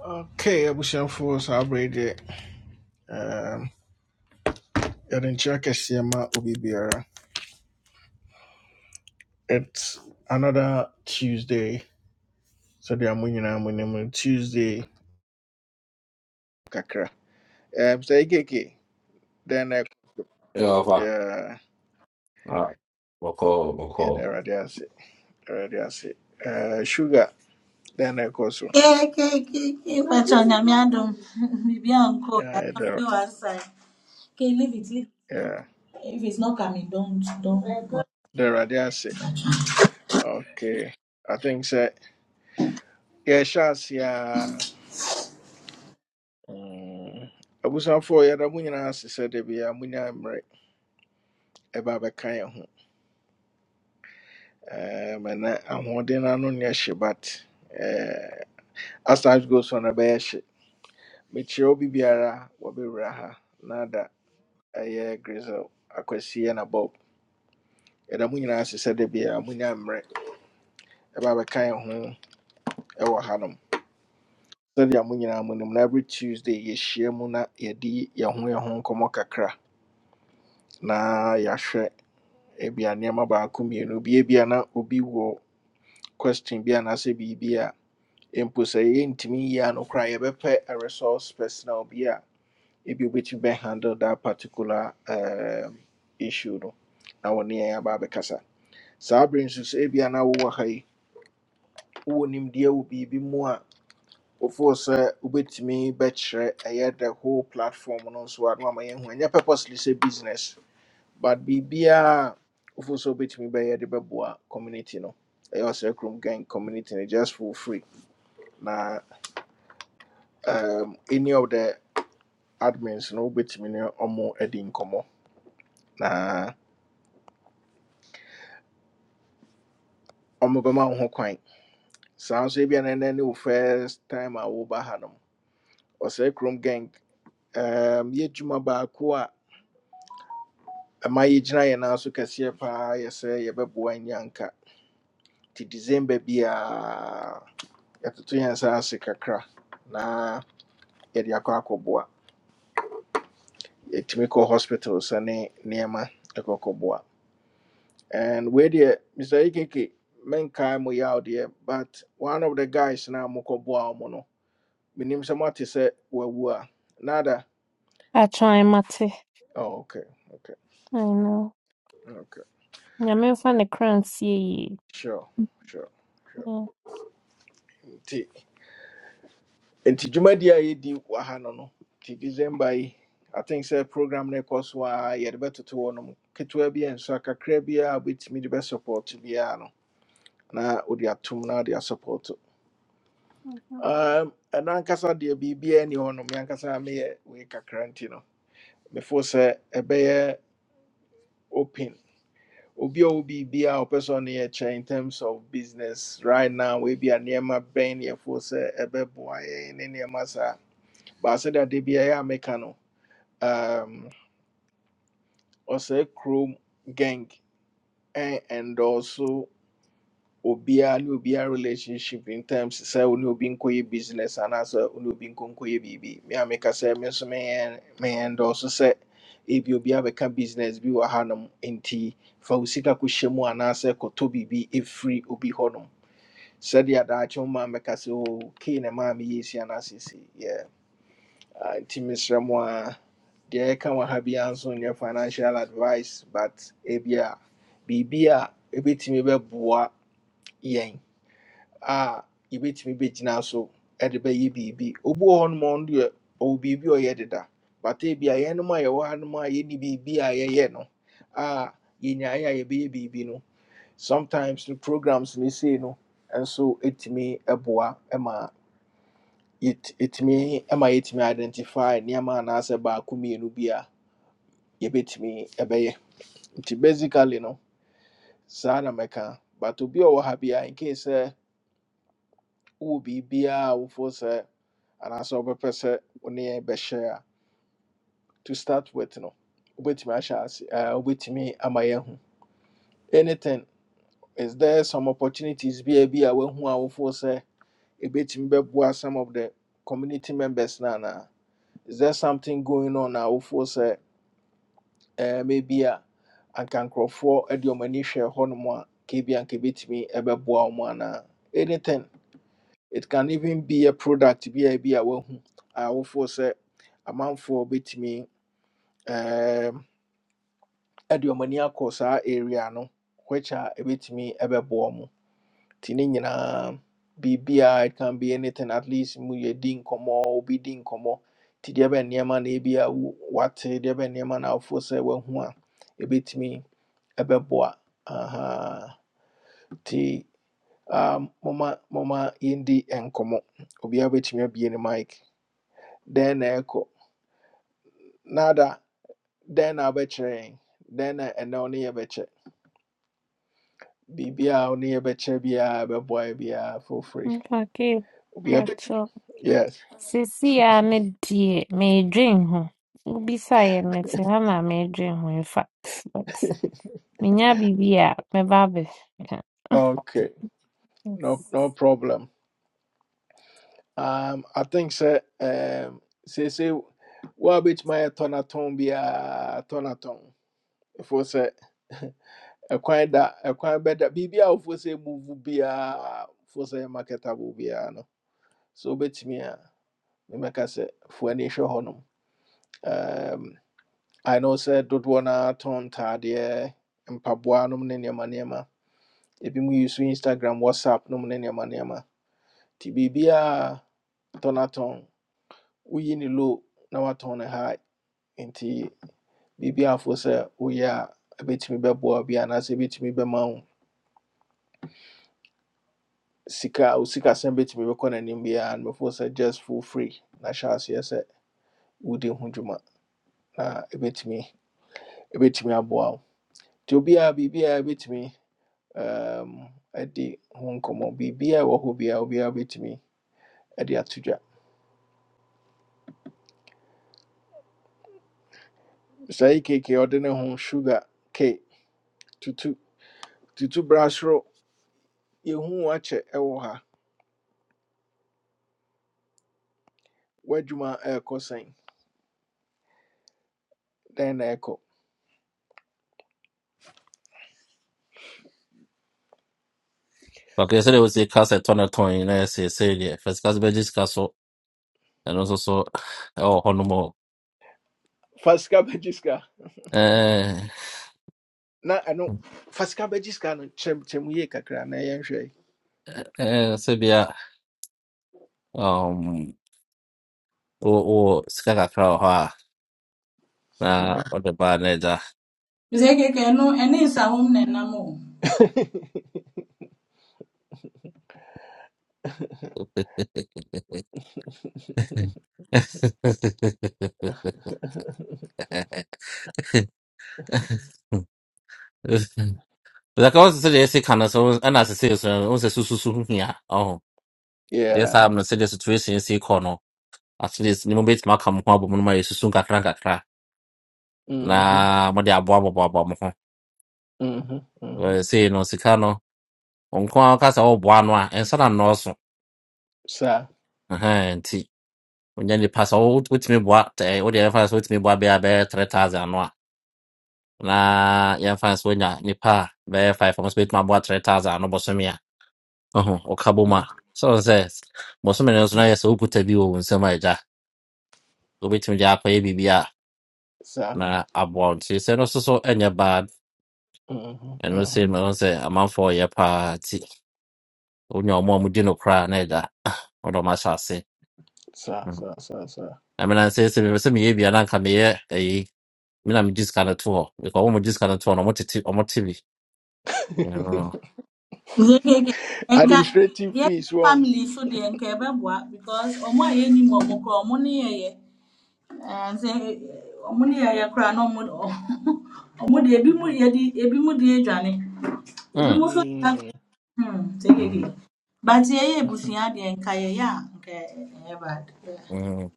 Okay, abusuafoɔ saa berɛ yi deɛ um, yɛde nkyerɛ kɛseɛ ma obi biara it's another tuesday So sɛdeɛ mo nyinaa monim no tuesday kakra um, sɛ yɛkeke Then na Yo, fuck. yeah, Ah, Boko, yɛda Boko. awurade ase awurade ase Uh, sugar Then I go so But on Yamiadum, maybe uncle, you're Yeah, yɛda talking one side. Okay, leave it. Leave. yeah, If it's not coming, don't, don't. yɛda awurade ase okay i think sɛ yɛhyɛ ase a mm, abusuafoɔ yɛda mo nyinaa ase sɛ da biara monya mmerɛ ɛba abɛka yɛn ho Um, and am ahoɔden no ano your hye but uh, as time goes on ɛbɛyɛ hye mekyerɛ obi biara wɔbɛwura ha na da ɛyɛ grisel akwasi na bob yɛda mo nyinaa ase sɛ da biara monya mmerɛ ɛba bɛka yɛ ho ɛwɔ hanom sɛdeɛ mo nyinaa monim na every tuesday yɛhyia mu na yɛde yɛn ho yɛn ho nkɔmmɔ kakra na yɛahwɛ ebia nneɛma baako mmienu bia bia na obi wɔ question bi anaasɛ biribi mpo sɛ yɛntumi yie a no koraa yɛbɛpɛ a resource personal bi a ebi wobɛtumi bɛhandle that particular um, issue no na wɔne yɛn aba abɛkasa saa bere nso sɛ ebia na wowɔ ha yi wowɔ nimdeɛ wɔ biribi mu a wɔfoɔ sɛ wobɛtumi bɛkyerɛ ɛyɛ the whole platform no nso a no ama yɛahu ɛnyɛ purposely sɛ business but biribiaa wɔfoɔ sɛ wobɛtumi bɛyɛ de bɛboa community no ɛyɛ ɔsɛ kurom gang community no just for free na um, any of the admins no wobɛtumi ne ɔmo adi nkɔmmɔ na ɔmo bɛma wo ho kwan saa nso ebia na ɛnɛ ne wo first time a woba ha nom ɔsɛe kurom gang um, yɛdwuma baako a ɛma yɛgyina yɛ nan so kɛseɛ paa yɛ sɛ yɛbɛboa nyi anka nti december biaa yɛtoto yɛn nsa ase kakra na yɛde akɔ akɔboa yɛtumi kɔ hospital sɛne nneɛma ɛkɔkɔboa And where the Mr. Ikeke, mankind mo out there, but one of the guys now moko boa mono. Minim samati se wawua. Nada. Atwɛn mate. Oh, okay, okay, I know. okay. Nyame mfa ne kra nsie yie. Sure, sure, sure. Mm. Nti, nti jumadi a yedi wahano no. no. Nti December yi, I think say program ne kɔ so a yɛde bɛtoto hɔ nom. Ketewa bi a nso akakra bi a wobɛtumi de bɛsupport biara no, na wode atom na wode support. Um, ɛno ankasa deɛ b ni hɔ no me ankasa meyɛ wei kakra nti no mefo sɛ open obi a ɔwɔ biribiaa a ɔpɛ sɛ in terms of business right now ebi a nneɛma bɛn ne yɛfo sɛ ɛbɛboa yɛn ne nneɛma saa baasɛ de ade biara a meka no um, ɔsɛe chrome gang and and also. Obia, ne obiara relationship in terms sɛ wo ne obi nkɔyɛ business anaasɛ wo ne obi nkɔnkɔyɛ biribi me a meka sɛ me nso meyɛ- meyɛ ndɔɔso sɛ ebi obi abɛka business bi wɔ hanom nti fa wo sika kɔhyɛ mu anaasɛ kɔtɔ biribi ɛfiri obi hɔnom sɛdeɛ daakye wo maa mɛka sɛ o kei na maa meyɛ si anaasɛsi yɛ nti mesrɛ mu a deɛ ɛka wɔ ha biara nso nyɛ financial advice but ebia biribi a ɛbɛtumi bɛboa yɛn a yɛbɛtumi bɛgyina so de bɛyɛ biribi obi wɔ hɔnom a ɔno deɛ ɔwɔ biribi a ɔyɛ deda bata bi a yɛnom a yɛwɔ hanom a yɛnni biribi a yɛyɛ no a yɛnyaeɛ a yɛbɛyɛ biribi no sometimes no programs no sei no nso ɛtumi boa ma yɛt- ɛtumi ma yɛtumi identify nneɛma anaasɛ baako mmienu bi a yɛbɛtumi bɛyɛ nti basically no saa na mɛka but obi a ɔwɔ ha bi a in case sɛ wowɔ biribiaa wofoɔ sɛ anaasɛ wobɛpɛ sɛ wo ne yɛn bɛhyɛ a to start with no wobɛtumi ahyɛ ase ɛɛ, wobɛtumi ama yɛahu anything is there some opportunities bi a bi a woahu a wofoɔ sɛ ɛbɛtumi bɛboa some of the community members no anaa is there something going on a wofoɔ sɛ ɛɛ, maybe a anka nkurɔfoɔ de ɔm ani hwɛ hɔnom a kebia anka ɛbɛtumi ɛbɛboa wo mu anaa anything it can even be a product bi a bi a wahu a wofoɔ sɛ amanfoɔ bɛtumi um, ɛde wɔn ani akɔ saa area no which a ɛbɛtumi ɛbɛboa mu nti ne nyinaa biribiaa it can be anything at least mu yɛ din nkɔmmɔ obi din nkɔmmɔ nti deɛ bɛn nneɛma na ebi a wo- wate deɛ bɛn nneɛma na awofoɔ sɛ wahu a ɛbɛtumi ɛbɛboa Aha. nti um, moma moma yɛndi nkɔmmɔ obiara bɛtumi abue ne mic Then echo nada Then I abɛkyerɛ yɛn dɛn na ɛnɛ wo ne yɛbɛkyɛ biribiaa wo ne yɛbɛkyɛ biaa bɛboa yɛ biaa for free Mfa kee Obiara bɛ- kakyɛ. yes Seesei a ne deɛ meedwen ho. Wobisaeɛ no mete ha na meedwen ho in fact. But menya biribi a mɛba abɛka. okay no no problem um i think sɛ um say say, what bit my seesei wo a bɛtumi ayɛ tɔnatɔn biaa tɔnatɔn ɛfo sɛ ɛkwan da ɛkwan bɛda biribiaa say move. muvu biaa fo say ɛyɛ marketable biaa no So sɛ wobɛtumi a memɛka sɛ fo ani hwɛ hɔnom Um, I know said don't sɛ dodoɔ no ara tɔn ntaadeɛ, mpaboa no ne nneɛma If you use Instagram, WhatsApp nom ne nneɛma nneɛma. Nti biribiara tɔnatɔn. Woyi ne low na watɔn ne high. Nti biribiara fo sɛ woyɛ a ɛbɛtumi bɛboa wo bi anaasɛ ɛbɛtumi bɛma wo sika a wo sikasɛm me bɛkɔ n'anim biara no bɛfo sɛ just for free Nasha yes, woody hundred ma. na hyɛ aseɛ sɛ wode ho dwuma na ɛbɛtumi ɛbɛtumi aboa wo. Nti obiara biribiara ɛbɛtumi um, ɛdi ho komo biribiaa ɛwɔ hɔ biaa obiaa bɛtumi ɛde ato dwa saa yi keke a ho sugar ke tutu tutu bra soro yɛhu wo akyɛ ɛwɔ ha w'adwuma ɛɛkɔ sɛn na ɛkɔ Like yesterday was a cast at Tona Tony, and I say, say, yeah, first cast by this castle, and also so, oh, Honomo. fa sika Eh, na ɛno fa sika bɛgye sika no kyerɛmkyerɛm yie kakra na yɛnhwɛ yi eh, Sabia, um, oh, oh, Skaka Crow, ha, na, or the bad Neda. Zekeke, no, and it's a woman, no more. Like I was saying, I say, can I so, and as I say, so, I say, so, so, so, yeah, oh, yes, yeah. I'm not saying the situation See equal. at least ne mobɛtumi aka mo bet ma kam ho abɔ mo no ma yɛsusu nkakra nkakra na mhm, mode aboaboaboaboa mo ho mhm, mhm. Eh, sei no sika no ɔnko a ka sɛ woboa no a ɛnsa na nnɔɔso saa Ɛhɛn, nti onya nipa sɛ wo- wotumi boa tɛ- wode yɛmfa no sɛ wotumi boa bɛyɛ a bɛyɛ 3000 no a na yɛmfa no sɛ wonya nipa a bɛyɛ 5 ɔmo sɛ bɛtumi aboa 3000 no bɔsome a ɔho ɔka bɔ mu Mhm. a sɛ wo sɛ bɔsome no nso no yɛ sɛ wokuta bi wɔ wo nsɛm a agya wobɛtumi de akɔyɛ biribi a na aboa wo nti sɛ no so so ɛnyɛ bad Mhm, ɛno mhm. sei mɛhu sɛ amanfoɔ ɔyɛ paa nti wonya ɔmo a mudi no koraa na ɛda wɔde ɔmo ahyɛ ase Sir, Mm. sir, sir, sir. na menam sɛ sɛ mepɛ sɛ meyɛ bia na anka meyɛ ayi me na megye sika no to hɔ bika ɔmo mogye sika no to hɔ no ɔmo tete ɔmo te bi Mm, Zekeke, enka, Administrative yeah, fees wrong. family food, the enkebabwa, because omo ye ni mo mo kro omo ni ye ye. And say, omo ni ye ye kra no mo. Omo de ebi mu ye di, ebi mu di edwane. Ebi mm, mo so ka Mm, hmm sekeke. mm, But yɛyɛ abusua deɛ nka yɛyɛ a nka ɛ- bad. Yeah. mm.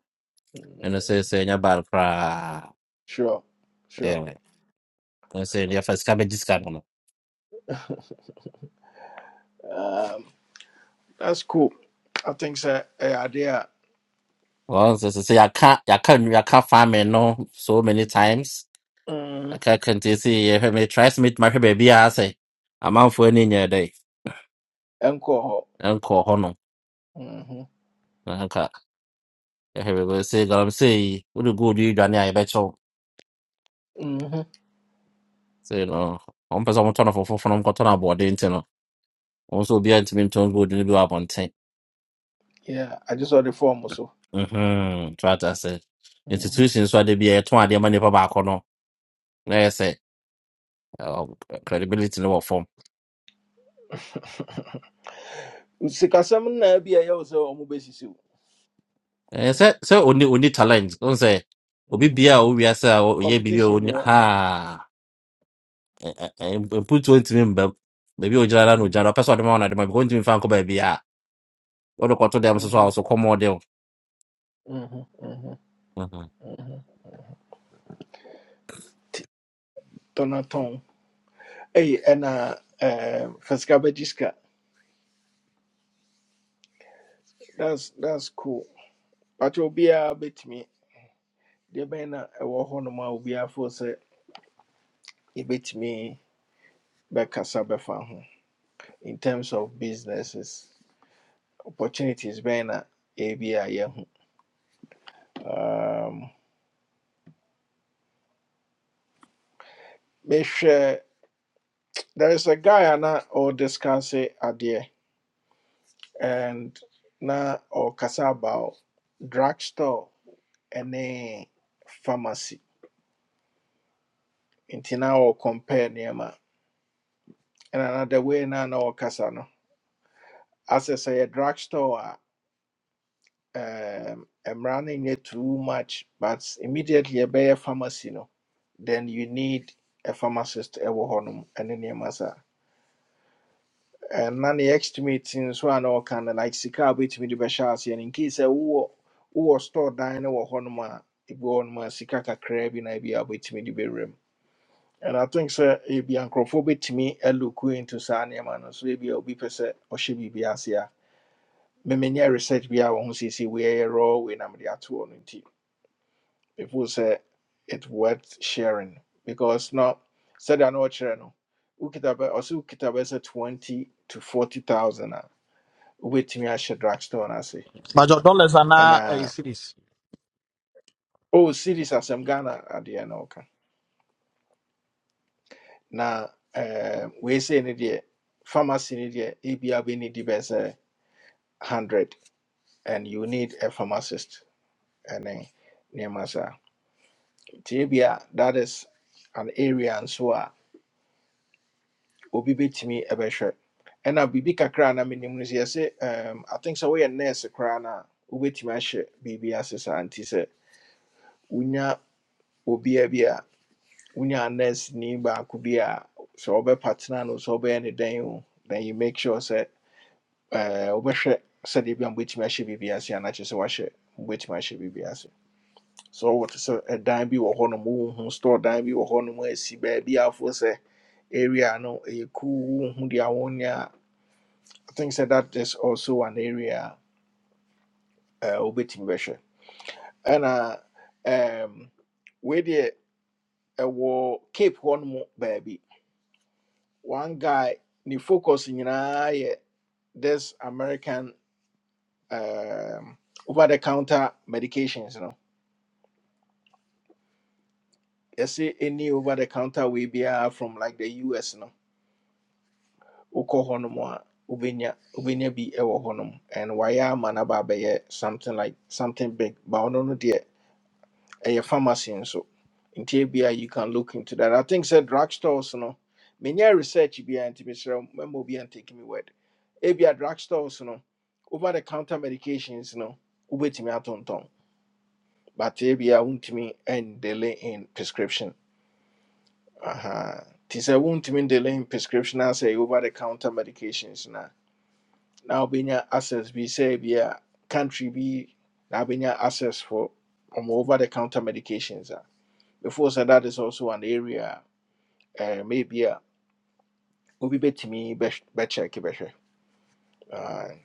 ɛno mm, sɛ sɛ ɛnyɛ bad koraa Sure, sure. Yeah. ɛno sɛ yɛfa sika bɛgye sika no no Um, that's cool. I think so. eh, idea. wɔn sɛ sɛ sɛ yɛaka yɛaka nu- yɛaka farming no so many times Mm, yɛka kente sɛ yɛhwɛ me try sɛ metumi ahwɛ baabi a sɛ amanfoɔ ani nyɛ dɛ Encore. ɛnkɔɔ hɔ Mhm, mhm. 然后看，还有个谁讲谁，我的锅里原来也白炒，所以呢，我们不是我们穿的服服服，我们搞穿的薄的，你知道，我说别人这边穿锅里比我笨些，嗯哼，主要就是 Yeah, I just saw the form also. Mhm. institution 说的别穿的嘛，你不把可能，那也是，呃，credibility sikasɛm no na bi a ɛyɛ wo sɛ ɔmo bɛsisi wo 的我放，呃，所所以我你我你 Mhm. competition ne ɔ challenge，我说，我比别人我比啥，我也比别人哈，呃呃呃，不做这边不。Maybe we just don't know. Mhm, Just person dem want dem. Because we find come baby ah. All the control dem so so mhm, so come on mhm, mhm. Ujú. tɔnatɔn ɛyi ɛna ɛɛm, fasika bɛgye sika that's that's cool But obiara bɛtumi deɛ bɛn na ɛwɔ hɔnom a obiara fo sɛ yɛbɛtumi bɛkasa bɛfa ho in terms of businesses opportunities bɛn na ebi a yɛho um, mehwɛ there is a guy a na ɔdiscuss adeɛ and na ɔkasa about drugstore ɛne pharmacy nti na ɔcompare nneɛma ɛna na the way na na ɔkasa no asɛ sɛ yɛ drugstore um am running it too much but immediately ɛbɛyɛ pharmacy no then you need a pharmacist ɛwɔ hɔnom ɛne nneɛma saa and na ne estimate nso a na ɔka no like sika a wobɛtumi de bɛhyɛ aseɛ in case sɛ wowɔ wowɔ store dan no wɔ hɔnom a ebi wɔ hɔnom a sika kakraa bi na ebi a wobɛtumi de bɛwura mu and i think sɛ ebi a me bɛtumi aloku into saa nneɛma no so ebi a obi pɛ sɛ ɔhyɛ biribi ase a memenyɛ research bi a wɔ ho seesei weiɛyɛ raw wei na mede ato hɔ no people say it's worth sharing because now said I know what you know. Ukita also ukita say twenty to forty thousand. Wait me I should drugstore and I say Major dollars are and now a uh series. oh series as I'm Ghana at the end okay. Now um we say in the pharmacy in the ABA we need the best uh, hundred and you need a pharmacist and then near masa. Tibia that is an area and so on. obi bɛtumi bɛhwɛ Ena bibi kakra na menim no sɛ yɛse um, i think sɛ woyɛ nurse koraa na a wobɛtumi bibi biribi ase saa nti sɛ wonya obia bi nurse ni baako bi So sɛ wobɛpatena no so wobɛyɛ ne dɛn o then you make sure sɛ eh, wobɛhwɛ sɛdeɛ bi a mobɛtumi ahyɛ biribi ase anakyɛ sɛ wahyɛ mobɛtumi ahyɛ biribi ase so wote sɛ ɛdan bi wɔ hɔnom wohu store dan bi wɔ hɔnom asi baabi afoɔ sɛ area no ɛyɛ cool wohu deɛ awonyɛ I think so that is also an area uh wobɛtumi bɛhwɛ ɛna um wei deɛ ɛwɔ cape hɔ nom baabi one guy ne focus nyinaa yɛ this american um, over the counter medications you know. yɛse any over the counter wei biara from like the us no wokɔ hɔ nom a wobɛnya wobɛnya bi ɛwɔ hɔ nom and wayɛ ama no aba abɛyɛ something like something big but ɔno no deɛ A pharmacy and so, in TBI you can look into that i think sɛ drug stores no menyɛ research biara nti mesrɛ wo, mɛma obi and take me word ebia drug stores no over the counter medications no wobɛtumi atontɔn but Abia won't ebia wontumi delay in prescription Uh-huh. Tis Aha. nti sɛ wontumi delay in prescription I say over the counter medications na na wobɛnya access be say be a country bi na wobɛnya access for ɔmo over the counter medications uh, before so that is also an area uh, maybe a obi betumi bɛkyɛke bɛhwɛ Aye.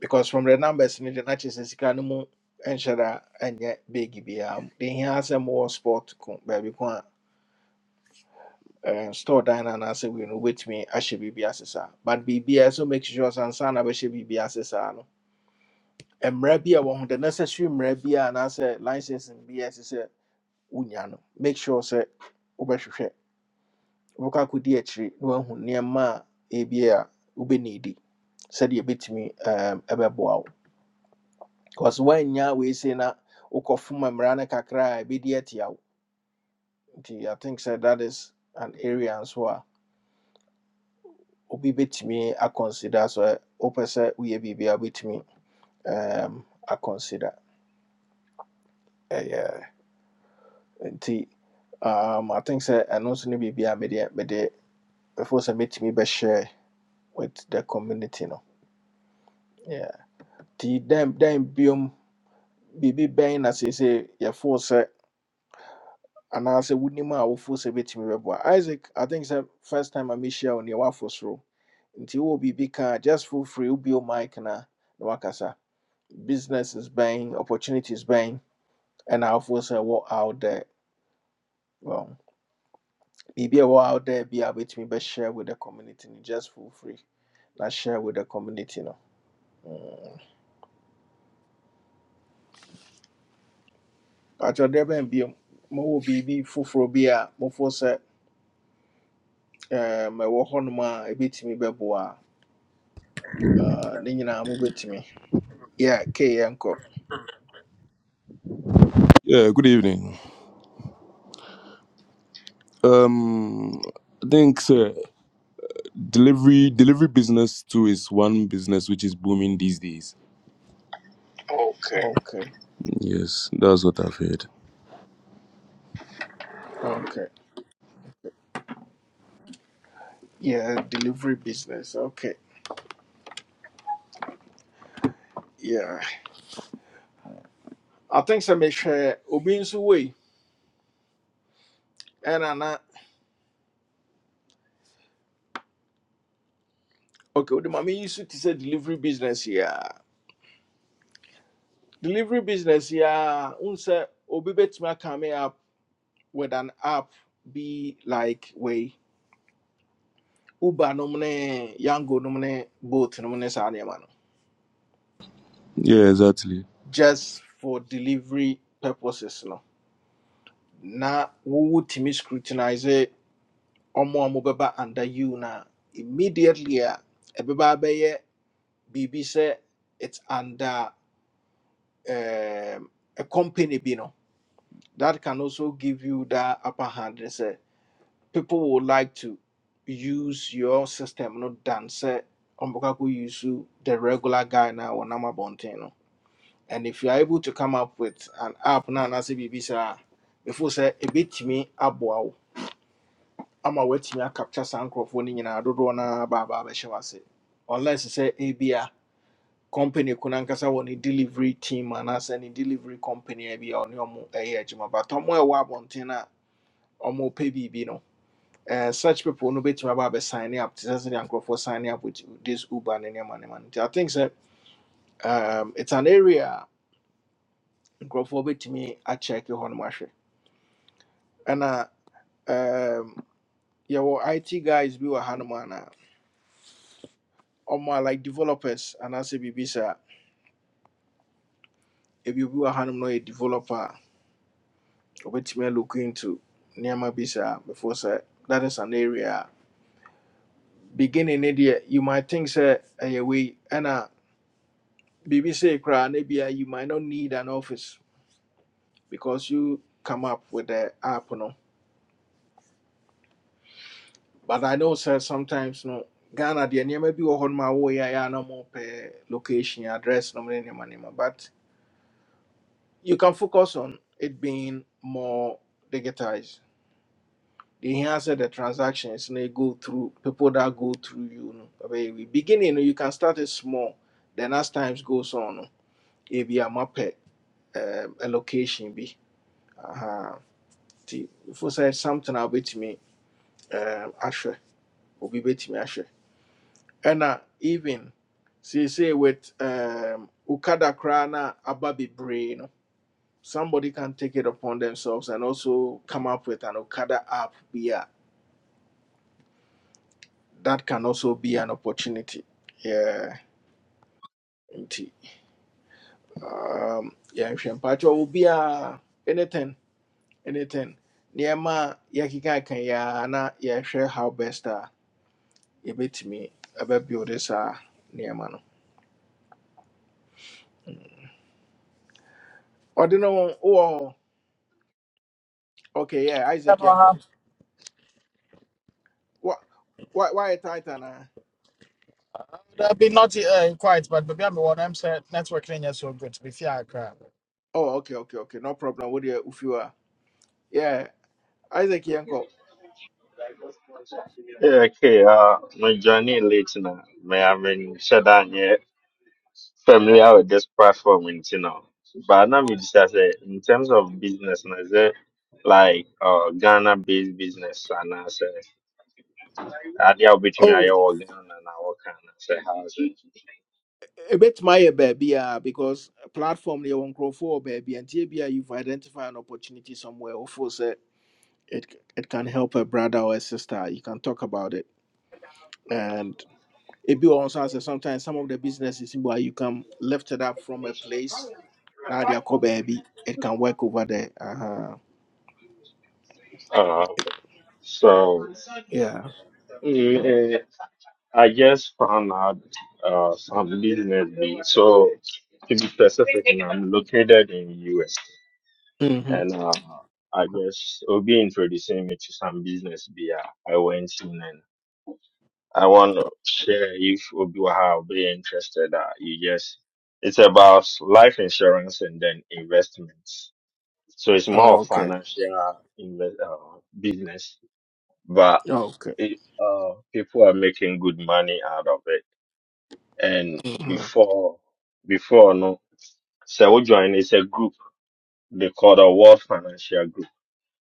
because from the numbers in the na kyerɛ sɛ sika no mu ɛnhyɛ da ɛnyɛ big biaa de hia sɛ mowɔ sport ko baabi ko a eh, store dan no anaasɛ wei no wobɛtumi ahyɛ biribi ase saa but biribia ɛsɛ make sure sɛ ansa na bɛhyɛ biribi ase saa no mmara bi a wɔ ho the necessary mmara bi a anaasɛ license bi a ɛsɛ no make sure sɛ wobɛhwehwɛ wobɛkɔ akɔdi akyiri na woahu nneɛma a ebia a wobɛnidi sɛdeɛ ɛbɛtumi ɛɛm, ɛbɛboa wo because woannya weesei na wokɔfoma mmara no kakra a ɛbɛdi atia wo nti i think sɛ that is an area nso a obi bɛtumi akɔnsider sɛ wopɛ sɛ woyɛ biribi a wobɛtumi ɛɛm, akɔnsider ɛyɛ nti um, i think sɛ ɛno nso ne biribi a mede mede ɛfo me, mɛtumi share with the community no yeah. The dɛn dɛn biom Bibi Ben as I say, biribi bɛn na seesei yɛfoo sɛ anaasɛ wonim a wofoo sɛ bɛtumi bɛboa isaac i think it's the first time a mehyia wo neɛ woafo soro nti wowɔ biribi ka a, just feel free you wobio mic na na wakasa Business is buying, opportunities buying, and ɛna force sɛ What out there well biribi a what out there be a wobɛtumi share with the community no just feel free na share with the community no atwerɛdeɛ bɛn biom mowɔ biribi foforɔ bi a mofoɔ sɛ ɛɛm, ɛwɔ hɔnom a ɛbɛtumi bɛboa a bit me beboa. Uh, then you know, ne with me. yeah kei yɛnkɔ Yeah, good evening. Um, I think sir, delivery delivery business too is one business which is booming these days. Okay. okay Yes, that's what I've heard. okay yeah delivery business okay yeah i think sɛ mehwɛ obi nso way and na okay wode ma meyi so te sɛ delivery business Yeah, delivery business Yeah, a wohu sɛ obi bet me coming up with an app be like way. uber nom yango nom both, bolt nom ne saa no Yeah, exactly. just for delivery purposes no na wowotumi scrutinize ɔmo a mobɛba under you na immediately a ɛbɛba abɛyɛ biribi sɛ it's under um, a company bi no that can also give you that upper hand ne sɛ people would like to use your system no than sɛ ɔmbɛka kɔ use the regular guy na wɔnam abɔnten no and if you are able to come up with an app na anaasɛ biribi saa a before sɛ ɛbɛtumi aboa ama woatumi acapture saa nkurɔfoɔ no nyinaa dodoɔ no a baabaa bɛhyɛ wase unless sɛ ebia company ko nankasa wɔ ne delivery team and anaasɛ ne delivery company a bi a ɔne ɔmo ɛyɛ adwuma but ɔmo a ɛwɔ abɔnten a ɔmo pɛ biribi no eh, such people no bɛtumi aba abɛ sign up te sɛ sɛdeɛ nkurɔfoɔ sign up with this uber ne nneɛma nneɛma no i think sɛ um, it's an area microphone betimi a nkurɔfoɔ bɛtumi akyɛke hɔ nom ahwɛ ɛna um, yɛwɔ it guys bi wɔ hanom Or more like developers and anaasɛ biribi saa ebi obi wɔ hanom na a developer a ɔbɛtumi alook into nneɛma bi saa before sɛ that is an area beginning ne you might think say, ɛyɛ wei ɛna biribi sei koraa you might not need an office because you come up with the app no but I know sir, sometimes no Ghana the near bi wɔ hɔ nom a wɔyɛ a ɛyɛ a location address nom ne nneɛma nneɛma but you can focus on it being more digitized they hear the transactions and they go through people that go through you no But we beginning no, you can start it small then as times goes on if you be a um, a location bi aha see, If for say something about me um Asher will be obi me, ahwe and uh, even see say with um ukada krana ababi brain. somebody can take it upon themselves and also come up with an ukada app be a, that can also be an opportunity Yeah. nti um, yɛnhwɛ mpakyɛ wɔ obiaa anything anything Niema a yɛkeka yi na na share how best a yɛbɛtumi ɛbɛbuild saa nneɛma no Or do no wowɔ hɔ? okay yeah Yeah, isaac no, I Yanko. have. What? Why? Why wayɛ tight anaa That'd be not uh, quite, but maybe I'm one. I'm saying network ain't yet so good. Be fair, crap. oh okay okay okay no problem wodeɛ wofiw a yeah isaac yɛnkɔ Yeah, okay. Uh, my journey late now. May I mean, shut down here. Familiar with this platform, you know. But now me just say, in terms of business, now say like uh Ghana-based business, and I say, I deal with me, Oh, I work Ghana, and I work Ghana, say how's it? a bit ɛbɛtumi ayɛ baabiaa because platform no yɛwɔ nkurɔfoɔ wɔ baabi a and ebia you've identified an opportunity somewhere wofoo sɛ it it can help a brother or a sister. You can talk about it. And it be also as sometimes some of the businesses where you can lift it up from a place. Now they are called baby. It can work over there. Uh-huh. Uh, so Yeah. mm, eh, I just found out uh some business. be- So to be specific, I'm located in US. Mm-hmm. and uh, I guess Obi introducing me to some business beer. I went in and I want to share if Obi will be interested. Uh, you just it's about life insurance and then investments. So it's more Oh, of okay. financial invest, uh, business, but Okay. it, uh, people are making good money out of it. And Mm-hmm. before, before no, so we join. It's a group they call the World Financial Group.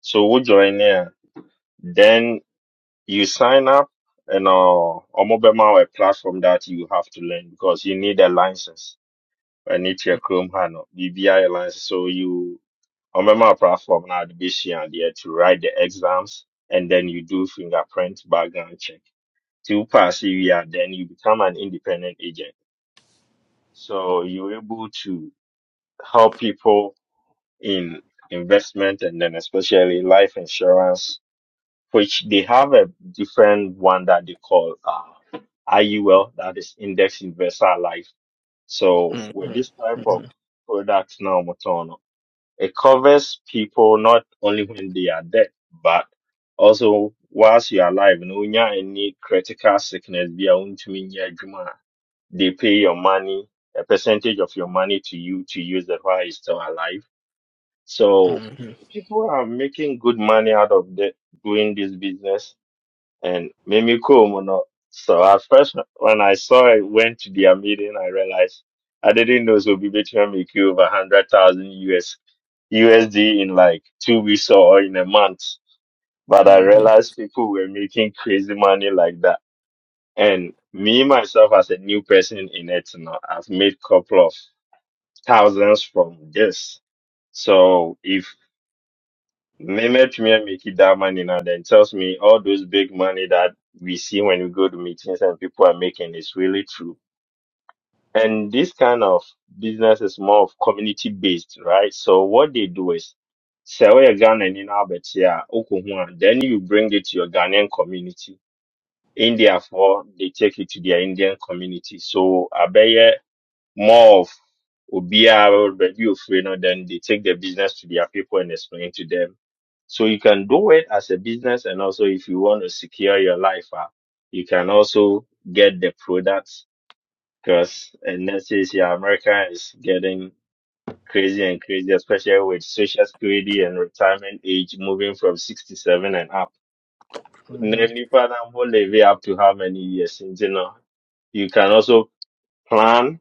So we join here Then you sign up and uh, omobema a platform that you have to learn because you need a license. I need your Chrome handle, BBI license. So you omobema platform now the BC and there to write the exams and then you do fingerprint background check. To pass EVR, then you become an independent agent. So you're able to help people in investment and then especially life insurance which they have a different one that they call uh, IUL, that is Index Universal Life. So with hmm this type of product now, Motono, it covers people not only when they are dead, but also whilst you are alive. You know, When you have any critical sickness, be a untumi nyɛ adwuma juma, they pay your money, a percentage of your money to you to use that while you're still alive. So hmm people are making good money out of the, doing this business and Mimi Kumu no. So at first, when I saw it, went to their meeting, I realized I didn't know so be between make you over hundred thousand US USD in like two weeks or in a month. But I hmm realized people were making crazy money like that. And me myself as a new person in it, you know, I've made couple of thousands from this. So if Name it to me and make it that money now then tells me all those big money that we see when we go to meetings and people are making is really true. And this kind of business is more of community based, right? So what they do is sell your Ghana in Albert here, Oklahoma, then you bring it to your Ghanaian community. In for they take it to their Indian community. So Abeya more of OBR review of you know, then they take the business to their people and explain to them. So you can do it as a business and also if you want to secure your life, ah, you can also get the products because and let's say yeah, America is getting crazy and crazy, especially with social security and retirement age moving from 67 and up. Then hmm you can live up to how many years, you know. You can also plan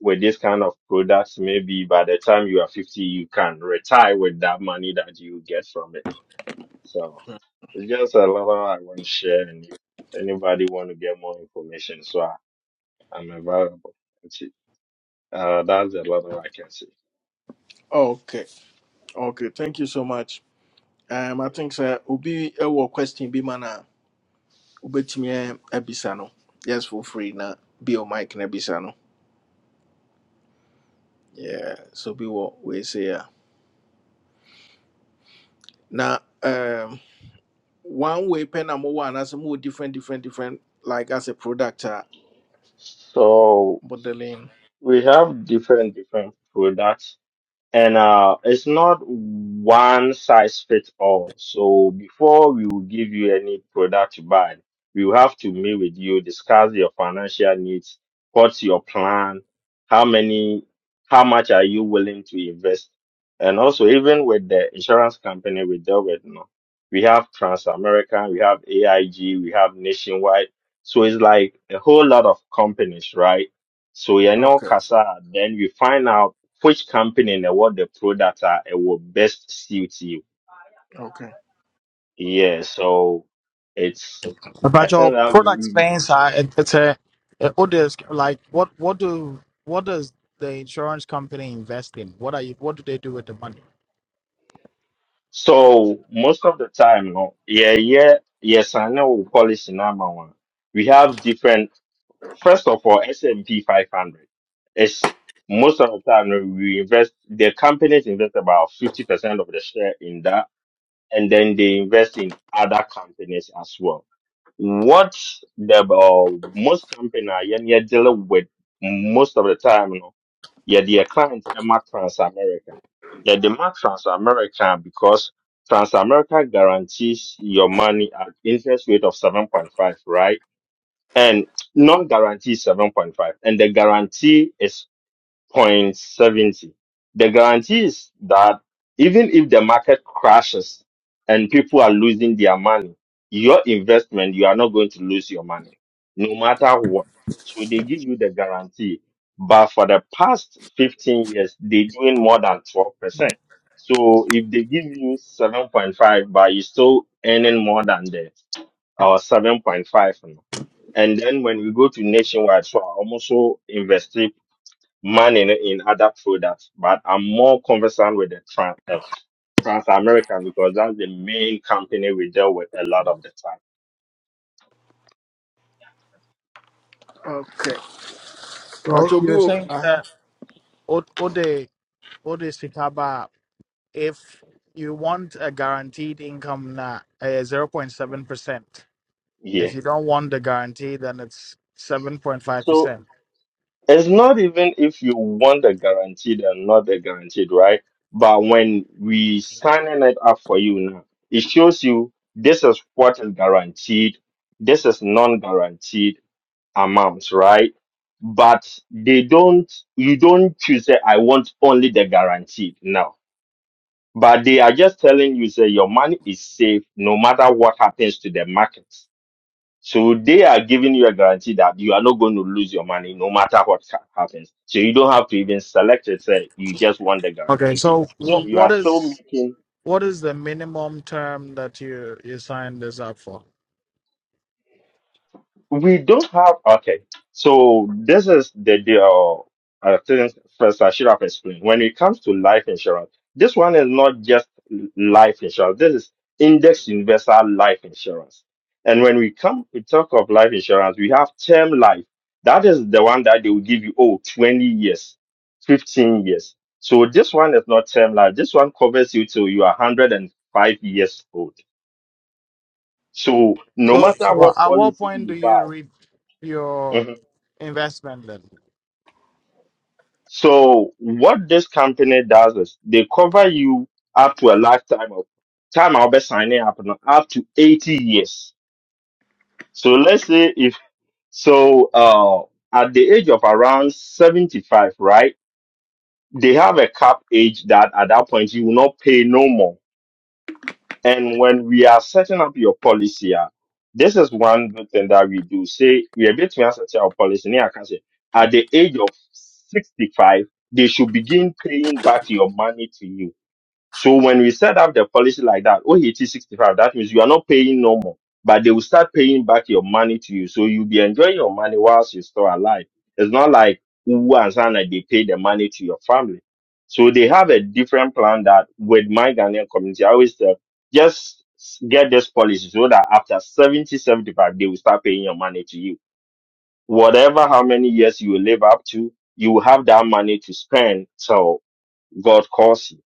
with this kind of products, maybe by the time you are 50, you can retire with that money that you get from it. So it's just a lot I want to share. And if anybody want to get more information, so I, I'm available. That's it. Uh, that's a lot I can say. Okay. Okay. Thank you so much. Um, I you know. think sir, Obi, a question be mana. Obetumi ebisa No, Yes, for free na. Be your mic na ebisano. Yeah, so be what we say. Yeah. Now, um, one way pen and one as a more different, different, different, like as a product uh, So modeling. we have different, different products And uh, it's not one size fits all. So before we will give you any product to buy, we will have to meet with you, discuss your financial needs, what's your plan, how many, how much are you willing to invest, and also even with the insurance company we deal with, no, we have Transamerican, we have AIG, we have Nationwide. So it's like a whole lot of companies, right? So you know, Okay, Casa. Then we find out which company in the world the product are it will best suit you. okay, Yeah, so it's I Major think that product we- spends are it, it's a uh, what is like what what do what does the insurance company invest in? What are you what do they do with the money? so most of the time, no, yeah, yeah, yes, I know we policy number one. We have different. First of all, S and P five hundred. It's most of the time no, we invest. The companies invest about fifty percent of the share in that, and then they invest in other companies as well. What the uh, most company are you're dealing with most of the time, you know, yeah, their clients are not Trans-American. Yeah, they are Trans-American because Trans-America guarantees your money at interest rate of 7.5, right? And non-guarantee is 7.5. And the guarantee is Point seventy. The guarantee is that even if the market crashes and people are losing their money, your investment, you are not going to lose your money, no matter what. So they give you the guarantee. But for the past 15 years, they're doing more than 12%. So if they give you 7.5, but you're still earning more than that, or 7.5. And then when we go to nationwide, so I almost invest manning in other products, but I'm more conversant with the trans uh, Trans American because that's the main company we deal with a lot of the time. okay. So Pacho bi you're saying uh-huh. that what what they what they speak about if you want a guaranteed income na eh, zero point seven percent. Yeah. If you don't want the guarantee then it's seven point five So percent. it's not even if you want the guaranteed or not the guaranteed, right? But when we signing it up for you now, it shows you this is what is guaranteed, this is non-guaranteed amounts, right? But they don't you don't choose that I want only the guaranteed. No But they are just telling you, say, your money is safe no matter what happens to the markets. So they are giving you a guarantee that you are not going to lose your money no matter what ha- happens. So you don't have to even select it. Say, you just want the Okay, guarantee. so So what you are what still is making. what is the minimum term that you you sign this up for? We don't have okay. So this is the deal. I think first I should have explained. When it comes to life insurance, this one is not just life insurance. This is index universal life insurance. And when we come we talk of life insurance, we have term life. That is the one that they will give you Oh, 20 years, 15 years. So this one is not term life. This one covers you till you are 105 years old. So no So, matter so wha- what at what policy point do you you buy. reap mm-hmm, your investment So what this company does is they cover you up to a lifetime of time I'll be signing up now, up to 80 years. So let's say if so uh at the age of around 75, right? They have a cap age that at that point you will not pay no more. And when we are setting up your policy, ah, this is one good thing that we do. Say we are bit to set our policy. Now I can say at the age of 65, they should begin paying back your money to you so when we set up the policy like that, OHT 65, that means you are not paying no more, but they will start paying back your money to you. So you'll be enjoying your money whilst you're still alive. It's not like Uwu and Zana, they pay the money to your family. So they have a different plan that with my Ghanaian community, I always tell, just get this policy so that after 70, 75, they will start paying your money to you. Whatever how many years you will live up to, you will have that money to spend till God calls you.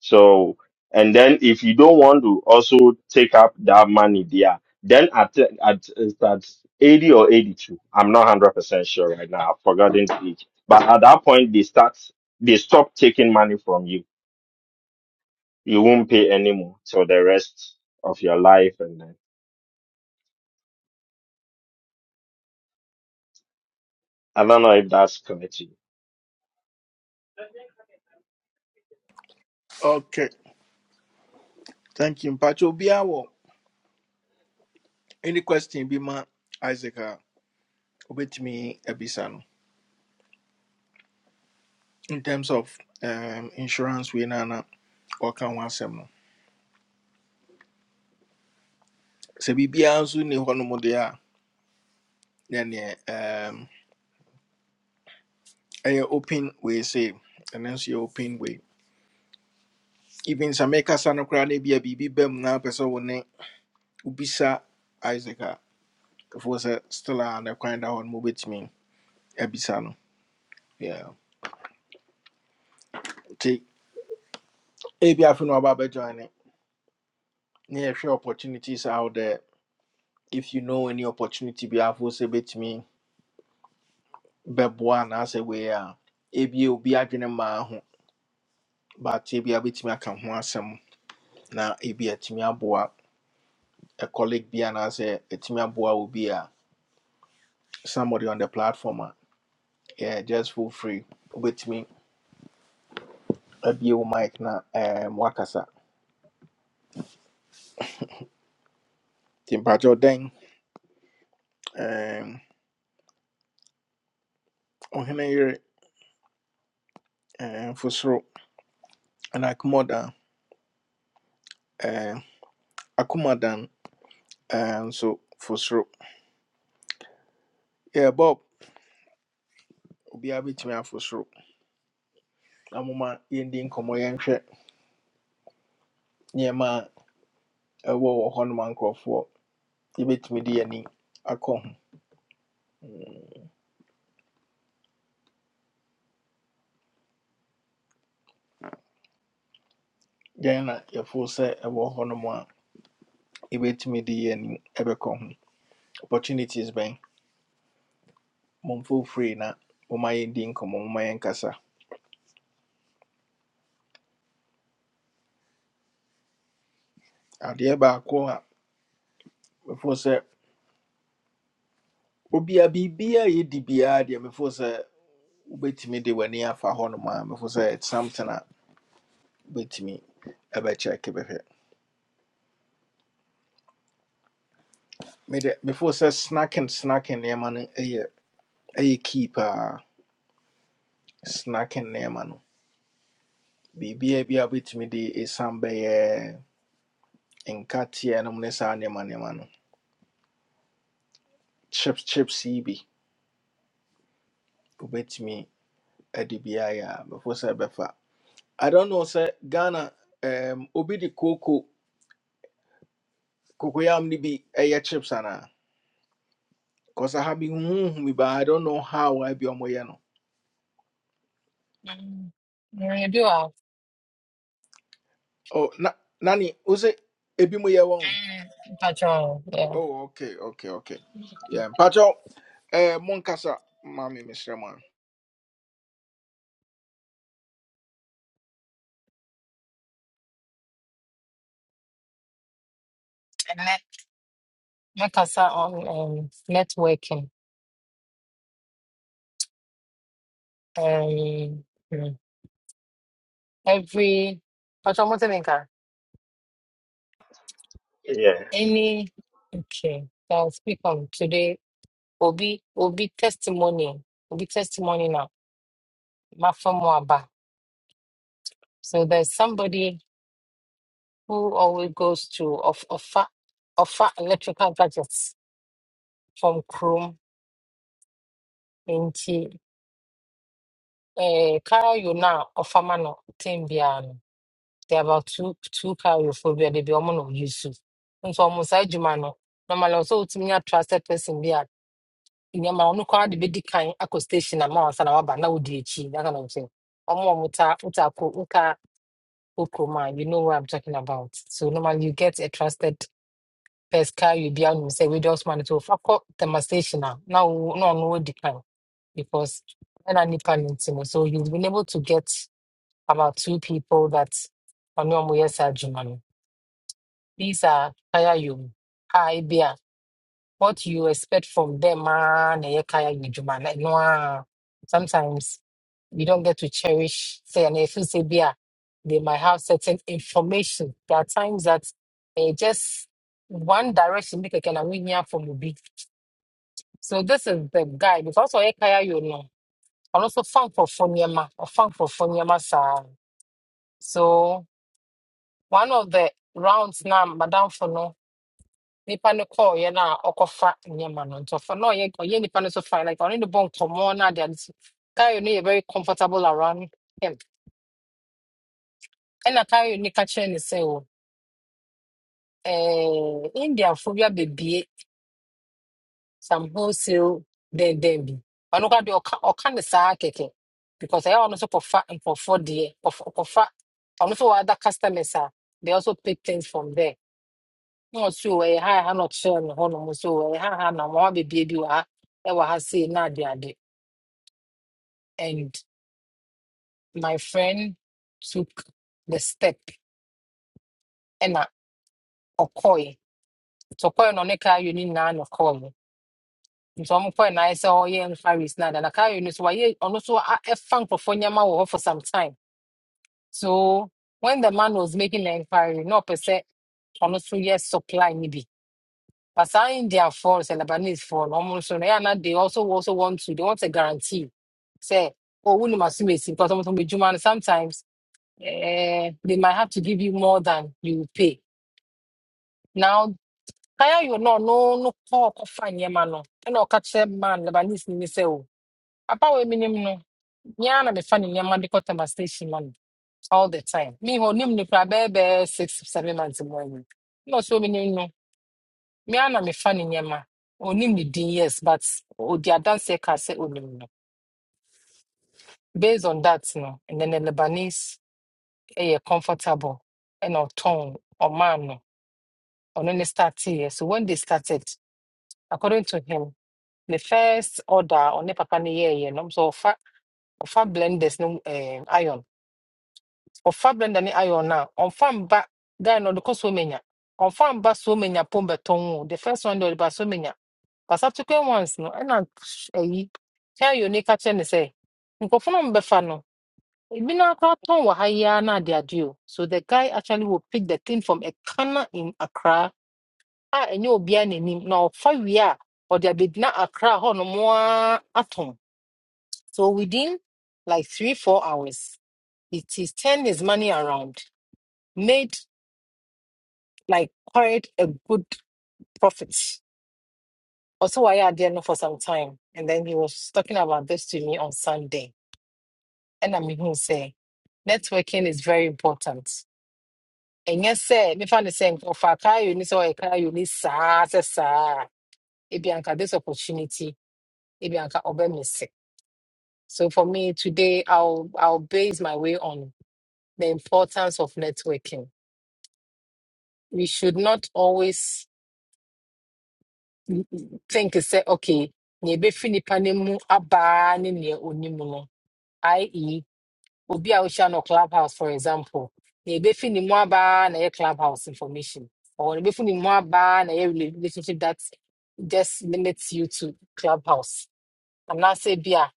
So, and then if you don't want to also take up that money there, then at at is that 80 or 82, I'm not 100% sure right now. I've forgotten the age. But at that point, they start, they stop taking money from you. You won't pay anymore till the rest of your life. And then I don't know if that's connected. Okay, thank you. Pacho bi a any question be ma Isaac uh, obet me ebisa no. In terms of um insurance we nana na waka wansem no. Se bi bia nso ni hɔ no mo de a, then um ɛyɛ open we say, and then she open way. even sɛ mekasa be koraa na ebia biribi ba mu na wopɛ sɛ wo ne wobisa isaac if was a ɛfoɔ sɛ still a ne kwan da hɔ no mobɛtumi abisa no Yeah. nti ebia afe no waba abɛjoin ne na yɛhwɛ opportunities out there if you know any opportunity bi afoɔ sɛ bɛtumi bɛboa anaasɛ wei a ebia obi adwene mmaa ho but ebia bɛtumi aka ho asɛm na ebia atumi aboa a Timia Boa, a colleague be bi anaasɛ atumi will be a somebody on the platform a yeah, just feel free with me. abie Mike na um, wakasa nti mpatwa um, ɔhene yere um, fosoro ɛna akomadan um, akomadan um, so fosoro yeah, bob obiara bɛtumi afosoro na moma yɛndi nkɔmmɔ yɛnhwɛ nneɛma a ɛwɔ wɔ hɔ noma nkurɔfoɔ yɛbɛtumi de yɛni akɔ ho Mm, yɛn na yɛfoo sɛ ɛwɔ hɔ nom a yɛbɛtumi de yɛni ɛbɛkɔ ho opportunities ben momfo free na moma yendi nkɔmmɔ moma yɛnkasa adeɛ baako a mefo sɛ obia biribia a yɛdi biara deɛ mefo sɛ wobɛtumi de w'ani afa hɔnom a mefo sɛ it's something a wobɛtumi ɛbɛkyɛke bɛhwɛ mede mefo sɛ snacking snacking nneɛma no ɛyɛ ɛyɛ key paa snacking nneɛma no biribia bi a wobɛtumi de ɛsiane bɛyɛ nkateɛ nom ne saa nneɛma nneɛma no chips chips yi bi wobɛtumi ade biara yɛ a mefo sɛ ɛbɛfa i don't know sɛ ghana um, obi de cocoa. Cocoyam ni bi ɛyɛ chips ana? Cause I have been humi but I don't know how I be on my no. Mm. Yeah, you do have Oh na nani use ebi mo yɛ wɔn? Mm. patrol, yeah. Oh okay okay okay. Yeah, And Pacho. eh monkasa mami Mr. Man. net- Make us our um, networking. Um, mm. every patrol Motiminka, Yeah. any okay. So I'll speak on today. Will be will be testimony. Will be testimony now. Mafamwaba. So there's somebody who always goes to of offer offer electrical gadgets from Chrome. Eh, Cario na ɔfama no tem biara no there are about two two Cario fo bi a de bi ɔmo na oyi so nso ɔmo saa adwuma no normally ɔsɛ otumi nya trusted person bi a nneɛma ɔno koraa de bedi kan akɔ station ama wansa na waba na odi akyi that kind of thing ɔmo a ta wota ko wota ko you know what I'm talking about so normally you get a trusted person Cario bi a ɔno sɛ wei de no to ofa the station a na wo na ɔno odi kan because ɛna nipa no nti no so you been able to get about two people that Onyomuye Sajumanu. These are Kaya Yum. Hi, Bia. What you expect from them, man, eh, Kaya Yujuma. Like, no, ah. sometimes we don't get to cherish, say, and if you say Bia, they might have certain information. There are times that eh, just one direction, make a kind of win from Ubi. So this is the guy, because Oye Kaya, you know, and also fun for Fonyama, or fun for Fonyama, sir. So, one of the rounds na madamfo no nipa no kɔɔ yɛ na ɔkɔfa nneɛma no nti ɔfa na ɔyɛ ɔyɛ nipa no so fine like ɔne ne bɔ nkɔmɔ na ade ade so Kayo no very comfortable around him ɛna Kayo you ka kyerɛ ne sɛ o ɛɛ indiafo bi baby some wholesale then bi ɔno kora deɛ ɔka oka ne saa kɛkɛ because ɛyɛ a ɔno nso kɔfa for deɛ ɔf- ɔkɔfa ɔno nso wɔ other customers a they also pick things from there. na ɔso wɔ yɛ ha a ha na ɔkyerɛ me hɔnom so wɔ yɛ ha ha na mmoa bebree bi wɔ ha ɛwɔ ha sei na ade ade and my friend took the step ɛna ɔkɔe nti ɔkɔe no ɔne kaa yɛ no nyinaa na ɔkɔe nti ɔmo kɔe na ayɛ sɛ ɔyɛ enquiries na ada na kaa yɛ no so wayɛ ɔno so a- ɛfa nkurɔfoɔ nneɛma wɔ hɔ for some time so when the man was making the enquiry na ɔpɛ sɛ ɔno so yɛ supply no bi But some India phones and Lebanese phone, almost so yeah, now they also also want to they want a guarantee. Say, oh, we must be because almost be Sometimes eh, they might have to give you more than you pay. Now, kaya you No, no no call no fine your man no. And I'll catch them man Lebanese ni say oh. Apa we minim no. Nya na me fan ni man because I'm station man all the time. Me ho nim ni pra bebe six seven months in morning. No so minim no. me ana mefa ne nneɛma onim ne din yes but ɔdi adanseɛ ka sɛ onim no based on that no and then the lebanese ɛyɛ comfortable ɛna ɔtɔn ɔman no ɔno ne starteɛ so when they started according to him the first order a ɔne papa no yɛɛyɛ no nso ɔfa ɔfa blenders no um, iron. ɔfa blender ne iron na ɔmfa mba guy no ɔde kɔ so menya ɔmfa mba so menya pom bɛtɔn the first one de ɔde ba so menya but subsequent ones no ɛna sh- ɛyi kyɛn yɛ onika kyerɛ ne sɛ nkurɔfoɔ no mbɛfa no ebi no akora tɔn wɔ na ade so the guy actually will pick the thing from a corner in Accra a ɛnyɛ obiara n'anim na ɔfa wie a ɔde abɛgyina Accra hɔ nom a atɔn so within like three four hours it is turn his money around made like quite a good prophet. Also, I had there no for some time, and then he was talking about this to me on Sunday, and I mean, he say networking is very important. And yes, sir, me find the same of a car you need so a car you need sa sa sa. Ibianka this opportunity, Ibianka me missing. So for me today, I'll I'll base my way on the importance of networking. We should not always think sɛ okay nea ɛbɛfi nipa no mu abaa ne nea ɔnim no i.e. obi a wohyia no clubhouse for example nea ɛbɛfi ne mu abaa na ɛyɛ clubhouse information or nea ɛbɛfi ne mu abaa na ɛyɛ rela- relationship that just limits you to clubhouse anaasɛ bi a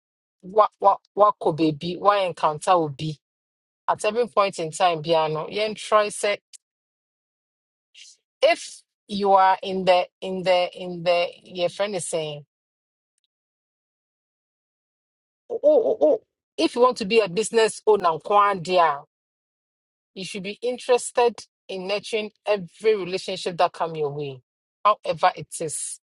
wa- wa- wakɔ baabi woencounter obi at every point in time biara no yɛntrɔe sɛ if you are in the in the in the your friend is saying." oh, oh, oh. oh. if you want to be a business owner, Kwan dear, you should be interested in nurturing every relationship that come your way, however it is.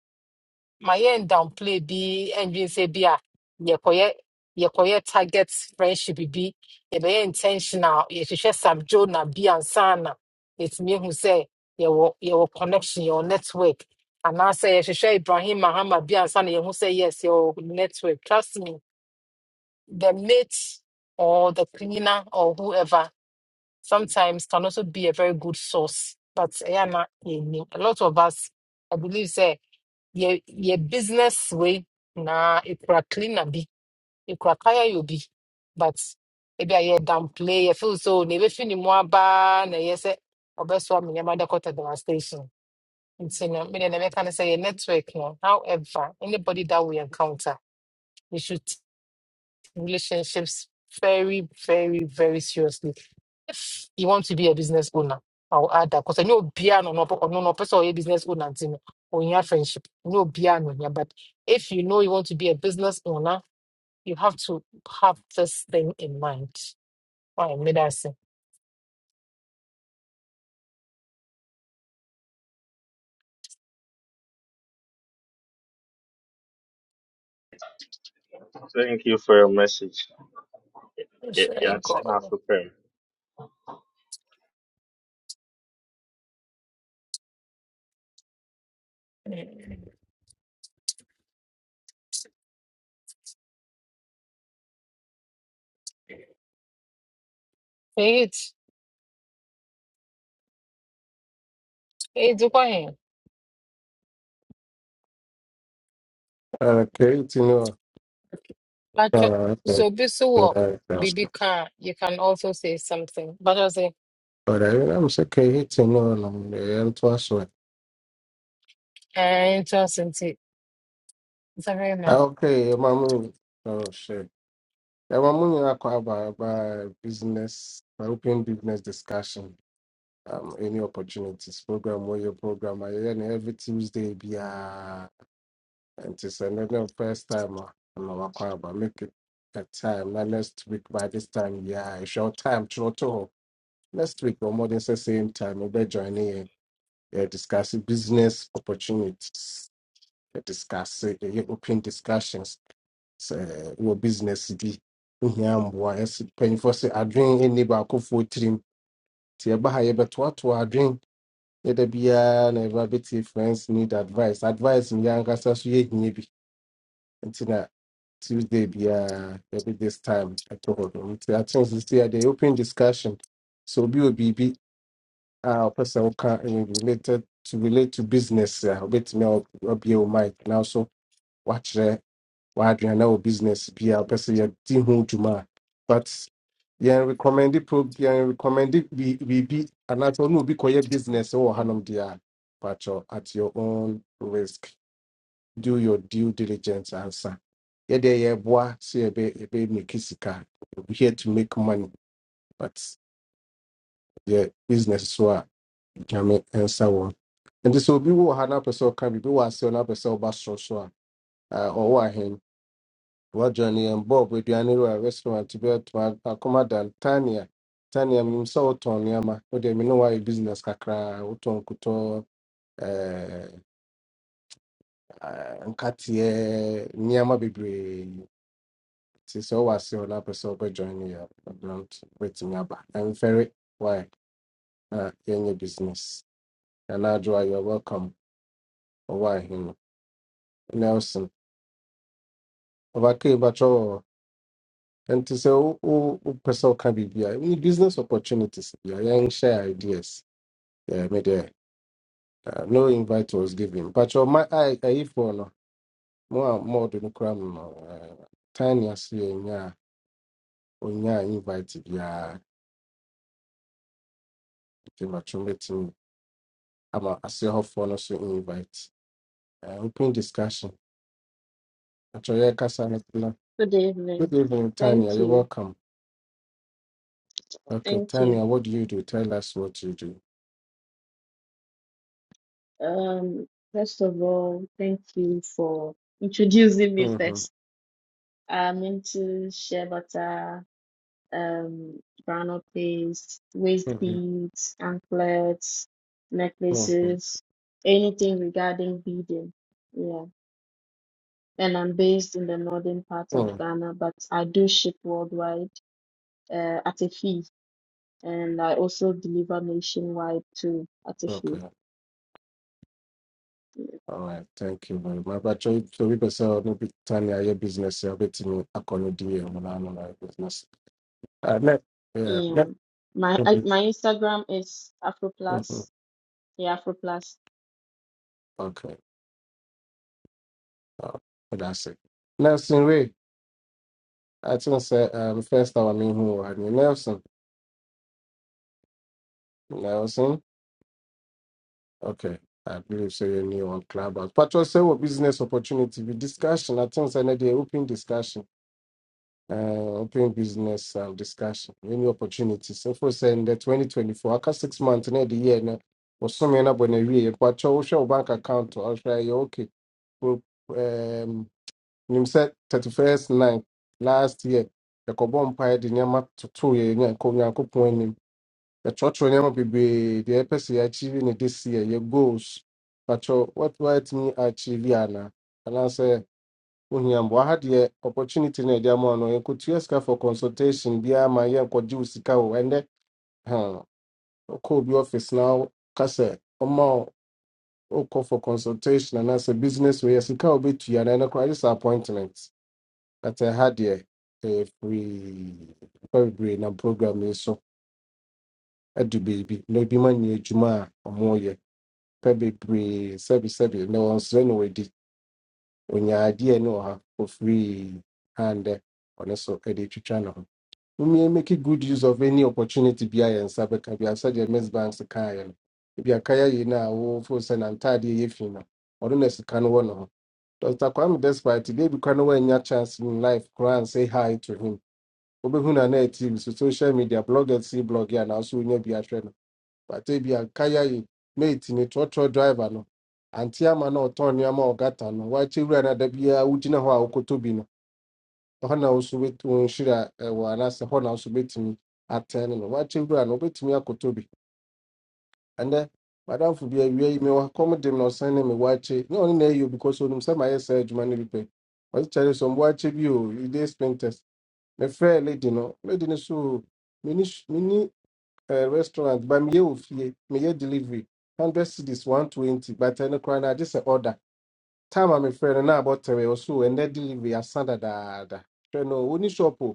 My end downplay be engine say be a yekoye yekoye target friendship be be intentional. You should share some Jonah be and sana. It's me who say your your connection, your network. And I say you should share Ibrahim Muhammad be and sana. You who say yes, your network. Trust me the mate or the cleaner or whoever sometimes can also be a very good source. But eh, yeah, na, yeah, no. a lot of us, I believe, say your your business way na it could cleaner be it could kaya you be, but maybe I hear downplay. I feel so. Maybe feel more bad. Na yes, or best one me mother caught at the devastation. It's you know, me and I can say your network. No, however, anybody that we encounter, we should relationships very, very, very seriously. If you want to be a business owner, I'll add that because I know piano no no no no, person or a business owner and thing, or in your friendship, no piano yeah. But if you know you want to be a business owner, you have to have this thing in mind. Why made I say, Thank you for your message. Yeah, where yeah, should yeah, I it's go? enough Mm. Wait, wait, why? Harakayitini But uh, wakakashita so this what baby car, you can also say something. But I say, whatever. I'm saying kayitini onamuntu yari twashoboye. eh, interesting. It's a very nice. Okay, mamu oh shit. Mamu nyina kwaba about about business European business discussion. Um, any opportunities program or your program I and every Tuesday be uh and it's another first time uh, no wakwaba make it a time now next week by this time yeah it's your time Toronto next week or more than the same time we'll be joining They're discussing business opportunities. They're discussing they're open discussions. So, wɔ business bi ho hia mboa ɛsɛ mpanyinfoɔ sɛ adwene ɛnni baakofoɔ tirim nti ɛba ha yɛbɛtoatoa adwene yɛda biara na ɛba bɛtie friends need advice advice no yɛankasa so yɛhia bi nti na Tuesday biara every this time at all. Nti I think this year they open discussion. So be wɔ biribi a person who can ɛyɛ related to relate to business a wobɛtumi a wabie wo mic now so watch there, w'adwene na wo business be a person sɛ yɛdi ho dwuma but yɛn recommend pro yɛn recommend bi- biribi anaasɛ ɔne obi kɔyɛ business wɔ hanom deɛ a patrɔ at your own risk do your due diligence ansa yɛdeɛ yɛboa sɛ yɛbɛ yɛbɛ make sika we here to make money but yɛ business so a nyame nsa wɔ nti sɛ obi wɔ ha na apɛ sɛ ɔka biribi wɔ aseɛ na apɛ sɛ ɔba sorosoro a ah, ɔwɔ ahen wajoin yɛn bob aduane wɔ a restaurant bi atoma akoma dan tania tania menim sɛ wotɔn nneɛma wode me ne woayɛ business kakraa wotɔn nkotɔ eh, ah, nkateɛ nneɛma bebree nti sɛ wowɔ aseɛ na apɛ sɛ wobɛjoin yɛ a, don't wobɛtumi aba ɛmfɛre why na yɛnyɛ business anadwoa youare welcome ɔwɔ ahen Obake Bacho and to say oh oh, oh, person can be here. We need business opportunities. Yeah, young share ideas. Yeah, me there. Uh, no invite was given. But your my I I for no more more than cram no uh, tiny as you yeah onya invite yeah the macho meeting. I'm a say how for no so invite. Uh, open discussion. But Actually, yeah, Kasa Natila. Good Good evening. evening, Tanya. Thank You're you. welcome. Okay, Thank you. Tanya, what do you do? Tell us what you do. Um, first of all, thank you for introducing me hmm first. I'm into shea butter, um, granola paste, waist beads, anklets, hmm necklaces, anything regarding beading. Yeah. And I'm based in the northern part hmm of Ghana, but I do ship worldwide, uh, at a fee. And I also deliver nationwide too at a fee. Okay. All right. Thank you very much. But try to be person no be tiny aye business a bit me akọni di e mo na no na business. Uh ne yeah, ne. Yeah. My I, Mm-hmm. my Instagram is mm-hmm. Afroplus. Yeah, Afroplus. Okay. Uh, that's it. Nelson Ray, I think say um first time I mean who I mean Nelson. Nelson. Okay. I believe so you new on Clubhouse. But also say what business opportunity we discussion. I think say na the open discussion. uh, open business um, discussion, any opportunities. So for saying the 2024, aka six months near the year, no, was summing up when a year, but show show bank account or try you okay. Well, um, you said 31st night last year, the Cobom Pie, the Yama to two year, and Konya Kupon, the church when Yama be the EPC achieving it this year, your goals. But you- what what me achieve, Yana? And I say, ohiambɔ ha deɛ opportunity ne ɛde ama wo no yɛnkɔtua sika for consultation biara ma yɛnkɔgye wo sika o ɛnɛ hmm, wokɔ obi office now kase sɛ oko wo wokɔ for consultation anaasɛ business wei sika a wobɛtua no ɛno koraa gye sɛ appointment but ɛha deɛ ɛyɛ free pɛ bebree nam program yi so adu baby na ebi ma nyɛ adwuma a ɔmoyɛ pɛ bebree sɛbesɛbe na wɔnsrɛ no wɔadi onyaadeɛ ne wɔ ha for free handɛ ɔno so ɛde twitwa We may make a good use of any opportunity behind and Sabeka. We have such a mess banks to carry. If you are carrying now, for send and tidy if you know, or don't can one of Dr. Kwame Despite today, we can win your chance in life. Cry and say hi to him. Obehuna na team so social media bloggers see blog and also we be a trainer. But they be a kaya yi mate in a trotro driver no. Anti ama no turn yama or gata no. Why children at the beer, Ujina Hoa hɔ na wo nso bɛt- wo nhyira ɛwɔ anaasɛ hɔ na wo nso bɛtumi atɛn no no wakye wura no wobɛtumi akɔtɔ bi ɛnɛ madamfo bi awia yi mewɔ kɔm dem na ɔsan ne me wakye ne ɔne na ɛyɛ o because onim sɛ mayɛ saa adwuma no bi pɛ ɔse kyɛre sɛ mboakye bi o ide sprinters mefrɛɛ lady no lady no so mini mini meni eh, restaurant ba meyɛ wɔ fie meyɛ delivery 100 cities 120 but ɛno koraa no agye sɛ order time a mefrɛ no na abɔtɛwe ɔso ɛnɛ delivery asa dadaada hwɛ no ɔni shop o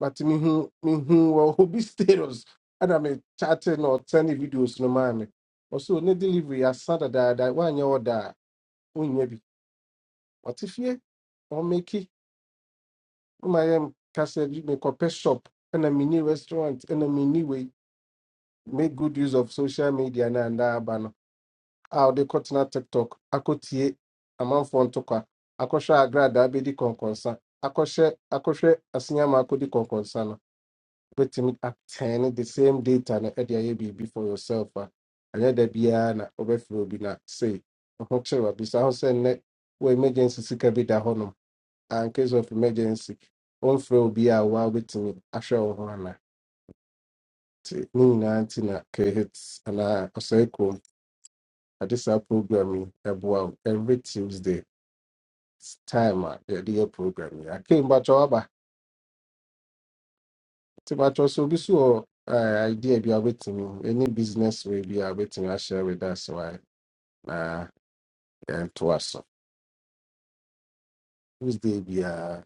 but mehu mehu wɔ obi status ɛna me chatting or sending videos no mammy. Also, maa me ɔso ne delivery asa dadaada woanyɛ ɔda a wonnya bi ɔte fie ɔmeki womayɛ kasa a mekɔpɛ shop and a mini restaurant and a mini way. make good use of social media and that banner. How they cut na TikTok, I aba no a ɔde kɔtena tiktok akɔtie amanfoɔ ntokwa akɔhwɛ agradaa bɛdi kɔnkɔnsa akɔhyɛ akɔhwɛ asenyama akɔdi kɔnkɔnsa no wobɛtumi atɛne the same data na ɛde ayɛ biribi for yourself a ɛnyɛ da biara na wobɛfrɛ obi na sei ho kyerɛ wabisa ho sɛ nnɛ wo emergency sika bi da hɔnom a in case of emergency wɔmfrɛ obi a woa wobɛtumi ahwɛ wo ho ana nti ne nyinaa nti na khit anaa ɔsɛe kurom ade saa program yi ɛboa wo every tuesday time a yɛde yɛ program yi akempakyɛ waba Ti Patrick so bi so wɔ eh, idea bi a wobɛtumi any business way bi a I share with us why na yɛntoa so. Tuesday biara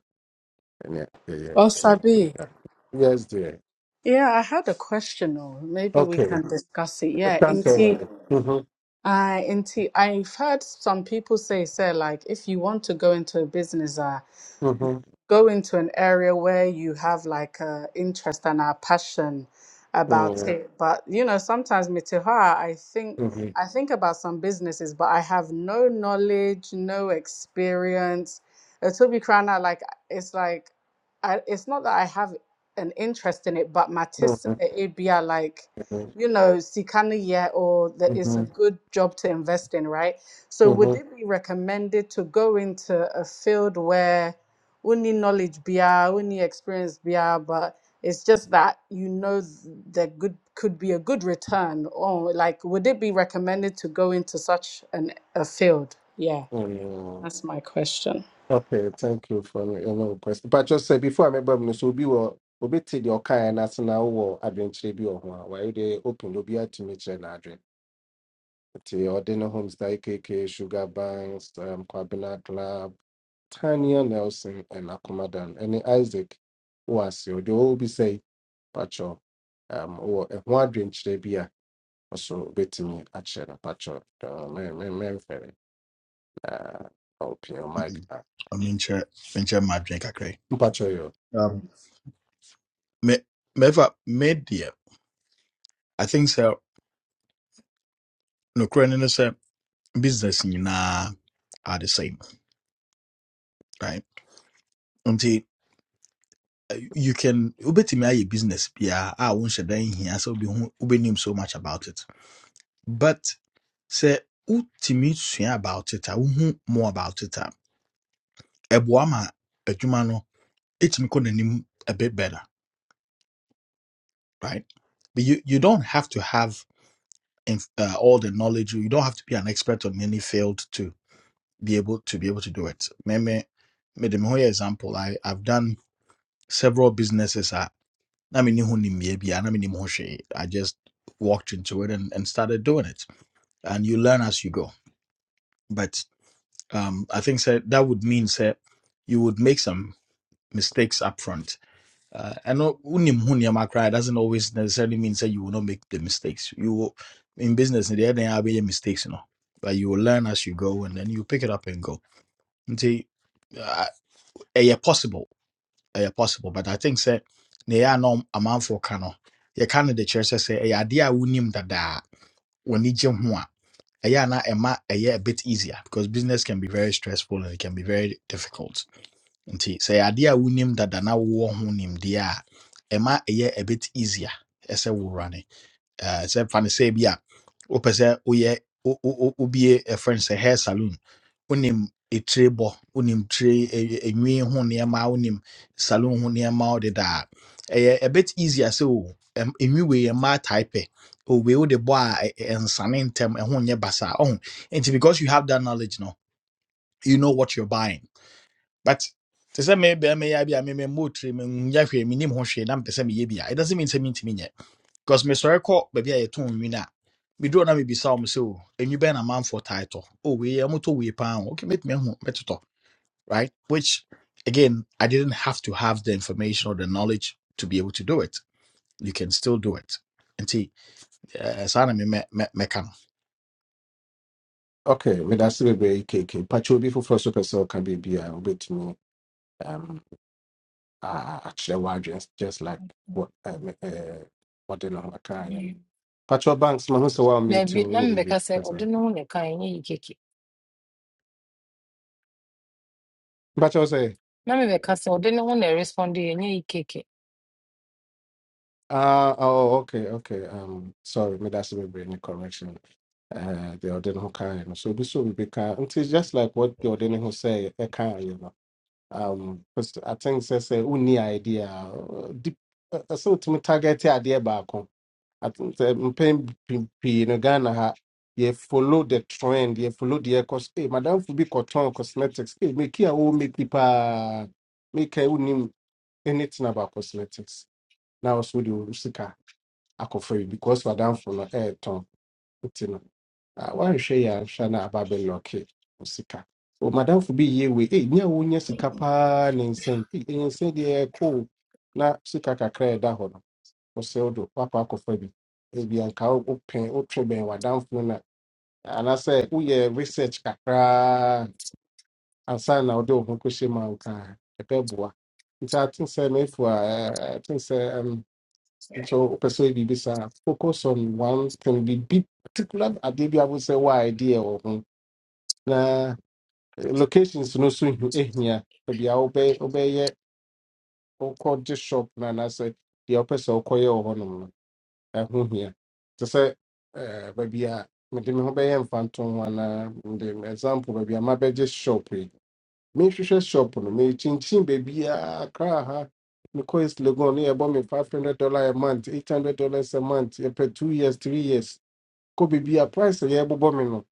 Yeah, yeah, Oh, yeah. Sabi. Okay. Yes dear. Yeah, I had a question, or maybe we Okay. can discuss it. Yeah, That's all Inti, right. Mhm, uh, Inti, I've heard some people say, say, like, if you want to go into a business, uh, mhm, go into an area where you have like a interest and a passion about mhm, it. But you know, sometimes Mitihara, I think mhm, I think about some businesses, but I have no knowledge, no experience. Uh, To be crying out, like it's like I, it's not that I have an interest in it, but matisse mhm, it be a like you know, Sikana yet or that it's a mhm, good job to invest in, right? So would mhm, it be recommended to go into a field where only knowledge bia only experience bia but it's just that you know th- there good could be a good return or like would it be recommended to go into such an a field yeah mhm. that's my question Okay, thank you for your long question. But just say before I remember, no, so be what obi te deɛ ɔkaeɛ no ase na wowɔ adwenkyerɛ why wɔ ho a wayɛ deɛ open obi atumi adventure. The Ordina Homes Daikeke, Sugar Banks, um, Kwabena Club, Tanya Nelson, and Akumadan, and Isaac Wasi, they all be say, Pacho, um, or a wandering Chebia, So betting me at Shena Pacho, Uh, Memphis, uh, open your mic, then? ah, menkyerɛ venture m'adwene kakra okay. Pacho, yo. Um, me mɛfa me deɛ i think so. no currently, sɛ business nyinaa are the same right Until uh, you can wobɛtumi ayɛ business biara a wonhyɛ da nhia sɛ wobɛhu- wobɛnim so much about it but. sɛ wotumi sua about it a wohu more about it a ɛboa ma adwuma no ɛtumi kɔ n'anim a bit better right but you, you don't have to have inf- uh, all the knowledge you don't have to be an expert on any field to be able to be able to do it me me me de me example I, i've done several businesses I a na menni ho nimmeɛ bia na mennim ho hwee i just walked into it and, and started doing it and you learn as you go but um, i think sɛ that would mean sɛ you would make some mistakes up front. Uh, and no- unim ho nneɛma koraa doesn't always necessarily mean that you will not make the mistakes. You will, in business, there there are big mistakes, you know, but you will learn as you go, and then you pick it up and go. Nti, uh, ɛyɛ possible, ɛyɛ possible, but I think sɛ ne yɛ anɔ amanfoɔ ka no, yɛka no de kyerɛ sɛ sɛ ɛyɛ adeɛ a wonim dadaa, w'ani gye ho a, ɛyɛ a na ɛma ɛyɛ a bit easier because business can be very stressful and it can be very difficult nti sɛ yɛ adeɛ a wonim dada na wowɔ ho nimdeɛ a ɛma ɛyɛ a bit easier ɛsɛ wowura ne Eh, sɛ fa no sɛ bi a wopɛ sɛ woyɛ wo- wo- wo- wobie ɛfrɛ no sɛ hair saloon wonim etire bɔ wonim tire ɛ- ɛ- enwi ho nneɛma wonim saloon ho nneɛma wode da dedaa ɛyɛ a bit easier sɛ o ɛm- enwi wei yɛ mmaa tae o wei wode bɔ a ɛ- ɛ- ɛnsane ntɛm ɛho nyɛ basa ɔho nti because you have that knowledge no you know what you're buying but to say maybe I may be a memɛ mmɔtire menyɛ hwee menim ho hwee na mepɛ sɛ meyɛ It doesn't mean men sɛ mentumi nyɛ because mesɔre kɔ baabi a yɛto nwin a meduro na mebisa wɔ m sɛ o ɛnwi bɛn na manfoɔ tae tɔ o wei ɔmotɔ wei paa o okay mɛtumi ahu mɛtotɔ right which again i didn't have to have the information or the knowledge to be able to do it you can still do it Eh, saa na me me me mɛka no Okay, with us, we be KK, Pacho, before first person can be beer, Bet me. um, uh, akyerɛ w'adwene just just like what um, uh, wɔde no ho aka yɛ no patrɔ banks mahu sɛ woameti Baabi na wɔ mebɛka biribi sɛ ɔde ne ho na ɛka ɛnyɛ yi keke mpakyɛw sɛ na mebɛka sɛ ɔde ne ho na ɛresponde ɛnyɛ yi keke Uh, oh, okay, okay. Um, sorry, me that's me bring a correction. Uh, the ordinary who can, so this will be kind. It is just like what the ordinary who say, a kind, you know. Um, because I think say say, only idea, uh, deep, uh, uh, so to me target the idea back. At mpɛn pii pii no Ghana ha yɛ follow the trend yɛ follow the ɛkɔ so. Hey, madam bi kɔtɔn cosmetics hey, meki a wɔwɔ make bi paa meka a wonim anything about cosmetics Now, ɔso de wo sika akɔfa yi because madamfo no ɛɛtɔn nti no ah, woanhwɛ yɛ anhwɛ no aba bɛlɔke wo sika o madamfo bi yie wei hey, ne a wonya sika paa ne nsɛn hey, ɛyɛ nsɛn deɛ ɛyɛ cool na sika kakra a ɛda hɔ no ɔsɛ wodo wakɔ akɔfa bi ebi anka wopɛ wotwe bɛn w'adamfo no na anaasɛ woyɛ research kakraa ansa na wode wo ho kɔhyɛ mu a nka ɛbɛboa nti aten sɛ mefo a aten sɛ ɛm, nso so. sɛ woyɛ biribi saa focus on one thing biribi particular adeɛ bi a wo sɛ wo idea wɔ ho na eh, locations no so hu- ehia baabi a wobɛ- wobɛyɛ wokɔgye shop no anaasɛ the wopɛ sɛ wokɔyɛ wɔ hɔnom no ɛho hia te sɛ eh, baabi a mede me ho bɛyɛ mfantom ho anaa mede me- example baabi a mabɛgye shop yi mehwehwɛ shop no mekyinkyin baabiaa kraa ha mekɔ is legon no yɛbɔ me five hundred dollar a month eight hundred dollars a month yɛpɛ two years three years kɔ baabi a price a yɛbobɔ me no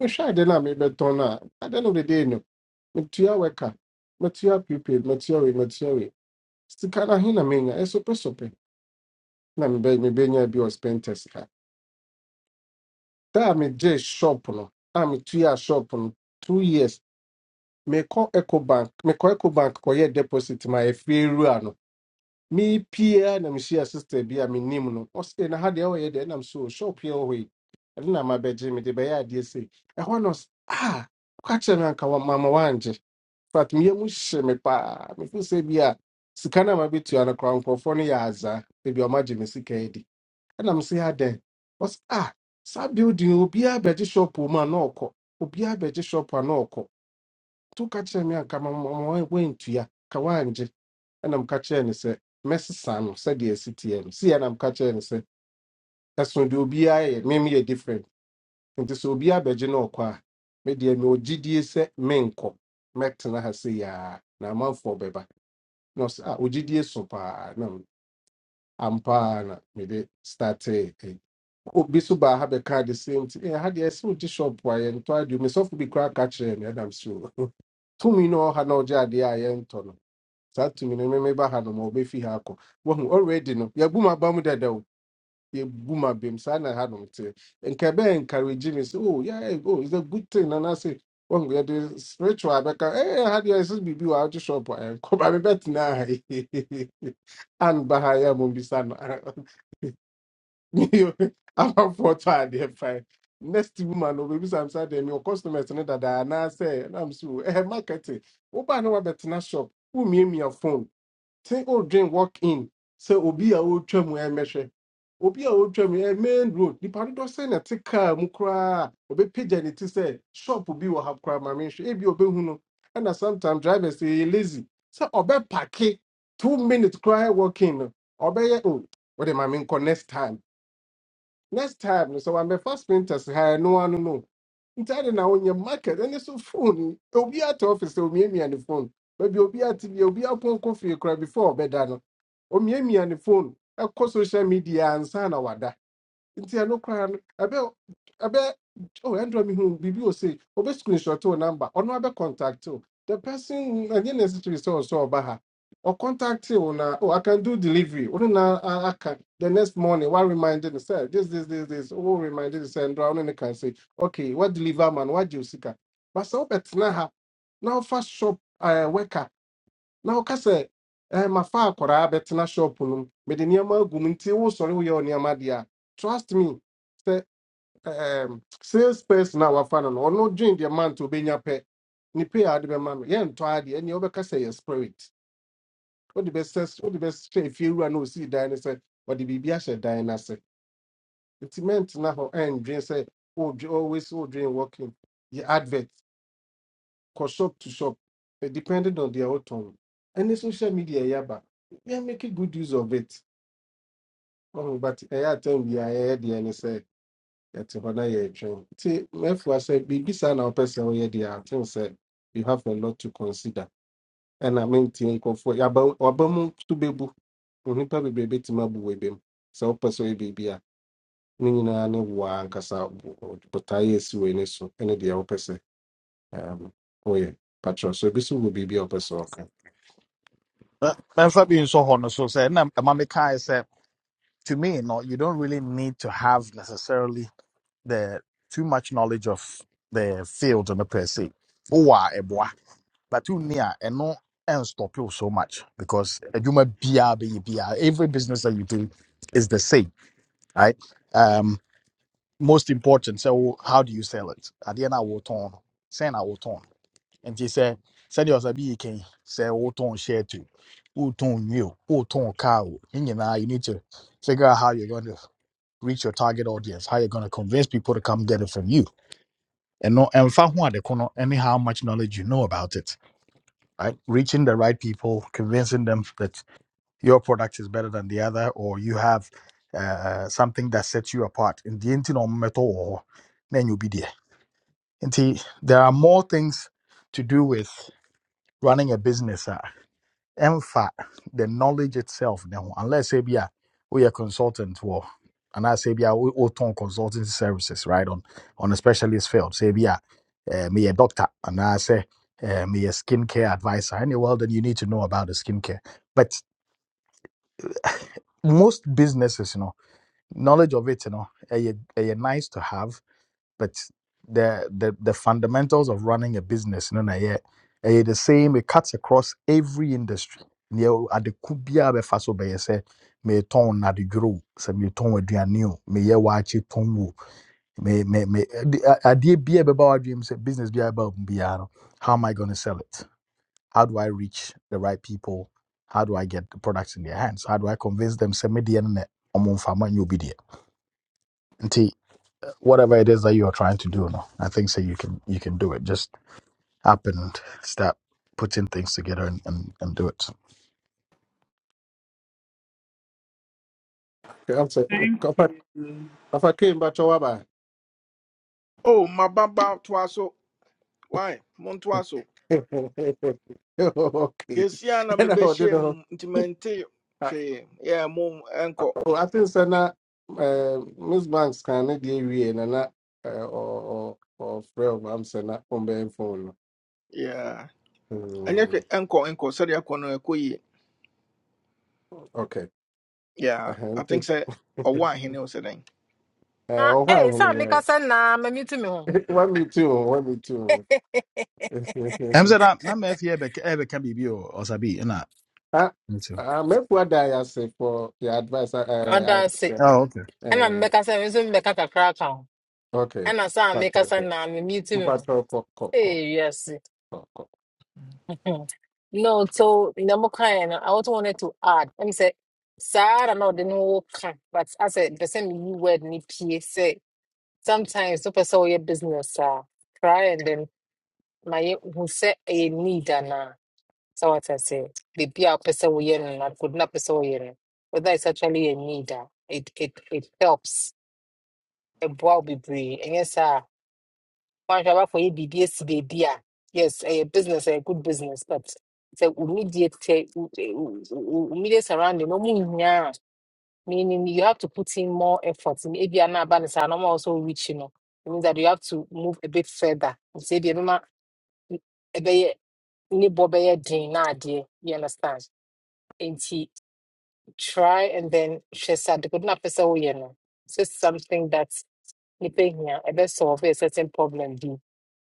mehwɛ ade no a mebɛtɔn no a ade no dede no metua wɛka metua prepaid metua wei metua wei sika no ahe na menya ɛsopɛsopɛ na mebɛ- mebɛnya bi wɔ spentest Time J shop no. I'm two year shop no. Two years. Me call Eco Bank. Me call Eco Bank. Koye deposit my fair no. Me peer na me share sister be me name no. Ose na ha de oyɛ de na me so shop here we. And na my bedje me de be ya de say. E ho no s- ah. Kwa che me anka wa mama wanje. But me mu hye me pa. Me feel say bi a sika na ma betu ana kwa nkofo no ya aza. Ebi o ma gye me sika yi di ɛna m sɛ yɛ adɛn ɔsɛ ah saa building yi, obiara bɛgye shop wɔ mu a na ɔkɔ obiara bɛgye shop a na ɔkɔ to ka kyerɛ me anka ma ma ma wantua ka wangye ɛna m ka kyerɛ no sɛ mɛsesa no sɛdeɛ ɛsi teɛ no si ɛna m ka kyerɛ no sɛ ɛso deɛ obiara yɛ mem yɛ different nti sɛ obiara bɛgye na ɔkɔ me deɛ mewɔ gyidie sɛ menkɔ mɛtena ha se yaa na amanfoɔ bɛba na ɔsɛ ah ogyidie so paa ampa ara na mede startee ɛyi. obi so baa ha bɛkaa the same thing ɛ ha deɛ ɛsɛ wogye shop a yɛntɔ adeɛ mesɔfo bi koraa ka kyerɛɛ me adam so tumi no ɔha na ɔgye adeɛ a yɛntɔ no saa tumi no meme ba ha nom a ɔbɛfi ha akɔ wahu already no yɛabu m aba mu dadaw yɛbu m abam saa na ha nom te nka ɛbɛyɛ encourage me sɛ oh yeah eh, oh it's a good thing and na anaasɛ wahu yɛde spiritual bɛka eh ha deɛ ɛsɛ biribi wɔ a wogye shop a yɛnkɔ ba mebɛtena ha yi anba ha yɛ a mommisa no I'm up for tired, they're fine. Next woman, no baby, I'm sad. Them your customers, no that I now say, and I'm so eh marketing. Oba no better na shop. Who me me a phone? Say old dream walk in. Say obi a old chum we measure. Obi a old chum we main road. The party do say na take car mukra. Obi page and it say shop obi will have crab my mention. Ebi obi huno. And na sometimes drivers say lazy. Say obi parke two minutes cry walk in. Obi eh, oh. What am I mean? Next time next time no sɛ wamɛfa sprinters ha no one know. Instead, now on your market ɛne so phone It'll be at office It'll be me on the phone Maybe baabi a obi ate be obi apɔnkɔ coffee cry before ɔbɛda me me on the phone ɛkɔ social media ansa na wada nti ɛno koraa no ɛbɛ ɛbɛ oh ɛndrɔ mi hu biribi o se obe screenshot o number ɔno abɛ contact o the person ɛnyɛ necessary sɛ ɔsɛ ɔba ha or contact you na oh i can do delivery ɔno na I can the next morning One reminded me sɛ this this this this o reminded me sɛ ɛndrɔ ɔno can say okay what deliver man What you gye But so bet na ha Now ɔfa shop ɛɛ worker na ɔka sɛ eh, mafa akwaraa bɛtena shop no mu mede nneɛma agu mu nti wosɔre woyɛ wo nneɛma deɛ a trust me sɛ um, sales person a wafa no no ɔno dwen deɛ mant obɛnya pɛ ne pay a ade bɛma no yɛntɔ adeɛ ɛneɛ wobɛka sɛ yɛ spirit wode bɛsɛ wode bɛhyɛ efie wura na osii dan no sɛ ɔde biribi ahyɛ dan no ase nti mɛntena hɔ ɛndwen sɛ wodwe always wodwen working yɛ advert kɔ shop to shop, eh, depending on their own tone. Any social media, yeah, but we are making good use of it. Oh, but eh, I tell time we are here, the and say, at Hona, yeah, train. See, therefore, I said, be beside our person, oh, yeah, the thing said, you have a lot to consider. And I mean, think of what about Obama to be book. Nipa bebree bɛtumi abu wɔ ebem sɛ wopɛ sɛ ɔyɛ biribi a ne nyinaa ne wo ara ankasa bo- bo- botaeɛ a esi w'ani so ne deɛ wopɛ sɛ um, woyɛ so ebi so wɔ biribi a wopɛ sɛ Eh, memfa bi nsɔ hɔ no so sɛ na ɛma mekae sɛ to me no you don't really need to have necessarily the too much knowledge of the field no per se wowɔ a ɛboa but you near and no and stop you so much because adwuma biara bɛyɛ biara, every business that you do is the same right um most important so how do you sell it at the end i will turn send i will turn and they say send yourself you can say what turn share to who turn you who turn car you know you need to figure out how you're going to reach your target audience how you're going to convince people to come get it from you and no and find out the corner and how much knowledge you know about it right? Reaching the right people, convincing them that your product is better than the other, or you have uh, something that sets you apart. In the end, no matter what, then you'll be there. And see, there are more things to do with running a business. Uh, ɛmfa the knowledge itself ne ho unless say be a we a consultant or, and I say be a we wotɔn consulting services right on on a specialist field say be a eh, me a doctor and anaasɛ eh, me a skincare advisor ɛne well then you need to know about the skincare. but most businesses you know, knowledge of it you know, ɛyɛ, ɛyɛ nice to have but the the the fundamentals of running a business no na yeah eh, the same it cuts across every industry near adeku biara bɛfa so bɛyɛ sɛ meetɔn nadedworo o sɛ meetɔn aduane o meyɛ waakye tɔn o me me me ade- a- adeɛ biara ɛbɛba w'adwene mu sɛ business biara ɛba wo mu biara no how am i going to sell it how do i reach the right people how do i get the products in their hands how do i convince them sɛ me deɛ no na ɔmo fama ma nyɛ obi whatever it is that you're trying to do. No, I think so. You can you can do it. Just up and start putting things together and, and, and do it. Okay, I'm saying, if I, if I came back to Waba. Oh my baba twaso. Why? Mon twaso. okay. Yesi ana mi And I be don't share know. mum intimente uh, Yeah, mum enko. Oh, I think so uh, Miss Banks can not give you and I'm not, uh, or, or, or Fred, I'm saying, not on the phone. Yeah. Anya Mm, hwe enko enko sɛ de akɔ no ɛkɔ Okay. Yeah, I Uh-huh. think sɛ ɔwɔ ahene wo sɛ dɛn. Uh, Ah, oh, wow, eh, sɛ meka sɛ naa mami tu me ho. One me too, one me too. I'm that na me here be e be can be or sabi na I, me too. I'm a poor guy, I say, for your advice. Uh, ɔdanse uh, Oh okay. uh, ɛna mebɛka sɛ me nso mebɛka kakra ka ho okay. ɛna sɛ a Okay, meka sɛ okay. naa memi ti me ho Mpacho ko ko ko ee wiase ko no so na mokaeɛ no i also wanted to add Let me say, ara na ɔde ne ho ka but I said the same meyi word ne pie Say sometimes wopɛ sɛ woyɛ business ah, try and then ma yɛ hu sɛ ɛyɛ need anaa sɛ wata sɛ biribi a wopɛ sɛ woyɛ no na kodi na wopɛ sɛ woyɛ no whether it's actually a need a it it it helps ɛboa wo bebree ɛnyɛ saa a woanhwɛ abakɔ yɛ biribi asi baabi a yes ɛyɛ business ɛyɛ good business but sɛ wo media tɛ wo wo- wo- wo media surrounding no mu nyinaa meaning you have to put in more effort ebia na aba no saa na ɔma wo sɛ wo reach no it means that you have to move a bit further nti ebia ɛbɛma ne bɔ bɛyɛ den na adeɛ you understand nti try and then she said, ade kodo na apɛ sɛ woyɛ no sɛ something that nipa hia ɛbɛ solve a certain problem bi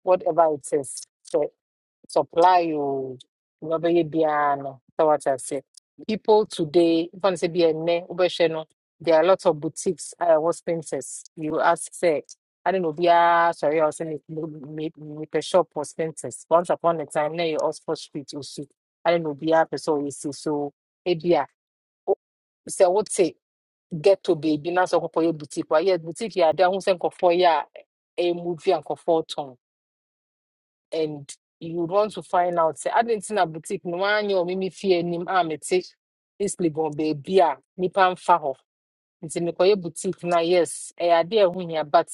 whatever it is So supply o wobɛyɛ biara no So what I ase people today mfa no sɛ bi ɛnnɛ wobɛhwɛ no there are lots of boutiques a ɛwɔ spintex you ask say. sɛ ade na obiara sɔre a ɔsɛ mepɛ shop for spintex once upon a time na ɛyɛ oxford street also. I don't know obiara a person ɔyɛ see. so ebia wo- sɛ wote ghetto baabi na so for wokɔkɔyɛ boutique wayɛ boutique yɛ ade a ho sɛ nkɔfoɔ yɛ a movie and nkɔfoɔ tɔn and you would want to find out Say I didn't see na boutique no one wɔ mimi fie anim a mete east legon baabi a nnipa mfa hɔ nti boutique Na yes ɛyɛ ade a ɛho hia but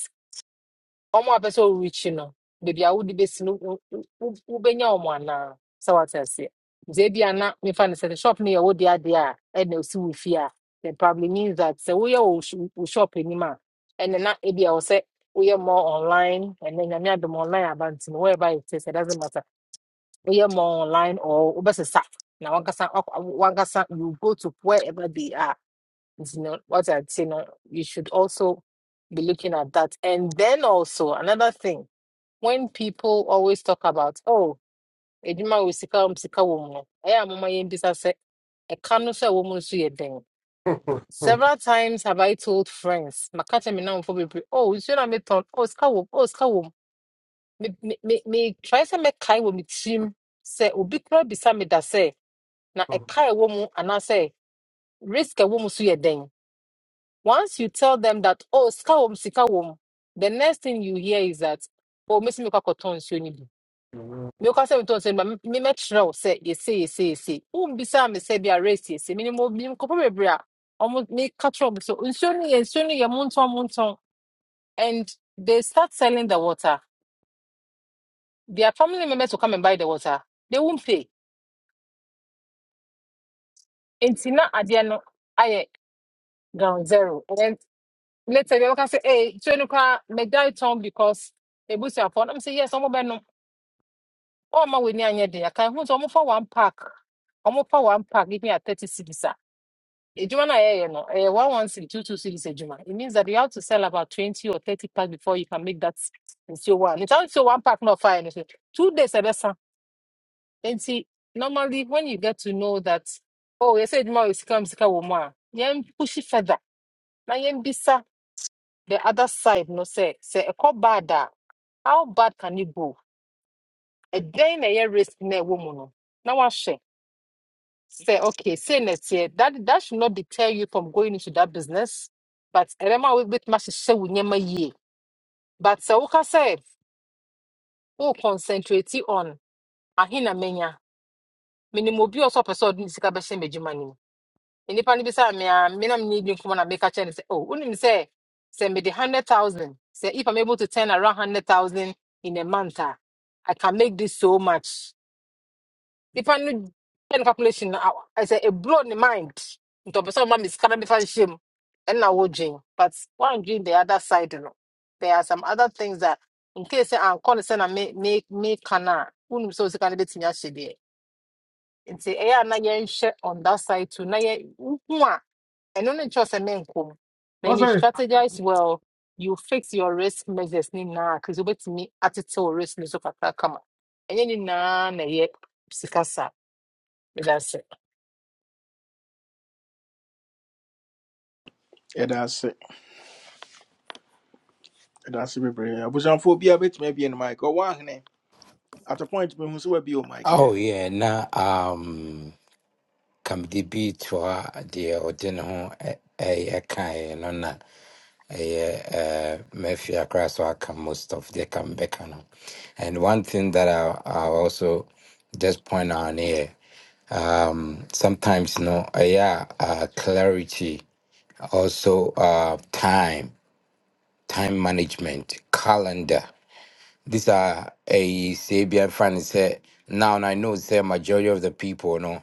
ɔmo a pɛ sɛ ɔrekyi no baabi a wode bɛsi no wo- wo- wo- wobɛnya ɔmo anaa sɛ wate aseɛ nti ebia na mefa no the shop near. yɛ wode adeɛ And ɛna osi wo fie a then probably means that sɛ woyɛ wo sh- wo shop anim a ɛne na ebia wɔ sɛ woyɛ more online and then nyame adom online aba nti no wherever it is it doesn't matter woyɛ more online or obesisa. now. One wankasa one wankasa you go to wherever they are nti no what i would say no you should also be looking at that and then also another thing when people always talk about oh edwuma wɔ sika wɔm sika wɔm no ɛyɛ a moma yɛmbisa sɛ ɛka no so a ɛwɔ mu no so several times have i told friends maka kyɛ me namfo bebree oh you na metɔn oh sika wo? oh sika wo? me me me me- try say me mɛkae wo me team say. obi koraa bisa me da say na ɛka a ɛwɔ mu anaasɛ risk a ɛwɔ mu so yɛ den once you tell them that oh sika wɔ mu sika wɔ mu the next thing you hear is that oh mesi mi kɔ akɔtɔ nsuo ni bi mi kɔ asɛ mi tɔ nsuo ni bi mi mɛkyerɛ o sɛ yɛse yɛse yɛse wɔn bisa mi sɛ bi a race yɛse mi ni mo mi nkɔpɔ bebree a wɔn mi ka kyerɛ wɔn so nsuo ni yɛ nsuo ni yɛ mo ntɔn mo ntɔn and they start selling the water their family members will come and buy the water they won't pay nti na adeɛ no ayɛ ground zero Let's later ebi ɔbɛka sɛ ee so enu koraa megyae tɔn because they boost your phone. I'm say, yes I'm ɔmo bɛ no ɔmo w'ani anyɛ de aka ehu sɛ ɔmo for one pack ɔmo for one pack Give me a thirty cedis a edwuma na yɛyɛ no ɛyɛ one one cedi two two cedis edwuma it means that you have to sell about twenty or thirty pack before you can make that nsuo wa nita nsuo one pack not ɔfa yɛ no so two days ɛbɛsa nti normally when you get to know that oh you edwuma wɔ is mu sika wɔ mu a yɛn push it further na yɛn the other side no say say ɛkɔ bad a how bad can you go A day na ɛyɛ risk na ɛwɔ mu no na wahyɛ sɛ okay say na ɛteɛ that that should not deter you from going into that business but remember ɛbɛma wo bɛtumi ahyehyɛ wo nneɛma yie but sɛ woka sɛ wo concentrate on ahe na menya Minimum bi a ɔsɛ ɔpɛ sika bɛhyɛ m'adwuma no nnipa no bisa me a me na menni bi nkɔmmɔ na meka kyerɛ no sɛ oh wonim sɛ sɛ mede hundred thousand sɛ if i'm able to turn around hundred thousand in a month a i can make this so much nnipa no yɛ no calculation no aw- ɛsɛ ɛblow ne mind nti ɔpɛ sɛ ɔma me sika na mefa nhyɛ mu ɛnna wodwen but woandwen the other side no there are some other things that in case sɛ ankɔ no sɛ na me- me- meka no a wonim sɛ wo sika no bɛtumi ahyɛ deɛ nti ɛyɛ a na yɛnhyɛ on that side too na yɛ ɛno ne nkyɛw sɛ menkɔ mu when What's you that? strategize well you fix your risk measures ne nyinaa kris wobɛtumi atetew risk ne so kakra kama ɛnyɛ ne nyinaa na ɛyɛ sika sa meda Yeah, that's it. That's bebree. Abusanfoɔ bi a bɛtumi abie no mic. Ɔwɔ ahene. At a point, mehu sɛ wabie o mic, Oh yeah. yeah, na um kamdi bi toa deɛ ɔde ne ho ɛ- ɛyɛ kaeɛ no na ɛyɛ eh, Murphy akora so aka most of the comeback no. And one thing that I I also just point out here, um, sometimes you know, yeah, uh, clarity, also uh, time, time management, calendar. These are a Sabian fan say now and I know say majority of the people no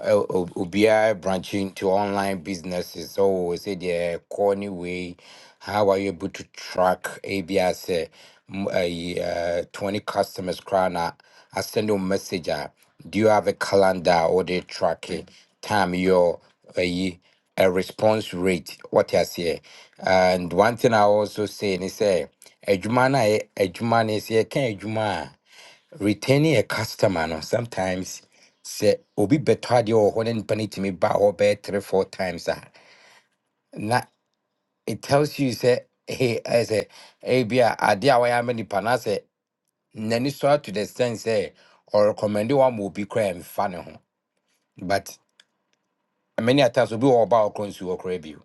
Ubia branching to online businesses. So say the corny way. How are you able to track ABS uh, m- a uh, uh, 20 customers crown? I send you a message. uh, Do you have a calendar or they tracking time your uh, a response rate? What I say, and one thing I also say is say adwuma na a yɛ adwuma no sɛ yɛka adwuma a retaining a customer no sometimes sɛ obi bɛtɔ adeɛ wɔ hɔ na nipa no tumi ba hɔ bɛyɛ three four times a na it tells you sɛ hey ɛyɛ sɛ ebi a adeɛ a wɔyɛ ama nipa no asɛ n'ani so ato the sense sɛ ɔrecommende wɔn ama obi koraa mfa ne ho but many a times obi wɔ hɔ a ɔba ɔkɔ nsuo koraa bio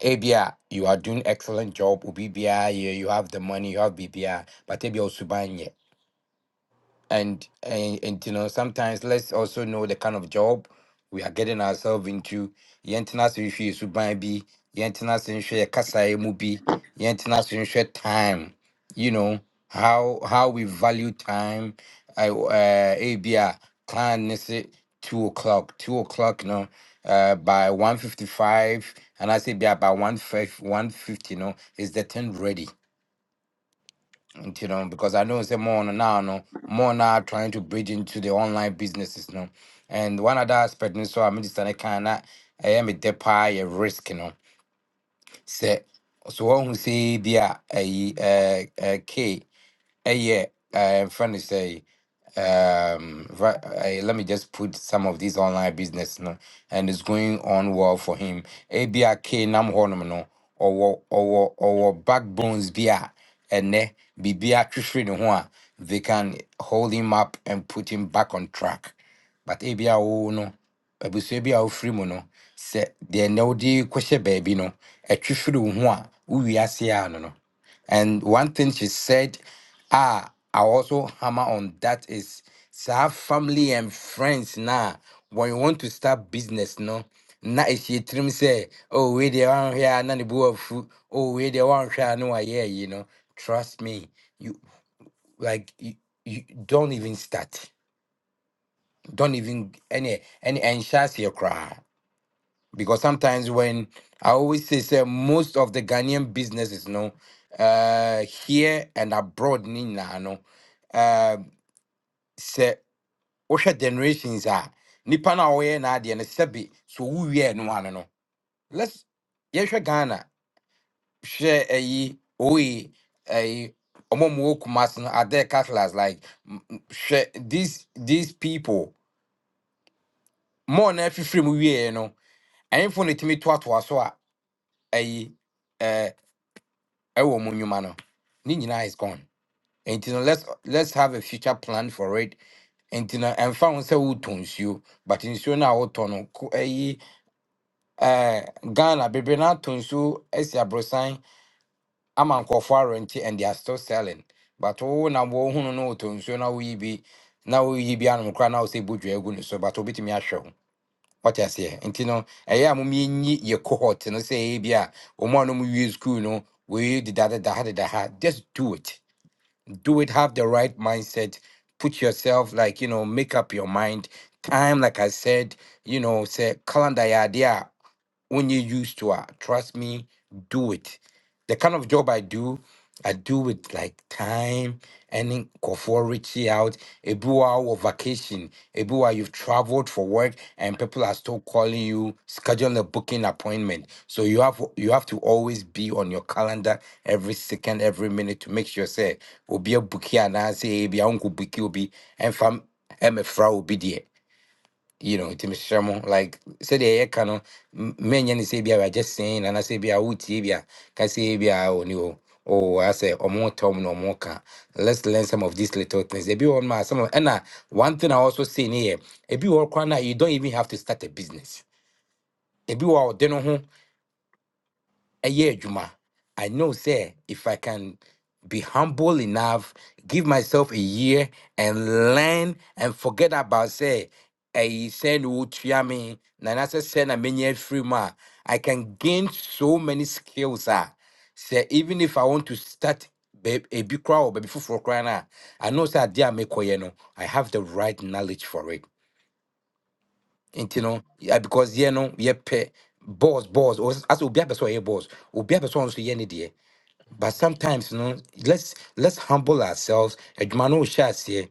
ebia you are doing excellent job obi biara yɛ you have the money you have biribiara but ebia osuban nyɛ and and, and you know sometimes let's also know the kind of job we are getting ourselves into yɛntena ase nhwɛ yɛ suban bi yɛntena ase nhwɛ yɛ kasaeɛ mu bi yɛntena ase nhwɛ time you know how how we value time I, uh, ebi a client ne se two o'clock two o'clock no uh, by 155 and i say bi a by 150 no is the thing ready you know, because I know say more on now, no, no, more now trying to bridge into the online businesses, no. And one other aspect, no, so I mean, it's kind of, I am a depa, a risk, you know. Say, so one who say, there, a, uh, uh, K, a, yeah, uh, friend is say um right uh, let me just put some of these online business no and it's going on well for him abia nam honum no or or or backbones bia and ne bibia twhwere ne ho a they can hold him up and put him back on track but abia wo no abusua bi a wofiri mu no sɛ deɛ na wode kɔhyɛ baabi no ɛtwehwere wo ho a wowie ase a no no and one thing she said, ah, I also hammer on that is so our family and friends now. when you want to start business, no. Now if you trim say, oh, we the one here, none of food, oh, we the one here, no, I hear, you know. Trust me, you like you, you don't even start. Don't even any any and your cry because sometimes when I always say, say most of the Ghanaian businesses, no, uh, here and abroad, Nina, no, uh, say, osha generations are nipa na oye na adi na sebi so uye no ano no. Let's yesha Ghana share ayi oye ayi omo mo kumas no are there cattlers like share these these people more na free free mu wie no. Ain't for the timid twat was so ayi ɛwɔ mu nnwuma no ne nyinaa is gone nti no let's let's have a future plan for it nti no ɛmfa ho sɛ wotɔ nsuo but nsuo no a wotɔ no ko- ɛyi ɛɛ ghana bebree no atɔ nsuo asi aborosan ama nkurɔfoɔ arɛnti and they are still selling but wo na wɔhunu no wotɔ nsuo na woyi bi na woyi bi anom koraa na wo sɛ bodua agu ne so but wobɛtumi ahwɛ ho wɔte aseɛ nti no ɛyɛ a momyɛnyi yɛ cohort no sɛ ɛyɛ bi a wɔn a nom wie school no wɔyi dedadeda ha deda ha just do it do it have the right mindset put yourself like you know make up your mind time like i said you know say calendar idea when you used to it, trust me, do it. The kind of job I do, I do with like time and then for reaching out. A blue hour of vacation, a blue hour you've traveled for work, and people are still calling you, schedule a booking appointment. So you have you have to always be on your calendar every second, every minute to make sure say, will be a bookie and I say, be uncle bookie will be and fam, and a frau will be there you know, to Mr. like said the cano many and say I just saying and I say be a utibia can say be a on oh I say or more tom no more can let's learn some of these little things. They be on my some of and uh, one thing I also say in here, if you work you don't even have to start a business. If you are then ɛyɛ adwuma i know say if i can be humble enough give myself a year and learn and forget about say ɛyi sɛ na wɔtua me na na sɛ sɛ na menya can gain so many skills a sɛ even if i want to start baa- ebi koraa wɔ baabi foforɔ koraa no a big crowd or baby for crying, i know sɛ adeɛ a mekɔyɛ no i have the right knowledge for it nti no yeah, because yɛ no yɛpɛ boss boss or as obi apɛ sɛ ɔyɛ boss obi apɛ sɛ ɔno nso yɛ but sometimes, you know, let's let's humble ourselves. Adwuma no wo hyɛ aseɛ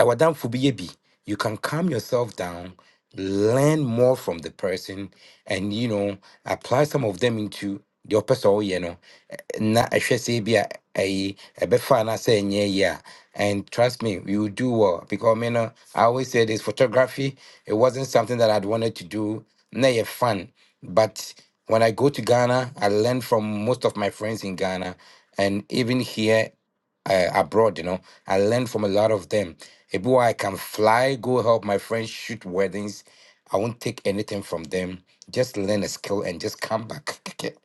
ɛwɔ damfo bi yɛ bi you can calm yourself down learn more from the person and you know apply some of them into the ɔpɛ You know, no ɛ- na ɛhwɛ sɛ bi a ɛyi ɛbɛfa anaasɛ ɛnyɛ yie a and trust me you will do well because me know. i always say this photography it wasn't something that i'd wanted to do na yɛ fun but when i go to ghana i learn from most of my friends in ghana and even here uh, abroad, you know. I learned from a lot of them. Maybe why I can fly, go help my friends shoot weddings. I won't take anything from them. Just learn a skill and just come back.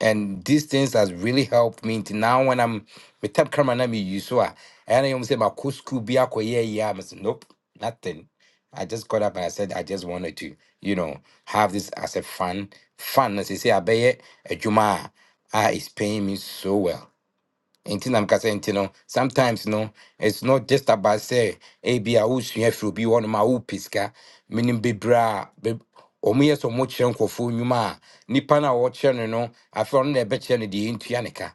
And these things has really helped me to now when I'm with top camera na me use so I and I say my cool school be a yeah yeah I said nope nothing. I just got up and I said I just wanted to you know have this as a fun fun as you say I bet a juma ah it's paying me so well nti na mekasa nti no sometimes no it's not just about sɛ ebi a wosua firi obi hɔ nom a wopɛ sika menim bebree a be- ɔmo yɛ sɛ ɔmo kyerɛ nkurɔfoɔ nnwuma a nnipa no a wɔkyerɛ no afɛ no afei ɔno na ɛbɛkyerɛ no deɛ ɛntua ne ka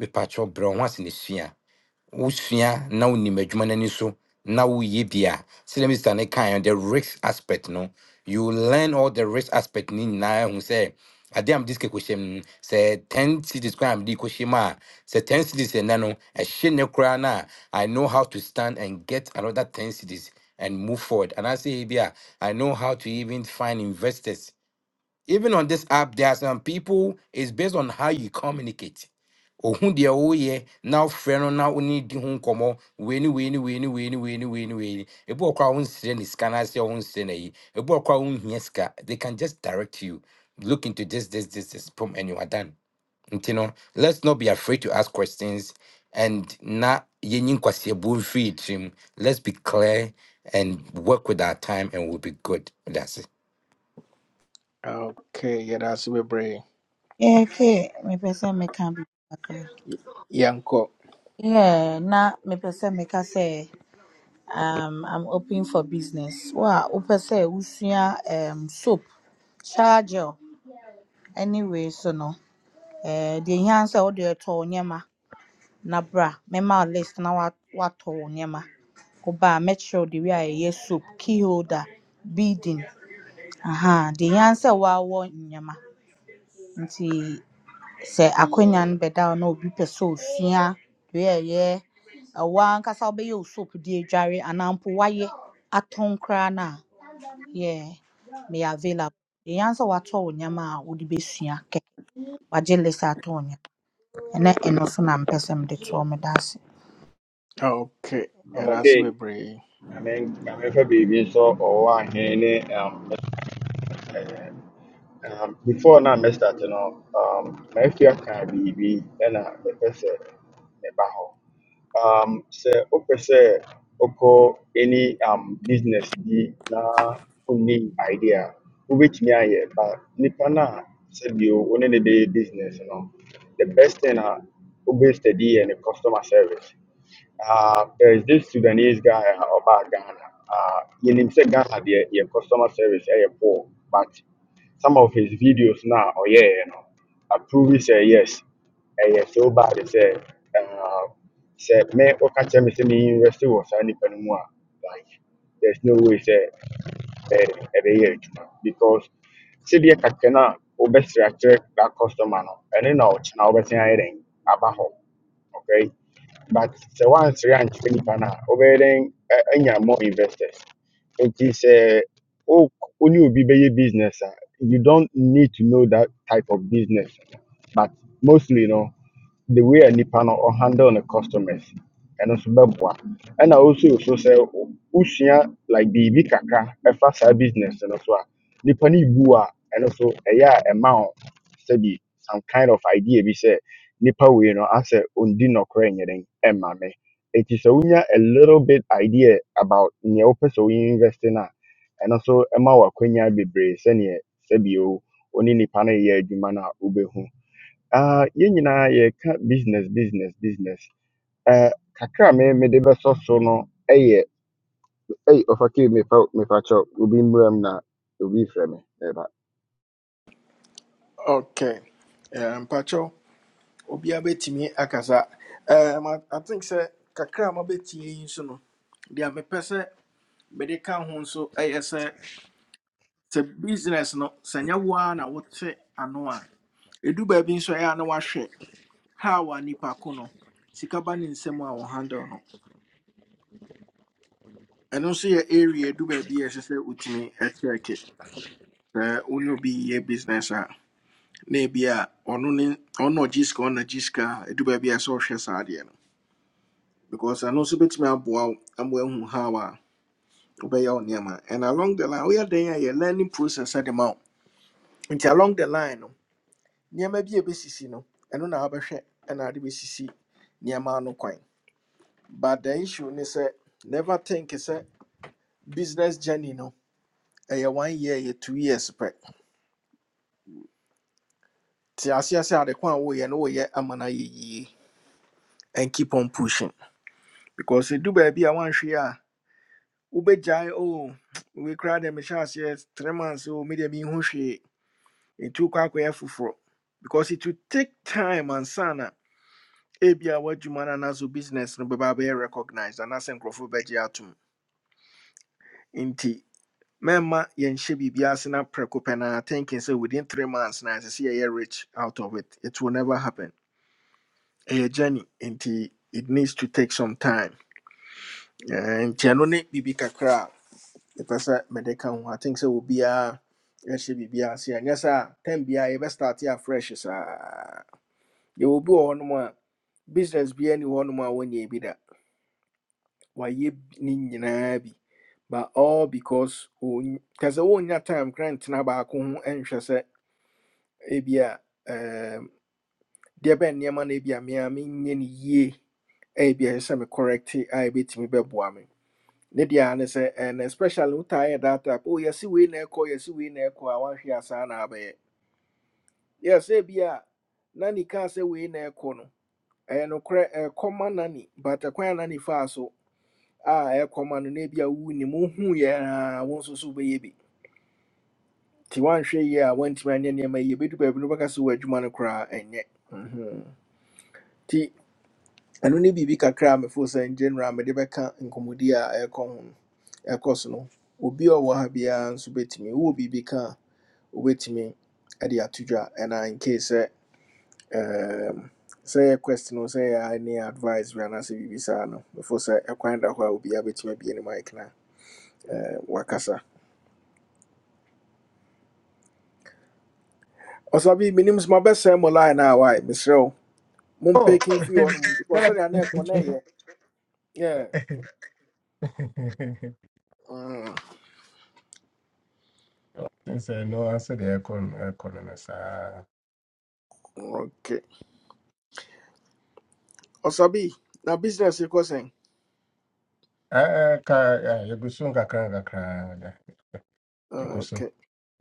mepakyɛw brɛ ho ase na sua wosua na wonim adwuma no so na woyɛ bi a sɛdeɛ mr ne kae no, the risk aspect no you learn all the risk aspect ni nyinaa hu sɛ ade am diske kɔhyɛ mu no, sɛ 10 cities koraa am di mu a sɛ 10 cities ɛnɛ no ɛhye ne koraa na. I know how to stand and get another 10 cities and move forward and i say bi a i know how to even find investors even on this app, there are some people, it's based on how you communicate. Ohun deɛ woyɛ na wofrɛ no na wone ne di ho nkɔmmɔ wei ne wei ne wei ne wei ne wei ne wei ne wei ne ebi wɔ kora wonsrɛ ne sika no ase wonsrɛ no ebi wɔ kora wonhia sika they can just direct you look into this this this this Boom, and you are done nti no let's not be afraid to ask questions and na yɛnyi nkwasiabuo mfiri yɛ tirim let's be clear and work with our time and we'll be good that's it Okay, yeah, that's bebree. yɛhwɛ mepɛ sɛ meka biribi kakra Yɛnkɔ. yeah, na mepɛ sɛ meka sɛ um, i'm open for business Wow, a wopɛ sɛ wosua um, soap chargel anyway so no eh, deɛ hia all the wode ɛtɔ wo nneɛma na bra mɛma wo list na wa- woatɔ wo nneɛma woba make sure the way I yɛyɛ soap key holder beading aha de yɛn sɛ wɔawɔ nneɛma nti sɛ akonnwa no bɛda wo na obi pɛ sɛ osua deɛ ɛyɛ ɛwɔ ankasa wobɛyɛ wo soap de adware anaa mpo woayɛ atɔn koraa na. yeah, Me available de yɛn sɛ woatɔ wo nneɛma a wode bɛsua kɛ wagye list atɔ wo nneɛma ɛnɛ ɛno so na mpɛ sɛ mede toɔ meda ase Okay, yeah, that's Okay, bebree. I mean, I'm nso a ɔwɔ ahene ne um, ɛɛ, um, um, before now, mɛ start you know, um, maafi aka be ɛna mɛpɛ sɛ mɛba hɔ. Um, sɛ wopɛ sɛ wokɔ any um, business be na wonni idea a, me ayɛ but nnipa no a sɛbio wo ne no bɛyɛ business no the best thing a wobɛstudy yɛ ne customer service uh, there is this Sudanese guy uh, about Ghana. Uh, in himself, Ghana, the, the customer service, eh, poor. But some of his videos now, oh yeah, you know, approve say yes. Eh, yeah, so bad. They say, uh, say, me, okay, tell me, say me university was any anymore. Like, there's no way, say, eh, eh, because see the no a wobɛsrɛ akyerɛ that customer no ɛno na ɔkyena wobɛsen ayɛ dɛn aba hɔ but sɛ woansere ankyerɛ nnipa no a any more investors nti sɛ wo wo ne obi bɛyɛ business a you don't need to know that type of business but mostly no the way a nipa no or handle the customers and also bɛboa And also so say, wo- wosua like biribi kakra ɛfa saa business no so a nipa no bu a ɛno so ɛyɛ a ɛma wo sɛbi some kind of idea bi say nipa wei no asɛ ɔndi nɔkorɛ nyɛ den ɛma me It is sɛ wonya a little bit idea about nea wopɛ sɛ woyɛ invest in a ɛno wa ɛma wo akwanya bebree sɛneɛ sɛbi o wo ne nipa no yɛ adwuma na a Ah, yɛn nyinaa yɛreka business business business Eh, kakra a me mede bɛsɔ so no yɛ ei ɔfa kei mefa mefa kyɛw obi mmram na obi frɛ me Okay. Eh, Mpakyɛw, obiara bɛtumi akasa. Um, I I think sɛ kakra a mabɛtie yi nso no, deɛ mepɛ sɛ mede ka ho nso ɛyɛ sɛ, sɛ business no, sɛ nyɛ wo ara na wote ano a, ɛdu baabi nso ɛyɛ a na wahwɛ how a nipa ko no sika ba ne nsɛm a wɔhandle no ɛno nso yɛ area ɛdu baabi a ɛsɛ sɛ wotumi ɛkyɛɛke sɛ wone obi yɛ business a na ebi a ɔno ne ɔno ɔgye sika ɔno agye sika a ɛdu a ɛsɛ sɛ ɔhwɛ saa adeɛ no because ɛno nso bɛtumi aboa wo ama ahu how a wobɛyɛ wo nneɛma and along the line woyɛ dan a yɛ learning process At the wo nti along the line no nneɛma bi a ɛbɛsisi no ɛno na wabɛhwɛ ɛna ade bɛsisi nneɛma ano kwan But the issue is say never think it's a business journey no. Ɛyɛ one year, ɛyɛ two years pɛ. Te aseɛ sɛ ade ko a woyɛ no woyɛ ama no ye yie and keep on pushing. Because you do ɛdu baabi a woanhwee a wobɛgyae oh We koraa deɛ chance yes, three months o medeɛ menhu hwee ɛtu kɔ akɔyɛ foforɔ. Because it will take time and ansa na ebia w'adwuma no anaasɛ wo business no bɛba be recognized and anaasɛ nkurɔfoɔ bɛgye atom. Nti mɛmma yɛnhyɛ biribiara ase na prɛko pɛ naa thinking sɛ within three months na ɛsɛ a year rich out of it it will never happen a journey nti it needs to take some time Eh, nti ɛno ne biribi kakra If I say mede ka ho i think say will be a sɛ obiara yɛhyɛ biribiara ase ɛnyɛ sɛ a tam biara yɛbɛstarte afresh saa you will be hɔnom a business biara one hɔnom a wɔnyɛ bi da wayɛ bi- ne nyinaa bi but all because kasɛ wonya time grant ntena baako ho nhwɛ sɛ ebi a um, deɛ ɛbɛn nneɛma no ebi a mea menyɛ no yie a ebi a ɛsɛ sɛ me correct a ebɛtumi bɛboa me ne deɛ a ne sɛ and especially wo taa yɛ data app oh yɛsi wei na ɛkɔ yɛsi wei na ɛkɔ a wanhwɛ asaa na abɛyɛ yɛsɛ ebi a na ne kaa sɛ wei na ɛkɔ no ɛyɛ nokorɛ ɛkɔ ma nani but ɛkwan a nani faa so a ɛkɔ ma no na ebi a wu ne mu hu yɛ a wo nso so wobɛyɛ bi nti wanhwɛ yie a wantumi anyɛ nneɛma yie bɛdu baabi no wobɛka sɛ wɔ adwuma no koraa ɛnyɛ Mhm. nti ɛno ne biribi kakra a mefo sɛ in general mede bɛka nkɔmmɔdi a ɛkɔ ho ɛkɔ so no obi a ɔwɔ ha biara nso bɛtumi wowɔ biribi ka a wobɛtumi de ato dwa ɛna nkei sɛ ɛɛm, sɛ yɛ question o sɛ yɛ a ne advice bi anaasɛ biribi saa no mefo sɛ ɛkwan da hɔ a obiaa bɛtumi abie ne mic na ɛɛ, wakasa ɔsabi menim so mabɛsɛe mo line a wae mesrɛ wo Oh, mompɛkin fii hɔ nom because that. sɛdeɛ na ɛkɔ na ɛyɛ Yeah. Mm, Since I know I said, the aircon, aircon, and I okay ɔsabi na business yi sɛn Ah, ah, yeah, you go soon, kakra, kakra, yeah, you go soon. Okay.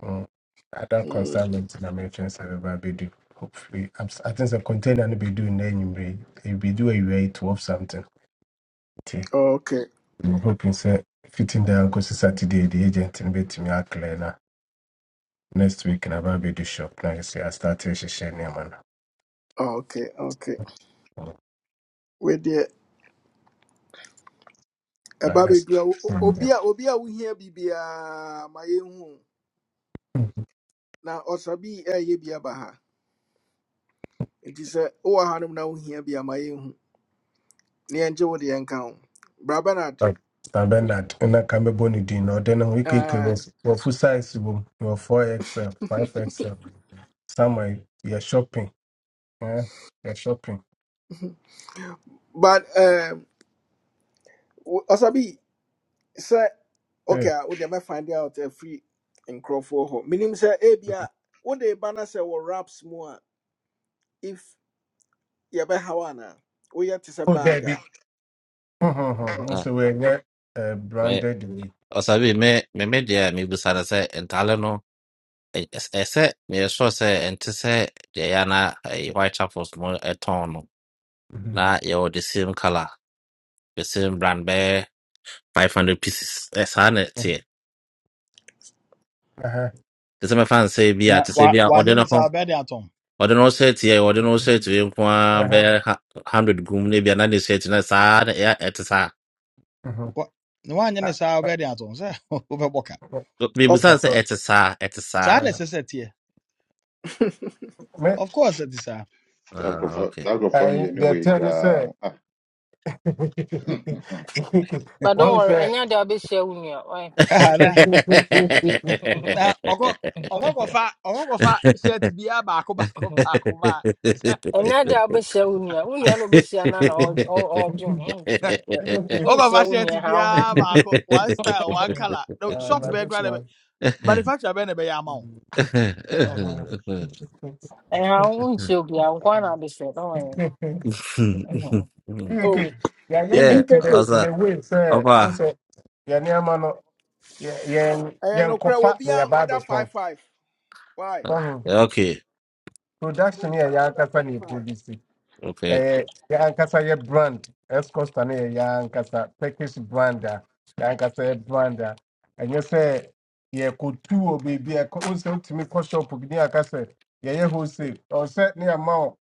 Mm. I don't Mm, concern me to the merchant server, but do. Hopefully, I'm, s- I think the container will be doing then you may you be doing you 12 something. Okay. Okay. I'm hoping, sir, fitting the uncle Saturday, the agent and bit me a clear now. Next week na ba be the shop na say I start to share name man. Okay. Okay. Where the Ba about be next. do Sunday. obia obia we hear bibia my hu na osabi e ye bia ba ha. It is a o ha no na we hear bia my hu. Ne enje wo de enka ho. Bra Bernard. Oh, Stan Bernard na ka me boni din no den ho ikeke Uh, was for full size bo your 4XL, 5XL. Somewhere you're shopping. Yeah. You're shopping. but um osabi say Hey. okay, we dey may find out a free in Crawford Minim say Abia. bia wo de ba na say wo raps mu if ye be hawana. We yet is a Oh, there bagger. be. Mhm. mhm. Ah, So we get uh, me- branded we. o sea, vi, me, me me dia mi busara sɛ ntaale no ɛ- ɛs- ɛsɛ yɛsɔ sɛ ɛnte sɛ deɛ yɛ na ɛyɛ white chapels no ɛtɔn no Mhm. na yɛwɔ the same color the same brand bɛyɛ five hundred pieces ɛ saa na The. Same. Uh-huh. sɛ mɛfa nsɛ bi a Na te sɛ wa bi a wa ɔde ne nyene ho sa obedi atom. ɔde ne ho shirt yɛ ɔde ne ho shirt yɛ nko Uh-huh. hundred gum ne bi a na ne shirt no saa na ɛyɛ ɛte saa Mhm. Wa Na wa nyene Ah, sa obedi atom say obeboka. mi busara but sɛ ɛte saa Sa na uh, sese tie. me Ofta. That'll go Ah, for okay. that'll go for me I they anyway. tell me say Kra. but don't what was worry that? ɛnyɛ ade a share unia. nua ɔyɛ- Ah na na ogo ɛnyɛ ade ogo go fa ogo go fa shirt bia baako baako baako ba. ko ba. a unia. wo nua wo nua na wobɛhyia no be share na ɔdwe ɔ- ɔdwe ho wonhyia Ogo wonhyia fa wo nua shirt ha wo ho bia baako one style one color. No Uh, shop not be this grade one. ɛha wo wonhyia obiaa nkoa na wobɛhyia don't worry Mhm. Oh, Okay, yeah, I- you E- yeah, need to the EKK. in also, the way, sir. aber Also, yeah, near man, yeah, yeah, I yeah, no cry. Will coffee, be an yeah, bad order as five well. five. Why? yeah, okay, Will Production be here, an yeah, order company five five. produce. okay. Eh, yɛ ankasa yɛ brand ɛscosta no yɛ yɛ ankasa turkish brand a yɛ ankasa yɛ brand a ɛnyɛ sɛ yɛkɔtu wɔ baabi a e wohu Unse wotumi kɔ shop bi ne aka sɛ yɛyɛ wholesale ɔwɔ sɛ ne ama wo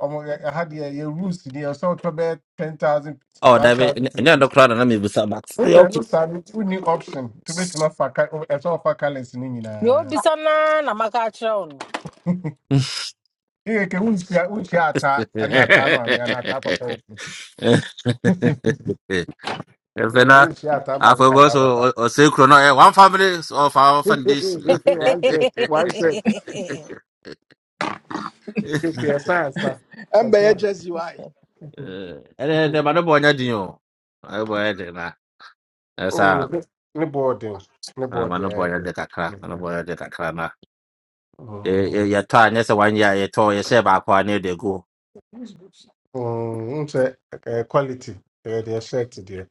ɔmo yɛ- ɛha rules ni ɛwɔ sɛ wotɔ bɛyɛ 10000 pieces, Unse Oh, da bin ich, ne, da pieces klar, dann bin ich Max. Yeah, wosɛ okay. no saa no wonni option to bɛtumi afa ka- ɛsɛ ɔfa colours no deɛ nyinaa obisa naa na na maka akyerɛ wo no yɛkɛ wonhyia wonhyia ataa ne ataa maame anaa ataa papa Eh, who Evena, is that? I'm not that Afobos, papa. or or Silkro, no, eh, one family of our foundation. One set, one set. Okay, yes, sir, yes, sir. And That's by not. just why? And then the Manaboya Dino. I wear it na. That's Oh, how no boarding, no body. eh, Manaboya de Cacra, eh. Manaboya de Cacrana. Oh, Your time, yes, one year, your toy, your share back one year they go. oh, um, say eh, quality. Eh, they shirt there.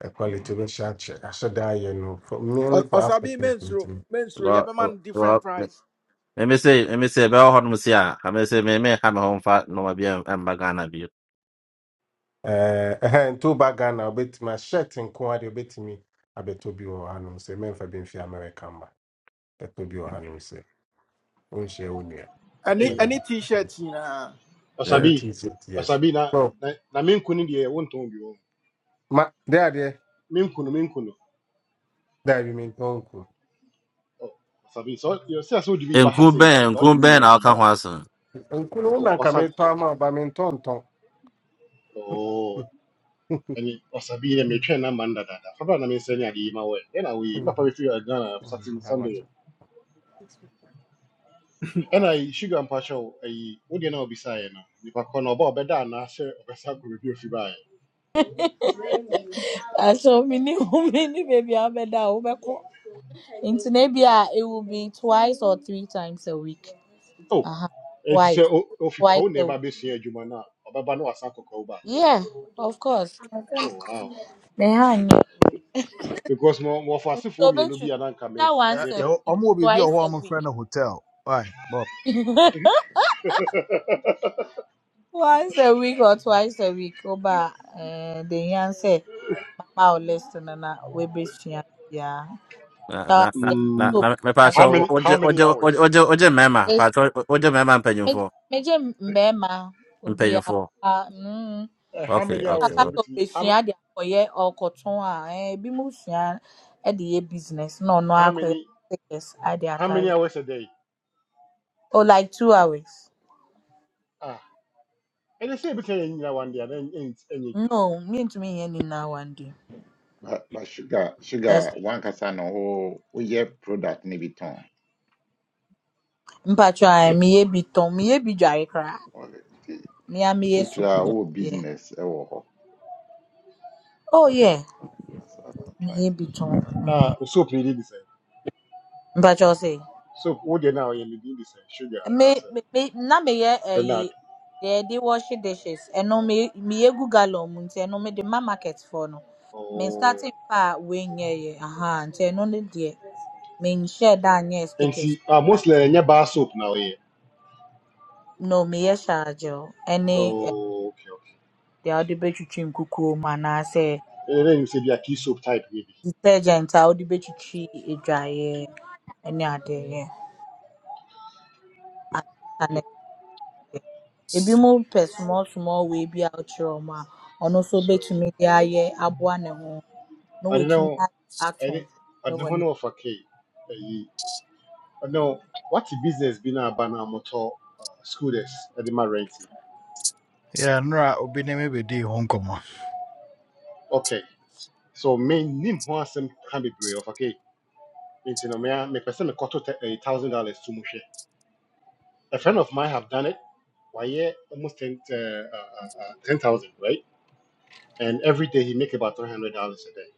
A quality we shirt. Shirt. I should die, you know, for Or mainly for or sabi African menstru people. menstru. You have Well, a man different well, price. let me say, let me say, Bell Hormusia, I may say, may may have a home fat, no, my beer and bagana view. Uh, and two bag and I'll bet my shirt and quality. I'll bet me. I bet to be or say, men for being American. but That will be or wonhyia wo nua Any Hey, sɛdeɛ any ɛbɛyɛ. t-shirt you know. ɛne Yeah. Asabi, tii sɛ yes Asabi, na no na na me nkunu deɛ wontɔn bi wɔ ma de adeɛ me nkunu me nkunu. da bi mentɔ nku Oh, Asabi, so yɛ sɛ sɛ wode bi ba And ha cool sɛ nti no Ben, ka wode cool ne Ben, nyinaa I'll bi come Ɛ, ba. once. nku no wo Oh, nanka Wasabi. metɔ ama ba mentɔntɔn Oh, ɛne Wasabi yɛ metwɛn na man dadaada. Fa bra na mensɛ ne ade yi ma wɔɛ. Ɛna wei, mapa bɛfiri Ghana Saturday Sunday. Ɛna sugar mpakyɛw, ayi, wodeɛ na wɔbisaeɛ no, nipa kɔ no ɔba a ɔbɛda anaa sɛ ɔbɛsa akɔ baabi a ofi baeɛ. So mini mini baby abeda a wobɛkɔ. Nti na ebia it will be twice or three times a week. Oh, Aha. ɛnti sɛ Twice. o- ofi kɔ Twice wo na a week. ɛba abɛsua adwuma no a, ɔbɛba na wasan akɔ kɔ oh, Yeah, of course. back. Behind because mo mo for asifo So mienu bi Beatrice, ananka that me once Uh, me a pe yo, week, I'm gonna be a twice a home week. friend of hotel. All right, Bob. Once a week or twice a week. Oba eh the yan say mama will listen and I we be sure." yeah. na So na yeah, na mm, so na na mepa how so many pastor how oje many oje hours oje oje oje mema is pa so oje mema me mpenyufo me mbema obi a mpenyufo ah, mm Eh, how okay many okay hours aka na ok. so be ebitumi how sua de akoye okoton a eh bi mu sua e de business no no I how akoye many tickets I de how many attire. hours a day Oh like 2 hours. ah and they say yɛ ne nyinaa one day ana ɛn- any ɛnyɛ No, me ntumi me ni na one day. But but sugar Yes. sugar one kasa no ho we woyɛ product ne bi Mpatwa meyɛ bi tɔn, meyɛ bi dware koraa. Okay. Nti Me a nti meyɛ soup wokyerɛ a dwa. wowɔ Yeah. business ɛwɔ Oh Okay. yeah, Alright. That's what I'm trying meyɛ to bi tɔn. figure out. Mm. ah soap ne di Mpatwa ɔse. So what they now deɛ na ɔyɛ sugar Me anaasɛ me me- na meyɛ ɛyi bernard deɛ yɛde wash dishes. Ɛno me meyɛ gu gallon mu nti ɛno mede ma market foɔ no. Me oh starting pa we nye ye. Aha, nti ɛno ne de. Me share da nye and stickers. see, ah mostly any bar soap now here. No, meyɛ hyɛ agyew ɛne the oh okay okay deɛ wɔde bɛtwitwi nkukuo mu anaasɛ ɛnɛ dɛ nim sɛ bi a key soap type yɛ bi detergent a wode bɛtwitwi adwaeɛ ne adeɛ anaa nɛteɛ. Ebinom pɛ small small wei bi a wokyerɛ wɔn a ɔno nso so bɛtumi de ayɛ aboa ne ho na ɔde ne ho watumi a- ato ɛne ɔde ne wɔ ho ne ne ɔfa kei no what's the business bi na aba motor motɔ uh, scooters de ma rent no Yeah, okay so me mennim ho asɛm ka bebree of okay nti no mea me person me tɛ- a thousand dollars to mu a friend of mine have done it wayɛ almost ten uh, uh, uh, ten thousand right and every day he make about three hundred dollars a day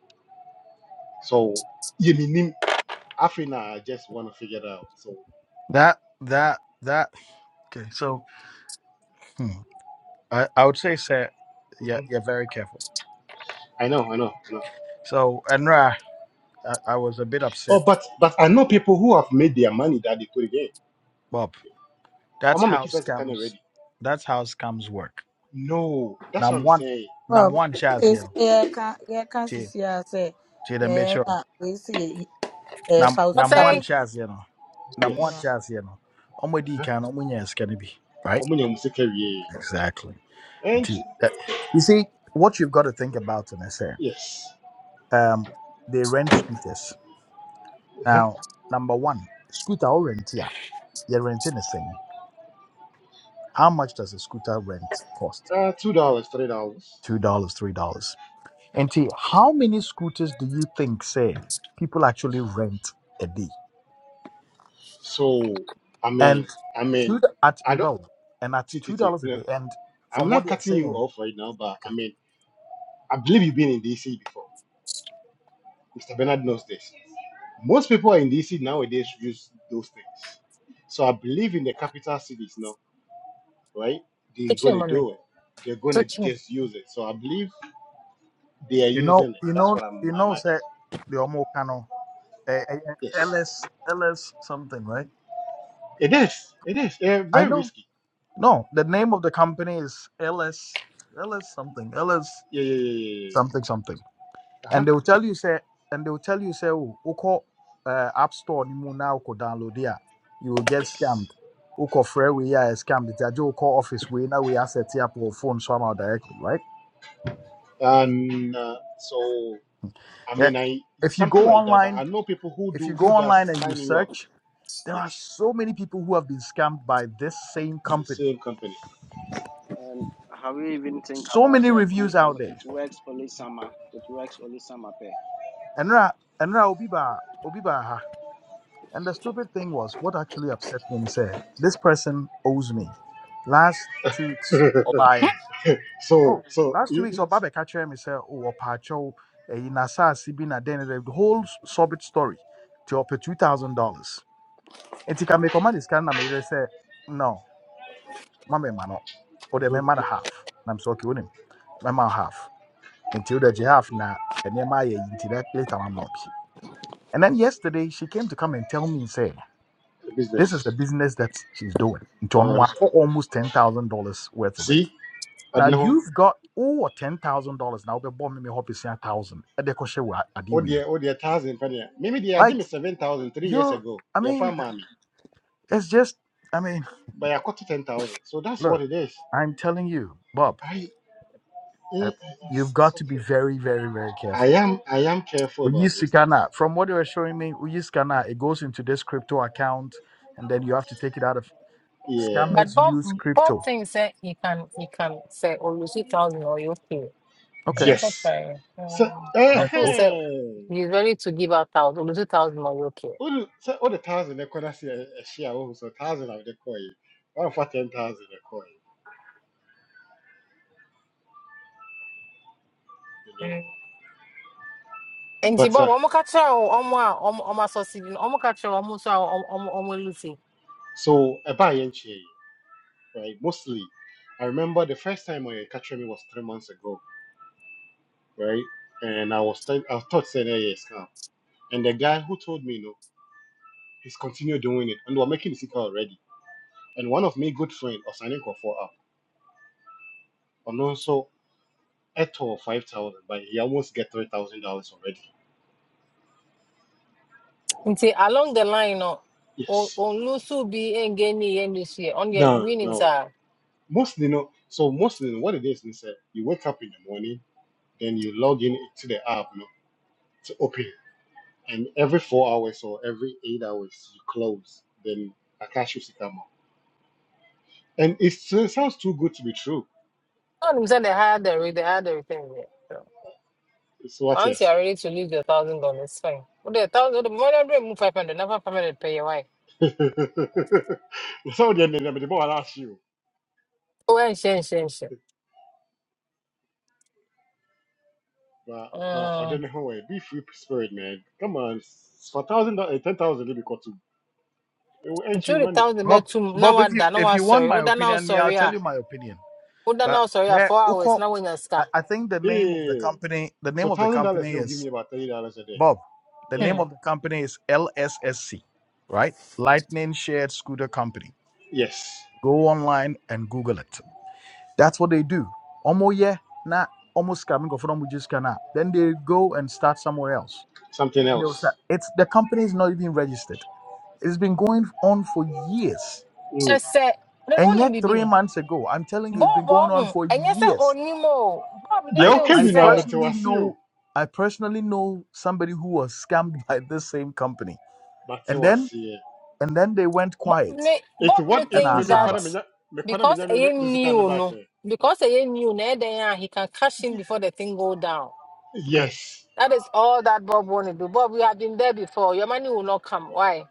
so yɛ menim afei na i just want to figure it out so that that that. Okay, so hmm, I I would say, sir, yeah, mhm. you're very careful. i know i know i know So, Enra, I, I was a bit oh upset, but but i know people who have made their money that they put again Bob. I'm That's not how making mekisa sika no scams. ready That's how scams work. No, that's what Nam I'm one, saying. nam Well, one chance, wei you sɛ know. yɛreka yɛreka To sisi a sɛ to the ɛɛ na mature. wei sɛ yɛyi Nam, ɛɛfa wo But nam sika one say, kɔhye- chance, you know. Num one Yes. yeah. chance, you know. Omo di Uh-huh. kan omo nya skani bi. How Right. many omo sika wie. Exactly. And And to, that, you see what you've got to think about, and I say. yes. Um, they rent scooters. Uh-huh. Now, number one, scooter or rent, yeah. You're renting a thing. How much does a scooter rent cost? Uh, two dollars, three dollars. Two dollars, three dollars. And T, how many scooters do you think say people actually rent a day? So I And mean, I mean, two d- at I don't. Mabel and at See, see, two see, dollars a no, day. And I'm from not cutting you home, off right now, but I okay. mean, I believe you've been in DC before. Mr. Bernard knows this. Most people in DC nowadays use those things. So I believe in the capital cities now, right? They're it's him, gonna mommy. do it. They're gonna It's him. just use it. So I believe they are you using know, it. you That's know, what you I'm. I'm know, say the you know, eh, Yes. LS LS thing, right? It is. It is. Yeah, I very know. risky. No, the name of the company is LS LS something. LS Yeah, yeah, yeah, yeah. yeah. something something. yeah. Uh-huh. and they will tell you say and they will tell you say oh oko uh, app store ni mu na oko download it you will get Yes. scammed oko free we are scammed it ajo oko office we now we asset up or phone somehow directly right And uh, so I yeah. mean I if you go something like that, but I in- know people who if you do go who does online and you sign you up. ch- there are Yes. so many people who have been scammed by this same The company same company. And have you even think so about many it? Only reviews uh, out there it works only summer. It works only summer. Pay. and ra and ra obi ba ha. and the stupid thing was what actually upset me is eh, this person owes me last two Hmm? So Oh, so last two you weeks, it's- Obaba catcher me say, oh, Opacho, in Asasi bin then the whole subject story to up to two thousand dollars. And he can make a man is kind of me say, no, mama mano, or the mhm, man half. And I'm so okay with him, mama half until the half na and then my into that later I'm not. And then yesterday she came to come and tell me say, this is business. the business that she's doing. Into Oh, I'm sorry. almost ten thousand dollars worth of it. See? I Now don't know. you've got oh ten thousand dollars now, but bomb me hope it's a thousand. And they question what I deal Oh with. dear, oh dear thousand penny. Maybe they are Like me seven thousand three years you ago. I Yeah, mean, fine, mommy. it's just I mean, But I got to ten thousand. So that's what look, it is. I'm telling you, Bob, I eh, uh, eh, you've it's, it's got to be okay. very, very, very I careful. am I am careful We about use those things. Sikana. From what you were showing me, we use Sikana, it goes into this crypto account and then you have to take it out of Yeah. But scammers Bob, use Bob crypto. thing say he can, he can say, oh, you see thousand or you okay. And Okay. then Yes. papa, So um, of That's course, both. say eh he's ready to give out thousand, or you see thousand or you okay. what do so what the thousand they could see a share oh so thousand of the coin. One for ten thousand a coin, you know. Mm. And she But Bob, uh, I'm catch her, I'm I'm I'm a sausage, I'm catch her, I'm so I'm I'm I'm Lucy. so a buy and share, right? Mostly I remember the first time I catch me was three months ago, right? And I was th- I thought saying hey, yes now. And the guy who told me no, he's continued doing it and we're making the sicker already. And one of my good friend, Osanin Kofo up. at all 5,000, but he almost get $3,000 already. nti along the line no Yes. ɔnlusu bi ɛngɛ ni yɛ ni so yɛ ɔno yɛ No, winim no. saa Mostly, no. so mostly what it is, is that you wake up in the morning, then you log in to the app you know, to open it. And every four hours or every eight hours, you close. Then Akash used to come up. And it's, it sounds too good to be true. ɔnim sɛ the higher the rate the higher the return yɛ So, It's what you're once you are saying. ready to lose the thousand dollars it's fine But the thousand wode more than move five hundred nafa five hundred pɛ yɛ wae so then, then, the more I'll ask you. wɔnhyɛ nhyɛ nhyɛ But, but, or Mm, then, oh, be free spirit, man. Come on. It's for thousand, dollars ten thousand, it'll be cut to. It will earn nti you the money. thousand bet Bob two. Now Bob, if what? you bɛtum if na you want Sorry. na my wasɔre now opinion, me, I'll sorry? Ah. tell you my opinion. a woda But now sorry? Ah. yeah, four hours Uko, Now na woanya I, scar. I Yeah, yeah, name of the yeah. yeah. company the So name of the thousand dollars company now is give me about thirty dollars a day. bob the Yeah. name Hmm. of the company is lssc right lightning shared scooter company Yes. go online and google it that's what they do almost yeah na. almost coming go from just cannot then they go and start somewhere else Something and else. they'll start it's the company is not even registered it's been going on for years kyɛ Mm. sɛ ne no and wonim yet three bibi months ago i'm telling you it's bɔɔbɔ been going ho on for ɛnyɛ sɛ years ɔnim o bob ne Yeah, I feel okay, I you know, I'm a sɛ personally metewasi know I personally know somebody who was scammed by this same company, but and then batewasi. and then they went Bob quiet me It's Bob me what and if I me think me saw that kwana that. minya me kwana because minya me a me musical ne knew back no eh? because a knew no eh, then ah, he can cash in Yeah. before the thing go down. Okay, Yes. That is all that Bob want to do. Bob, you have been there before. Your money will not come. Why?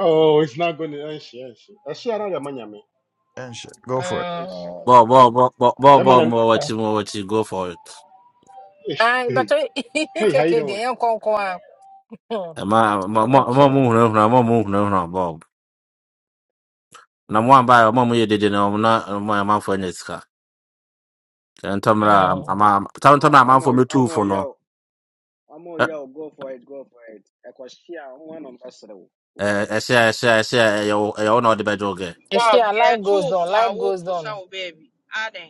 Oh, it's not going to enshi I see around the money, me. and shit, go for it. Enshi. Mm, bo bo bo bo bo Be bo man mo okay. wachi mo wachi go for it yes. I but eh, Hey, how you KK, doing? they ain't come, come out. Hmm, Eh, ma mo mo mo okay. mo hunu hunu mo mo hunu hunu bo na mo amba mo mo yedede na mo na mo ama fo ne sika ntomra Mm. ama Oh, ntomra ama I'm fo all, metu I'm all fo no yo, I'm all eh yo. Go for it, go for it. I was here. One of us. eh But ehia ehia ehia yo e yo no de bedoge If she Bob, yɛ life goes on, toofo a life goes wokusa on. wo baabi. Adan,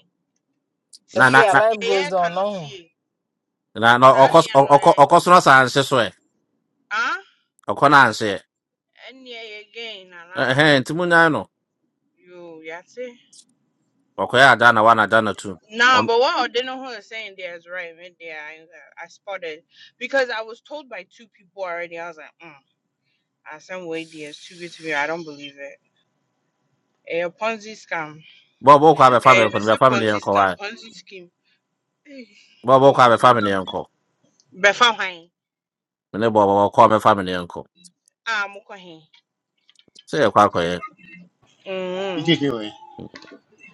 If na na she tie. life Deɛ goes on, yɛreka no no. tie. na na Saa Mm. okos deɛ no okos ɛyɛ. okos no san se so e Ah, okona an se ɛnneɛ yɛ gain eh nana. eh ntimunya Yo, yate. Okoya Adana one Adana two. Nah, On but what Odino Ho is saying there is right. Me there, I, I spotted because I was told by two people already. I was like, mm, I some way there's too good to be. I don't believe it. Eh, A Ponzi scam. Bobo kwa be family Eh, they upon be family Ponzi uncle scam, why. Ponzi scheme. Bobo kwa be family uncle. Befa hwan? Mene Bobo kwa be family uncle. Ah, mokɔ he? Say kwa kwa ye. You Mm. take it away.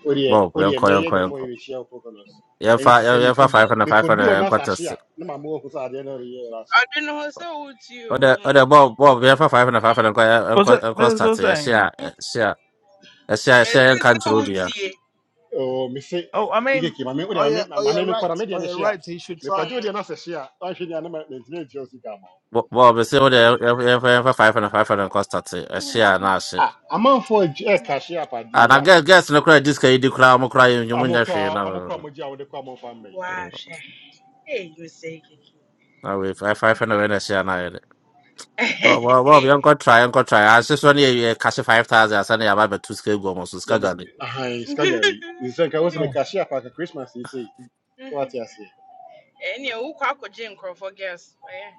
Odie Bob odie uncle me uncle before uncle. you share opokonos. Ye And fa she say me ye fa could five hundred me five could draw hundred na uncle test. sashia. Na mamu ko sa ade na ye Odino Ho to you. Ode Hmm. ode Bob Bob ye fa five hundred five hundred uncle What's uncle that? uncle That's what start I'm ye saying. share share a share share Mesi uncle sɛ through dia. wotie. o mi se Oh, I ike mean, ki mame udia oh mame yeah, oh yeah, mame mi kora right, me dia oh ne yeah, hia right. He should me try kwaje Mm, it. udia na se hia wan hwe dia na me ntine ntio sika ma Bob say mm. ode ye fa ye fa five hundred five hundred uncle start ye share na she. ah amanfo e ka hia pa di And I ya guess guess no cry this guy di cry mo cry you munya she amukra amukra na. mo gia wo de kwa mo fa mai Wahwɛ. Ee, yose keke. Na we I five hundred na share na. Well, well, well, we got try, we got try. I just only you cash five thousand. I send you buy two scale go almost ya scale bet gun. ahan skagari nsen ka wo se me Mm. ka hia pa ka christmas yi sei so what ya say Ɛnni wokɔ akɔgye nkorɔfo girls. Ɔyɛ.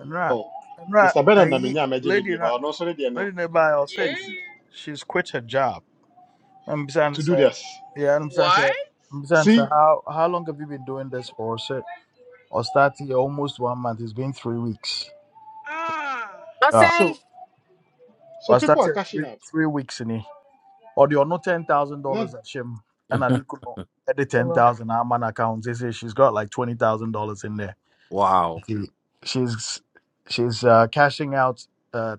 And right, oh and right. mr bernard na And me he, nya me gene lady, dia not ba no so ne dia no lady nearby, I'll say, nsi Yeah. she's quit her job. I'm saying, to do sir, this yeah, I'm saying, What? sir, I'm saying, see sir, how how long have you been doing this for, sir? Ostati almost one month. It's been three weeks. Ah. I Yeah. so so people are Ostati cashing three out three weeks in here. Or the no ten thousand not dollars at Shim and I Nikuno editing say there. Wow. She- She's she's out uh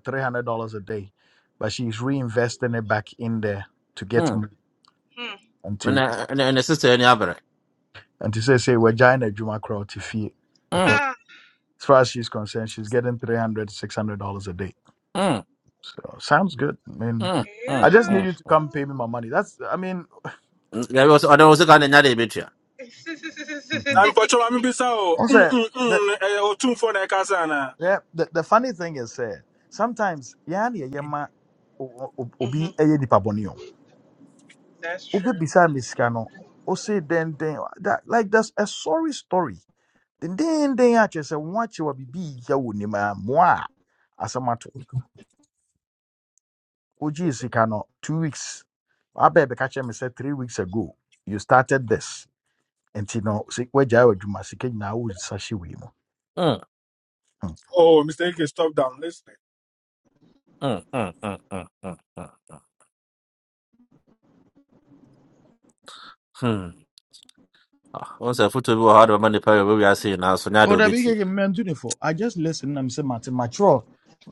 day, but she's there to get Mm. me Hmm. and And to and and sister any other. and to see Mm. because Ah. as far as she's getting day. Mm. So good. I mean Mm. I Mm. just Yeah. need Mm. you to mm. come pay me my money. That's I mean There was there was a gun in that area. I'm mhm. na mpɔtɔ maame bisa o mm also mm that mm ɛyɛ o tumfoɔ na ɛkasa na yeah the, the funny thing is uh, sometimes yeah yeah yeah ma o- o- hmm obi eh, nipa bɔne o. That's obi true. beside me scano. o say then then that like that's a sorry story then then then I just say watch you be ya wo ni ma moa asamato oji sika no 2 weeks abeg be catch me say 3 weeks ago you started this and you know say waja adwuma sika nyina wo sashi we mo Mm. Hmm. oh mr Ike, stop down Listen. Mm. Mm. Mm. Mm. Mm. mm, mm. Hmm. Ah, Once a foot to be hard money power we are seeing now, so now Oh, they'll that be big tea. again, man, do for. I just listen and I'm saying, Martin, mature.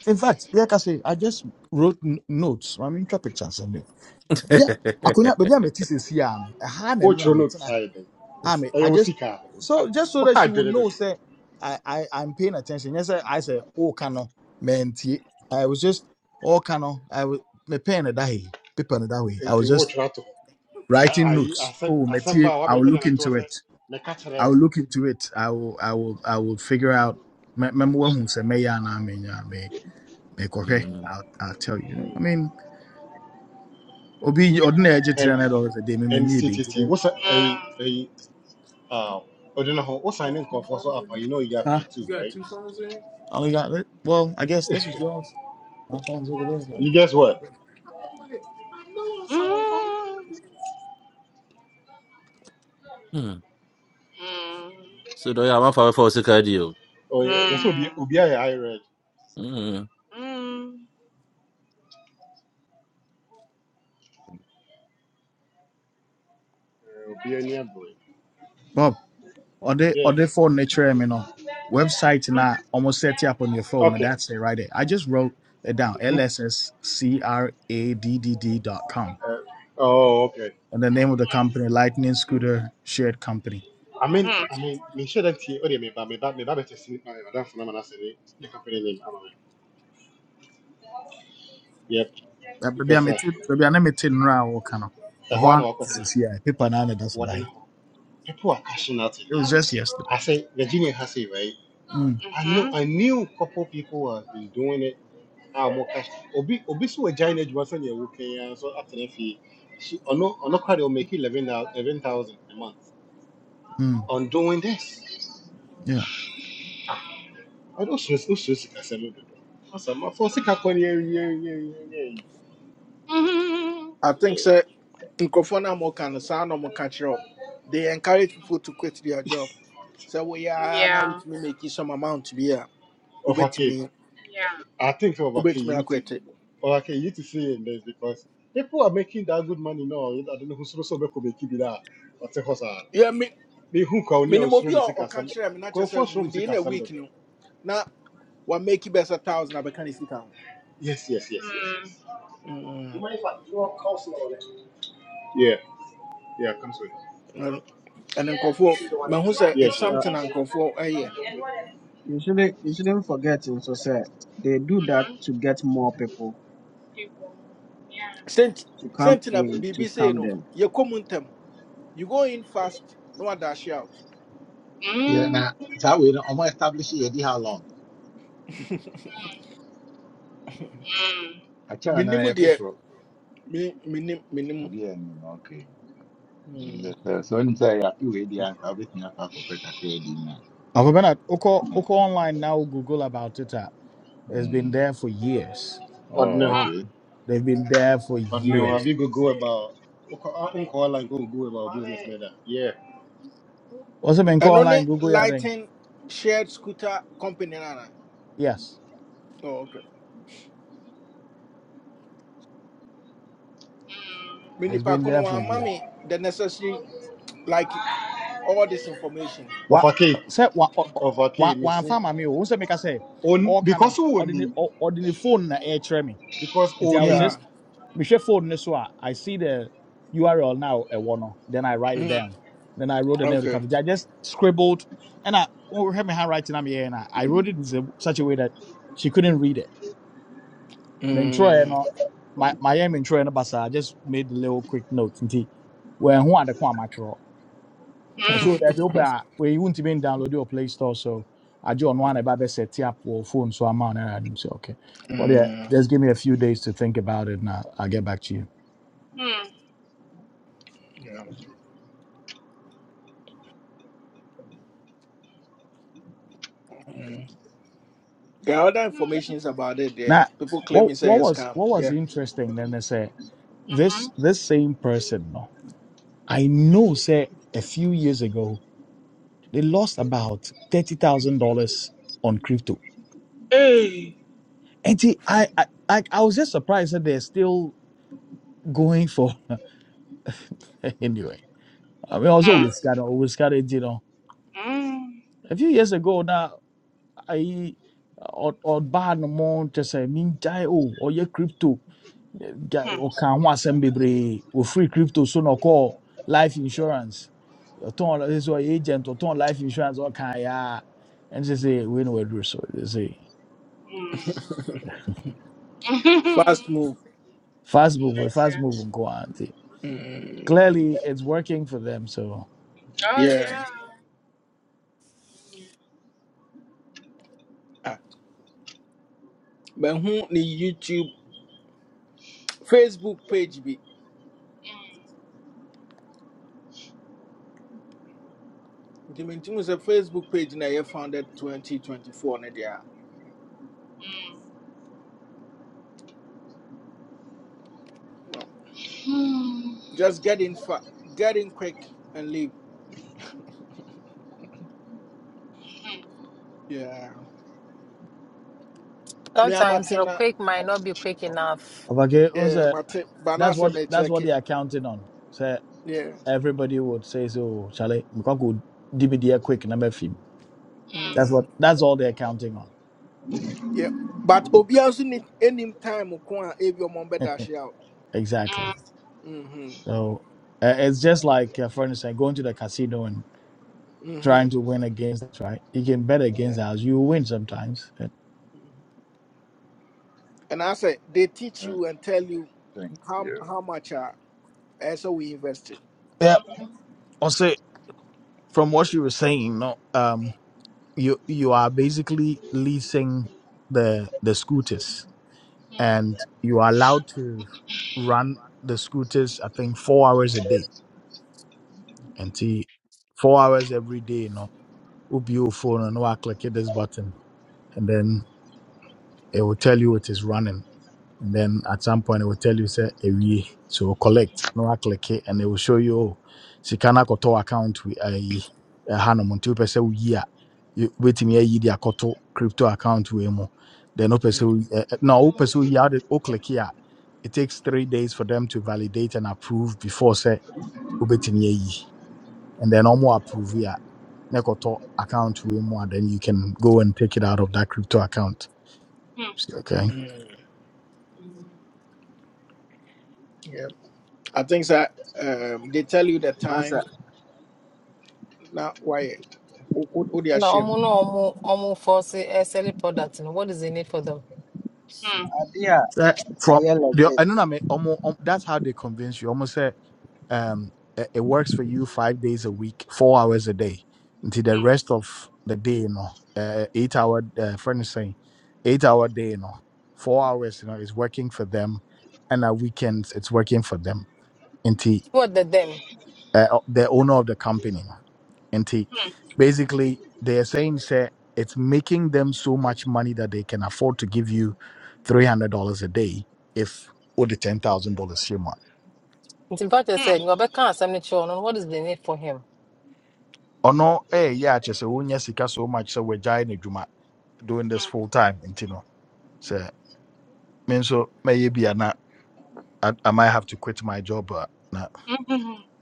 In fact, like I say, I just wrote n- notes. I mean, drop pictures and yeah. I could not be a metis here. A hand and ochro ram note it. side I mean, eh I wo just sika ah so just so wo that ha she would dere know, say I, I I'm paying attention. Yes, I, I said, oh, cano, man, tie." I was just oh, cano, I was me pen that way, paper in that way. I nti was just wɔretwerɛ ato hɔ na writing ayi notes. asɛm Oh, asɛm ba Matthew, a I wabɛ will wɔde look anatoɔ into sɛ it. mɛka kyerɛ I will o look into it. I will I will I will figure out. Remember when who said me and I mean me mean me okay. Mm. I'll I'll tell you. I Hmm. mean, obi ordinary three and hundred dollars a day. Me me and nyi ttt bi. wosa ɛyi Mm. ɛyi ah ɔde no ho wosan ne nkɔfoɔ so apa you know you get paid too You got right two phones in? I only got it. Well, I guess this was yours. My phone's over there. I Though. you guess what like, I know I saw a phone. Mm. Mm. Mm. So do you have one for a four second deal? oh yeah that's obi Mm. obi I read. Mm. Mm. obi ani boy. Bob, or they yeah or they phone they try me no website and I almost set you up on your phone. No, okay that's it right there. I just wrote it down. mm LSSCRADDD dot com. uh, oh okay And the name of the company, Lightning Scooter Shared Company. i mean Mm. i mean me sure that tie ɔde meba meba meba bɛtɛ si ma madam funa ma na sɛ ne the company name ama me yep That baby I because uh, met baby I met in Rao kind of. The ɛhɔ uh, a na one this wakɔtena is here. Paper and I that's what wɔde no I. ho people are cashing out in It was this just yesterday. I say Virginia Hussey, right? Mm, I knew Mm. I knew a couple people have been doing it. Ah, more cash. Obi Obi so Virginia Johnson yeah working yeah. So after that, she she on no on no credit will make eleven eleven thousand a month mm, on doing this. yeah. Ah, I don't stress no stress can send me the door. Awesome, my first sick I Mm. can yeah yeah yeah yeah yeah Mm-hmm. I think yeah. so. Nkofona mo can sound no more catch up. They encourage people to quit their job. So we are now Yeah, with me making some amount to be here. Of Ubet okay, me, yeah. I think for okay ubet me, you I need to quit it. of okay you need to see in this because people are making that good money now. I don't know who's also making it that. What's the horse? Yeah, mehu kwa oni a minimum ɔsoro bi ne or ɔka sikasɛm kyerɛ me na kyerɛ nkurɔfoɔ soro mu within a sikasɛm week dodo no Now, what make you best a thousand abɛka ne sika ho yes yes yes yes Mm-hmm. yes You Mm, mind if I do you want coleslaw on it? yeah yeah come so yeah ɛno- ɛno nkurɔfoɔ sure mahu sɛ it's something and Crawford, a nkurɔfoɔ ɛyɛ you shouldn't you shouldn't forget in so say they do that Mm-hmm. to get more people You will. Yeah. sent to come senti na in to biribi sei scam no them. yɛkɔ mu ntɛm you go in fast no na wadaahye out Yeah, Mm-hmm. now that way, I'm gonna establish it. how long? I na Minimum yɛ deɛ foforɔ. Minimum, minimum. menim Obi a anim na okay. Mm. Yes, sir. So nim sɛ yɛafe wei deɛ anka wobɛtumi akɔ akɔpɛ kakra bi na. Alpha Bernard, Oko, Oko Online now Google about it. ah. It's been Mm. there for years. Oh, ɔdene ho Mm-hmm. okay. They've been there for ɔdene ho years. abi gogo about nkɔɔ like go go about business leader yeah Also, been Oko ɛno ne Online Google Yadring. lighting shared scooter company Nana. Yes, oh, okay. me it's nipa been ko no there for wamma years. me the necessary like all this information What ɔfa kei say? What ɔfa kei what me what se farmer me? Who say make I say? on All kind because of who own ordinary, him ordinary phone na air me. because And I own was him. Yeah. just Michelle phone this one. I see the URL now a one. Then I write it Mm, down. Then I wrote the name of the okay. company. I just scribbled and I oh had my handwriting on am here and I, I wrote it in s- such a way that she couldn't read it. The intro you Mm, know, my my aim intro and basa I just made the little quick notes and tea. where who are the quamatro. So Mm-hmm. that the open uh, where you wouldn't even download your play store so I joined one about the set up or phone so I'm on and I say okay. Well yeah, mm, just give me a few days to think about it and I, I'll get back to you. yeah. Mm. There are other informations about it there. Now, People claim what it's a what was scam. what was Yeah. interesting then is say Mm-hmm. this this same person, no, I know say a few years ago they lost about thirty thousand dollars on crypto. Hey. And see, I, I I I was just surprised that they're still going for anyway. I mean, also with Scott, with Scott, you know, Mm-hmm. a few years ago now, I or or bad no more just say mean die oh or your crypto can ɔka ho asɛm bebree ofiri crypto so na call life insurance ɔtɔn ɔsɛ is ɔyɛ agent ɔtɔn life insurance ɔka yɛ a ɛne sɛ sɛ wei na waduru so they say Mm-hmm. Fast move. fast move eh, Listen. fast move nko ara nti Mm, clearly it's working for them so Oh, yeah. yeah. Mm-hmm. Ah. But who the YouTube Facebook page be? The maintenance a Facebook page now you founded 2024 na there. Mm-hmm. Just get in fa- get in quick and leave. Yeah. Me I'm at sometimes your na quick might not be quick enough. okay, unse. yeah, Mate, but now that's say what me that's check what it. they are counting on So Yeah. everybody would say so chale mekɔ akɔdi me deɛ quick na mafim that's Mm-hmm. what that's all they're counting on Yeah. But Obi also need any time Kwa Abio Mombedash out. exactly Mm-hmm. so uh, it's just like uh, for instance going to the casino and Mm-hmm. trying to win against us, right? You can bet Yeah. against us. You win sometimes. And- Mhm. And I say they teach Uh, you and tell you thank how you. how much uh eh, so we invested. Yeah, also from what you were saying, no, um, you you are basically leasing the the scooters, and you are allowed to run the scooters. I think four hours a day, and see, four hours every day. You know, will be your phone and no, I click this button, and then it will tell you it is running. And then at some point, it will tell you, say, a we. So collect, no, I click it, and it will show you, oh, Sikana Koto account, we a Hanomon, two percent year. You wait me a year, Koto crypto account, we mo. Then, no, person, no, person, yeah, oh, click here. It takes three days for them to validate and approve before, say, Ubetim ye. And then, no more approve, yeah. Nekoto account, we more, then you can go and take it out of that crypto account. Okay. Mm. Yeah. I think that um they tell you the Master time, now why what they are And omu shame. no omu omu force eh, selling products. No, what is the need for them? idea that I from hear the legit. I don't know I mean, almost, that's how they convince you. Almost say um it, it works for you five days a week, four hours a day, until the rest of the day, you know, uh, eight hour uh, friend is saying, eight hour day, you know, four hours, you know, is working for them, and at weekends it's working for them What the them? uh, the owner of the company nti basically they are saying say it's making them so much money that they can afford to give you $300 a day if wode $10,000 hyɛ mu a It's In fact, I said, you better can't send the children. What is the need for him? ɔno ɛyɛ akyɛ sɛ wonya sika so much sɛ wagyae no adwuma doing this full time nti no sɛ me nso mɛyɛ bi a na I, I might have to quit my job a na Mm-hmm.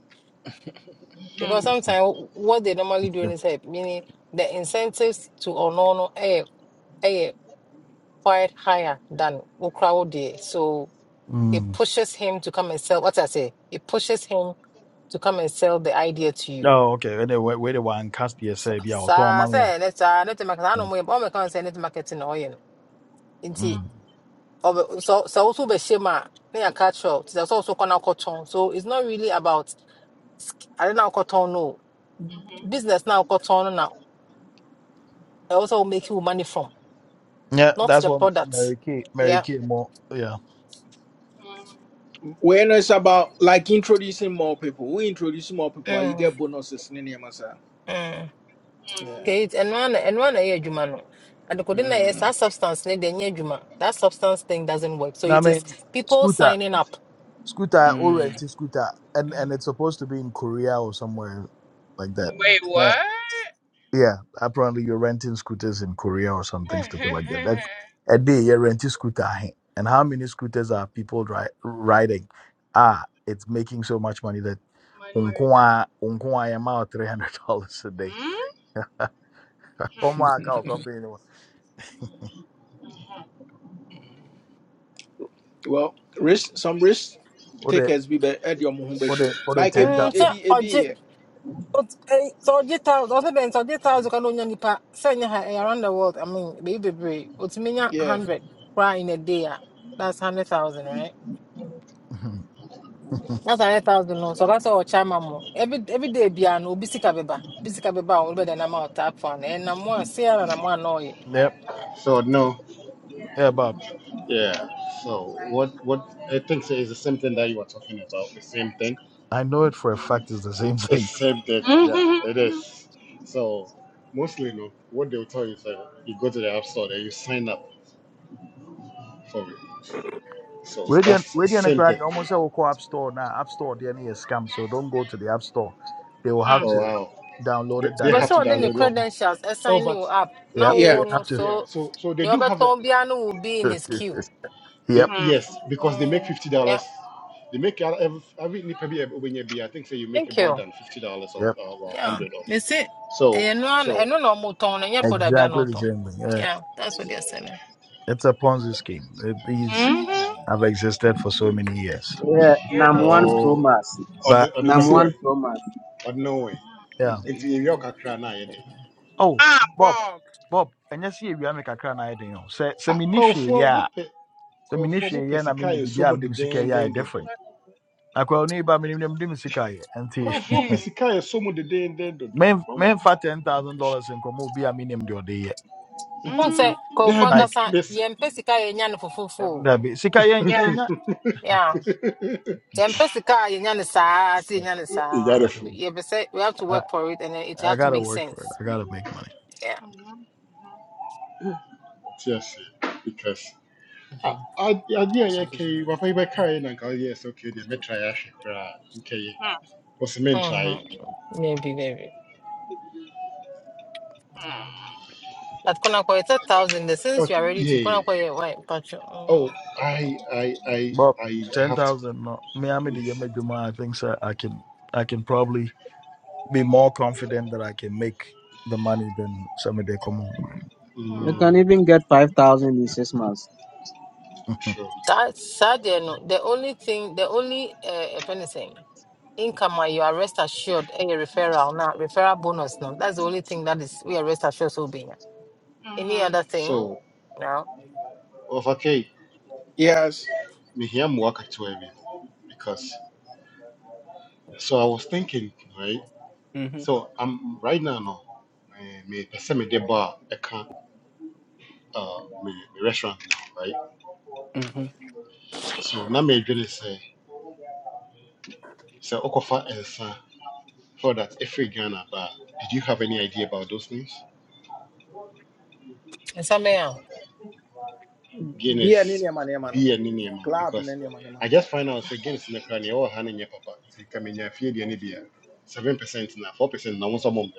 Because sometimes what they normally do is help, meaning the incentives to onono eh eh quite higher than crowd there. So it Mm. pushes him to come and sell. What I say, it pushes him to come and sell the idea to you. Oh, okay. Where they where they were cast cast So, say be our say, Tom let's Mamia. say, let's uh, let the market. I know more. I'm not saying let's marketing. oil. nti ɔbɛ sɛ sɛ woso bɛhyɛ mu a na yɛaka kyerɛ wo, nti sɛ woso kɔ so it's not really about ade na wokɔtɔn no business now wokɔtɔn no na Also sɛ make you money from Yeah, not that's the what product Mary Kay, Mary yeah Kay more. Yeah. Mm-hmm. When it's about like introducing more people, we introduce more people, ah, you mm, get bonuses in the mm. Mm. Yeah. okay And one and one ara na ɛyɛ And the adekode na ɛyɛ Mm. substance no deɛ ɛnyɛ adwuma that substance thing doesn't work so No, I it is mean, people scooter, signing up scooter, I all Mm. rented scooter, and Mm, and it's supposed to be in Korea or somewhere like that. mm. Wait, Uh, what? yeah, apparently you're renting scooters in Korea or something stupid like that. That's a day you're renting scooter, eh? and how many scooters are people dri- riding? Ah, it's making so much money that Money or unkwa unkwa yamao three hundred dollars a day. mm? Homework our company, Well, risk some risk what takers be be- at your home bashim. Like a ten Mm, be a be a be But eh, so ɔgye thousand ɔsɛ bɛn sɛ ɔgye thousand kan onya nipa sɛ ɛnyɛ around the world I mean baby, bebree otumi nya yeah. hundred koraa in a day a that's hundred thousand right thousand. that's hundred thousand no so that's sɛ ɔkyɛ ama mo every every day biara no obi sika bɛba obi will be the number of tap phone, and no ɛnam a se ara nam a na ɔyɛ so no Yeah, Bob. yeah so what what i think so is the same thing that you were talking about the same thing I know it for a fact it's the same It's thing. same thing. Yeah, Mm-hmm. it is. Mm-hmm. So mostly, no, what they'll tell you is that you go to the app store and you sign up for it. So Radiant that's the Radiant same thing. Equality almost said we'll call App Store now. App Store they any a is scam, so don't go to the App Store. They will have Oh to wow, download they, it they bɛ have directly to sɛ from ɔde ne your download it. phone. credentials Oh, ɛsan you but up now. na Yep. yeah, Yeah. They wo no have yeah. so So so they nea do have a ɔbɛtɔn biara no will be to in his queue they, Yep. yes because they make mm, fifty dollars. yeah They make out every every nipa bi a wobɛnya bi, I think say you make thank more you. than fifty dollars or Yep. or Yeah, hundred or they say, so eh, no, one- eh, so no, no, more tone, and yeah, put a Exactly no the tone. same thing. Yeah. Yeah, that's what they're selling. It's a Ponzi scheme. It, these Mm-hmm. have existed for so many years. Yeah, Yeah. number one pro oh mass. I But don't you Number know see, one way pro mass. I don't know way yeah. Is the is into your kakra na yɛ de. Oh, Ah, Bob. Bob. Bob, and you see we are making a crown idea. Say say Ah, me nishi yeah. kwafo, So me Nkurɔfoɔ nishi mopɛ yeah na me sika ni a ɛsɔ bibi a mu me music In yeah dedeenden this dodo. different. akwa oni ba minim dem dem sika yɛ nti Nkurɔfoɔ economy. pɛ Mm-hmm. sika a ɛsɔ mu dedeenden dodo. men Wɔn- men fa ten thousand dollars nkɔmɔ bi a minim de ɔde yɛ Who Mm. say, go for Daabi, like Ankasa, mese. yem pesica, yan for fufu. dabi sika yɛn Yeah. yɛn nya Yeah, yem Yeah. pesica, yan sa, see yan sa. Ɛyarefo, Yeah, but say, we have to I, work for it and then it I have to gotta make work for it sense. I gotta make money Yeah. Mm-hmm. te ase. Because ah, Mhm. ade ade a some yɛka yi, business. papa yi bɛkaeɛ na nka ɔyɛ sɛ okay deɛ mɛtrae ahwɛ koraa. Nkɛyɛ. Mm-hmm. Wɔsi mentrae. Mm-hmm. Maybe, maybe. At Konako, it's a thousand. The sense Oh you are ready to yeah. Konako, why? But you, mm, Oh, okay. I, I, I, but I ten have to. thousand no me ame de yɛ Yes. m'adwuma I think so I can I can probably be more confident that I can make the money than some of the common You can Mm, even get five thousand in six months. true. That sad, you know. The only thing, the only uh, if anything, income where you are rest assured, a referral now, referral bonus no. That's the only thing that is we are rest assured so being. Any Hmm. other thing? So, No. ɔfakɛyi, Yes. mehia mmoa ketewa bi. because So I was thinking, right? Mm-hmm. So I'm right now no my me pese me de bar I can uh me, me restaurant now, right? Mm-hmm. So now my journey say say okofa ensa for that every Ghana bar. Did you have any idea about those things? And some yeah, Be an Guinness Indian man, yeah, man. beer ni ni man Club an because Indian man, yeah, I man. just find out say Guinness in the crown all hand in your papa. Ti kamenya fie de ni beer. 7% now, 4% na won some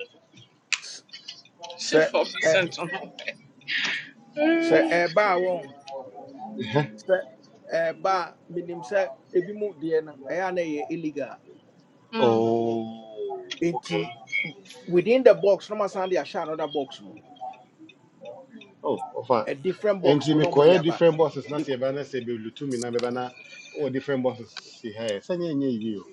Sit Say, for say, percent on. say, Mm. eh, bow. sɛ ɛɛba a menim sɛ ebi mu deɛ no ɛyɛ na ɛyɛ illegal Mm. Oh, okay. nti within the box no masan de ahyɛ another box mu Oh, oh, fine. a different And ɔfa. box mu Enti na ɔmo de mekɔyɛ aba different bosses na Bec- sɛ yɛbɛa na sɛ bɛlutu me na bɛba na ɔwɔ different bosses si ha ɛ. Sɛnyɛ nyɛ yie o.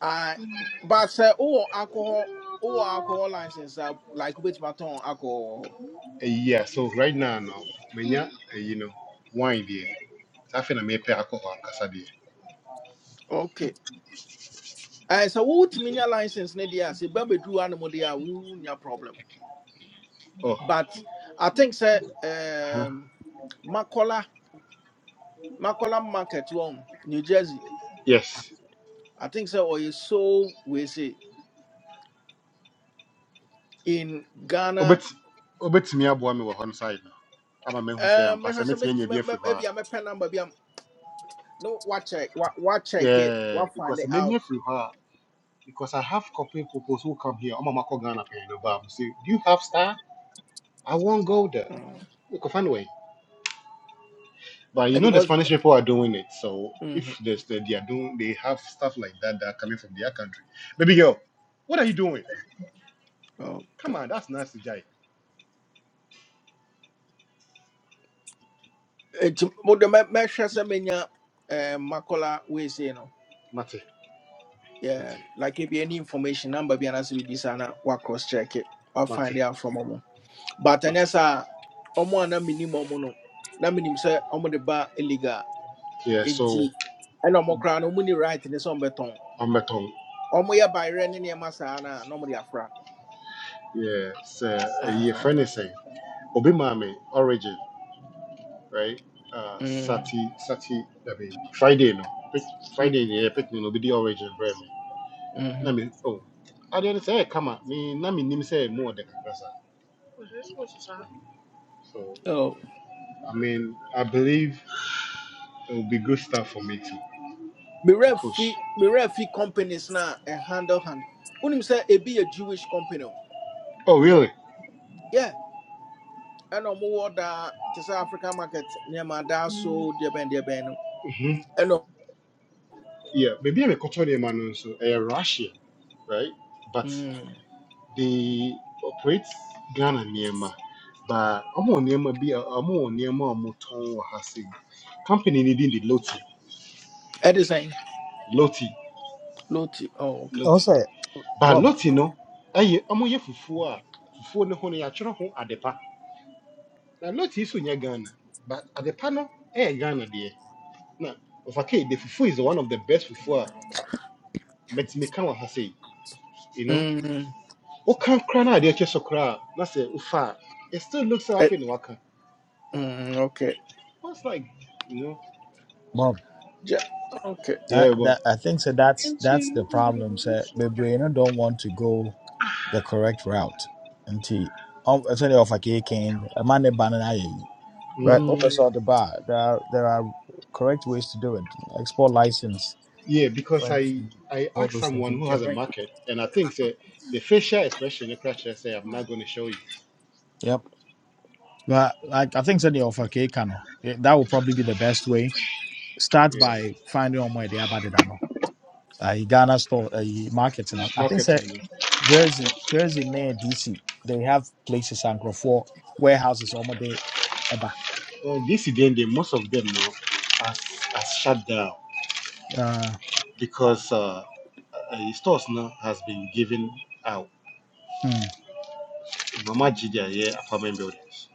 ah, but say wowɔ alcohol wowɔ alcohol license a like wobɛtumi atɔn alcohol Ɛyi so right now no, manya ayi no, wine deɛ. Saa afei na mepɛ akɔ hɔ ankasa deɛ. okay ɛɛ sɛ wotumi nya license no deɛ a sɛ ba bɛduru ano mu deɛ a wonya problem Oh, but i think say huh? ɛɛm makola makola market one new jersey Yes. I think so. Or you so we say in Oh, Ghana. but, oh, but me I wɔ hɔ no side no. Ama mehu sɛ Um, ampa if sɛ I say metumi make anya bi me- me- afiri hɔ her. maybe I'm a pen number, maybe I'm no. What check? What what check it? Yeah, What find because it many out? afiri hɔ a because I have couple people who come here. I'm Ɔma makɔ Ghana pay no ba. So, do you have star? I won't go there. Mm. Mekɔfa way. But Eh, you know the Because Spanish people are doing it. So if mm-hmm. there's the, they are doing they have stuff like that that are coming from their country. Baby girl, what are you doing? oh, Come okay. on, that's nasty Jai. It but the me measure say menya um makola we say no. Mate, mate, Yeah, like if you any information number be an answer be sana what cross check it. What mate, find it out from omo. But mate. then yes, ah, omo na minimum no. Na minimum say omo de ba illegal. Yeah, nti so ɛna ɔmo koraa no ɔmo ni right ne sɛ ɔmo bɛtɔn I'm at home. ɔmo yɛ bayerɛ ne nneɛma saa na na ɔmo de afra Yeah, so uh, your Ah, friend is saying Obi Mami origin, right? Uh mm, Sati Sati I mean Friday no. Pick mm, Friday yeah, pick me no be the origin bro me. Na mhm. me oh I didn't say come on me na me nim say more de kakrasa. Was this supposed to stop? So Oh, I mean I believe It would be good stuff for me to me to werɛ push. fi me werɛ fi companies na ɛ handle hand Unim say sɛ be a jewish company o Oh, really? yeah ɛna ɔmo wɔ da te sɛ africa market near ma da so deɛ bɛn deɛ bɛn no hmm ɛna Yeah, maybe I'm a Cotonou man, no, so a Russian, right? But mm, they operate Ghana Nema. But I'm on Nema, be I'm on Nema, I'm on Tom Hasi. Company needing the Loti, ɛde Loti, loti oh okay Loti. also But Bob Loti, no, I am on Yafufua, Fufu, no, honey, I try home at the pa. Now, Loti is on Ghana, but at the panel, eh, Ghana, dear. Now, of okay, the Fufu is one of the best Fufu. But mɛtumi ka what I say, you know mm, What can na adeɛ kyɛ so koraa a, na sɛ wofa a it still looks Eh. half in waka mm, okay was like you know Bob Gye- okay yeah that but that I think so that's Into. that's the problem sir What's wrong? bebree no don't want to go the correct route. Nti ɔm- sɛdeɛ ɔfa keeke yi, ɛma ne ba no ayɛ yi. Right. mm, Wopɛ mm, sɛ ɔde ba a, there are there are correct ways to do it. Export license, yeah because French, i i all asked those things. someone You who can has a bring it. market and i think say the facial expression the crash I say i'm not going to show you Yep. But like I think sɛdeɛ ɔfa keeke no, eh, that would probably be the best way. Start yeah by finding on where they are better than Ghana store, uh, market. You know. it's I think sɛ marketing no Jersey, Jersey near DC, they have places and for warehouses almost there. Eba. and this again the most of them now has has shut down Uh, because uh, uh stores now has been given out hmm. normal gdi yeah apartment buildings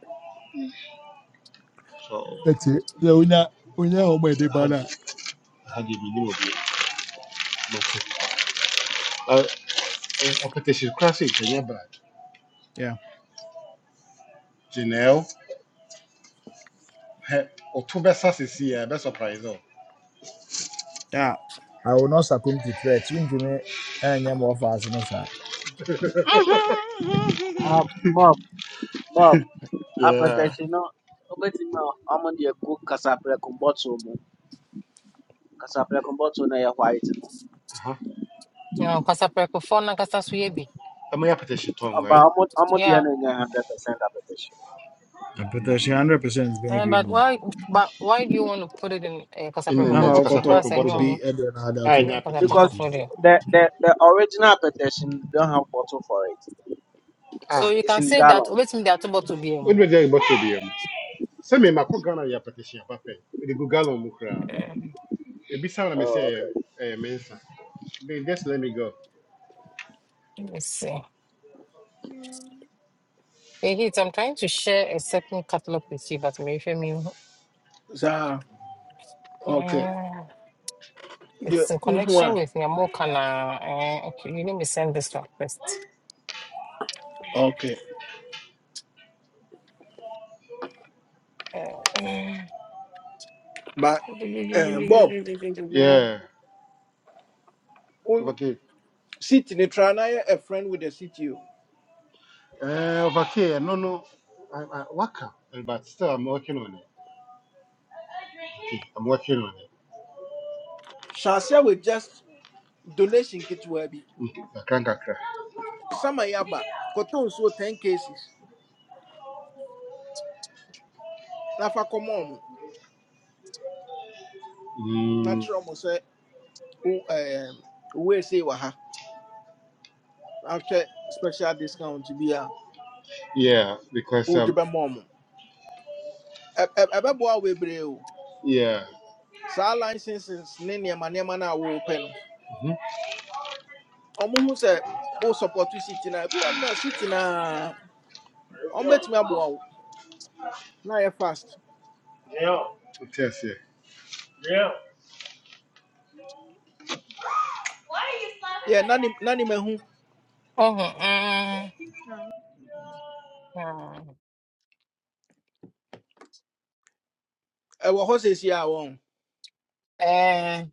so That's it. So when you when you had order, had you minim obi mate. Uh, apetition crashing Kenya bad. Yeah. Janelle, he oto besa sisi ya best surprise o. Yeah. I will not succumb to threats. Wontumi ɛnyɛ ma ɔfa ase ne saa. Ah, Mm-hmm. Bob, Bob. Yeah. apɛtɛkye no obetumi a ɔmo deɛ gu kasaprɛko bɔtol mu kasaprɛko bɔtol no yɛ white no i you know, because I prefer phone and because be. Am I apetition tongue Oba right? ɔmo ɔmo deɛ Yeah. no hundred percent application I'm And but why? But why do you want to put it in? Because I In the prefer Ana next kasa crack ɔkɔtɔ bottom. bottle. obi ɛdeɛ na ade I I ato na want as the apetition. because sunsun. portfolio. the the the original application don't have bottle for it So it's Ah, you it's can in say that gallon. wait me there about to be um, odbe dey bottle bi am. Say me makọ Ghana ya apetition apa pe. We dey go gallon mu kra. let E bi sound na me Oh, say eh okay. eh, mensa. They just let me go. me see. Hey, Hit, I'm trying to share a certain catalog with you, but maybe I mean Za, Okay. uh, deɛ it's in nhu connection with Nyamokana. Uh, okay, you let me send this one first. okay Uh, but um, bob Yeah. only Okay. city ne try na yɛ a friend with the city o Eh, okay. No no. I, I, waka. But still I'm working on it. I'm working on hyɛ aseɛ with just donation ketewa bi it. I can't cry. sama yi aba kɔtɔ nsuo ten cases na fa kɔma ɔmo na Mm, kyerɛ ɔmo sɛ wo um, we ese wɔ ha ahwɛ special discount bi a yeah, because wode um, bɛma ɔmo Ɛ- ɛ- ɛbɛboa wo bebree o yeah. saa licenses ne nneɛma nneɛma no a wowopɛ no hmm ɔmo hu sɛ wo support city na ebi wɔ hɔnom a city na ɔmo bɛtumi aboa wo na yɛ fast Yeah, Test yeah. yeah. yeah na nim na nim ehu oh, uh, uh, ɛwɔ hɔ sɛsi a wɔn uh,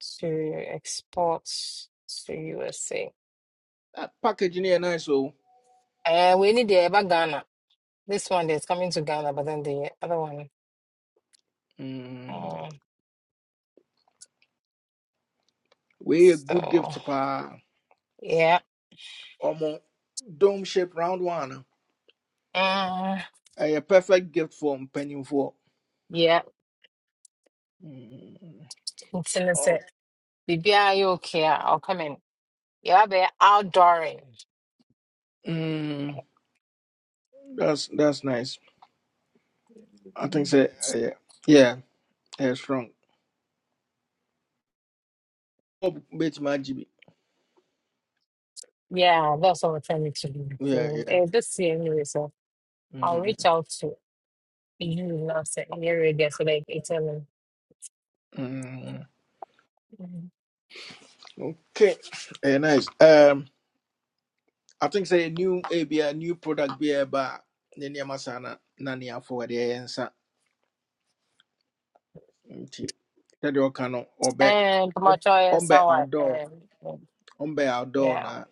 to export to USA. that package no yɛ nice o Uh, we need the Eba Ghana. This one is coming to Ghana, but then the other one. mm Um, we a good so, gift paa yeah. ɔmo dome shape round one Uh, A perfect gift for mpanyinfoɔ yeah. mm It's in the Oh, set. are you okay? I'll come in. Yeah, be outdooring. mm, that's that's nice i think Mhm. say yeah, yeah ɛyɛ strong ɔb betumi agye bi Yeah, that's what we're trying to do. yeah So, yeah uh, this year, anyway, so I'll mm reach out to you now, say, in your area, there, so like, it's um, mm Mhm. okay Eh, nice Um, I think say a new a be a new product be a ba ne nneɛma saa na na ne afɔwɔde ɛyɛ nsa nti sɛdeɛ ɔka no Obe. and ɔm- Pamacho and ɔmbɛ so what? outdoor And um, ɔmbɛ outdoor yeah. na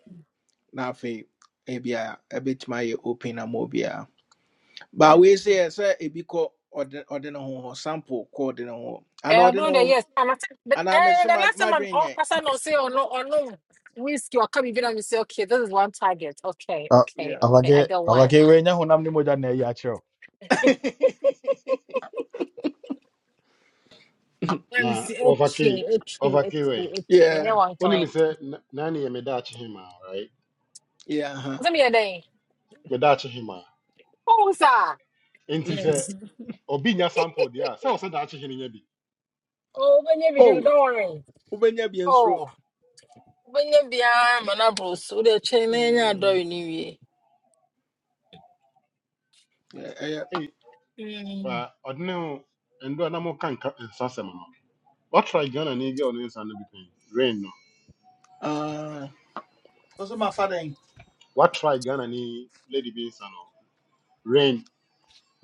na afei ebi a bit my open ama obiara But we say say sɛ ebi kɔ ɔde ɔde no ho hɔ sample kɔ ɔde no. ho hɔ ana Uh, ɔde ne during the ho years, I'm at, but ana mɛ uh, sɛ the ma last ma time I'm dwen all yɛ person on say or no or no whiskey or come even and you say okay, this is one target. Okay, Ah, okay, yeah okay. I Awurade got one. awurade wei nyɛ honam ne mogya na ayi akyerɛ Let me Na see. Okay, overkill, okay, okay, overkill way. okay. We have yeah one Only me client. say nani ya medachi hima, right? yeah uh What's me a day? Medachi hima. Oh, sir. -huh. Inti say Yes. obi nya sample deɛ a sɛ wɔ sɛ daakye no nya bi Oh, when you do oh don't worry. wobɛnya bi nsoro Oh. wobɛnya biara ma no aboro so wode kyɛn na ɛnyɛ adɔre no wie ei Mm. ba ɔde ne ho ndɔ na moka nka nsasɛm no watry ghana ne girl no nsa no bi pɛn rain no Uh, Ɔsɛ ma fa den. watry ghana ne lady bi nsa no rain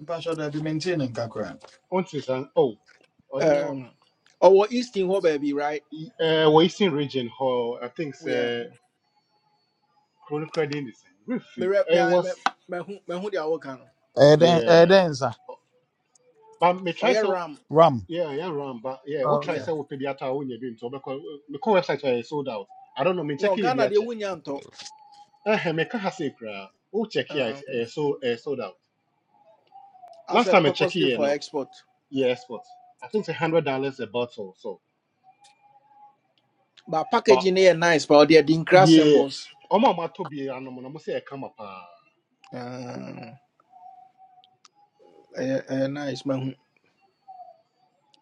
Mpa sɔ dɛ bi maintain ne nka koraa. ɔnte sa o ɔde ne ho- um, or ɔwɔ Easton hɔ baabi, right? i- region ho i think we are sɛ kuro no kura den de me rep me I me was me who me who they are working. wo. Ɛyɛ dɛn ɛyɛ yeah dɛn nsa? but me Or try Yeah. Mɛhwɛ mɛ mɛhu mɛhu deɛ ɔwɔka no. Ɔyɛ so Ram. Ram. yeah yeah ram but yeah what Oh, wotry Yeah. okay. sɛ wopɛ bi ata a wonya bi nti wobɛkɔ mekɔ website a sold out i don't know menkyɛke No, yɛ bi Ghana deɛ akyɛ wonya ntɔ. Ehem, I can't say kra. Oh, check here Um, is uh, so uh, sold out. as Last a time I check purposely here, for no, export. yeah, export. I think it's a hundred dollars a bottle. So, But but packaging here nice, but they are ɛde nkra yeah, symbols. I'm be an I'm say I come up. Um, ɛyɛ ɛyɛ nice mɛhu.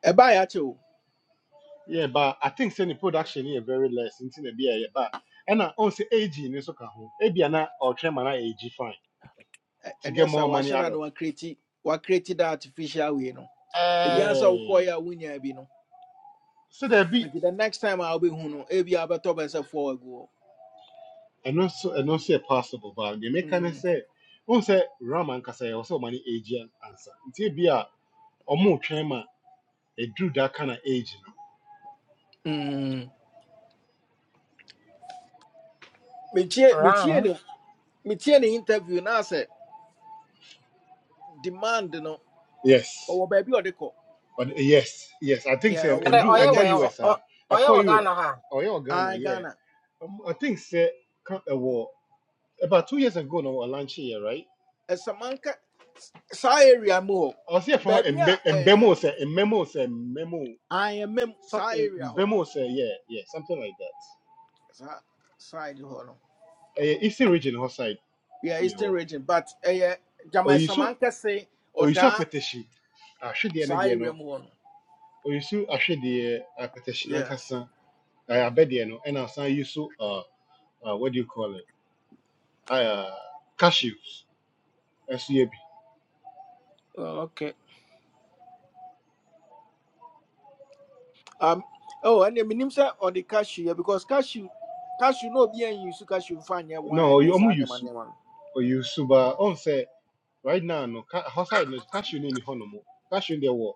Ɛbaa yɛ akyɛ o. Yeah, but I think say the production here very less. Into the beer, yeah, but and I also AG in this okay. Maybe I'm not or try man AG fine Ɛ- to Ɛnyɛ get sɛ more money wahyɛ out da na of it. wakreti created da artificial way no. Ebi Uh, ansa Yeah, wokɔɔɛ a wonya bi no. so there be Nti the next time I will a wobɛhu no, top as a four agu and also and also a possible, but they hɔ. make kind of Mm. say. Who say Ram and Kasaya also money AG answer? It's a beer. ɔmo twɛn ma eduru that kind of age no mm. metie metie ram. ne metie ne interview na sɛ demand no Yes. ɔwɔ baabi a ɔde kɔ But eh, yes yes I think yeah sɛ And ɔwɔ ne the ndu oil mba target well, US a ɛkɔ oil Europe Ghana or wɔ Ghana I yeah ghana Um, I think sɛ ka ɛwɔ about two years ago now a lunch here, right ɛsɛmanka saa area mu hɔ ɔsi ɛfɔ hɔ baabi mbe a mbɛmo ɛɛm sɛ mbɛmo say mbɛmo ayɛmɛm some saa area hɔ mbɛmo say yeah yeah something like that saa side hɔ no ɛyɛ eastern region hɔ side yeah you eastern know. region but ɛyɛ gyama or you so Samanka say or you saw ɔdaa petition. apɛtɛsi should ne saa deɛ area no mu hɔ no Or you oyiso ahwedeɛ apɛtɛsi yeah nankasa Uh, I abedie no ɛna asan yi so uh, uh, what do you call it uh, cashews ɛso yɛ bi oh, okay um oh ɛnna minimum or the cashew yeah. because cashew cashew no obi anyi su cashew nfa nyɛ na wine ɔy ne ɔmo saa yi nneɛma su no. ɔyi su ba right now no ka hɔside no cashew no ni hɔ nom cashew there. deɛ wɔ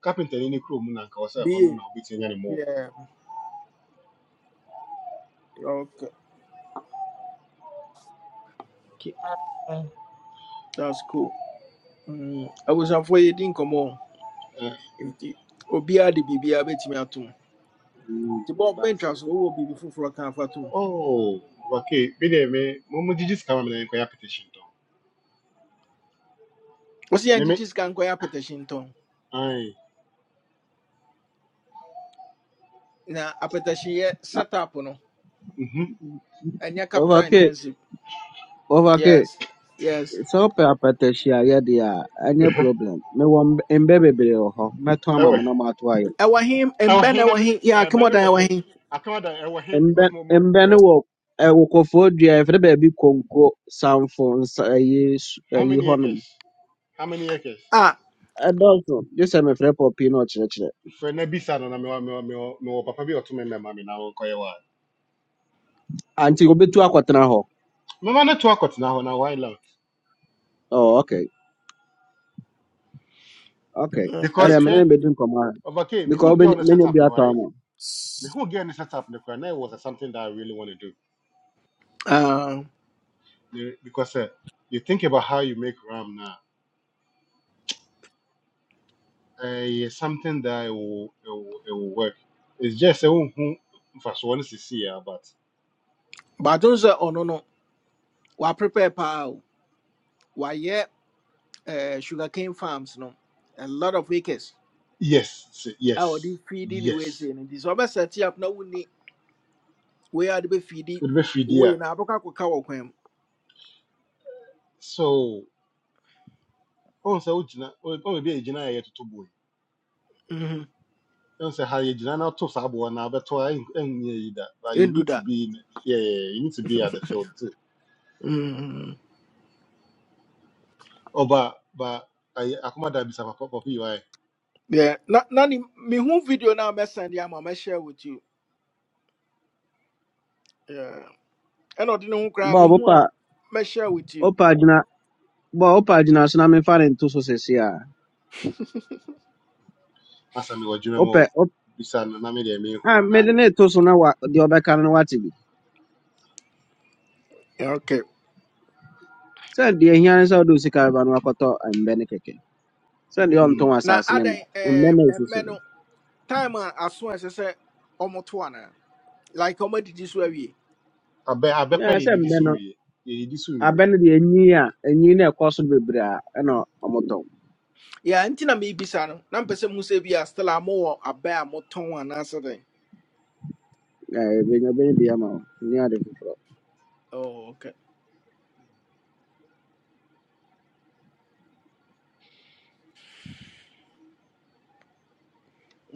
carpenter no ne kurom na nka ɔsɛ hɔ no na ɔbɛtumi anya ne mɔɔ Yeah. Okay. okay. That's cool. Mm. I was afraid didn't come on. Ɛ, Obia de Bibia bet me at home. mm, The Bob Ventures will be before a camp at home. oh okay bi deɛ me mo mo gyigyi sika ma me na nkɔyɛ petition tɔ Was the me me antiges can go up petition tone? ae Now, a petition yet set up mhm capital Ovake, intensive. ovake, Yes. Yes. sɛ wopɛ apɛtɛhye a yɛde a, ɛnyɛ ɛhɛ problem. Mewɔ mb- mbɛ bebree wɔ hɔ. Mɛtɔn ama ɛwɔ mo he na moato ayɛ. I him and ɛwɔ Ben, he I na me him. Yeah, come ɛbɛ ne on, I wɔ want he him. atɔn da ɛwɔ he mbɛ because mo mbɛ no mo wɔ ɛwɔ kɔfoɔ dua yɛfrɛ baabi konko samfo nsa ɛyi su- How ɛyi many hɔnom acres? How many acres? Ah, ɛdɔɔso gye sɛ mefrɛ pɔpi na ɔkyerɛkyerɛ Fred na bisa no na me wa me wa me wa me wa papa bi otu me me mami na wo koye wa. anti obetu akɔtena hɔ Mama na to akot na ho na why not? oh, okay okay okay. Because ɛdeɛ mene ne here bɛdi nkɔmmɔ ha okay, me who because get on the menya bi setup no atɔ right? ama Me who get on the setup no right? Now it was something that I really want to do. Um, Me- Because uh, you think about how you make RAM now. Uh, it's something that it will, it will, it will work. It's just a who first one to see, but but don't say, oh no, no. We prepare pow. We yeah, uh, sugarcane farms, no. A lot of acres. yes, s- a yes, wɔde feedi ne wei yes. sei no nti sɛ wɔbɛsɛte up na wonni wei a de bɛfeedi It will be free wei there. na abɛkɔ akɔka wɔ kwan mu So ɔn sɛ wogyina ɔn ɔn ebi a egyina yɛ yɛtoto bɔ yi Mhm. ɔn sɛ ha yɛgyina na ato saa bɔ na abɛto a ɛn ɛn yi da but you ɛndu need to da be in- yeah yeah yeah, you need to be at the field too Mhm. ɔba ba ayi akoma da bisa papa papa yi wa yɛ Yeah, na na ne mehu video no a mɛsɛn de ama share with you Yeah. ɛna ɔde ne ho koraa ba mehu wopa a me share with you wopa gyina ba wopa gyina so na memfa ne nto so sɛsie a asa mi wɔ dwuma mu wopɛ o wop- bisa no na mi deɛ mi hu a no na mede ne to so na wa deɛ ɔbɛka no no wate bi Yeah, okay sɛ deɛ hia ne sɛ wode wo sika bɛba no wakɔtɔ mbɛ ne kɛkɛ sɛ deɛ ɔnto hmm na asase ne ma adɛn mbɛ ɛɛ, na ɛsi so ɛmmɛ no no time a aso a ɛsɛ sɛ ɔmoto anaa like ɔmadidi so awie abɛ abɛkora Yeah, deɛ sɛ edidi mbɛ so no wie deɛ edidi so wie abɛ no deɛ enyi a enyi na ɛkɔ so no bebree a ɛna ɔmo tɔn Yeah, nti na meebisa no na mpɛ sɛ mu sɛ bi a still a mowɔ abɛ a motɔn anaasɛ dɛn ɛɛ ebenya benya bi ama wo ni ade foforɔ. Oh, okay.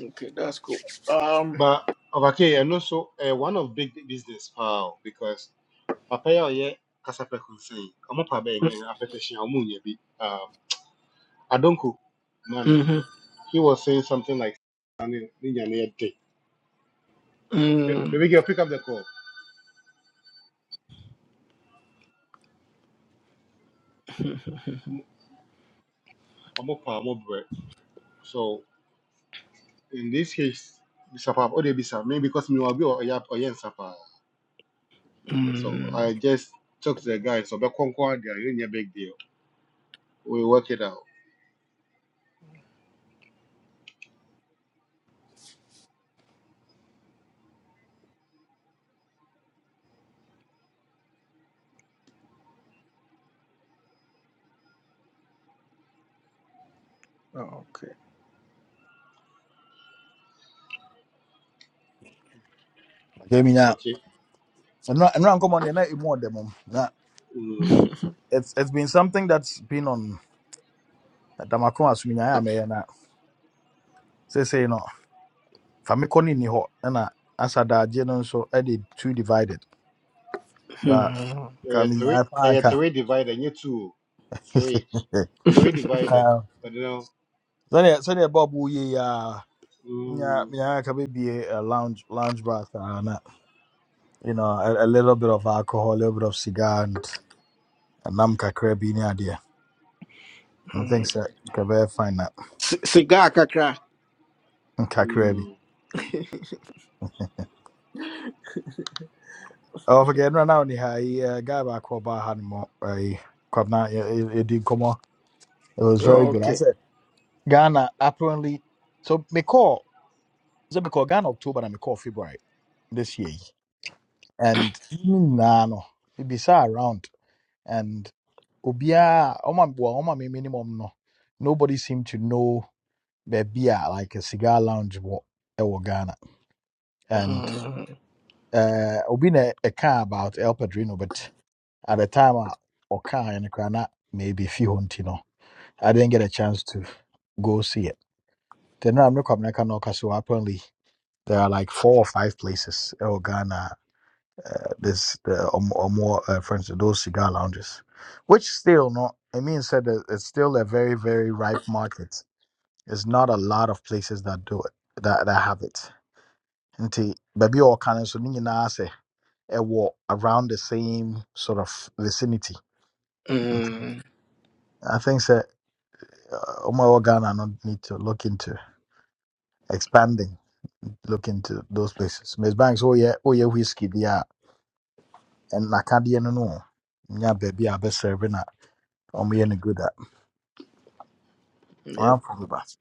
Okay, that's cool. Um. but ɔba ke ɛno so ɛyɛ one of big business paa o because papa yi a ɔyɛ kasapɛ kɔnsɛn ɔmo pa bɛyɛ mɛ apɛtɛhyɛn ɔmo nya bi ah adonko. Mm-hmm. He was saying something like, "Ninja na yɛ Ba- Mm, Baby girl, pick up the call. Omo pa, omo bre. So in this case, Bisapa, oh, they Bisapa, maybe because me will be or Sapa. So mm, I just talked to the guy. So back conquer there, you need a big deal. We work it out. oh, okay. Okay, me nya. Okay. Ɛnura ɛnura nkɔmɔ deɛ na emu ɔdɛ mo. Na Mm. it's it's been something that's been on Damako asumunya a mɛyɛ say say no. fa me kɔ ne ni hɔ ɛna asadagye no nso ɛde two divided ba mm, Uh, three, kamenyaa paa uh, nka three divided, you two, three, three divided. Ah, But you know, sɛdeɛ sɛdeɛ bob woyɛ yi a nya- mm, menyaa ka bɛbie a lounge lounge bar saa na you know a, a little bit of alcohol a little bit of cigar and nam kakra bi ne adeɛ i think mm. sɛ nka bɛyɛ fine na C- cigar kakra. kakra bi mm. ɔfakɛ no na wone ha yi eh, guy baakɔ ɔbaa ha no mɔ yi kwabna yɛdi nkɔmmɔ it was very Oh, good i okay. said Ghana apparently so me call so me call Ghana October and me call February this year. And nah no it be around and obia oma bua oma me minimum no. Nobody seemed to know bebia like a cigar lounge wo ewo Ghana. And Mm, uh obi na a car about El Padrino but at the time I or car and crana maybe few hunting no. I didn't get a chance to go see it. Then I'm not coming I can apparently There are like four or five places in Ghana. uh, This the or more, or more uh, for instance, those cigar lounges, which still not. I mean, said that it's still a very very ripe market. There's not a lot of places that do it that that have it. Nti baby or can so nina say a ɛwɔ around the same sort of vicinity. Nti mm, I think that uh, Omar Ghana not need to look into expanding, look into those places. Miss Banks, oh yeah, oh yeah, whiskey, yeah. And Nakadia no no. baby a best serving na ɔmo yɛ no good at. Yep. Ɔamfo bi ba.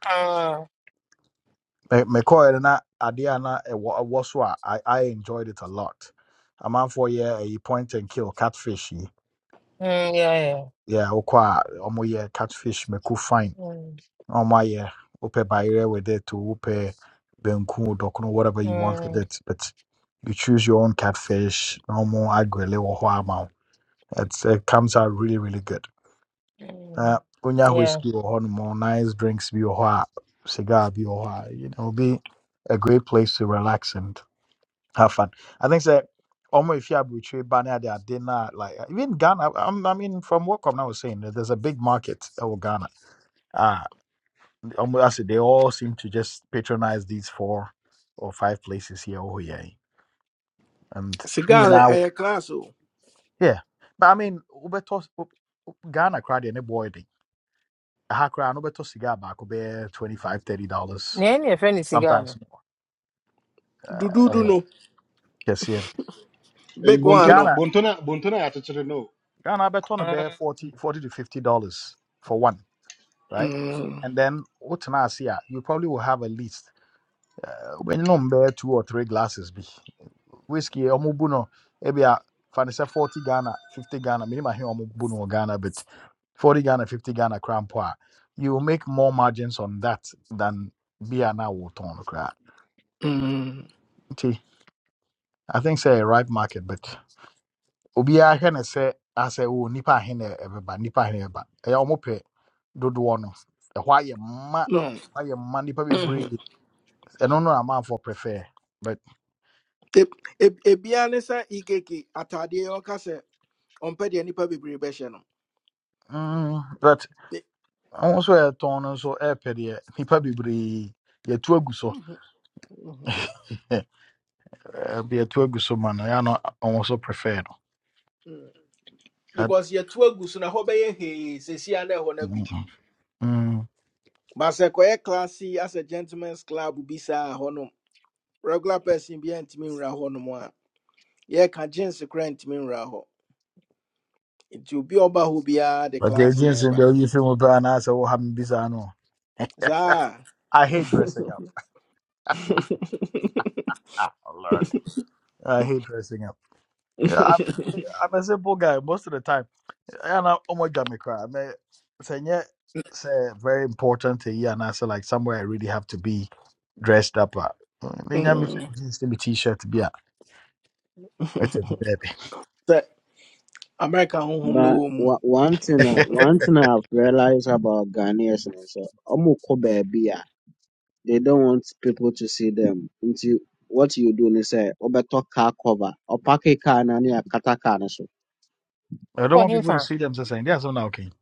ha. Me kɔɛ na adeɛ a na I I enjoyed it a lot. A man for yɛ ɛyi point and kill catfish yi. Mm, yeah, yeah. Yeah, wokɔ a ɔmo yɛ catfish mako fine. Mm, Na ɔmo ayɛ wopɛ bayerɛ with it to upe benku dɔkono whatever you want with mm, it but you choose your own catfish No more agrele wɔ hɔ ama It's, it comes out really really good. na mm, wonya yeah. whiskey wɔ hɔnom nice drinks bi wɔ hɔ a cigar bi wɔ hɔ a you know it'll be a great place to relax and have fun i think sɛ ɔmo efi aburukyire ba ne ade ade na like even ghana i i mean from what Kwamina was saying that there's a big market ɛwɔ ghana ah ɔmo ase they all seem to just patronize these four or five places here wɔ here. and ne Cigar na nyinaa wɔ- ɛyɛ class o. yeah but i mean wobɛtɔ ghana koraa deɛ ne boy de ɛha koraa no wobɛtɔ cigar baako bɛyɛ twenty five thirty dollars Nea ne friend no Ghana? sometimes no. Dududu uh, no. yes yeah Eh, Big one Bontona, no. ghana Bontona, Bontona, I no. ghana I bet on a bear Mm, 40 forty to 50 dollars for one right mm, and then what can i see ah, you probably will have at least uh, when you know bear two or three glasses be whiskey or mubuno maybe a find 40 ghana 50 ghana minimum here mubuno ghana but 40 ghana 50 ghana crown you will make more margins on that than beer now water mm. Okay, i think say a ripe market but obiara hwɛ no sɛ asɛ o nipa ahe na ɛbɛba nipa ahe na ɛbɛba ɛyɛ a wɔpɛ dodoɔ no ɛhɔ ayɛ mma No. ɛhɔ ayɛ mma nipa bebree ɛno no amanfoɔ prefer but Eb- eb- Ebia ne sɛ ikeke ataadeɛ yɛ ɔka sɛ ɔmpɛ deɛ nipa bebree bɛhyɛ no. mm, but Be- wɔn nso a yɛtɔn no nso ɛɛpɛ deɛ nipa bebree yɛtu agu so Mhm, mhm. ɛbi yɛtu agu so ma no ɛyɛ no wɔn nso prefer no mm, That- Because yɛtu agu so na hɔ bɛyɛ hee sesia na ɛhɔ no agu. mm, mm. But sɛ kɔyɛ class as a gentleman's club bi saa hɔ nom, regular person bi ntumi nwura hɔ nom a, yɛka jeans koraa ntumi nwura hɔ. Nti obi a ɔba hɔ biara de but the class na agency ɛba. deɛ oyi fi mu I anaasɛ wɔ ha mi bisa no Saa. I hate dressing up. Ah, Lord. I hate dressing up. Yeah, I'm, I'm a simple guy most of the time. And I ɛna ɔmɔdwa me koraa mɛ sɛ yeah, say very important to you, And I say like somewhere i really have to be dressed up a menya me Mm. hyɛ jeans ne me t-shirt Be a it's a baby. sɛ America honhom no But wɔ mu. wa- one thing a one thing I've realized about Ghanaians is sɛ ɔmo kɔ baabi a they don't want people to see them nti what you do is, sɛ ɔbɛtɔ car cover ɔpaki car na ne akata car no so. i don't Wɔ want people to hemfa? see them So saying, ndeɛ asɛm na woka yi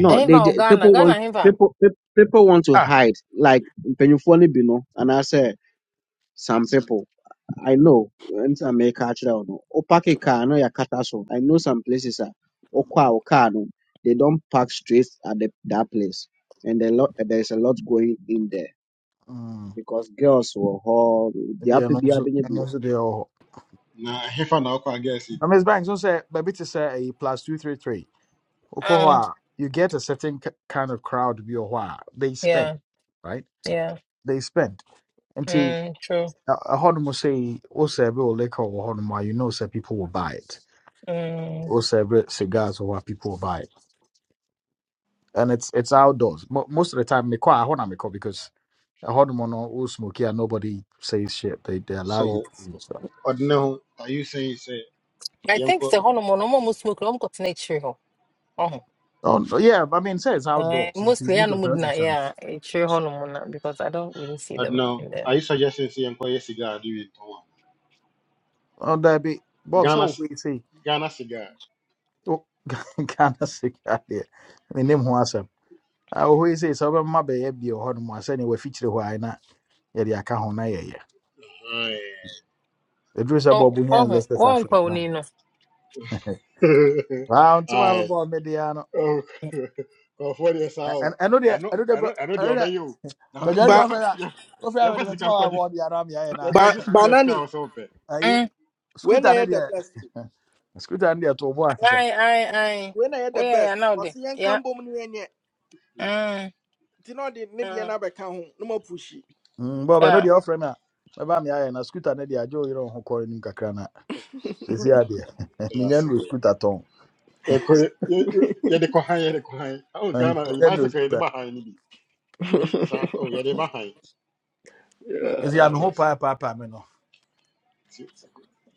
he they Ɛhemfa wɔ ju- Ghana. people Ghana want hemfa? people pe- people want to ah hide like mpanyinfoɔ no bi no and I say some people. I know nti na mɛka akyerɛ wo no wopake car no yɛ akata so I know some places a wokɔ a wo car no they don't park straight at the, that place and the lot, there's a lot going in there mm, because girls wɔ hɔ maybe deɛ I'm apɛ biara also, bɛnya I'm bi wɔ also ɛwɔ oh. Nah, hefa na okwa, I guess. I miss banks don't say. baabi te sɛ a plus two three three wokɔ hɔ Mm, you get a certain ki- kind of crowd Be wɔ hɔ they spend yeah, right yeah. they spend nti Mm, true. ɛ- ɛhɔ nom sɛ say, sɛ bi wɔ liquor wɔ hɔ you know say people will buy it Mm. also every cigars or what people buy and it's it's outdoors Mo most of the time me quite I want to because a hot mono all smoky and nobody says shit they they allow you So, to do stuff Odno, are you saying say I think Yanko the hɔnom no, ɔmo a ɔmo smoke no, ɔmo kɔtena akyire hɔ. Ɔho. oh no, yeah but i mean say it's Eh, outdoors it's the mostly most ɛna of ɔmo the time gyina, it's out yeah, akyire hɔnom na, because I don't really see them Odno? in there. Are you suggesting say Yanko yes cigar do it one? oh there be bob so Ghana what c- we say Ghana cigar. oh Ghana cigar there me name who asem I always say so But my baby or hot mono saying we're featured why not yeah the account na yeah yeah Aye. the dress about Ɔ- bunya and ɔho. Leicester Africa Wɔnkɔ wo ni no. wow to my Aye. boy mediano Oh well, for yes and how. I know they I know I know they I know I know the go. obey you. Now kɔgyare yeah deɛ But ɔfrɛ yɛ a yeah ɔfrɛ a yeah mede mentima sika kwaji waabɔ de ara meayɛ no yeah a but kwaji school as car banani, or something. ayi Mm, when I skuta ne had the deɛ best, skuta ne deɛ too bɔ ase sɛ aye, aye, aye. when I had the Woyɛɛ best, now was there? the young Yeah. Cambo Munye, Mm, Tino did mm, Nidiana home. no more pushy. Mm, bɛ ɔbɛno yeah. deɛ ɔfrɛ me ba mɛba meayɛ na skuta ne deɛ agye wo yerɛ wo ho kɔre nim kakra no a Oh, school. ɛsi adeɛ menya Yes. so no good. skuta tɔn Yeah, kɔ- yeah, yeah, yeah, the Kohan, yeah, the Kohan. Oh, Ghana, eh, menya no bicycle, yeah, the skuta Bahan, maybe. Wait, sir. Oh, yeah, the Bahan. Yeah. ɛsi So a what me you ho paapaapa me no say?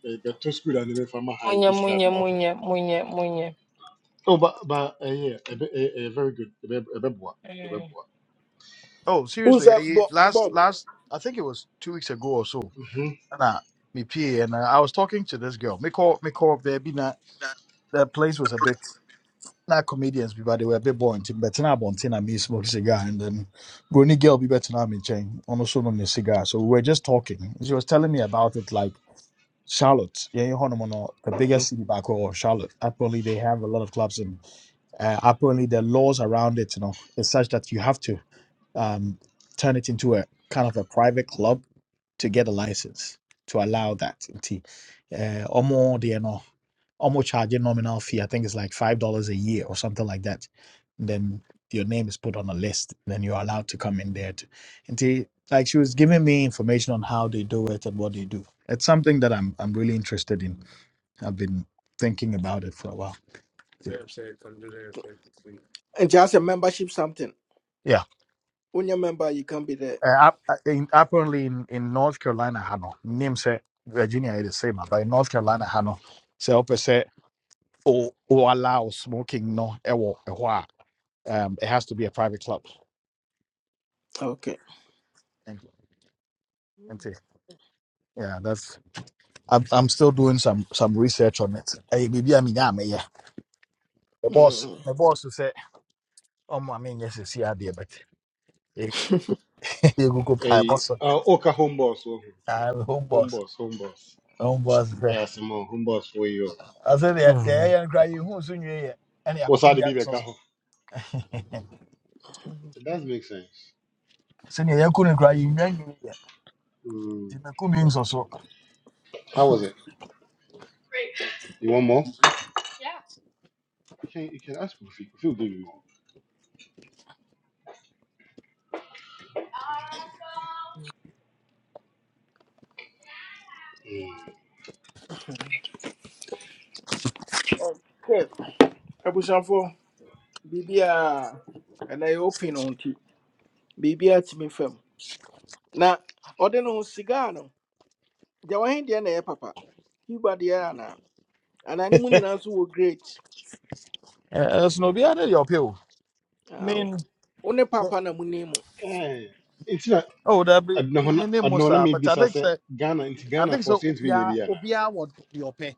Eh, but to school and then from high Munye, just like munye, now. munye, munye, munye. Oh, but but uh, yeah, a, Mm. bit- a, a very good, a very a very boa, a very Mm. boa. Oh, Who's seriously, that I, Bob last Bob? last I think it was two weeks ago or so. Mhm, And I, me pee, and I, I was talking to this girl. Me call me call there. Be na that place was a bit. not comedians but they were a bit boring nti bɛtena abɔnten na me smoke cigar and then brony girl be better bɛtena me nkyɛn ɔno nso nom ne cigar so we were just talking she was telling me about it like Charlotte, yeah, you know, no, the mhm. biggest city back or Charlotte. Apparently, they have a lot of clubs, and uh, apparently, the laws around it, you know, is such that you have to um, turn it into a kind of a private club to get a license to allow that. Nti, eh, Omo deɛ no, Omo charge a nominal fee. I think it's like five dollars a year or something like that. Then your name is put on a list. Then you're allowed to come in there. To, and like she was giving me information on how they do it and what they do. It's something that I'm I'm really interested in. I've been thinking about it for a while. And just a membership something. Yeah. When you're member, you can be there. Uh, ap- uh, in, apparently, in, in North Carolina, Hano, name say Virginia is the same, ah, but in North Carolina, Hano, say open say or or allow smoking no, eh, wo- eh, wha- um, it has to be a private club. Okay. Thank you. Thank you. Yeah, that's. I'm, I'm still doing some some research on it. Eh, maybe I mean, yeah, me, yeah. The boss, Mm. the boss who said, "Oh, my, I mean, yes, it's here, dear, but eh, you go go pie A boss. uh, Oka home boss, oh, I'm home home boss. boss, home boss. Home boss. eh. Yeah, some more home boss for you. I said, the the yeah, crying. Who's in here? Any, I What's could pay how the the baby answers. kaho? It does make sense. sɛnea yɛako no koraa yɛnnwa nwiniɛ Mm. nti mako mi nsɔ so How was it? You want more? You can you can ask Kofi. Kofi will give you more. Okay. Abusanfo, bibia and I open on ti. Bibia timi fam. Na ɔde no cigar no. Deɛ wahen deɛ na ɛyɛ papa. Cuba deɛ ana. Ana ne mu nyinaa nso wɔ great. Eh, ɛsono obiara ne your ɔpɛ I Ah, mean wo ne papa na mu ni mu. Mm. Eh, it's not. oh I dabi don't know. me ne I don't mu know. saa but Maybe i I think said so. Ghana. It's i Ghana think for so. sɛ Saint obiara Vinyana. obiara wɔ deɛ ɔpɛ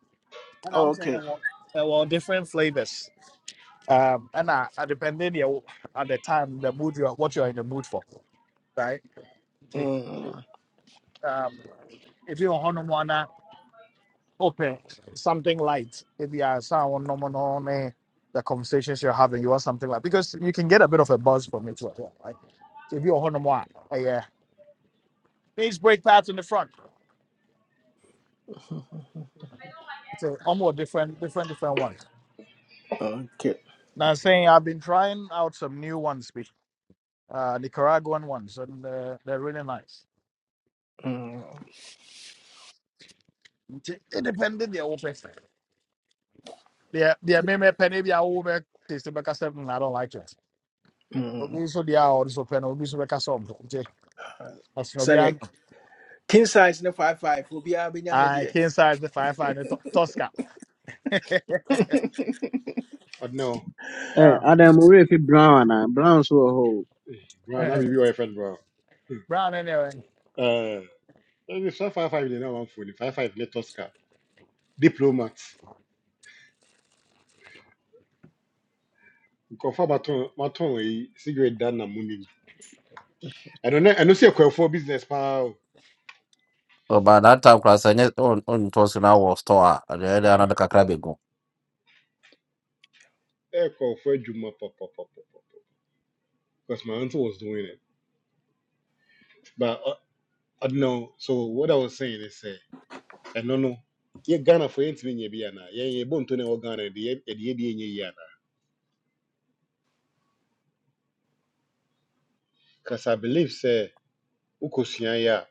ɛna wo sɛ ɛwɔ ɛwɔ different flavours um ɛna uh, depending deɛ at the time the mood you are what you are in the mood for right nti Mm. um ebi wɔ one, Okay, something light. If you are someone no, no, no, no, the conversations you're having, you want something like because you can get a bit of a buzz from it, as well, right? So if you're on more, yeah, these break pads in the front. It's a almost different, different, different ones. Okay. Now, I'm saying I've been trying out some new ones, be- uh, Nicaraguan ones, and uh, they're really nice. Mm. Nti, Independent, they're all open. They're they're maybe penny, they're all over. Taste the back seven. I don't like it. Mm. Okay, so they are also penny. Obi so back seven. That's no Sani be. king size ne five five. Obi abenya ne I deɛ. King size the firefighter to- Tosca. I don't know. Eh, Yeah. adam worɛ fi brown anaa brown so wɔ hɔ o Bro, that be your friend, bro. Brown anyway. Uh, it's not five five. You know, one phone. Five five. Let us car. Diplomat. You Confirm baton baton. A cigarette down na money. I don't know. I don't see a call for business, pal. So baada hata ukurasa wenyewe huo- on ni tosi na wo store alienda anada kakra bego A call for Juma, pop, pop, pop, pop, pop. Because my uncle was doing it, but uh, I don't know. So what I was saying is, uh, I don't know. Yeah, Ghana for anything you be ana. Yeah, yeah, born to know Ghana. The the the the yeah yeah. Because I believe, say, Ukosiyanya.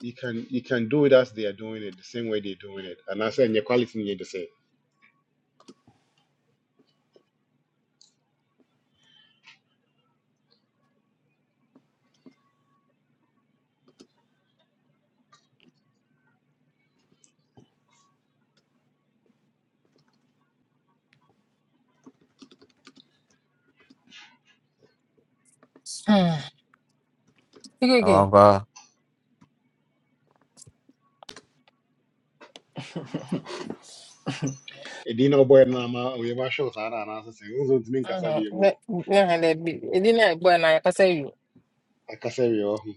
you can you can do it as they are doing it the same way they're doing it and i say your quality need to say Sige, sige. awanga A dinner boy no ama ɔyɛma show saa na anaasɛ sɛ wosɛ ntumi nkasa Mm, bie mu ɔ me- me- me- me- be- edi na egbo na ya kasa akasa wie wɔ ho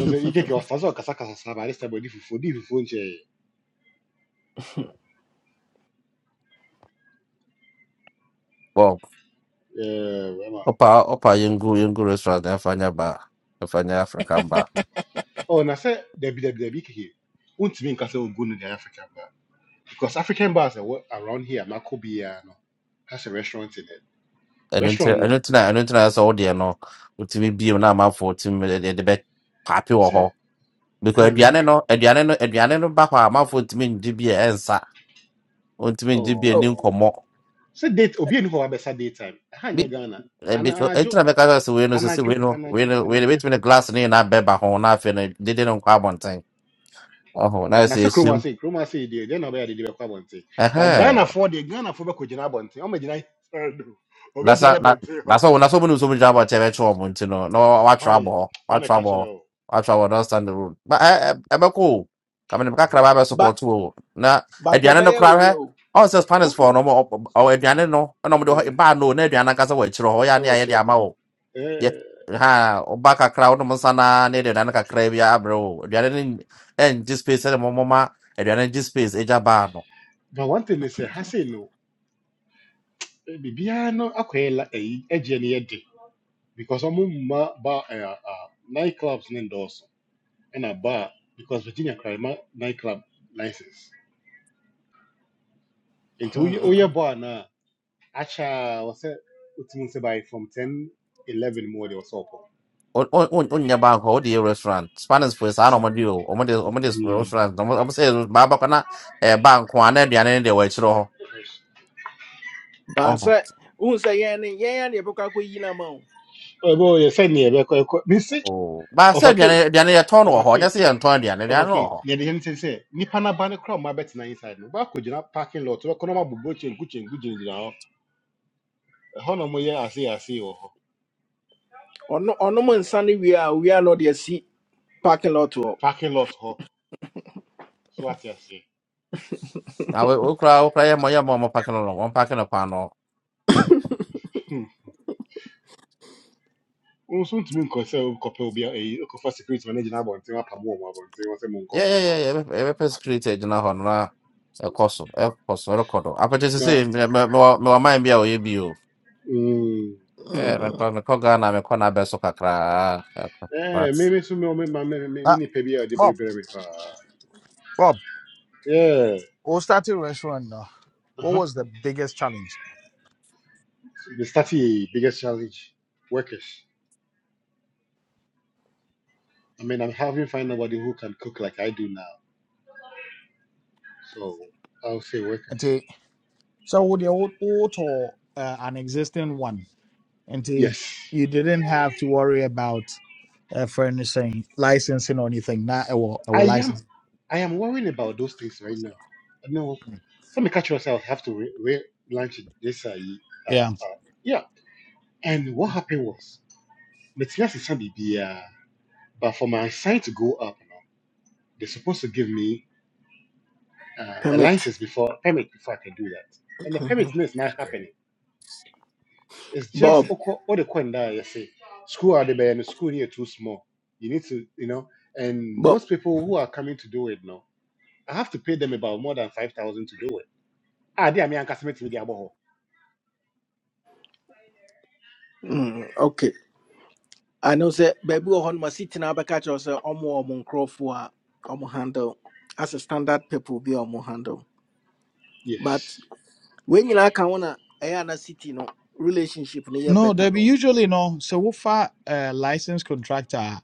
ɛsɛ ikeke ɔsa sɛ ɔkasakasa saa baade sɛ bɔdi fufuo di fufuo nkyɛɛ wow ɛma opa opa yengu yengu restaurant afanya ba afanya africa ba ɔ na sɛ dabidabidabi keke wontumi nkasa ogu no african bar because african bars are around here makɔ biara no has a restaurant in it ɛno nti restaurant ɛno no nti na ɛno nti na sɛ wodeɛ no wotumi bio na amanfoɔ tumi de de bɛ paapi wɔ hɔ Say because in America. aduane no aduane no aduane no ba hɔ a amanfoɔ ntumi ngye bi a ɛnsa ntumi ngye bi a ɛni Oh, Oh, nkɔmmɔ say date obi ani hɔ a wabɛsa daytime ɛha bi nyɛ ghana ebi ana ɛti anadwo no sɛ anadwo wei no wei anadwo no wei no anadwo betumi ne glass no na beba ho na afei no dede no nkɔ abɔnten Oh, that's na the sɛ kurom issue. ase kurom ase yi deɛ deɛ na ɔbɛyɛ de de bɛkɔ abɔnten ba Uh-huh. ghanafoɔ deɛ ghanafoɔ bɛkɔgyina abɔnten ɔmɛgyina ɛdo That's ɔbɛgyina not, not abɔnten hɔ that's all. That's all. We do so much about TV trouble. You know, no, what hwan trouble? hwan What ne ka kyerɛ trouble? o What trouble? Don't stand the rule. But I, I, I'm cool. I mean, I can't have support but too. Now, but if you're not the ɛbɛyɛ wei crowd, o. all says partners Wo- for wo- no more. Oh, if you're not no, no more. Yeah, If I know, if you're not going to wait, you're not ɛwɔ going to kyerɛ hɔ amount. Yeah, Eh, yeah. ha. Obaka crowd no more sana. Neither than a crave ya bro. If you're not in, in this space, any more mama. If you're not in this space, it's a bar. Ba one thing ne sɛ ha sei no eh, biribiara no akɔyɛ la ayi agyeɛ no yɛ de because ɔmo mma ba night clubs ne ndɔɔso ɛna ba because virginia kra ma night club license nti woyɛ woyɛ bar no Acha wasɛ it? sɛ by from 10 11 mu wɔde wɔsɛ ɔkɔ on on on on your bank hold restaurant spanish for sa no ti mo di o mo di restaurant no mo say ba kana eh bank kwa na aduane de wa chiro ho But oh say wohu sɛ yɛn ne yɛn ne yɛbɛkɔ akɔyi no ama wo. ɛbɛ ɔyɛ sɛ neɛ ɛbɛkɔ ɛkɔ misi oh ba say ɔfake aduane aduane ya ton ho ho ɔfake nya say ton aduane aduane no ɔfake ho neɛ deɛ ne sɛ sɛ nnipa no aba no kora ɔma bɛtena inside no but baakɔ gyina parking lot bɛkɔ no mabobɔ kyenku kyenku gyinagyina hɔ ɛhɔ na moyɛ asei asei wɔ hɔ Ɔno ɔno mo nsa ne wie a wie a na ɔde asi parking lot hɔ. parking lot hɔ so ate aseɛ na we okra okra ye mo ye mo mo pack no no pack no pa no Hmm. wo nso ntumi nkɔ sɛ wokɔpɛ obi a- ɛyi wokɔfa security ma no gyina abɔnten apamo wɔ mu abɔnten wɔ sɛ monkɔ yeah yeah monkɔ yeah yeah e be created na ho na e koso e koso record apete se na say me me me mind bia o ye bi o mm, eh Mm. record me ko ga me ko na be so kakra Eh, that's maybe so me my ma- me me me Uh, nipa bi a ɔde Bob, bereberɛ me paa. Bob, Yeah. we started restaurant now. What Uh-huh. was the biggest challenge? The study biggest challenge workers. I mean, I'm having find nobody who can cook like I do now. So I'll say And workers. they- so with the old old or uh, an existing one, and they- Yes. you didn't have to worry about uh, furnishing, licensing or anything. Not our I our am license. I am worrying about those things right now. No. Let me catch yourself. I have to re- re- lunch this. Uh, uh, Yeah. uh, yeah. And what happened was, Matthias is BBA, but for my sign to go up, you know, they're supposed to give me. uh, a Permit. license before permit before I can do that. And the permit Mhm. thing is not happening. It's just Bob okay, all the coin that you say school are the bay and the school here too small. You need to you know, and Bob. most people who are coming to do it now, I have to pay them about more than five thousand to do it. Ah, they are me and customer to the aboho. Mm. Okay. I know baabi wɔ hɔ no masitena bɛka kyerɛw sɛ ɔmo wɔ ɔmo nkurɔfoɔ a ɔmo handle as a standard people bi a ɔmo handle but Yes. when you ka ho na ɛyɛ ana city no relationship no yɛ No, they better be no usually no. So we far uh, licensed contractor,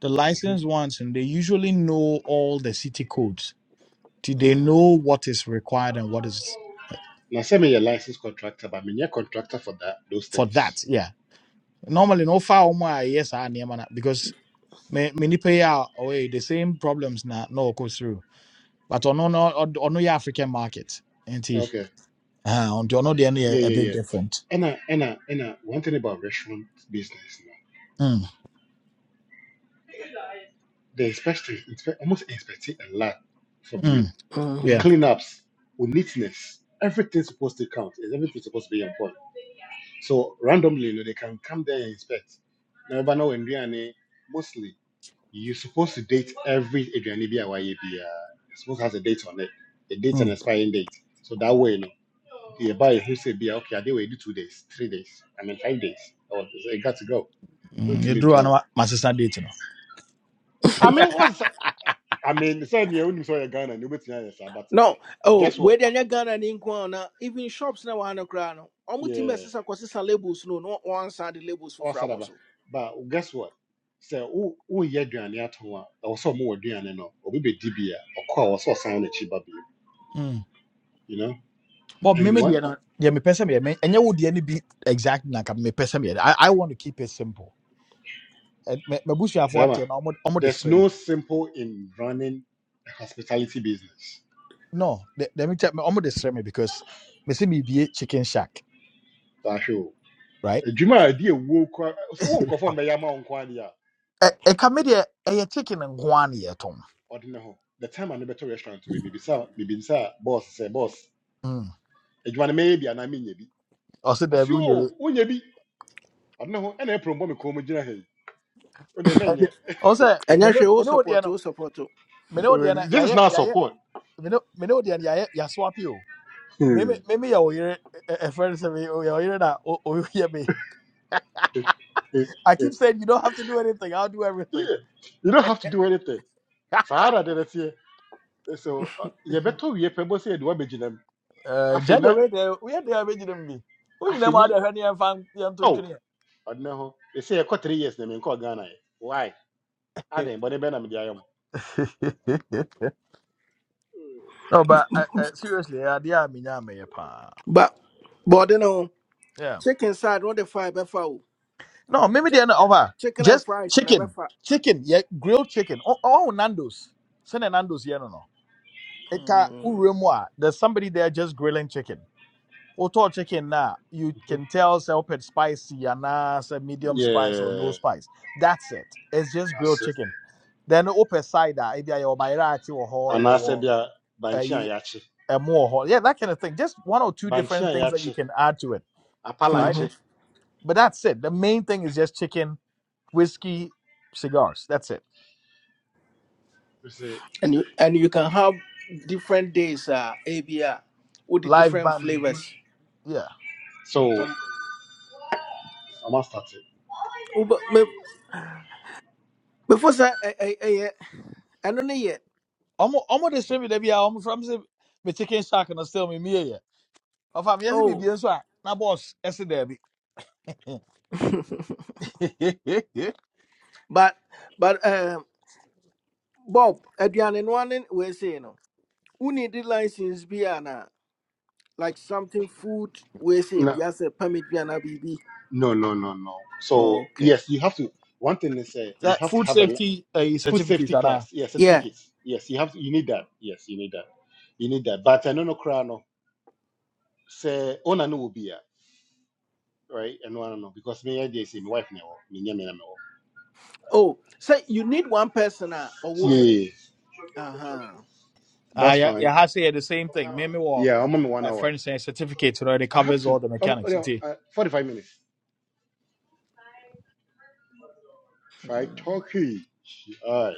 the Mm-hmm. licensed ones, and they usually know all the city codes. Do they Mhm. know what is required and what is Now send me your license contractor, but me a contractor for that those for things. that? Yeah. Normally, no far more yes I near man because me many pay out away the same problems na no go through. But on no on no African market, anti. he? Okay. Uh, on the other end, Yeah, a yeah, bit yeah. different. And I, and I, and I, one thing about restaurant business. no, Mm, They expect, expect almost expecting a lot from mm, you. With yeah. Mhm. cleanups, with neatness, everything's supposed to count. and Everything's supposed to be on point. So randomly, you know, they can come there and inspect. Now, but now in Riani, mostly you're supposed to date every Adriani BYAB. Uh, it's supposed to have a date on it, a date and Mm, expiring date. So that way, you know, you buy a who say be okay, I did wait two days, three days, and then five days. Or it got to go. Went mm. to You meet drew an home. my sister date, you know. I mean, what's I mean, said yeah, when you saw your gun and you bet you but no oh, guess wei what? deɛ nyɛ ghana ne nko a na even shops na wɔha no koraa no ɔmo tumi Yeah, bɛsesa labels no na wɔansa de labels for or abɔ sadaba. so But guess what? Say, who who here Duane at home? I was so more Duane no, or maybe DBA, or call was so sound a chiba Mm. you know? But And maybe what? the other, yeah, me person, yeah, me, and you would yeah, any be exact like me person, me. I, I want to keep it simple. And me, me bush you have up Bema, to an almost almost the there's same. no simple in running a hospitality business. no let, let me tell me to describe me because me see me be chicken shack That's all. right Juma idea wo kwa so wo nkofo mbe yama wo nkwa dia A e come there a chicken and guan yet tom odine ho the time I never to restaurant we maybe sa maybe sa boss say boss mm adwuma na me bi ana me nya bi also there ɔsi be o you. wo nya bi ɔno ho ɛna ɛpro mbɔ me kɔn mu gyina ha yi wode also me ɛnyɛ no hwɛ wo me no there support no wo support o. me no there Uh, na this is yaye not yaye support me no me no there yaye ya ya ya swap you Maybe Hmm. maybe your ear a friend say me oh your ear that oh oh hear me. Eh, eh, I eh. keep saying you don't have to do anything. I'll do everything. Yeah. you don't have to do anything saa ara de nɛteɛ so uh, you better wie pɛ bɔ sɛ a woabɛgyina mu uh, afei Jadi na we there we there we just be. We you know afei what ni the honey and fan young oh I know. they say I got three years they na menkɔɔ ghana ɛ why adɛn bɔne bɛna mede ayɛ mo to No, but uh, uh, seriously, I dear me nyame pa. but but you know, Yeah. chicken side no the fa ɛbɛfa No, maybe they are not over. chicken and Just fries never. chicken, ɛbɛfa chicken, yeah, grilled chicken. Oh, oh Nando's. Send a Nando's here, no, no. Eka Mm-hmm. uremwa. There's somebody there just grilling chicken. Oto chicken na you can tell self it's spicy and say medium spice or no Yeah, spice. That's it. It's just grilled that's it. chicken. Then open cider, maybe I buy right or ho, I'm yeah, anaasɛ or bia bankye a yɛakye a more ho. Yeah, that kind of thing. Just one or two bankye different a things that you yɛakye can add to it, right? But that's it. The main thing is just chicken, whiskey, cigars. That's it. You see, And you and you can have different days. Uh, ABR with the Live different band. beat. flavors. Yeah. so Some I must start oh, but me, before that, I, I, I, eh, yeah, I don't know yet. Almost almost distribute there be almost from say me chicken shack and still me me yeah. Of am yes me Oh, be so na boss yes there be. but but um, Bob, Adrian, one we say no. Who need the license? Be na like something food. We say it. be as a permit. Be na BB. No, no, no, no. So Okay. yes, you have to. One thing is, uh, you That have to food have a li- safety uh, food certificate safety and class. Yes, Yeah. certificates. Yes, you have. To, you need that. Yes, you need that. You need that. But I don't know, Krano. Say, oh, no, will be here, right? And no, no, no, because me, I say my wife now. Me, me, me, me. Oh, so you need one person uh, or will Yeah, be. yeah, yeah. Uh Ah that's yeah, fine. yeah, I say the same thing. Me, me, wa- Yeah, I'm on one a hour. friend saying certificate, you know, it I have covers to. all the Um, mechanics. yeah, It is. uh, forty-five minutes. Five talking. All right.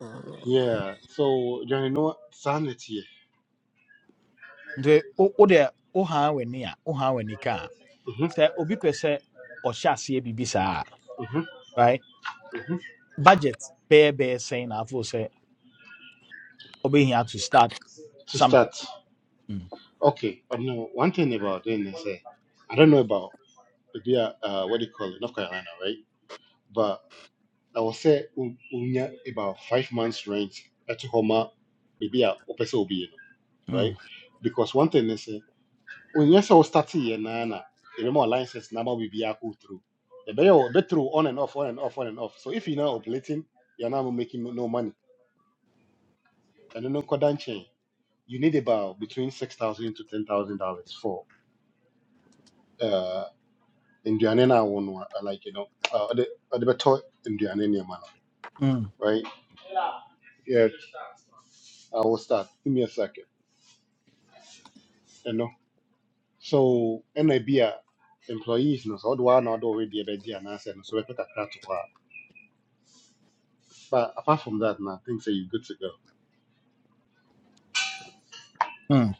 huh. Yeah. So, you know, sanity. nti wode wohaa w'ani a wohaa w'ani ka a Mm-hmm, sɛ obi pɛ sɛ ɔhyɛ aseɛ biribi saa mm-hmm, right mm-hmm. budget bɛyɛ bɛyɛ saying na afo sɛ ɔbɛhia to start To something start. Mm. Okay, I know one thing about NSA. I don't know about maybe uh, uh, what do you call it, North Carolina, right? But I will say um, unya about five months rent at home, maybe a opesa obi, right? Mm. Because one thing is, say unya so start here na na, remember license number will be a go through. The better be through on and off, on and off, on and off. So if you're not operating, you're not making no money. And then no cordon chain, you need about between six thousand to ten thousand dollars for. uh. Indiana na one one uh, like you know uh the uh, the better Indiana in man mm. right yes I will start give me a second you know so and employees no so do I not already a bedi and I said no, so we pick a crack to her but apart from that now things are you good to go Mm.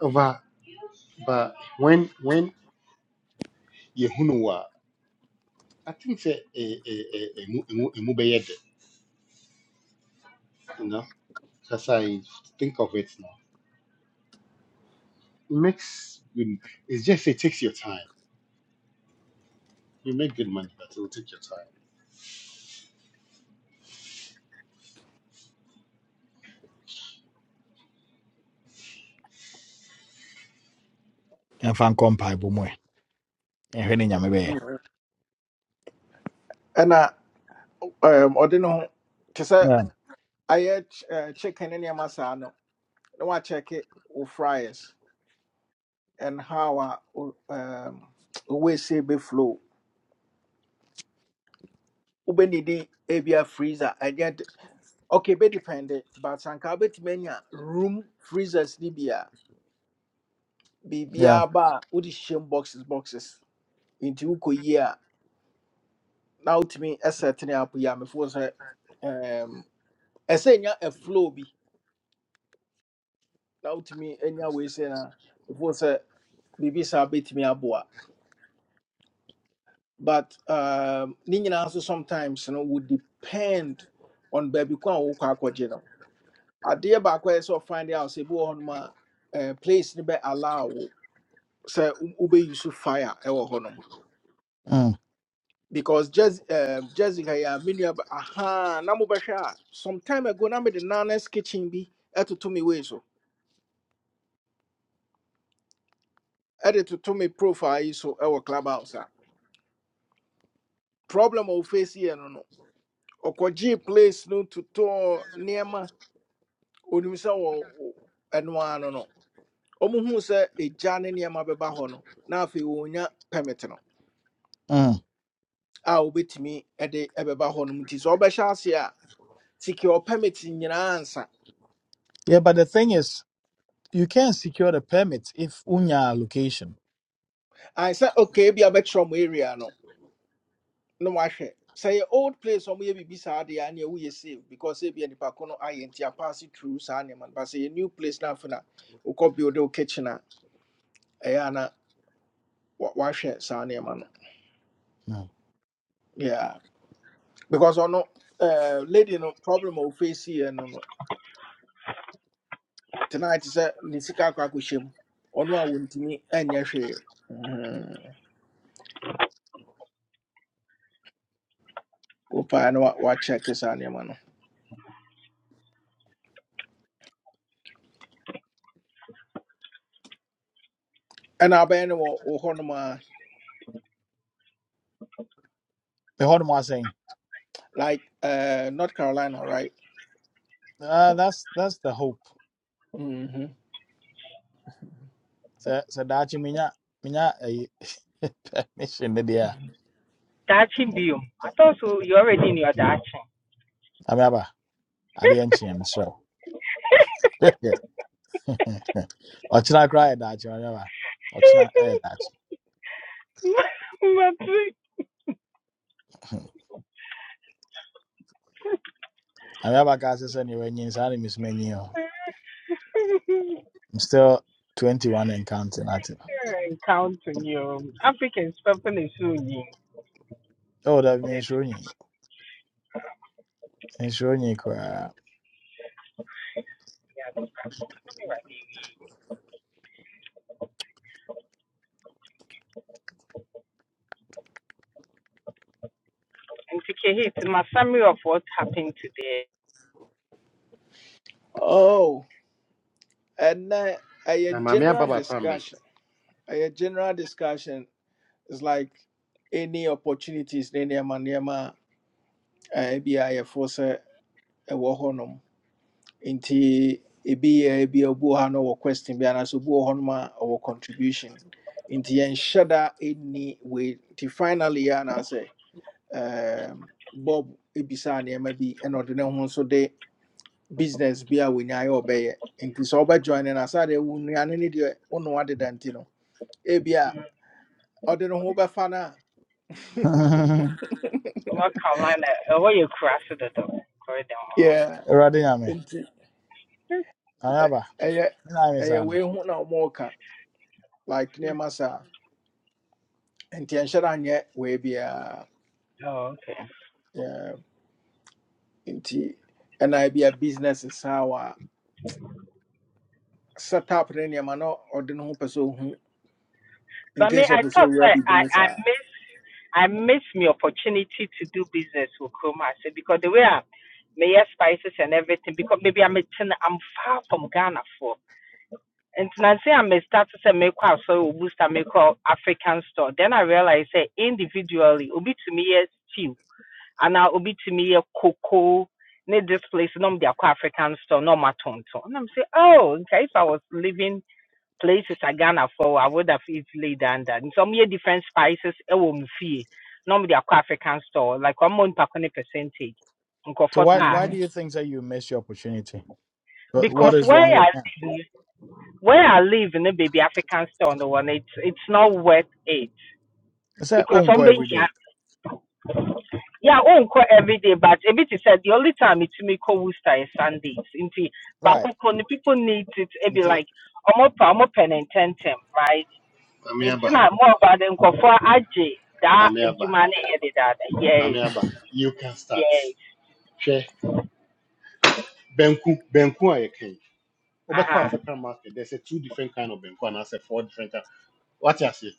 Uh, but but when when you who I think say a a a a mu a mu a mu be yet, you know because I think of it now makes good it's just it takes your time you make good money but it will take your time Ɛmfa nkɔ mpaebɔ mu ɛna um, ɔde ne ho te sɛ Yeah. ayɛ ch- eh, chicken ne nneɛma saa no na wakyɛke wo fries and how a wo- um, wo waste bɛflow wobɛnidi ebia freezer ɛnyɛ de okay bɛdepende but anka wobɛtumi anya room freezers ne bi a Yeah. biribiaa ba a wode hyɛm boxes boxes nti wokɔyie a na wotumi ɛsɛtene apo yi a mefoo sɛ um, ɛsɛ nya a flow bi na wotumi anya wei sɛ na before sɛ biribi bit me aboa but um, ne nyinaa nso sometimes no would depend on baby ko a wokɔ akɔgye no adeɛ baako a ɛyɛ sɛ ɔfind out sɛ bi wɔ hɔnom a eh, place no bɛ allow wo sɛ wo- wobɛuse fire ɛwɔ hɔnom Mm. because Jes- eh, jessica yɛ a me nua ba- aha na mobɛhwɛ a some time ago na mede nanas kitchen bi ɛtoto me wei so ɛde toto me profile yi so ɛwɔ clubhouse a problem a wɔfɛsi yɛ no no Okoji place no totɔɔ nneɛma onim sɛ wɔ wɔ- ɛno ara no no ɔmohuu sɛ ne nneɛma bɛba hɔ no na afi wɔnya permit no Mm. a wobɛtumi de ɛbɛba hɔ no mu nti sɛ ɔbɛhyɛ ase a secure permit nyinaa ansa Yeah, but the thing is, you can't secure the permit if unya location. ae sɛ okay bi a bɛkyerɛ mo area no no wahwɛ sɛ old place a ɔmoyɛ biribi saa deɛ a ne ɛwoyɛ save because ebia nipa ko no ayɛ nti apaase through saa nneɛma no ba sɛ new place na afe no a wokɔ build wo kitchen a ɛyɛ a na wa- wahwɛ saa nneɛma no Mm. yeah because ɔno eh, lady no problem a ɔface yɛ no no tonight sɛ ne sika akɔ akɔhyɛ mu ɔno a wɔntumi anyɛ hwee Mhm. wo paa wa wa check saa nneɛma no ɛna abɛyɛ no wɔ wo hɔ a The hard one saying, like uh, north carolina right uh, that's that's the hope. mm-hmm. So so that you minya minya a permission there. Dachshund Bium. I thought so. You already knew a Dachshund. I'm aba. I didn't change so. Ɔkyena koraa yɛ daakye ɔyɛba. Ɔkyena ɛyɛ daakye. I'm aba kaa sɛ sɛ neɛ wɔanyin saa ne mesoma nyin o. I'm still 21 and counting at it. Encountering you. Africans, Papa Nesuni. Oh, that Good. means running. nhyira onye koraa Yeah, that's something like that. And to Kehit, my summary of what happened today, oh and ɛnɛ a Na Mame Aba general Batambe. discussion a general discussion is like any opportunities ne nneɛma nneɛma a ɛbi a yɛfoɔ nti ebi yɛ ebi a obi wɔ ha na ɔwɔ question bi anaasɛ obi wɔ hɔnom a ɔwɔ contribution nti yɛnhyɛ da ɛnni wei nti finally yɛ anaasɛ ɛɛm, bob ebisaa nneɛma bi ɛna ɔde ne ho nso de business bi a wɔnya ayɛ a ɔbɛyɛ nti sɛ ɔbɛjoin no asadeɛ wo nnuane ne ne deɛ wo ne wadeda nti no ebi a ɔde ne ho bɛfa no a North Carolina, uh, where you crossed the door, yeah awurade nyame nti ɛ- ayaba ɛyɛ me na ayɛ saa ɛyɛ We no ho na ɔmɔɔka like nneɛma saa nti yɛnhyɛ da nyɛ wei biara Oh, okay. nti ɛna ebi a business saa wa set up ne nneɛma na ɔde ne ho pɛ sɛ ohu in But me, case of I sɛ thought owura I, biribi I, mu I saa miss I miss my opportunity to do business with Chroma. I said because the way I may spices and everything, because maybe I'm a i I'm far from Ghana for. And I say I may start to say make a so boost and make up African store. Then I realized say individually, obi to me yes stew, and now obi to me yes cocoa. Need this place, no, the African store, no, my tonto. And I'm say, oh, okay, if I was living places I Ghana for, I would have easily done that. And some year different spices, I will fee. No, the African store, like I'm on percentage. Nko so for why, taa. why do Mhm. you think that you miss your opportunity But what Because is where wrong I with them live, where I live in a baby African store on the one, it's it's not worth it say because unko somebody every here, day yeah, I won't call every day, but a bit is said the only time it's me call Worcester is Sundays. Inti, but right when the people need it. It be nti like omo pa omo pen and tentem, right? Mame It's Aba. not more about them call for AJ that Mame Aba. Jumane headed that. Yes, Mame Aba. You can start. yes, Share. Benku. Benku are king. uh Obeko huh, African market. There's a two different kind of benku and I say four different kind. What you say?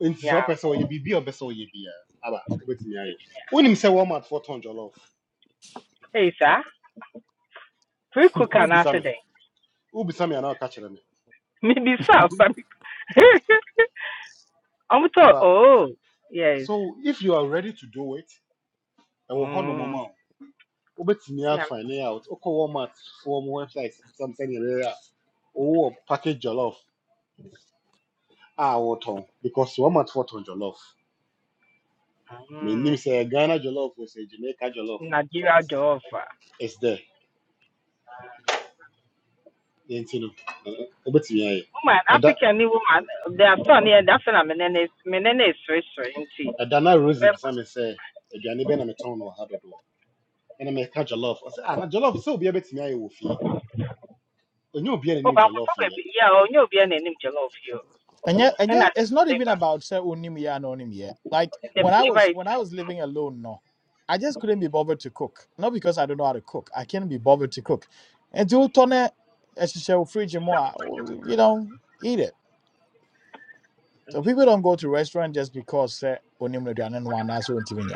Nti yeah. sɛ ɔpɛ sɛ ɔyɛ biribi a ɔpɛ sɛ ɔyɛ bia aba wobɛtumi ayɛ It's, wonim sɛ walmart fɔ tɔn jɔlɔf hey, sir, free cook an wobisa me accident. wobisa me anaa ɔka kyerɛ me Maybe some, but I'm told, aba oh, yes. so if you are ready to do it ɛwɔ hɔ Mm. nomɔma o wobɛtumi Yeah. afind out wokɔ walmart foɔ mu website sam sɛneɛ ɛbɛyɛ a owó package jollof a wotɔn because wɔmatɔ tɔn jollof Mm. menim say ghana jollof or say jamaica jollof but Nigeria Jehova. it's there yɛnti no ɛ- ɛ- wobɛtumi ayɛ Woman, ɛda African woman, they are so near that fena menene menene is rich nti. ɛda na rosy Oh, bisa me sɛ aduane bɛɛ na metɔn no wɔ ha dodoɔ ɛna meka jollof ɔsɛ ah na jollof sɛ obiaa bɛtumi ayɛ wɔ fie ɔnyɛ obiaa nanim but jollof for yɛ yeah, oh, you be an name jollof you. and yet, yeah. and And I yet, think it's not even flavor, about say onim ya no onim yet. Like the when I flavor was is when I was living alone, no, I just couldn't be bothered to cook. Not because I don't know how to cook. I can't be bothered to cook. And to turn it, as you say, fridge more, you know, eat it. So people don't go to restaurant just because say onim no do anan wana so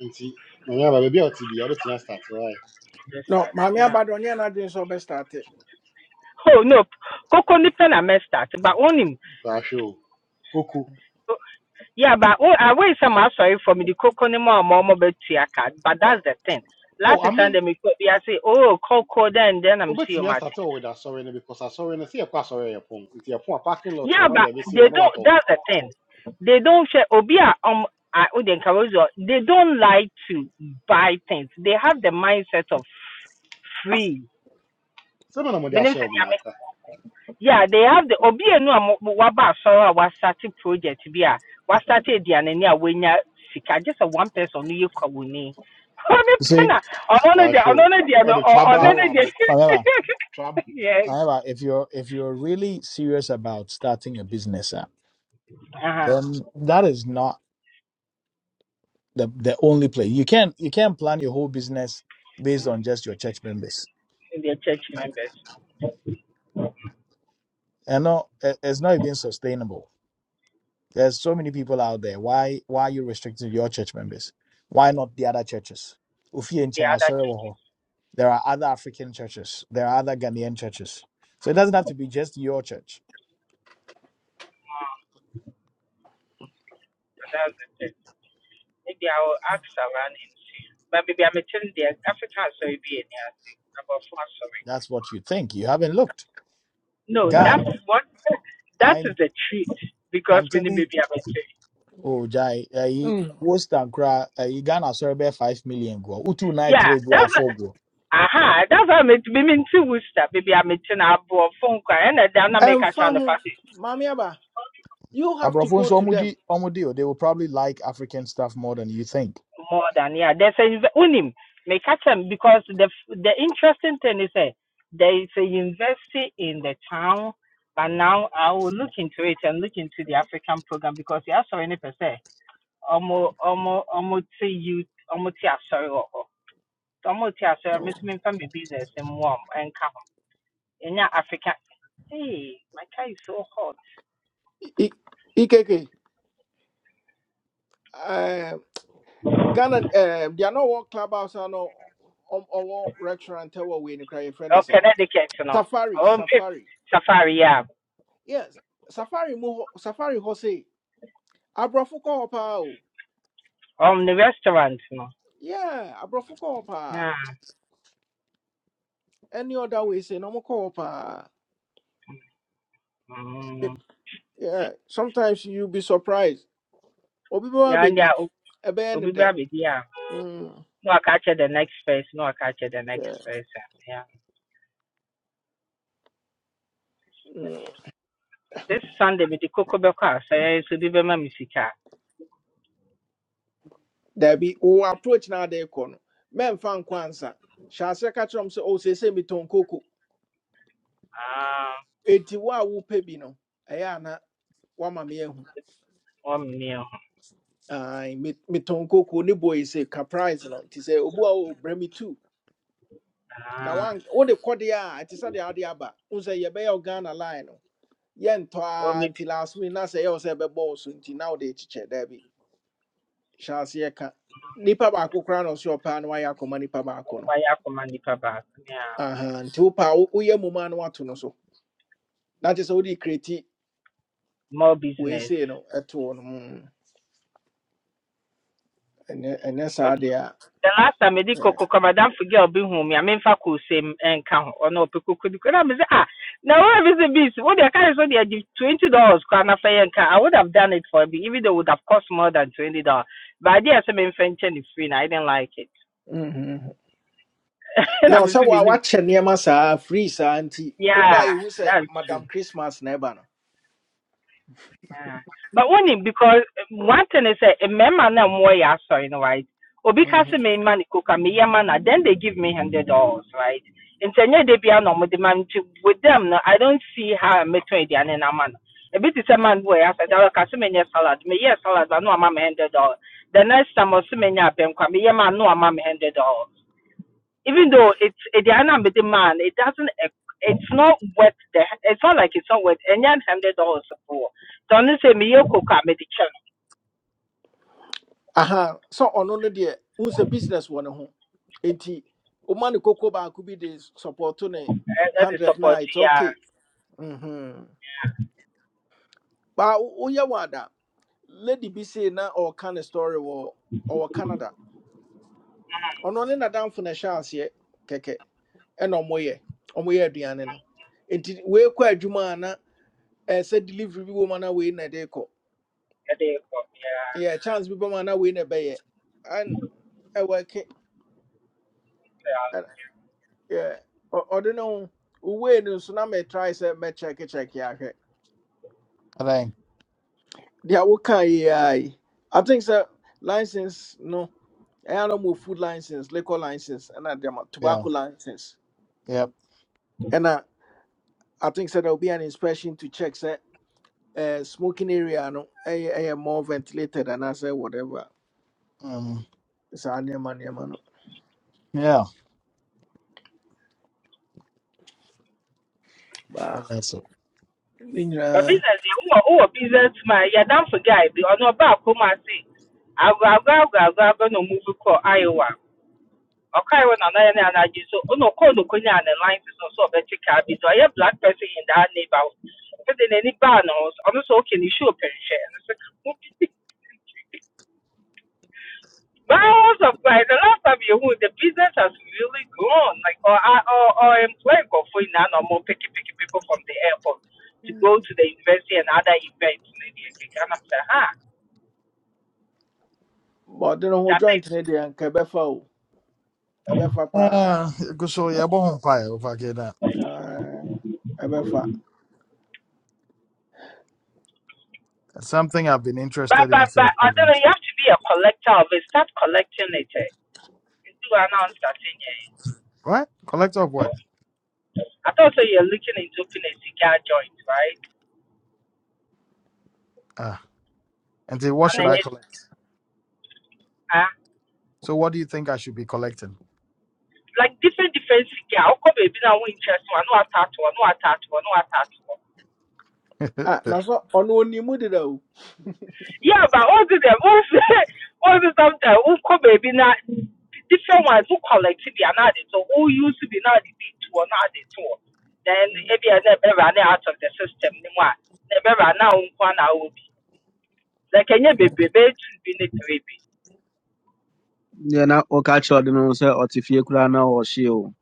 nti mame aba baabi a ɔte bia wobɛtumi astarte hɔ ayɛ just no that. maame Yeah. aba de ɔnyɛ n'adwene sɛ ɔbɛstarte Oh no, cocoa ni pen I messed that, but on him. baahwɛ o koko yeah, but oh, I wait some sorry for me the cocoa ni more more mobile tea card, but oh that's the thing. oh, Last i time they mean me could be, I say, oh, cocoa then then I'm see wobɛtumi you astarte wɔ with asɔre no because asɔre no sɛ yɛkɔ asɔre a, yɛpɔn nti yɛpɔn a parking lot Yeah, wɔ no but de abɛsi they no, don't. what watɔn That's the thing. They don't share. Obia um, I Uden Caruso. They don't like to buy things. They have the mindset of free. sɛ me na mode Me nim ahyɛ sɛ wo m nea me- n'aka Yeah, they have the Obia no a waba asɔre a wasate project bi a wasate The ni a wenya sika. Just a one person no yɛ kawuni. Ɔno You pɛ See, na ɔno no deɛ waahwɛ o ɔno no deɛ no ɔde ɔ- traba uh, ɔno wɔ no aba deɛ. however, traba Yes. however, if you're if you're really serious about starting a business, uh, Uh huh. then that is not the the only place. You can you can plan your whole business based on just your church members, The church members. and no, it- it's not even sustainable. There's so many people out there. Why why are you restricting your church members? Why not the other churches? Ofie and The Chai, other sorry, churches. Woho. There are other African churches. There are other Ghanaian churches. So it doesn't have to be just your church. But that's the thing. Maybe I will ask around and see. But maybe I'm attending the African sorry be any about four sorry. That's what you think. You haven't looked. No, God. that's what that I'm. is a treat because I'm we need telling maybe I'm attending. oh Jai, uh, he Mm. West and Kra, uh, he Ghana sorry be five million go. Utu night Yeah, trade we are that's four go. aha, that's how I'm meeting Worcester. Maybe I'm attending a phone call and then I make a ɛmfa channel ho party. maame aba you have to Abrafon go so to omudi them omudi, oh, they will probably like African stuff more than you think. more than yeah. There's a inve- unim may catch them because the the interesting thing is that there is a university in the town, but now I will look into it and look into the African program because yeah, sorry, any per se, almost almost almost youth, almost yeah, sorry, or almost yeah, sorry, I'm Oh. missing from business and warm and come in your African. Hey, my car is so hot. I- I- ikeke Ghana, um, they are not one clubhouse, I know, or no um, or one restaurant, or we in the friend Oh, is saying Connecticut, you know. Safari, Um, if Safari, safari, yeah. yes, Safari, mu hɔ- Safari, Jose, Abrafuko, Opa, oh. Um, the restaurant, you know. yeah, abrofo ko Opa, Yeah. any other way, say no more call, Opa, Mm. yeah, sometimes you be surprised, Obi or be more Yeah, and yeah, be a band Obi that, Baby, yeah. Mm, No, I catch the next phase. No, I catch the next yeah, phase. Yeah. mm. This Sunday, with the Coco Beka, say it's be Bema Misika. there be who approach now, they call men fan kwanza. Shall I say, catch them, say, oh, say, say, me ton coco. Ah, Eti wa wo a wopɛ bi no, ɛyɛ a na woama me ahu. one meal. Ai, me- metɔn koko ne boy sɛ ka price no nti sɛ obu a wo brɛ me tu. Na Ah, wan wode kɔdeɛ a ɛte sɛ deɛ wode aba. Wo sɛ yɛbɛyɛ wo Ghana line no. Yɛntɔ one me a nti last minute na sɛ ɛyɛ wo sɛ ɛbɛbɔ wo so nti na wode kyekyɛ daabi. Hyɛ aseɛ ka. Nnipa baako koraa na ɔsɛ ɔpɛ a na wayɛ akɔma nnipa my. baako no. buy a command paper. Yeah. Aha, nti wopɛ a wo- woyɛ mmom a na no so. Na kyerɛ sɛ wode kreti More wei business. sei no ɛto no. Mm, ene ene sa deɛ a. the last time mede kɔ ɛɛ, kokɔ madam forget obi hu me a memfa kɔsɛm ɛnka ho ɔno ɔpɛ koko di kɔ I mese ah na wura bi sɛ bees wode ɛka ne so de agye twenty dollars koraa na fɛ yɛnka i would have done it for me even though it would have cost more than twenty dollars but I did ɛsɛ memfa nkyɛ free and i didn't like it mhm. mhm. na No, mese sɛ wa menim wakyɛ nneɛma saa free saa nti woba yeah ehu sɛ that's true madam christmas na ɛba no Yeah. But only because um, one thing is a member na more ya sorry no right. Obi ka se Mhm. me man cook me ya man then they give me hundred dollars right. Ntenye de bia no mo de man to- with them no I don't see how me to the ane man. A bit is a man boy as I ka se me nye salad me yes salad but no ama me hundred dollars. The next time I se me nya pem kwa me ya man no ama me hundred dollars even though it's a Diana with the man, it doesn't. eh, It's not worth the. It's not like it's not worth. any hundred dollars support. Don't say me yo cook up me the channel. aha sɛ ɔno no deɛ hu sɛ business wɔ ne ho nti woma ne koko baako bi de sɔpɔto ne That is hundred na support. it's Yeah, okay Mhm. baa woyɛ wɔ ada lady bi sei na ɔɔka ne story wɔ ɔwɔ canada ɔno ne nadamfo na ɛhyɛ aseɛ kɛkɛ ɛna ɔmoyɛ ɔmoyɛ aduane no nti wei kɔ adwuma a na ɛɛ sɛ delivery bi wɔ mu a na wei na ɛde kɔ yeah, they come. Yeah, yeah chance bi bɛma na wei na ɛbɛyɛ an ɛwɔ ke yeah. ɛn- yeah. Ɔ- ɔde ne ho wei no nso na mɛtrae sɛ check ahwɛ I think, deɛ woka yi ara yi i I think so. license no I don't mo food license liquor license and ɛna deɛma yeah, tobacco license yep, And i I think so there will be an inspection to check say uh, smoking area no I ɛyɛ more ventilated and I say whatever um, saa nneɛma nneɛma man. yeah, baa that's it. ne But nyinaa business, you are oh business man. Yeah, don't forget. Be on your back. Come and see. I go, I go, I go, I go, I go. No move to Iowa. Okay, when I and I you so oh no call no kunya and the lines is also a better car because I have black person in that neighborhood. But in any barn house, I'm so can you show pen share? My house of like the last time you the business has really grown. Like or I or or employing go for now no more picky picky people from the airport to go Mm. to the university and other events maybe okay. And I'm saying, huh, but ɔde ne ho that is joint ne deɛ nka ɛbɛfa o ɛbɛfa paa Uh, go so yeah, bon fire over here. That Ɛɛ, ɛbɛfa something I've been but interested in but for a but I very don't long know, you time. have to be a collector of it. Start collecting it. eh. You do announce that thing, eh. Right, collect of what? I thought so you're looking into opening a cigar joint, right? Ah, and then what And should then ɔno I just collect? ah, So what do you think I should be collecting? like different different cigar. How come baby now we interest one, no tattoo, no tattoo, no tattoo. ah na so ɔno onim deda o Yeah, but all the them all all the sometimes who come baby now different ones who collect to be another so who used to be now the big two or now the two. Then maybe I never run out of the system anymore. Never run out one I will be. Like any baby baby to be the baby. deɛ na woka kyerɛ ɔde no sɛ ɔte fie koraa na ɔhye o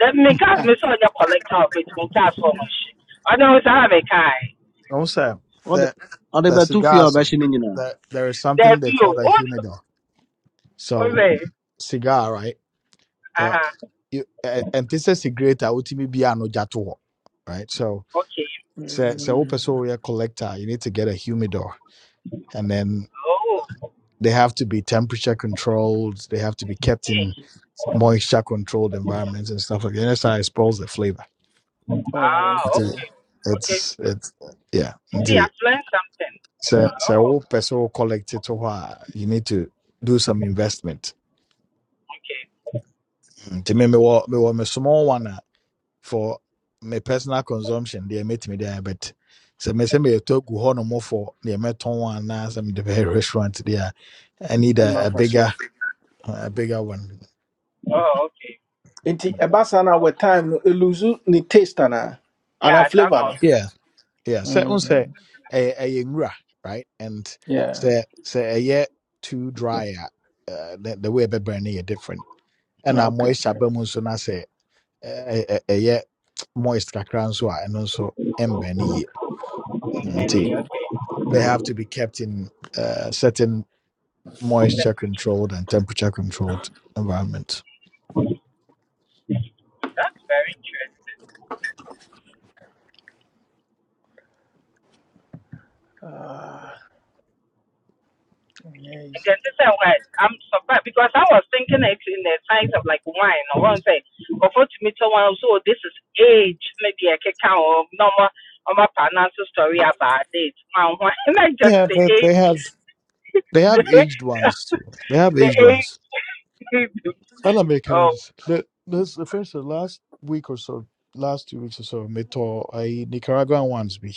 That me cause ah me saw your collector of it, me cast so much shit. I know it's how me kind. Don't say ɔde that ɔde the bɛto fie cigar a sir. ɔbɛhye no nyinaa That there is That something they view. call a What? humidor. What's So cigar, right? Uh Yeah, huh. you eh, and this is a great uh, ultimate be an ojato, right? So Okay. so so person mm, so a collector, you need to get a humidor, and then Oh. they have to be temperature controlled. They have to be kept Okay. in moisture controlled environments and stuff like that. And that's how it spoils the flavor. oh, Ah. okay Nti, Okay. Okay. It's it's yeah. You see, I've learned something. So, so Oh. wopɛ sɛ wo person collect it to hɔ you need to do some investment nti me me mewɔ me wa me small one a for my personal consumption They mɛtumi me there, but so sɛ mesɛ meyɛtɔ agu hɔ no mɔfɔ deɛ mɛtɔn wɔ anaa sɛ the very restaurant there. I need a, a ɛma fa so bigger a bigger one Oh. Okay. nti ɛba saa na with time no eluzu ne taste anaa Yeah. ana So I'm flavour no yeah yeah So, wo say Mhm. a a nwura right and yeah sɛ a ɛyɛ too dry a uh, the, the way ɛbɛbrɛ no is different And na ɛna okay moisture ba so nso say. ɛ- ɛ- ɛyɛ moist kakra nso a ɛno nso ɛmbɛn no nti Mm. they have to be kept in uh, certain moisture controlled and temperature controlled environment That's very interesting. ah ɛnyɛ easy again, this is why I'm surprised because I was thinking it in the size of like wine or one say, but for to meet someone, so this is age, maybe I can count or normal or my partner's story about it. And why- not just yeah the they, age, they have they the, have aged ones too they have the aged ones age And I make of carrots. The this the first the last week or so, last two weeks or so, me to I Nicaraguan ones be.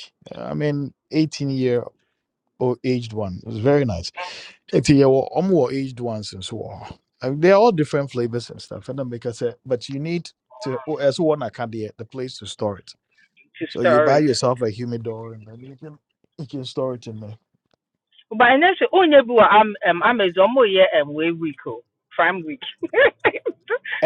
I mean, eighteen year old aged one. It was very nice. It's yeah, well, i aged ones and so on. I they're all different flavors and stuff. And then make us say, but you need to oh, as one I can the place to store it. the So you buy story. yourself a humidor and then you can you can store it in there. But and then oh, yeah, but I'm, um, I'm a zombie, yeah, and way week, oh, prime week.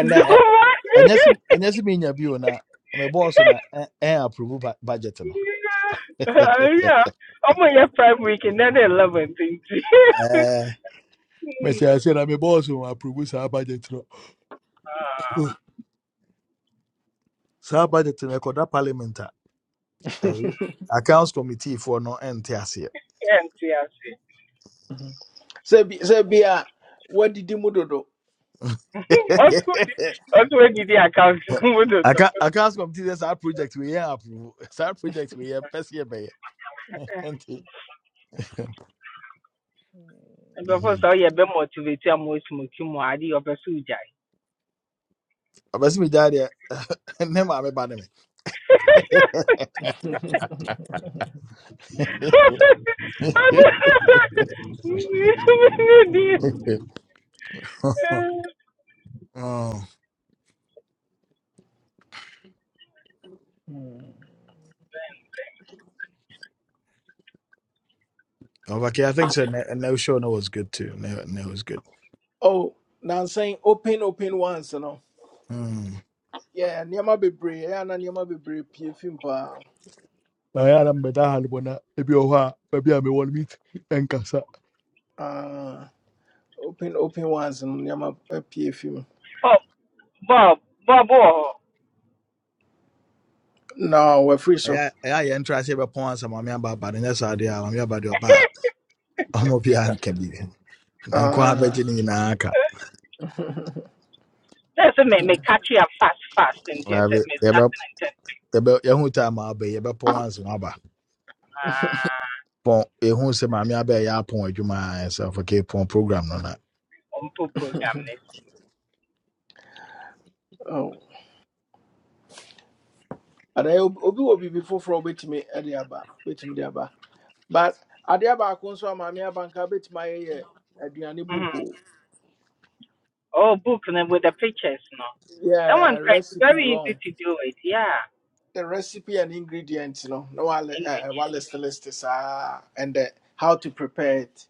Don't Uh, uh, And that's worry. and that's mean your view na my boss na and approve bu- budget no. yeah, yeah. I'm on your prime week and then 11th. Eh, Me say I said I'm boss will approve sa budget no. Ah, Sa budget no koda parliament a, eh, accounts committee for no ente ase. ẹ̀ǹtì àṣẹ. sɛ bi sɛ bi a wadidi mu dodo Wọ́n tún ní wọ́n tún wéé dìde àkáǹtì I can't. mú dòdò. aka aka asɔm ti this. Our project we yɛ approve It's Our project wei yɛ here. sɛ yɛbɛyɛ nti Nkurɔfoɔ sɛ woyɛ bɛ motivate a ma osimoki mu a adeɛ ɔpɛ sɛ ɔbɛsi mi gya deɛ ne maame ba ne me oh, Mm. okay, I think so. Ne, ne show no was good too. Ne, ne was good. oh nansan open open once no. Mm. Yeah, nneɛma bebree ɛyɛ a na nneɛma bebree pie fim paa. na yɛ adam bɛda ha no bɔ na mbeda halbona ebi wɔ hɔ a baabi a mewɔ no meet ɛnkasa Ah, open open ones no nneɛma pie fim. oh, Bob, Bob, oh, wɔ hɔ. No, we're free so. ɛyɛ ɛyɛ yɛn ntura se bɛpɔn ansa maame aba aba no nyɛ saa deɛ a maame aba deɛ ɔba a ɔmo bi anka bi nko abɛgye Ah, ne nyinaa Sɛ sɛ me meka kye a fast fast nti sɛ me start ne ntɛm. yɛhu time a aba yi, yɛbɛpɔn once na aba Ah, pɔn yɛhu sɛ maame aba a ɛyɛ apɔn adwuma a ɛsɛ afɔ ke pɔn program no na ɔmpo program ne so. oh. Adeɛ obi wɔ biribi foforɔ a obɛtumi de aba obɛtumi de aba. But adeɛ baako nso a maame abanka bɛtumi ayɛ yɛ aduane book Mhm. o. Oh, book no with the pictures no. That Yeah, one quite recipe very easy wɔn. to do it, yeah. The recipe and ingredients. no no, wale ɛɛ Ingredients list list saa and the, how to prepare it.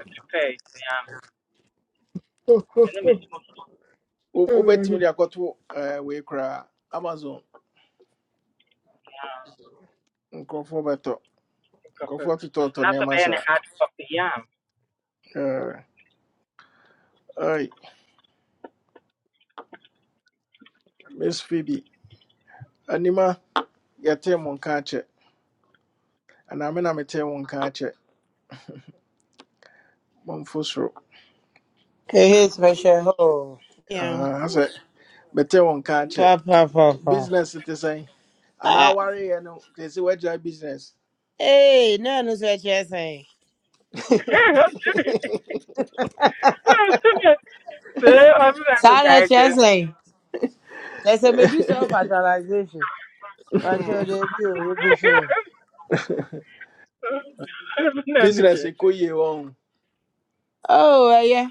to prepare it. Yeah. And then it's more Wo- wobɛtumi de akɔto eh, wei koraa amazon yeah, nkurɔfoɔ bɛtɔ because nkurɔfoɔ of totɔɔtɔ not so nneɛma bad and saa hard copy. Yeah. Eh, ai miss phoebe anima yɛtee mo nka akyɛ anaa me na metee wo nka akyɛ mamfo soro Get special hole. Yeah. Ah, ha sɛ metee wo nka akyɛ Pa, pa, pa, pa. business te sɛn anaa Ah, wareyɛ no te sɛ woagyae business hey, no, no, sweat Chesley. I'm not Sorry, guy just. Chesley. There's a medusa of fertilization. But Hmm. your debut, you go so. I'm not business just. ɛkɔ yie wɔ ho Oh, eh, yeah.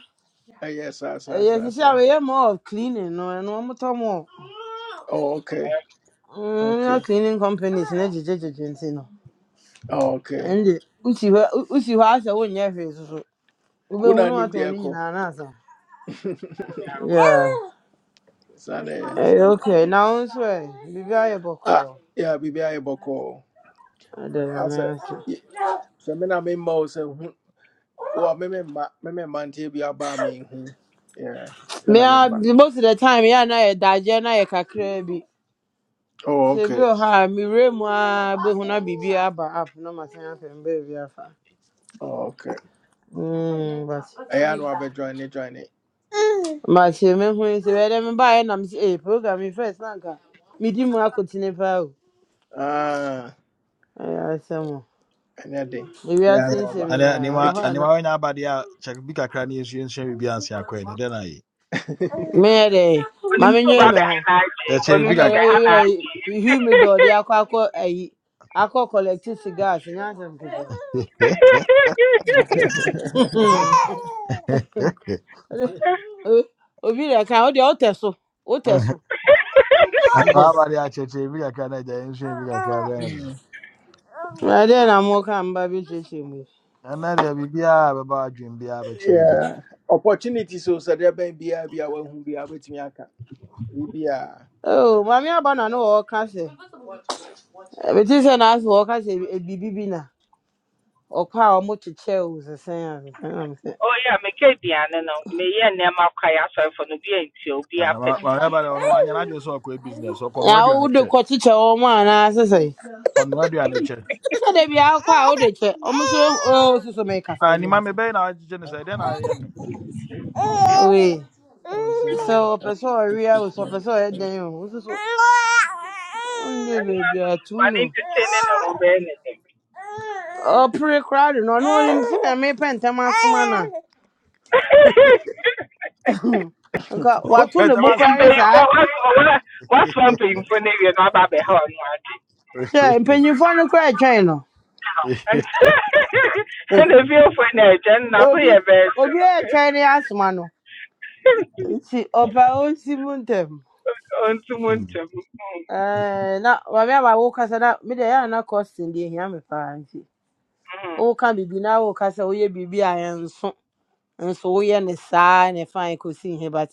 ɛyɛ saa Eh, saa Yes, saa you see, I saa mean, more of cleaning, no, and one more time more. Oh, okay Mm, your okay cleaning companies, and education, no. oh, okay And the Usi, Usi, why I won't have it. Ube Wona hunu anim watu deɛ wani ɛkɔ. nyina anasa. Yeah. Saa na ɛyɛ, saa Eh, na- okay. Now, swear. Bibi ayo Ah, boko. yeah, biribi ayɛ bɔkɔɔ. I don't know, me Asɛ, answer. y- sɛ me na memma wo sɛ hu, wa me memma, me memma nteɛ bi aba a menhu. Yeah, me Me na a memma. most of the time, yeah, na yɛ daje na yɛ kakra bi. Oh, Sɛ bi okay. wɔ hɔ a mewura mu a bɛhu na biribi aba app na masan afɛ mbaabi afa. Oh, okay. Mm, but Ɛyɛ a na wabɛ join ne join ne. makyɛ mehu yi sɛ bɛyɛ dɛ mebaeɛ nam sɛ eh, program yi first na anka medi mu akotene paa o. Ah, Ɛyɛ asɛm o. ɛnyɛ den. Nti ɛyɛ a ɛnɛ na Ewiase nsɛm waba. ɛnɛ nyinaa nneɛma ɛwɔ hɔ Eti- a na nneɛma wɛnyɛ aba deɛ a kyɛ bi kakra ne yɛsu yɛnhyɛ biribi anse akɔe no dɛn ayɛ meyɛ dɛ When ma you so menwene bad me ho. behind IG, when kyɛkyɛ you bi Ɛna so kakra behind yɛyɛ IG. humidor de akɔ akɔ ayi akɔ collect cigars nyɛ asɛm ketewa. aba O- obi dị ka ọ dị ọ tẹ so ọ tẹ so boy deɛ a kyɛkyɛ bi kakra na agya yɛnhyɛ bi kakra bɛn no deɛ wee dị na mụ ka mba bi che che mụ ɛnɛ deɛ biribiaa bɛba adwen biaa bɛkyerɛ bi yeah, opportunity so sɛ deɛ bɛn biara bi a wahu bi a wobɛtumi aka. Biribiara. oh mami aba na no ọ ka se ebiti se na asị ọ ka se ebibi bi na ọkwa a ọmụ chiche o sese ya sese na mse Oh yeah, me ke biane no. Me ye nema kwa i so for no bi enti obi Ah, apedi. maame aba deɛ ɔno wanyɛ n'adwene sɛ ɔkɔɛ business ya ɔkɔnoa o aduane de kyɛ kọ chiche ọmụ a na sese ɔnoa aduane kyɛ sese de bi akwa a o de che ọmụ so o soso mee kasa dị asị oye sɛ Ɔnsɛ- ɔpɛ sɛ ɔwea o sɛ ɔpɛ Equipment. sɛ ɔyɛ eh. dɛn o wo soso wonyɛ Ano baabi ano, atom ma no ne entertain na ho be ne. ɔpere koraa de no ɔno ɔnim sɛ me pɛntɛm asoma no a nka wato ne Pɛtɛ bo b'a koraa sɔn ne a la Mpanyinfo saa koyi. wɔasoma wɔasoma mpanyinfo no awie na ɔba abɛha ɔno ade. hwɛ mpanyimfoɔ no koraa ɛtwɛn no Nti- Eh, Ɛna efiefo na ɛgya no na so obi yɛ bɛɛso. obi a ɛtwɛn ne asoma no nti ɔpɛ a ɔnsi mu ntɛm Ontum Hmm. ntum. Ɛɛ, na maame ama wo kasa na mede ɛyɛ ana kɔsten deɛ ehia me paa nti Mm, woka biribi na woka sɛ woyɛ biribi a ɛnso nso woyɛ ne saa ne fine kɔsi here, but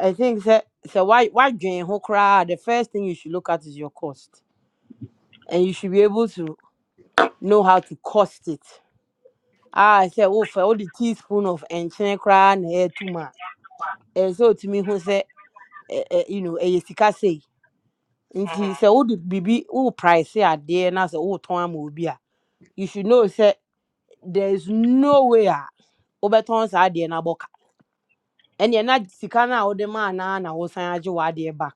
i think sɛ sɛ why, woadwen ho koraa a, the first thing you should look at is your cost and you should be able to know how to cost it. Ah, I said, oh, for all the teaspoon of enchine crown hair too ma. And so to me, who said, "Eh, eh, you know, a sika say, and she said, oh, the baby, oh, price, yeah, dear, and I said, oh, Tom will be. You should know, said, there's no way, Oberton's idea, and I book. And you're not sika now, the man, and I was saying, you are dear back.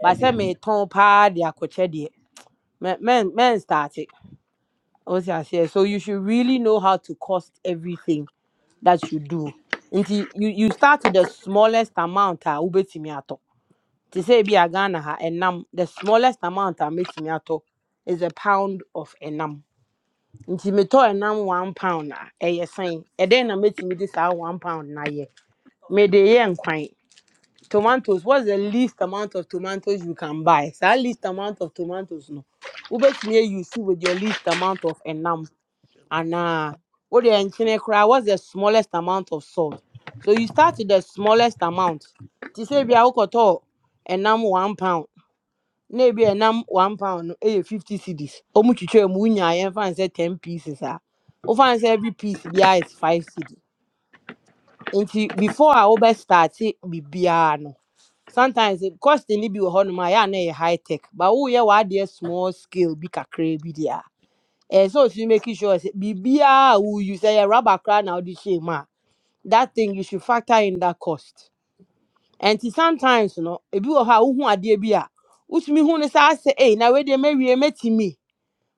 But I mm. me Tom pa, dear, coach, dear. Men, men, men started. I was say, so you should really know how to cost everything that you do nti you you start with the smallest amount a wobɛtumi atɔ te sɛ ebi a ghana ha ɛnam the smallest amount a mɛtumi atɔ is a pound of ɛnam nti metɔ ɛnam one pound a ɛyɛ sɛn ɛdɛn na mɛtumi de saa one pound na yɛ mede yɛ nkwan tomatoes what's the least amount of tomatoes you can buy saa least amount of tomatoes no wobɛtumi ayi with your least amount of ɛnam anaa wode nkyene cry? what's the smallest amount of salt so you start with the smallest amount te sɛ bia wokɔtɔɔ ɛnam one pound na ebi a ɛnam one pound no ɛyɛ fifty cedis Omu chicho mu wonyaa yɛmfa ne sɛ ten pieces ah. O ne say every piece biara is five cedi nti before a bi biribiara no sometimes it- cost ne bi wɔ hɔnom a ɛyɛ a na ɛyɛ high tech but wo ye woyɛ w'adeɛ small scale bi kakraa bi dia. Eh, so if you making sure say bibia who you say a rubber crown now this shame ah, that thing you should factor in that cost. And ti- sometimes you know, if you have who are dear bia, which me who is I say, hey, now where they may we met me.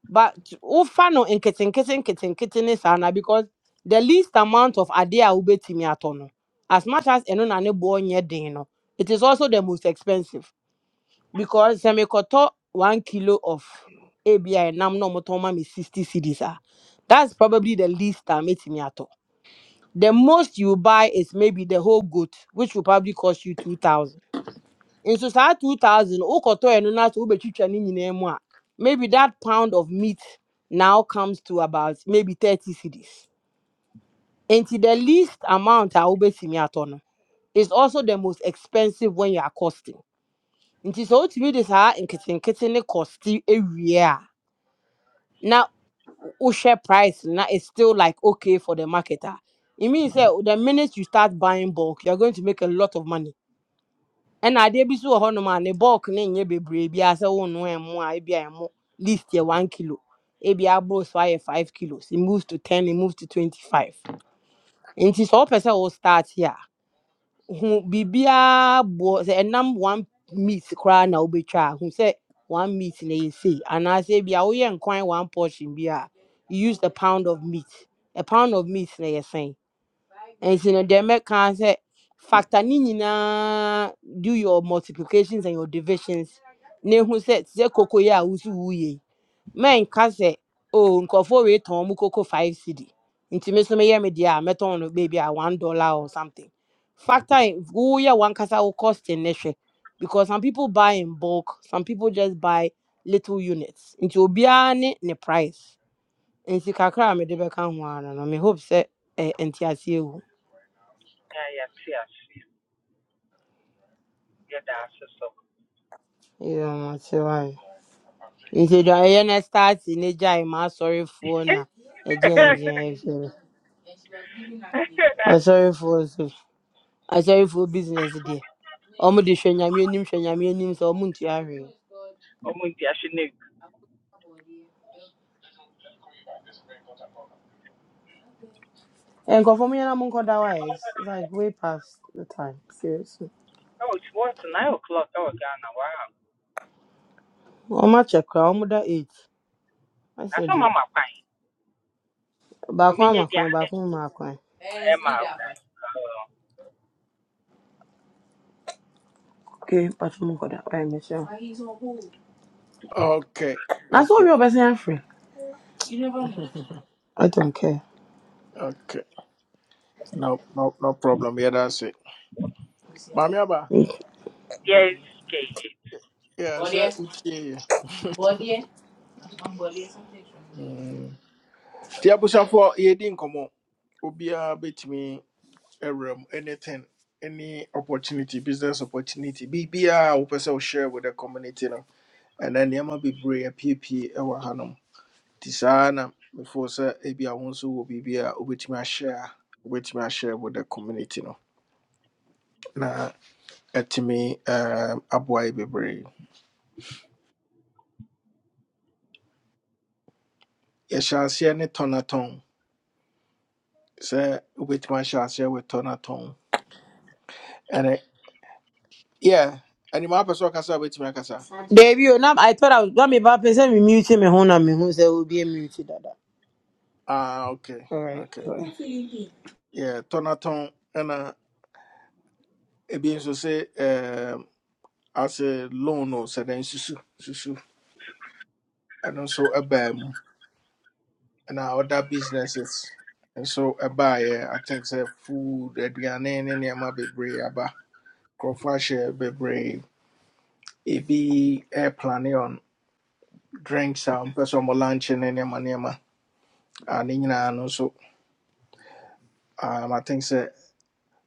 But oh fano in kitten kitten kitten kitten is ana because the least amount of idea will be me at As much as eno na ne boy nye no, it is also the most expensive because sɛ mekɔtɔ one kilo of abi nam na ɔmotɔn ma me sixty cedis a that's probably the least a metumi atɔ the most you buy is maybe the whole goat which will probably cost you two thousand nso saa two thousand wokɔtɔ ɛno na sɛ wobɛtwitwa ne nyinaa mu a maybe that pound of meat now comes to about maybe thirty cedis nti the least amount a wobɛtumi atɔ no is also the most expensive when you are costing nti sɛ wotumi de saa nketenkete ne kɔste ewie a na wohwɛ price no, na it's still like okay for the market a it means sɛ the minute you start buying bulk you are going to make a lot of money ɛna adeɛ bi so wɔ hɔnom a ne bulk ne nyɛ bebree biara sɛ wonno ɛmo a ebi a ɛmo least yɛ one kilo ebi aboro so ayɛ five kilos it moves to ten it moves to twenty five nti sɛ wopɛ sɛ wo start hu biribiara bo. sɛ ɛnam one meat koraa na wobɛtwa a hu sɛ one meat na yɛ sei anaasɛ bi a woyɛ nkwan one portion bi you use a pound of meat a pound of meat na yɛ And nti no deɛ mɛka sɛ factor ni nyinaa do your multiplications and your divisions na ehu say te sɛ kokoyɛ a wosi wuye menka sɛ oh nkurɔfoɔ wei tɔn mu koko five cd nti me so meyɛ me deɛ a mɛtɔn no baabi a one dollar or something factor in who ye one wankasa will cost ne hwɛ because some people buy in bulk some people just buy little units nti obiara ne ne price nti kakra a mede bɛka ho ara no me hope sɛ eh, ɛnte aseɛ wu Yɛ a yɛte ase. Yɛda ase nti dwareɛ no start ne gyae ma asɔrefoɔ na yeah. Yeah, ɛgyeɛngyeɛ ɛhwɛ nti Yeah, no egu. asɔrefoɔ sorry for so I sorry for business deɛ Ọmụ dị hwɛ nyame anim hwɛ nyame anim sɛ ọmụ ntua hwee. Oh, Muntia, she knew. Nkurɔfoɔ mo nyinaa mo nkɔda hɔ a it's it's like way past the time seriously. Oh, it's what, nine o'clock ɛwɔ Ghana. Wow. Wɔn akyɛ koraa wɔn da eight. Na Asɛ sɛ deɛ mama kwan. baako Ɔmenyɛ ama di kwan yeah. baako mma kwan. Eh, Ɛyɛ it's me maa that kwan. but. Oh, Okay, but mpatwa mu nkɔda ɔyɛ mmehyia. Okay, Na sɛ okay, owie ɔbɛsan afiri. I don't care. okay. No, no, no problem. Yeah, that's it. Mami aba, Body. Yes, KG. yeah, Body. sir, uti. Body. My Mm. Tia busa for ye din komo. Ubia bet me a room, anything, any opportunity, business opportunity. BBA, upesa share with the community no. And then yama be brave, a PP, ewa hanum. Tisana, before sir, ebia wonsu will be a ubitima share, ubitima share with the community no. Na, etimi, um, abuai be yɛhyɛ aseɛ ne tɔnatɔn sɛ wobɛtumi ahyɛ aseɛ wɔ tɔnatɔn ɛne yɛ animaa pɛ sɛ ɔkasa a wobɛtumi akasa Deebi o now I thought I was gba mi ba pɛ sɛ mi mute mi ho na mi hu be a mute dada. ah, ok Alright. ok Okay. yɛ tɔnatɔn ɛna ebi nso sɛ ɛɛm, ase loan o sɛ dɛn susu susu ɛno nso ɛbaa mu ɛna other businesses nso ɛbaeɛ i think sɛ food aduane ne nneɛma bebree aba nkurɔfoɔ ahyɛ bebree ebi airplane on drinks a ɔmpɛ sɛ ɔmo lunch ne nneɛma nneɛma And ne nyinaa no nso um, I think sɛ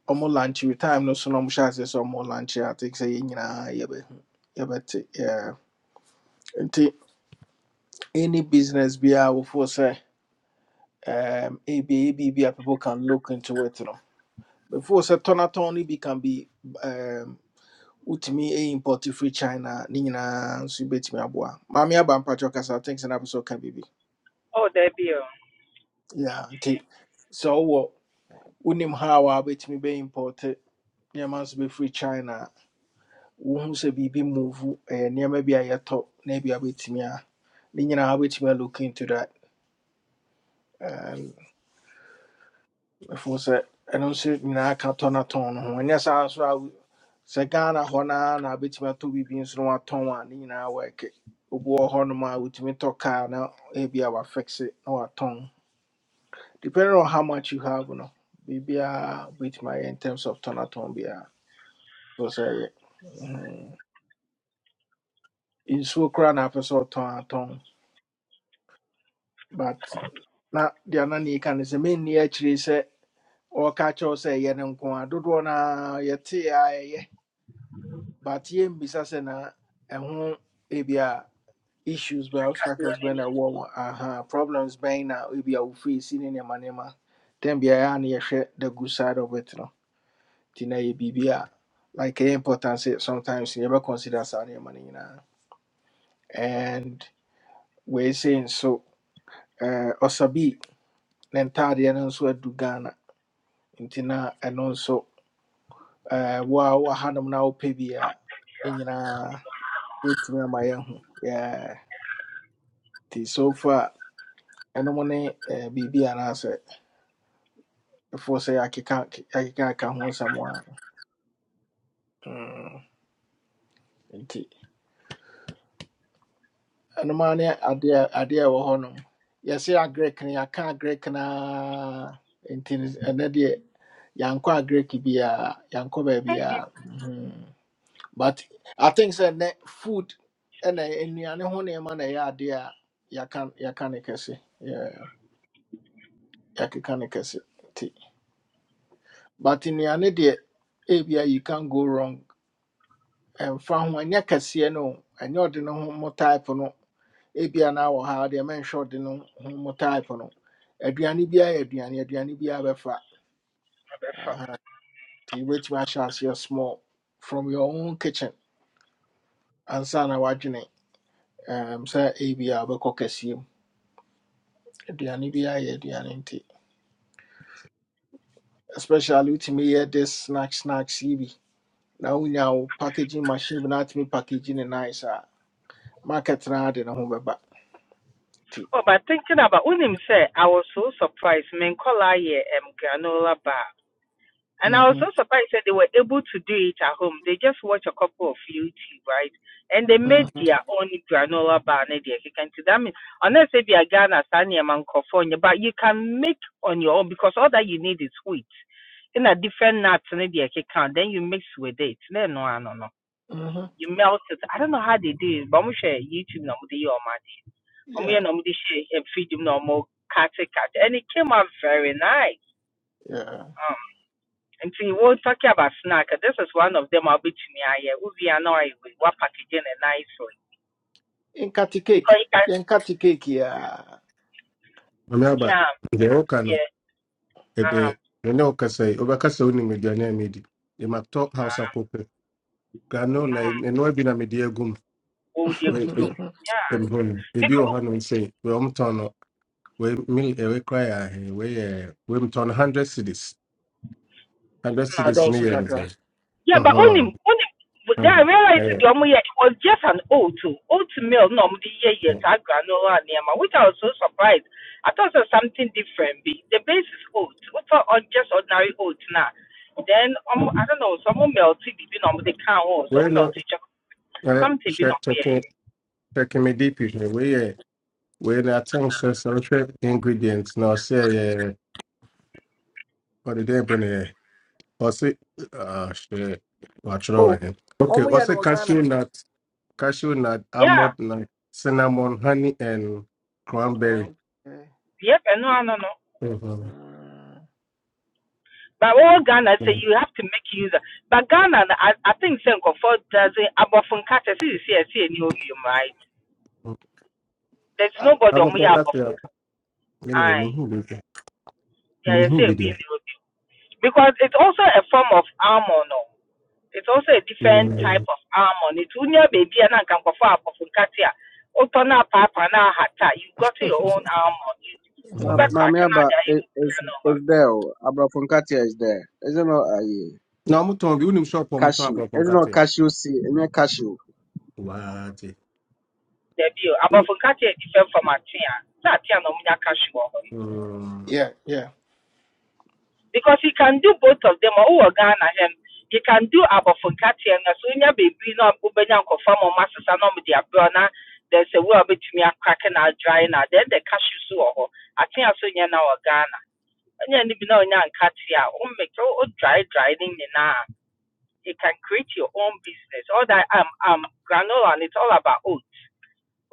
ɔmo lunch with time no so no ɔmo hyɛ So sɛ ɔmo lunch a, I think sɛ yɛn nyinaa yɛbɛhu yɛbɛte yeah. nti any business be before sɛ um, ebi ebi bi a b b people can look into it no before sɛ tɔnatɔn no be can be um, wotumi ɛyɛ import free China a, ne nyinaa nso bɛtumi aboa maame aba mpakyɛw kasa I think sɛ n'apɛ sɛ ɔka biribi Oh, there be a yeah nti sɛ ɔwɔ wonim how a be bɛ import nneɛma be free China wohu sɛ biribi move ɛyɛ nneɛma bi a yɛtɔ na bi a wobɛtumi a ne nyinaa wobɛtumi a look into that And ɛfo sɛ ɛno nso nyinaa ka tɔ no tɔn no ho ɛnyɛ saa so a wo- sɛ ghana hɔ noa na wobɛtumi atɔ biribi nso no watɔn a ne nyinaa wɔɛke obi wɔ hɔ nom a wotumi tɔ kaa na ebi a wafixe na watɔn depending on how much you have no biribiaa wobɛtumi ayɛ in terms of tɔnatɔn biara ɛfo sɛ ɛyɛ Mhm. nsuo koraa na apɛ sɛ ɔtɔn atɔn but na deɛ na ne yika no sɛ menni akyiri sɛ ɔka kyerɛw sɛ ɛyɛ no nko a dodoɔ no a yɛtee a ɛyɛ but yɛmmisa sɛ na ɛho ebia issues bɛn akadeɛ obstacles no bɛn na ti. ɛwɔ wɔ aha problems bɛn na ebia wofiri si ne nneɛma nneɛma tɛn biara a ne yɛhwɛ the good side of it no nti na yɛ biribi a like ɛyɛ important sɛ sometimes yɛbɛconsider saa nneɛma no nyinaa and wei sei nso eh, ɔsabi ne ntaadeɛ no nso adu ghana nti na ɛno nso eh, wo a wɔha nom na wopɛ bi a ne nyinaa wotumi ama yɛahu Yeah. nti so far ɛnom ne eh, biribi anaasɛ ɛfoɔ sɛ yɛakeka yɛakeka aka ho nsɛm a mm, nti ɛnom a ne adeɛ a- adeɛ a ɛwɔ hɔ nom yɛse agrek no yɛaka agrek naa nti no- ɛnɛ deɛ yɛankɔ agrek biaa yɛankɔ Hmm. But I think sɛ nnɛ food ɛna nnuane ho nneɛma na ɛyɛ adeɛ a yɛaka yɛaka ne kɛse. Yeah, yɛakeka ne kɛse nti. But nnuane deɛ ebia you can go wrong. Ɛmfa ho ɛnyɛ kɛseɛ no o. ɛnyɛ ɔde ne ho mo type no. Ebia na wɔ ha deɛ mɛnhwɛ ɔde ne ho mo type no. Aduane biara yɛ aduane, aduane biara bɛfa. Ɛbɛfa. Aha, Nti wobɛtumi ahyɛ aseɛ small from your own kitchen ansa na woadwene um, sɛ ebia wobɛkɔ kɛseɛ mu. aduane bi ayɛ aduane nti especially wotumi yɛ this snack snacks yi bi na wonya wo packaging machine bi na atumi packaging ne nice a market no ara de ne ho bɛba nti Oh, but thinking about when him said, I was so surprised. Men call I um, granola bar. And I was mhm, so surprised that they were able to do it at home. They just watch a couple of YouTube, right? And they made mhm, their own granola bar. And they can see that means, unless if you're Ghana, Sanya, Mancofonia, but you can make on your own because all that you need is wheat. In a different nuts, and they can, then you mix with it. No, no, no, no. mhm. You melt it. I don't know how they do it, but I'm sure YouTube, number they do ọmụ yɛ Yeah, na ọmụ de hyɛ yɛ feed mu na ọmụ kate kate and it came out very nice yeah. um and see, we're talking about snack this is one of them I'll be to me. I yeah, we a na ɔyɛ wei packaging a nice one nkate cake because you can yɛnkate cake yi a mame aba yeah deɛ woka no yeah uh -huh, ɛbi ɛne wokasa yi wobɛkasa wo nim aduane a medi yɛmatɔ house akɔpɛ mm granola -hmm, ɛnoa bi na mede agum oh deɛ gugu mu yeah ɛmhɔn ebi wɔ because hanom sɛ wɔmtɔn no wei mil- ɛwei koraa yɛ ahe wei yɛ weimtɔn no 100 cities Unless it na is ɛdɔɔso near. kakra anything. Yeah, but only Uh-huh. only then I Uh-huh. realized Yeah. the Omo yeah, it was just an oat oat meal no omu the year year yeah. ta granola and yama, which I was so surprised. I thought it was something different. Be the base is oat. What on just ordinary oat now? Then um, I don't know, some melty be no omo the can or We're some not melty chocolate uh something be not check yeah. Yeah. checking checking me deep usually. We uh we're not telling us social ingredients no say uh or the day bonnet or say uh shit watch it over oh here. Okay, ɔmo yɛ Also, no wɔ ghana cashew nut cashew nut, Yeah, almond nut, cinnamon, honey and cranberry. okay. Yep, and no no no. Uh-huh. mm. But all Ghana say you have to make use of but Ghana I, I think Senko for doesn't above from Kata see see see any obium right. There's ah, nobody How on about me above that? Anyway, I me who be there? Me yeah, you who see a bit in the because it's also a form of armor no. It's also a different be type of armor. It's unya baby and can go for a katia. Otona papa na hata. You got your own armor. You Ma, over there? crack maame and I aba you is is is over. there o aborɔfo is there isn't it aye na amutombi uni mshopo amutombi cashew. It's not wakongate cashew seed. It's not cashew. wati There be above Uni. katia different from a tia. That tia no munya cash you over. Mm, yeah, yeah. because he can do both of them. Oh, Ghana him. He can do abofunkatia na so nya baby na ubenya confirm mo masesa na mo dia bro na there's a way obetumi cracking na drying. na then the cashew so I think I saw you now Ghana. Nya ni bi na onya nkatia. O make oh, dry dry thing ni You can create your own business. All that um um granola and it's all about oats.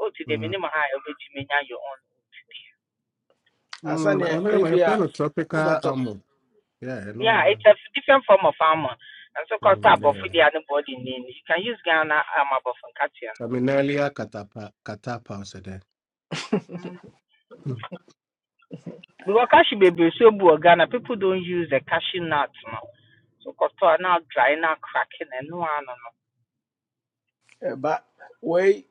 Oats the mm, minimum high obetumi nya your own. mm, asaneɛ ambaye ebi a mayapelo tropica wobɛtɔ amo yeah no Yeah, ah, it's a f- different form of armor. And so called tab mm, of Mm. the yeah other body name. You can use Ghana armor but from Katia. terminalia katapa katapa osede Mm. Mm. Because cashew baby so bu Ghana, people don't use the cashew nut now. So called now dry now cracking and no one no. ɛba wei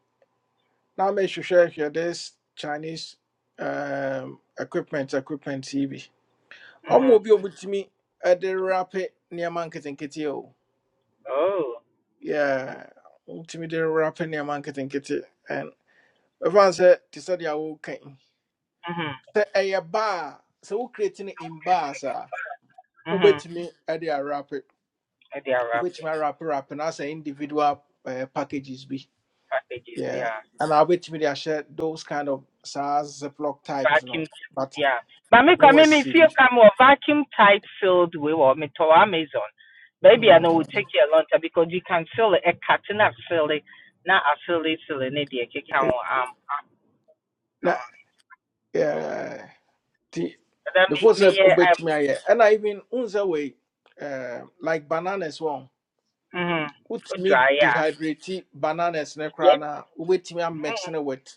Now make sure here this Chinese um equipment equipment TV. Mhm. Omo bi obutimi e de wrap near nneɛma nketenkete o. Oh. Yeah, obutimi de wrap near nneɛma nketenkete and everyone sɛ te sɛ deɛ wokan. Mhm. Sɛ ɛyɛ bar a sɛ wo create no in bars a Mhm. wobɛtumi de wrap, And They are wobɛtumi wrapping awrap wrap no as individual uh, packages be packages, Yeah. yeah. And I wait me, I share those kind of SARS Ziploc types, you know, vacuum but yeah But me no come me one's me feel silly. come or vacuum tight filled with or me to amazon maybe i know Mm. will take you a long time because you can feel it a cutting up feel it not a feel it feel it need you can Eh, um um na um, yeah ti but that me before me sɛ yeah um wobɛtumi ayɛ I even wohu sɛ wei eh, like bananas wɔn mhm wotumi dry yeah dehydrate bananas ne koraa yes no a wobɛtumi amex mhm ne with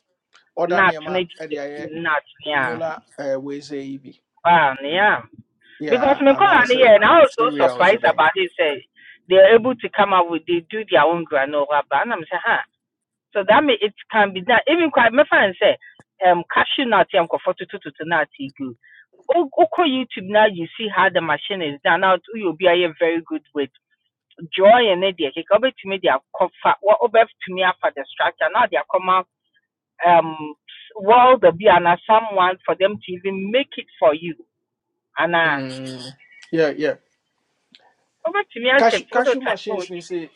ɔda not nneɛma need ɛde ayɛ not yeah granola eh, wei sɛ yi bi wow yeah because yeah me and call I on say yeah and i was so cereal sɛ surprised dɛn about it say they're able to come up with they do their own granola but i'm saying huh So that means it can be now Even quite my friend say, um, cashew nut, I'm comfortable to to to nut, e good. Oko YouTube now, you see how the machine is done. Now, you'll be a very good with joy and idea. He come to me, they are comfort. What over to me after the structure. Now they are come out, um, world of be and someone for them to even make it for you. And uh, Mm, yeah, yeah. over to me, I Cash say cash prototype. machines ni Oh, say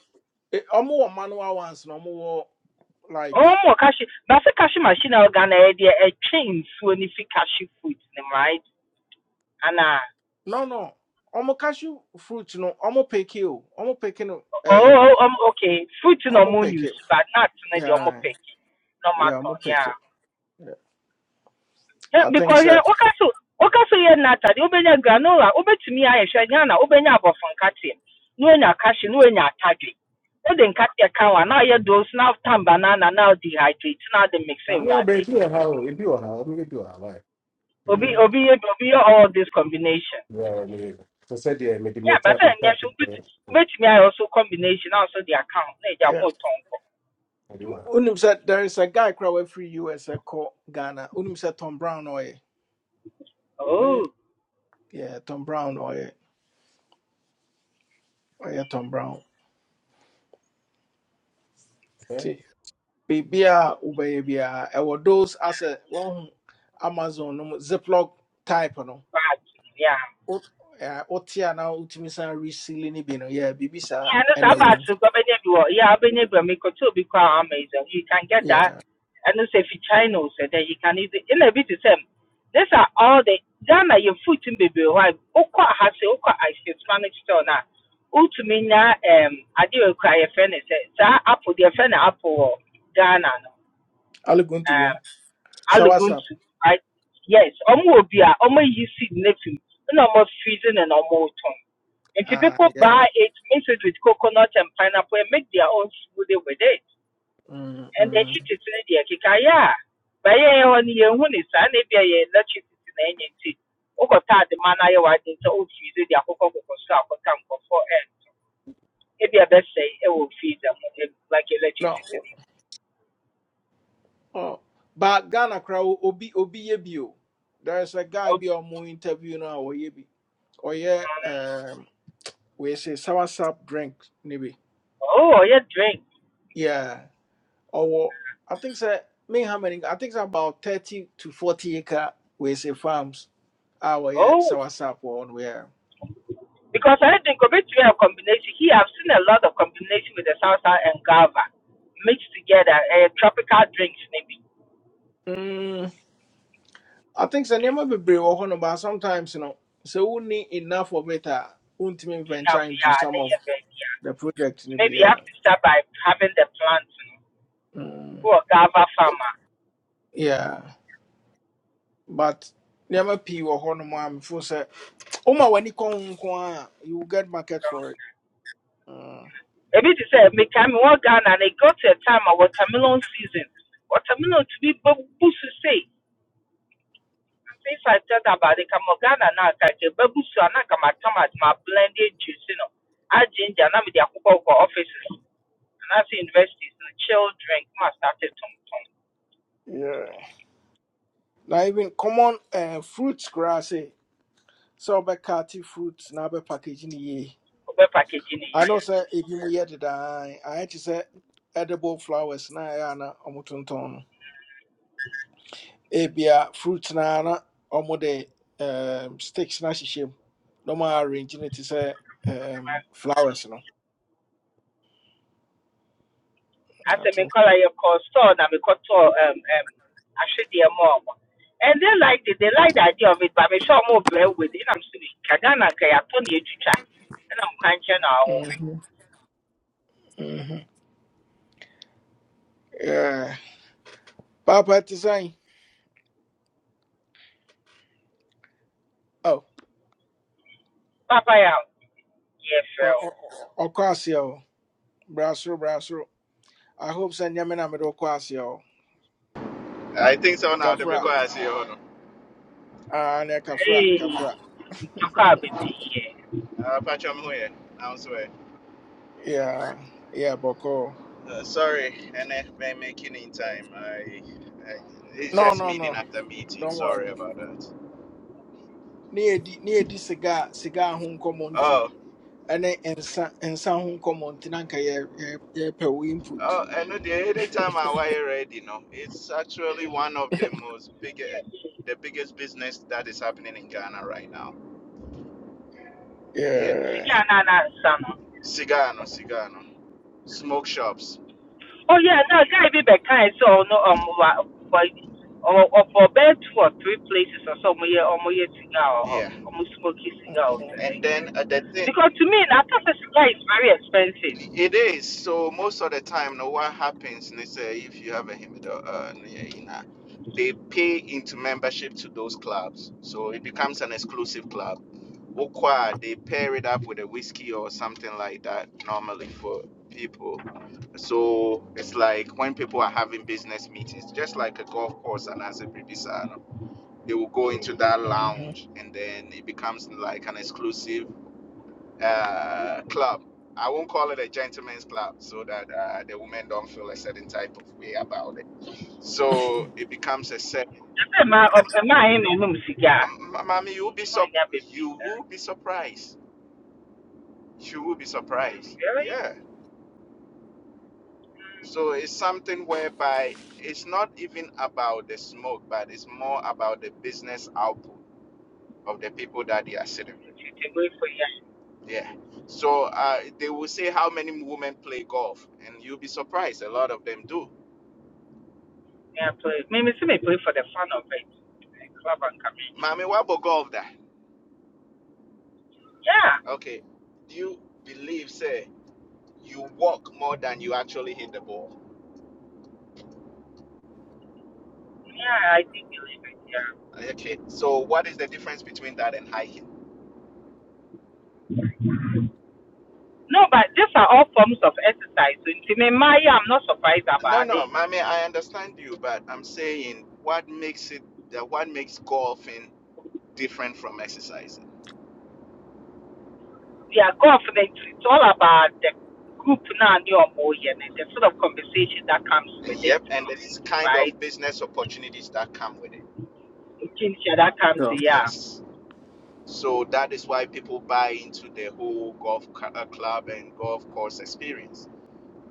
eh, omo wɔ manual ones no omo wɔ like more cashew. But the cashew machine, I'm gonna idea a chain so if you cashew food, right? And uh, no no omo cashew fruit no omo pick it o omo pick no Oh, eh oh, um, okay. Fruit no omo more pick use, it but not in the omo yeah peki. No yeah matter, omo pick yeah. it yeah. Yeah, I think because so yeah, okaso, okaso yeah nata. The obenya granola, obetumi aye shanyana, obenya abofan katim. No enya kashi, no enya atadwe. No den kati akawa. Now yeah those now tan banana, now dehydrate, now they mix it with ayo be ade. ibi wa hao ibi wa hao mi ibi wa hao ibi wa Obi, hao mm, obi, ye- obi, ye all this combination. yeah mi so said yeah me Yeah, but dimeta then pita yeah, so bet, pita obetumi aye also combination, also the account. Ne ja yeah mo tonko. ibi wa unim said there is a guy crowd free USA called Ghana unim said Tom Brown oye Oh, abe Yeah, Tom Brown or yeah, or yeah Tom Brown. T Bibia Ubay Bia I will those as a one Amazon no mu Ziploc type no. bad. Yeah. Ot uh Otia now Utimisa resealing bino, yeah, Bibisa Yeah, no, so and a about room. to go any door. Yeah, I've been able to be quite amazing. You can get that. Yeah. And it's if you China so that you can easily in a bit the same. These are all the Ghana your food in baby why Oka has a Oka ice Spanish store now. Utumina um I do cry a friend is apple the friend apple Ghana no. All going to Um go. So what's up? aluguntu. I yes, almost be a almost you see nothing. No more freezing and almost and If Ah people yeah. buy it, mix it with coconut and pineapple and make their own smoothie with it. Mm And they mm. eat it in their kikaya. But yeah, on your own is an ABA electricity in any tea. Oko the man I was in so freeze their cocoa cocoa straw for time before and if you best say it will feed them eh, like No electricity. oh but Ghana crowd obi obi ye bio. There's a guy Oh, be on my interview now or ye bi. Or yeah um we say soursap drink maybe. oh yeah, drink. yeah ɔwɔ i think sɛ me how many i think sɛ about thirty to forty acre we say farms Our yeah, Oh, soursoup wɔ hɔ no yeah. because I think of it to be a combination. Here, I've seen a lot of combination with the salsa and guava mixed together. A tropical drinks, maybe. Mm, I think sɛ never be brave. hɔ no but sometimes you know, so we need enough of it a wontumi venture enough, into yeah, some they of are baby. yeah. the project no bi Maybe you yeah. have to start by having the plants, you know, who mm, are Gava farmer. yeah. but never pii wɔ hɔ no mu a mefo sɛ woma w'ani kɔ you will get market for it mm, Maybe to say, me come in Ghana and they go to a time of watermelon season. Watermelon to be babusu say. And things I thought about it, come Ghana now, kaje babusu and I come at Thomas, my blended juice, you know. I ginger, now with the Akuba offices, and I see universities, you know, drink, must start to tum tum. yeah. Now even common uh, fruits koraa So be ate fruit na abɛpackage no yie Obe packaging ano here. sɛ ebi mu yɛ dedaa ayɛ te sɛ edible flowers na ɛyɛ a na ɔmotontɔn no ebia fruit na na ɔmode um, sticks na ahyehyɛ mu na ɔma arrange no te sɛ um, flowers no Na asɛ to menkɔla sɛ- yɛkɔ store na mekɔtɔɔ um, um, ahwedeɛ mɔɔ mɔ and they liked it they liked the idea of it but I'm sure more brɛ with it I'm ka ghana nka yɛatɔ ne yɛtwitwa I'm nkyɛ na awowre Mhm, mhm. Yeah. paapa te sɛn Oh, papa yeah, a ɔ- yɛfrɛ ɔ- ɔ- ɔkɔ aseɛ o i hope sɛ nneɛma na mede wokɔ aseɛ I think so now. The make kafra I see you. no. Ah, nɛ kafra Hey, kafra ntɔkɔ a bebree Uh, Patrick, I'm here. I'm sorry. Yeah, yeah, Boko. Uh, sorry, and I'm making in time. I, I, it's No, just no, meeting no. after meeting. Don't Sorry worry. about that. Near di near di cigar cigar home commonti Oh, and then and sa and sa home commonti nanka yeah yeah yeah per we input. oh, I know the anytime I wire ready, no, it's actually one of the most big, the biggest business that is happening in Ghana right now. Yeah, sika Yeah. a na na nsa no cigar, no, cigar, no, smoke shops. oh yeah na guy be bi So, no um ɔmo wa ɔ- for bɛyɛ two or three places ɔsɛ ɔmo yɛ ɔmo yɛ cigar wɔ hɔ Yeah, ɔmo smoky cigar wɔ and then uh, the thing. Because to me, na after sika is very expensive. It is. So most of the time, now what happens, they say, if you have a Himido, uh, yeah, you know, they pay into membership to those clubs. So it becomes an exclusive club. Okwa, they pair it up with a whiskey or something like that normally for people. So it's like when people are having business meetings, just like a golf course and as a Bribisano, they will go into that Mm-hmm. lounge and then it becomes like an exclusive uh, club. I won't call it a gentleman's club so that uh, the women don't feel a certain type of way about it. So it becomes a set. Ẹ ma ẹ ma ayé na ẹnu mu It's not Um, mommy, you will be in sup- ní abèbí you sá. will be surprised. You will be surprised. Very Yeah. So it's something whereby it's not even about the smoke, but it's more about the business output of the people that they are sitting with. tètè wé for ya. Yeah. So uh, they will say how many women play golf, and you'll be surprised. A lot of them do Ní a play. Mímí sí mi play for the fun of it. eh, Club and Camino. Mami, what about golf that? Yeah. Okay. Do you believe, say, you walk more than you actually hit the ball? Yeah, I do believe it. Yeah. Okay. So what is the difference between that and hiking? No, but these are all forms of exercise. So to me, my I'm not surprised No, about no, it. Mami, I understand you, but I'm saying what makes it that what makes golfing different from exercising? They Yeah, golf, they- it's all about the group now, new or yeah, and the sort of conversation that comes with it, Yep, and it's kind of right? business opportunities that come with it. The kinship that comes, Sure. yeah. Yes. So that is why people buy into the whole golf cu- uh, club and golf course experience.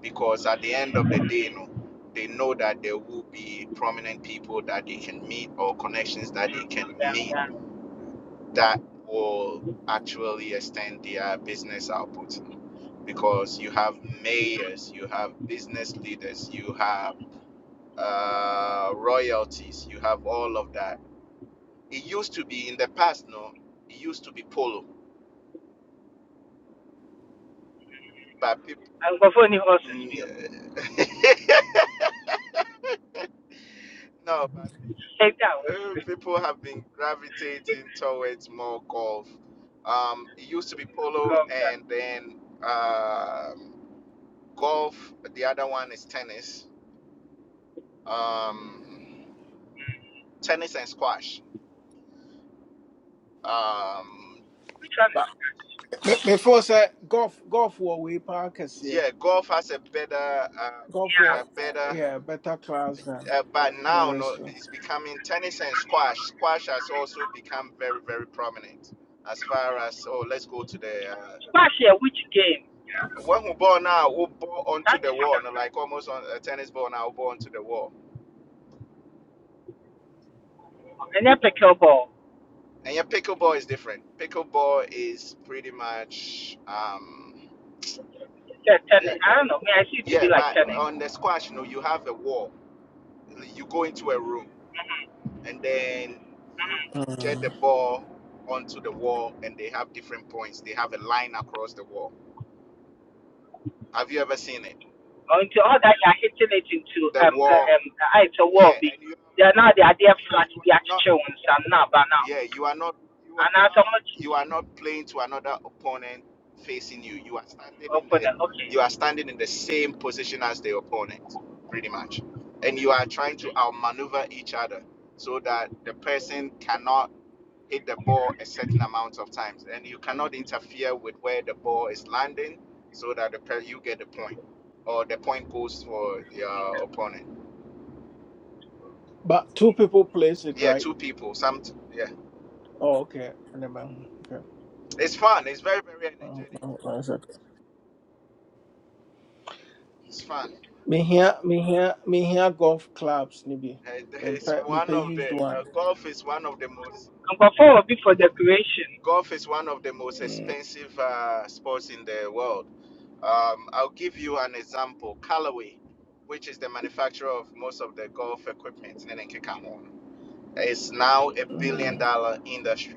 because at the end of the day, you know, they know that there will be prominent people that they can meet or connections that they can yeah. meet yeah. that will actually extend their business output. Because you have mayors, you have business leaders, you have uh, royalties, you have all of that. It used to be in the past, no, it used to be polo, but people. nkurɔfoɔ ni horses bio no, but people. ɛda a uh, wɔsu people have been gravitating towards more golf. Um, it used to be polo god that and then um golf. The other one is tennis. Um, tennis and squash. Um, which one is But squash before say golf golf war we parkers yeah. yeah, golf has a better, uh, Golf yeah war a better. yeah, better class than Uh, but the now, no, rest. of- it's becoming tennis and squash. Squash has also become very, very prominent. As far as oh, let's go to the uh, squash yɛ which game When we ball now, we ball onto time to the wall, figure no, like almost on a tennis ball now, we ball onto the wall. out ɛnyɛ pickle ball And yeah, pickleball is different. Pickleball is pretty much, um, sɛ yeah, tennis i don't know me i see it to yeah. be like But tennis on the squash, you know, you have a wall. You go into a room, and then you get the Mm. ball onto the wall, and they have different points. They have a line across the wall. Have you ever seen it? or into all that you are hitting it into The um uh, wall, um uh, ah, it's a wall yeah, Be and you. they are now they are there So flat you are bi not. akyekyere wɔn nsa now, but now yeah you are not you are And now, akyi so not much you are not playing to another opponent facing you you are standing in open the it okay you are standing in the same position as the opponent pretty much and you are trying to outmaneuver each other so that the person cannot hit the ball a certain amount of times and you cannot interfere with where the ball is landing so that the per- you get the point or the point goes for your opponent But two people plays it yeah right. two people some yeah Oh, okay. And then, it's fun it's very very energetic okay. it's fun Me me here, me here, me here. golf clubs nibi. Uh, Me It's bi me one mepɛ of used the one uh, golf is one of the most nkurɔfoɔ will be for decoration golf is one of the most Mm, expensive uh, sports in the world. Um, I'll give you an example. Callaway, which is the manufacturer of most of the golf equipment in Kekamo, is now a billion mm, dollar industry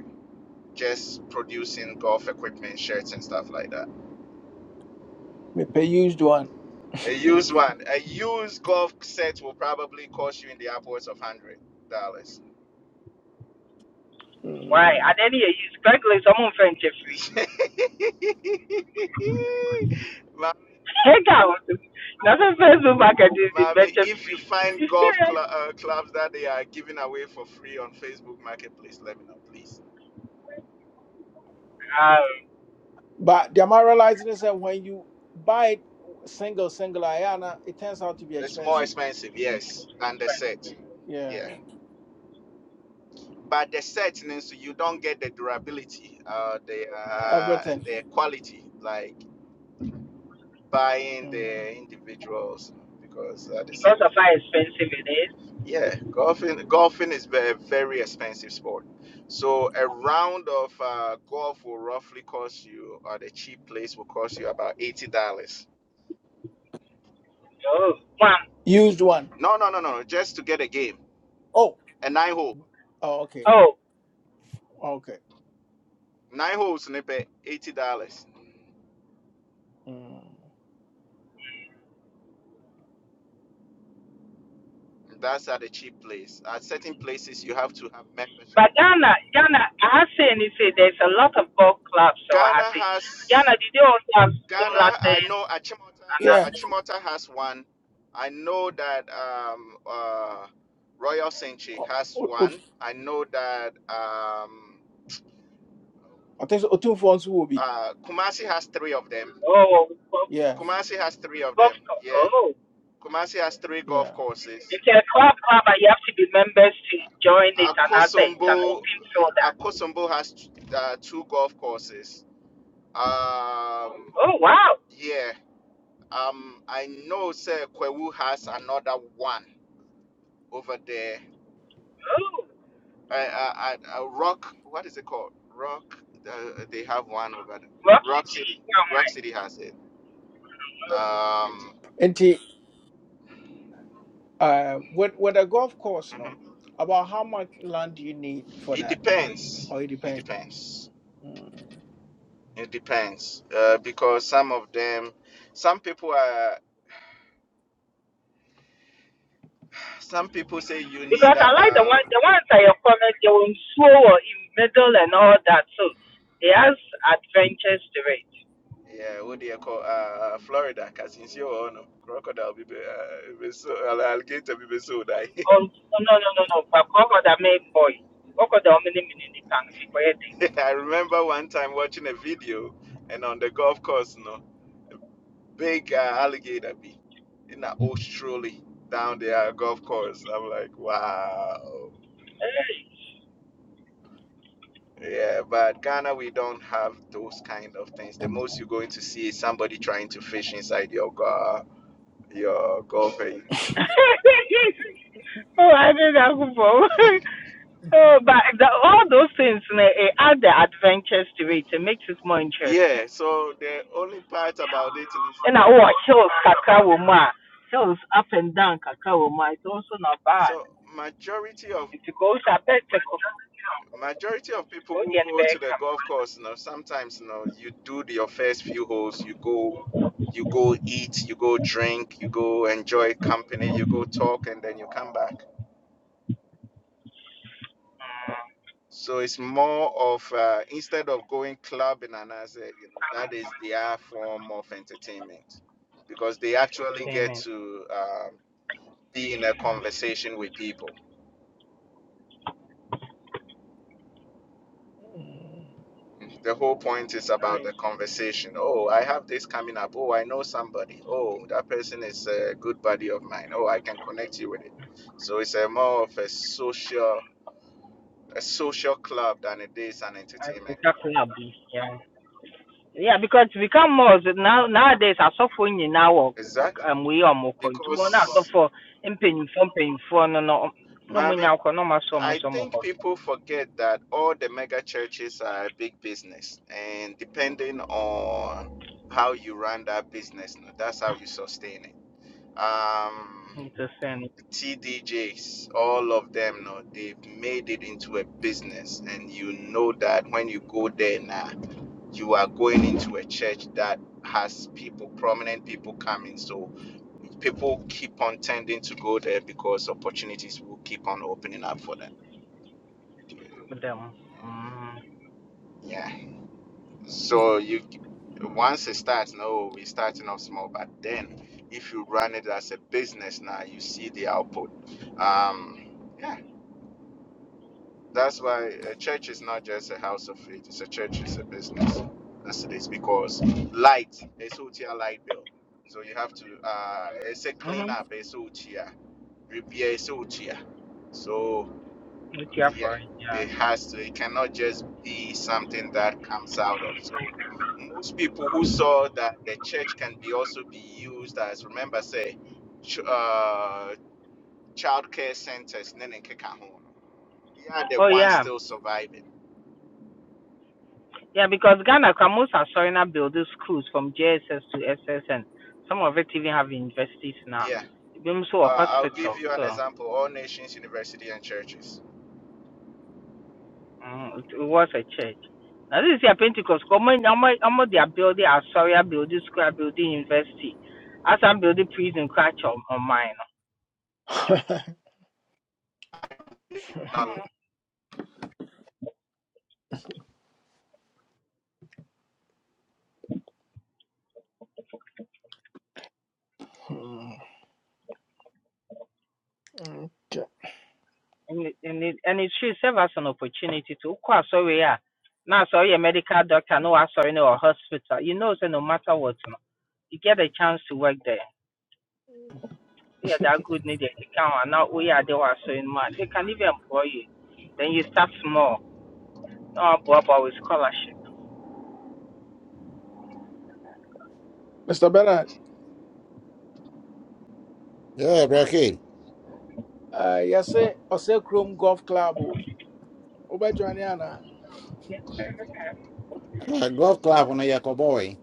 just producing golf equipment, shirts, and stuff like that. mepɛ used one A used one, a used golf set will probably cost you in the upwards of hundred dollars why Mm. At any age, use craigslist wɔn mfɛn kyɛ Ma- Take out. Not a Facebook marketing is the Mommy, better if you free. find golf cl- uh, clubs that they are giving away for free on Facebook Marketplace, let me know, please. um, but the am realizing is that when you buy it single single ayana it turns out to be It's more expensive expensive, yes, than the because set. Yeah. yeah But the set means you don't get the durability, uh, the uh, everything the quality, like buying mm. the individuals because at the same. of how expensive it is. Yeah, golfing golfing is a very expensive sport. So a round of uh, golf will roughly cost you, or the cheap place will cost you about eighty dollars. Oh, one. used one. No, no, no, no, no, just to get a game, Oh, a nine hole, oh okay Oh, okay nine holes, nipe, eighty dollars. mm. That's at a cheap place. At certain places, you have to have membership. but Ghana, Ghana, I have seen you say there's a lot of golf clubs. So I Ghana have seen has Ghana. Did they also have similar Ghana, I thing? know Achimota. And I yeah know. Achimota has one. I know that um, uh, Royal Senchi o- has o- o- one. I know that um, I think so, two phones will be uh, Kumasi has three of them. Oh, golf, yeah Kumasi has three of golf them. club. Yeah, Oh, Kumasi has three golf yeah courses. it's a club club, but you have to be members to join it. And I say it's an Akosombo, open shoulder. Akosombo has t- uh, two golf courses. Um, Oh wow. yeah, um, I know Sir Kwewu has another one over there Oh, I, I, I, uh, Rock, what is it called? Rock, uh, they have one over there. Rock Rock City. City. Come Rock on. City has it. Um, Uh, with with a golf course, you know, mhm. about how much land do you need for It that? depends. Or it It depends. depends. Mm. It depends. Uh, because some of them, some people are, some people say you need Because I like the one about, the ones that you comment they were in slow or in middle and all that So They has adventures to it. yeah, what do you call, uh, uh, Florida, Casincio or no, crocodile, be be- uh, be so- alligator, be be so die. Oh no no no no no. but what could that make boy? What could the mini mini can be creating? I remember one time watching a video and on the golf course, no. big uh, alligator be in that old trolley down there golf course. I'm like, wow. Yeah, but Ghana, we don't have those kind of things. The most you're going to see is somebody trying to fish inside your gar, your golf. area. oh, I did that before. oh, but the, all those things, eh, it add the adventures to it. It makes it more interesting. Yeah, so the only part about it is And I oh, hills, kakra woma, hills up and down, kakra woma. It's also not bad. so majority of It goes a better. Majority of people Oh, who the go to back the come golf course, you know, sometimes you know, you do the- your first few holes, you go, you go eat, you go drink, you go enjoy company, you go talk, and then you come back. So it's more of uh, instead of going clubbing and as a, you know, that is their form of entertainment because they actually get payment. to um, be in a conversation with people. The whole point is about Nice. the conversation. Oh, I have this coming up. Oh, I know somebody. Oh, that person is a good buddy of mine. Oh, I can connect you with it. So it's a more of a social a social club than it is an That's entertainment club. Exactly. Abi. Yeah. Yeah, because we come more so now nowadays asɔfoɔ in wɔ Exactly. um we are wei a ɔmo kɔ nti wɔn na Because asɔfoɔ mpanyinfoɔ mpanyinfoɔ no no no na ɔmo mommy, nya akɔ na ɔmo asɔ ɔmo I sɔ ɔmo kɔ think people forget that all the mega churches are a big business and depending on how you run that business, that's how you sustain it. Um nti sɛn TDJs, all of them, no, they've made it into a business, and you know that when you go there now, you are going into a church that has people, prominent people coming. So people keep on tending to go there because opportunities will keep on opening up for them. dɛm mm Yeah. So you once it starts, no, we're starting off small, but then if you run it as a business now, you see the output. Um, yeah. That's why a church is not just a house of faith. It's a church. It's a business. That's it is because light is utia light bill. So you have to. Uh, it's a mhm cleanup. It's utia repair. It's utia. So nti yeah, afɔre yeah it has to. It cannot just be something that comes out of. So most people who saw that the church can be also be used as remember say, ch- uh, child care centers. Nene keka ho. They are the oh ones yeah still surviving. yeah because Ghana kwa most asɔre na build schools from JSS to SSN some of it even have universities now Yeah. ebi nso wɔ Uh, I'll hospital give you an so. example: all nations, university, and churches. Mm, it it was a church. Now this is your Pentecost. Come on, I'm I'm they are building Astoria building, Square building, University. As I'm building prison, crash on, on mine. Now, Hmm. Okay. And it, and it, and it should serve as an opportunity to go Astoria. yeah. Now sorry, a medical doctor, no Astoria, no hospital. You know, so no matter what, no, you get a chance to work there. Yeah, they are good. Need they can and now we are they were so in mind. They can even employ you. Then you start small. No, about with scholarship. Mr. Bernard, Yeah, Bracky. uh, you say Ose Chrome Golf Club. Oh, Oba Joanna. Uh, golf club on a boy.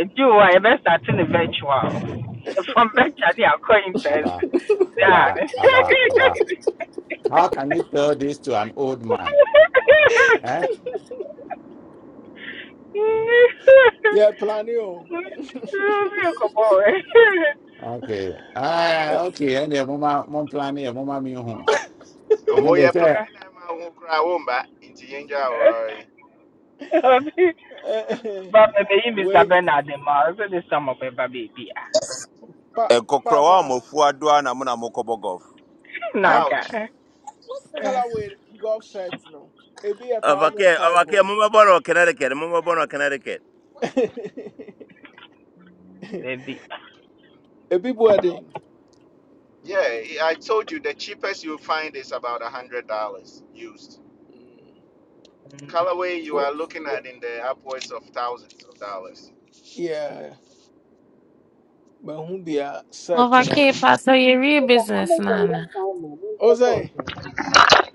nti o a yɛbɛstate ne eventual? from virtual ne akɔ calling Abba, person daa abba, abba, abba. How can you tell this to an old man? Eh? Yeah, plan you. no kɔbɔɔɛ Okay. Ah, okay. And the mama, mom plan here, mama me home. And then we they are say, planning them out, into danger, uh, mr Wait, bernard ma ɔsɛ de sɔmɔ bɛba baabi baby. pa- nkɔkorɔ wa Papa, ɔmɔfu adoa na mo fuadua na mokɔbɔ golf ca- Ouch! Naga. colorway golf set, no. It be a thousand Obake, five Obake, oh. Mama Bono, Connecticut, Mama Bono, Connecticut. It be Baby. wedding. Yeah, I told you the cheapest you'll find is about a hundred dollars used. We, Colorway you are looking at in the upwards of thousands of dollars. yeah, but who be a certain Ɔfa no. kee pastor yɛwie business no ana? Ose,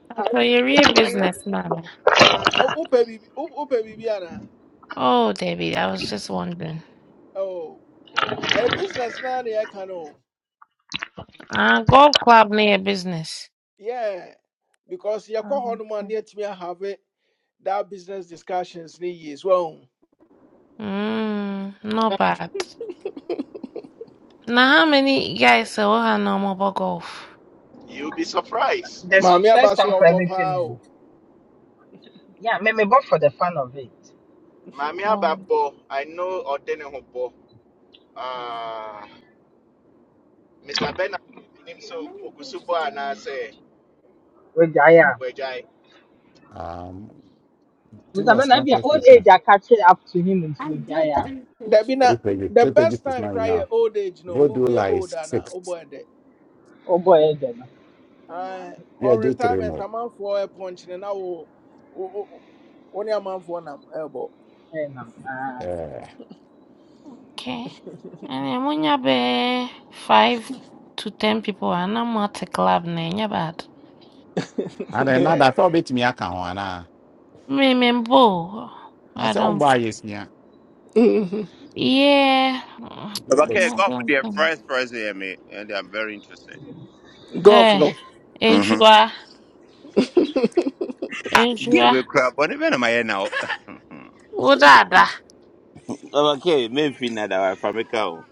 Pastor yɛwie business no ana? ah, upe bibi, upe bibi ana. Oh David, I was just wondering. Oh, a business na ne I can oh. Ah, golf club no yɛ business. Yeah, because your Ah, call on one okay. near to me have it. That business discussions ni years well. Mm, not bad. Now, how many guys say we have no more about golf? You'll be surprised. This Mami first abasi time for obo everything. pa No. o. Yeah, me me bought for the fun of it. Mami Um, Ababo, I know Odene Hobo. Ah, Mr. Bernard, so Wejaya. um, two Mr. Ben, as I much be an as old you age. can. I catch it up to him into I did Wejaya. three That pages. be na Three pages. the Three pages best is time not cry your enough. old age no. Go do We we are like older na six. obo Oh boy, then. Uh, Yeah, or do three retirement more. a man for a punch and now only a man for an elbow. Hey ma'am, uh, Eh. okay. And then when you be five to ten people, and I'm at a club, name you bad. and then now Yeah. that's all bit me account. And Me, me, bo. I I say, um, don't. buy yes, Yeah. yeah. Okay, Mm, I golf with don't their think. first person here, me, and I'm very interested. Golf Eh. no. Mm-hmm. Enchiwa. okay. Ah, give Enchiwa. me crap, but even am I here now? Udada. Obake, maybe not our Famicao.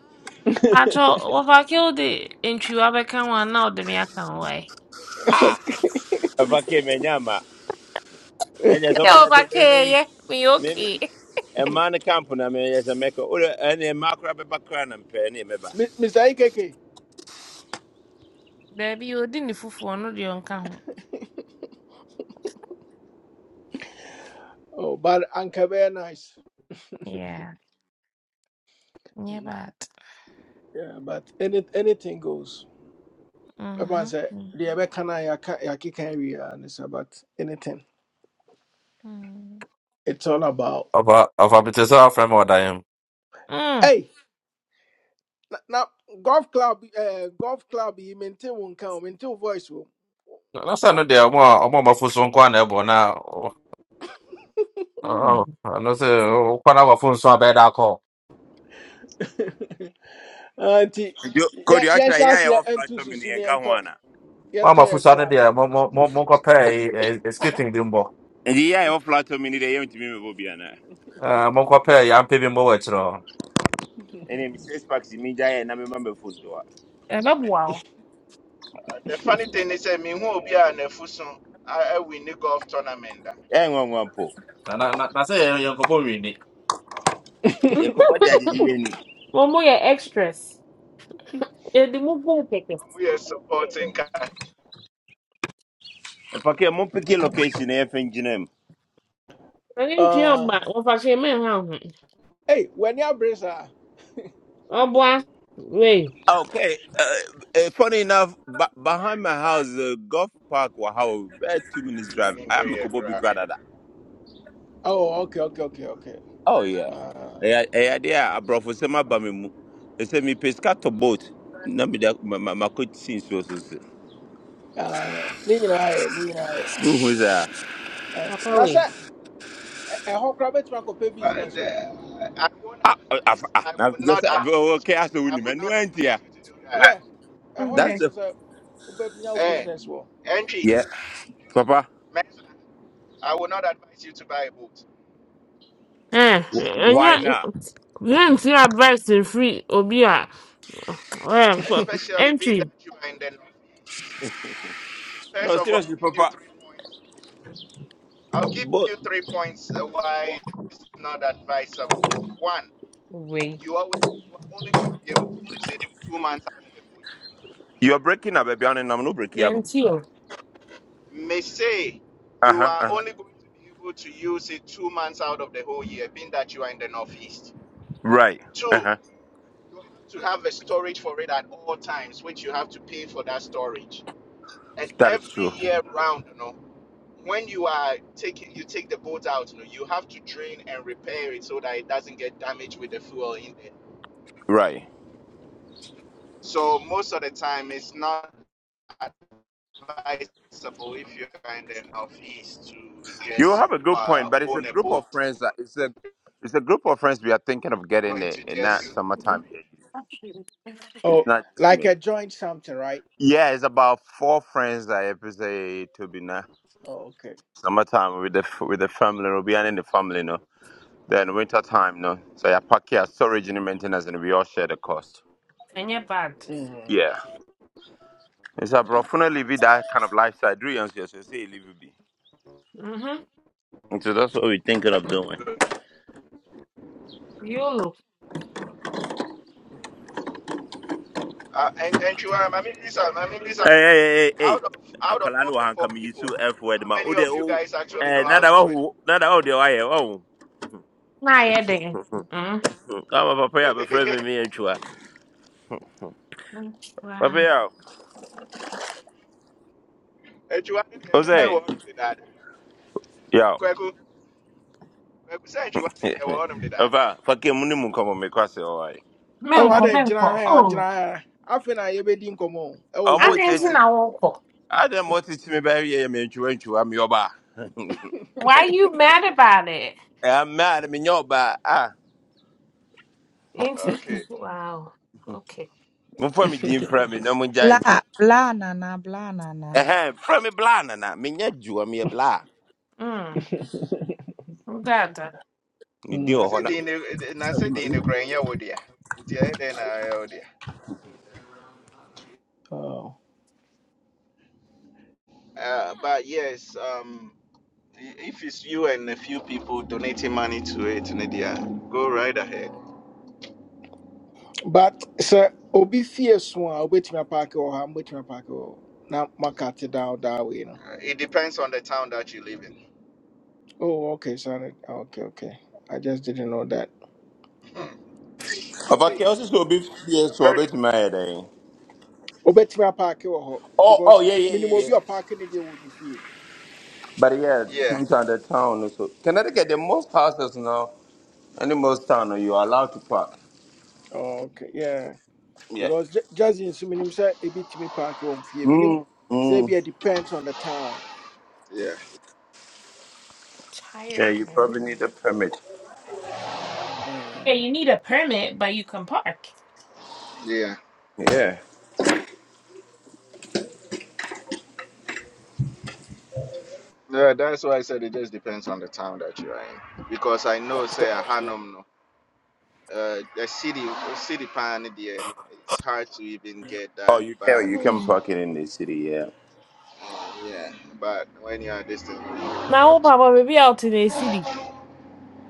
Acho, overkill the enchiwa beka one now the me account why. Ah, Obake, Menyama. And there's somebody that's Overkill, a yeah. Me maybe okay. a man camp company, I mean, as a maker, or any macro background and penny, meba. Mi- Mr. Ikeke. Baby, you didn't fufu, no, the can't. Oh, but Anka very nice. Yeah, yeah, Mm, but Yeah, but any anything goes. Everyone mhm, say the ever can Abekana Yaki can we are," and it's about anything. mhm, It's all about of a of a bit is our friend or mm, hey now golf club uh golf club you maintain one count, maintain voice room. Lasa no deɛ ɔmo a ɔmo a ɔmo afo so nko a na ɛbɔ na ɔ- ɔ- mm. ɔno sɛ ɔkwa na wafo nso abɛɛ da akɔ. Ah, nti you- could you yɛ- actually yɛnhyɛ hear aseɛ your flat ɛnto to me susu ne and yɛntɔ Gawana? Wɔn a yɛntɔ wafo yɛ so ano club deɛ mo mo mo mo nkɔ pɛɛ escaping bi mbɔ. And yeah, I offer to me the aim to me, Bobiana. Ɛɛ mo nkɔ pɛɛ yampe bi mbɔ ɛne me six packs mi gya yɛ na mema mɛfo so a ɛbɛboa wo The funny thing is, I mean, who will be an Efusun? I win the golf tournament. eh. ɛyɛ nwanwa mpo Na na na na say yam kopo yɛn yɛn nkɔbɔ nwini. yɛkɔbɔ de agyegye yɛ ni wɔn mo yɛ extras yɛde mo bɔɔ kɛkɛ We are supporting Kat ɛfa kɛ mompeke location na yɛfa ngyina mu ɛne ntua ɔba Ah, wɔfa hyɛ mɛ ha ho ei w'ani abere saa ɔboa wei Okay. Uh, uh, funny enough, b- behind my house, uh, golf park, wow, about two minutes drive. I am a Nanimbriya. Kobo Bikradada. oh okay okay okay okay oh yeah Ah, Eh, eh, there, I brought for some abamu. They said me pesca to boat. No, me that my my my coach since so so. so. ah, ne nyinaa yɛ ne nyinaa yɛ Who who is that? Eh, papa na sɛ wei ɛ- ɛhɔ koraa bɛtumi akɔpɛ But business o uh, I won't Ah, ah, ah. advise, ah. I Now would because not advise okay, I you, saw I him. would No, not auntie. advise you to do that. yɛ ɛhɔ na That's Mhm. ɛsɛ the sɛ wobɛnya wo Eh, business wɔ entry, yeah, Papa. Mesa, I would not advise you to buy a boat, ɛn ɛnyɛ Why not? yɛnti advice firi obi a ɛ kɔ- especially being entry that you are in the Northeast. First No, of all, I'll seriously, give you Papa. three points. I'll give But you three points uh, why it's not advisable. One, wei you always you are only going to be able to use it two months out of the full year. you're breaking up, baby. And I'm not breaking up. yɛnti o May say Uh you huh. are Uh huh. only going to be able to use it two months out of the whole year, being that you are in the northeast. Right. Uh Two, huh. you have to have a storage for it at all times, which you have to pay for that storage. And That is every true. year round, you know, when you are taking you take the boat out, you know, you have to drain and repair it so that it doesn't get damaged with the fuel in there. Right. So most of the time it's not advisable if you're kind enough is to You just have a good uh, point, but it's a own a group boat. of friends. That it's a it's a group of friends we are thinking of getting Going it, to in that just summertime. It's oh not just like me. a joint something right Yeah, it's about four friends that episode to be now oh okay summertime with the with the family. We'll be in the family, no. Then winter time, no. So I pack your storage and maintenance, and we all share the cost. ɛnyɛ bad Mm. Yeah. It's a no live that kind of lifestyle. Do you understand? So say live it be. mhm And So that's what we're thinking of doing. uh, yolo and and you are. I mean, listen. I mean, listen. Hey, hey, hey, hey. Out of out of Akwala all no the han four kam yi so people, F word how ma. O many de of you o guys actually eh know how nada to wa swim? hu, nada o de wa ye wa hu. na ayɛ den Ka ma papa ya be friend me me antwa. Papa Wow. ya. And you are O I say, one of the dad. yo. Kweku, Kweku said you are the one of the dad. Ova, fake mu ni mu komo me kwase o ai. Oh, ɛwɔ Manko, adɛn gyina manko. ha a gyina Oh, I a afei na yɛbɛdi nkɔmmɔ o O ɛwɔ I mo boat didn't no tete. ho. know. manko. Adam mo tete me ba ye me antwa antwa me oba. Why you mad about it? Eh ma na me nyoba ah. Into Okay. wow. Okay. Mo fa me din fra me na Bla mo bla nana bla nana. Ɛhɛn, frɛ me blah na. nana menya adwuma meyɛ Mm. That that me ne din I wɔ hɔ said na Mm. in I said in Ukraine, yeah, oh dear. Nti ɛyɛ dɛn na ɛyɛ Oh. Uh, but yes, um. If it's you and a few people donating money to it, Nadia, go right ahead. But sir, obi fear so a obetumi apaake wɔ ha, mobetumi apaake wɔ hɔ. na mark it down that way no. Uh, It depends on the town that you live in. Oh, okay, sorry. Okay, okay. I just didn't know that. Ɔfa kɛ Hey, ɔsi sɛ obi fie so America. ɔbɛtumi ayɛ dɛn. Obetumi apaake wɔ hɔ Oh, oh, because yeah, yeah, minimum yeah, obi yeah. a ɔpaake ne deɛ would ne fie. But yeah, Yeah, sometimes the town is so. Connecticut, the most houses now, and the most town, you are allowed to park. Oh, okay, yeah. yeah. Because ju- just in so minim say ebi tumi paake wɔ m fie. Minim Mm, sɛ mm. ebi a depends on the town. yeah, Yeah, tired you man. probably need a permit. Yeah, Mm. you need a permit, but you can park. yeah. Yeah. Yeah, that's why I said it just depends on the town that you are in. Because I know, say, Sɛ- a Hanum, no, uh, the city, city pan there, it's hard to even get Oh, that. you But can. You can Mm. park it in the city. Yeah. yeah, but when you are distant, you Now, oh, have to. Papa, maybe out in the city.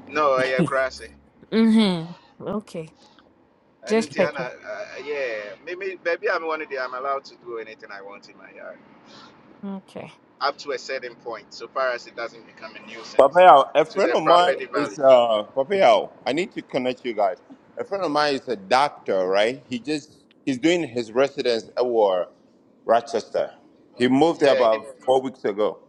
No, I crazy. Mm-hmm. Okay. And Just Untiana, checking. uh, yeah, maybe, maybe I'm one of the, I'm allowed to do anything I want in my yard Okay. up to a certain point, so far as it doesn't become a nuisance Papayao, a to friend the of mine property value. is uh Papayao. I need to connect you guys. A friend of mine is a doctor, right? He just he's doing his residence at war, Rochester. He moved Yeah, there it, about four weeks ago.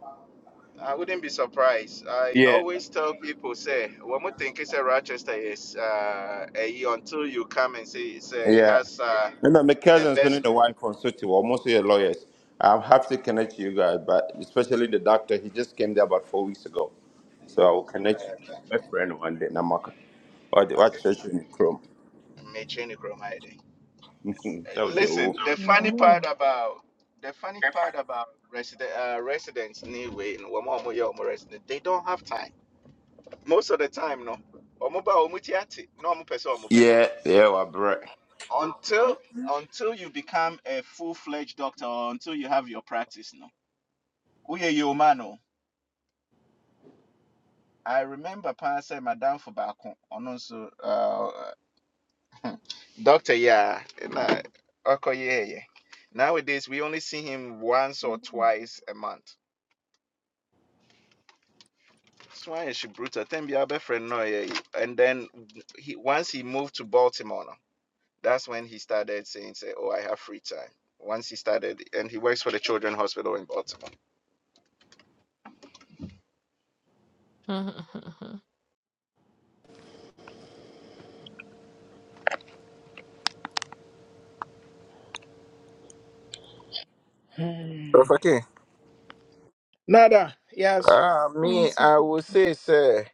I wouldn't be surprised. I Yeah. always tell people, say, when we think it's a Rochester, is uh, a year until you come and say it's a, it Yeah. has uh, And then my the cousin's only best. the wife from City, well, mostly the lawyers. I'm happy to connect you guys, but especially the doctor, he just came there about four weeks ago. So I will If I connect have you, time for my it. friend one day, Namaka. Or the what Okay. church in Chrome. Mechanic room, I think. That would Listen, do. the funny part Mm. about the funny part about resident uh, residents anyway, in wɔn a wɔyɛ wɔn resident, they don't have time. Most of the time, no, wɔn ba wɔn ti ate, na wɔn pɛ sɛ wɔn bɛda. Yeah, yeah, I bro. Until until you become a full fledged doctor or until you have your practice, no. Uye yie man o. I remember paa sɛ madam for baako, ɔno nso uh, doctor yi a ɛna ɔkɔyɛɛyɛ. Nowadays we only see him once or twice a month. So why is she brutal? Then be our best no yeah. And then he once he moved to Baltimore, no, that's when he started saying, say, Oh, I have free time. Once he started and he works for the children's hospital in Baltimore. Mhm. Hmm. Okay. Nada, yes. Uh, me, yes. I would Okay. say, sir,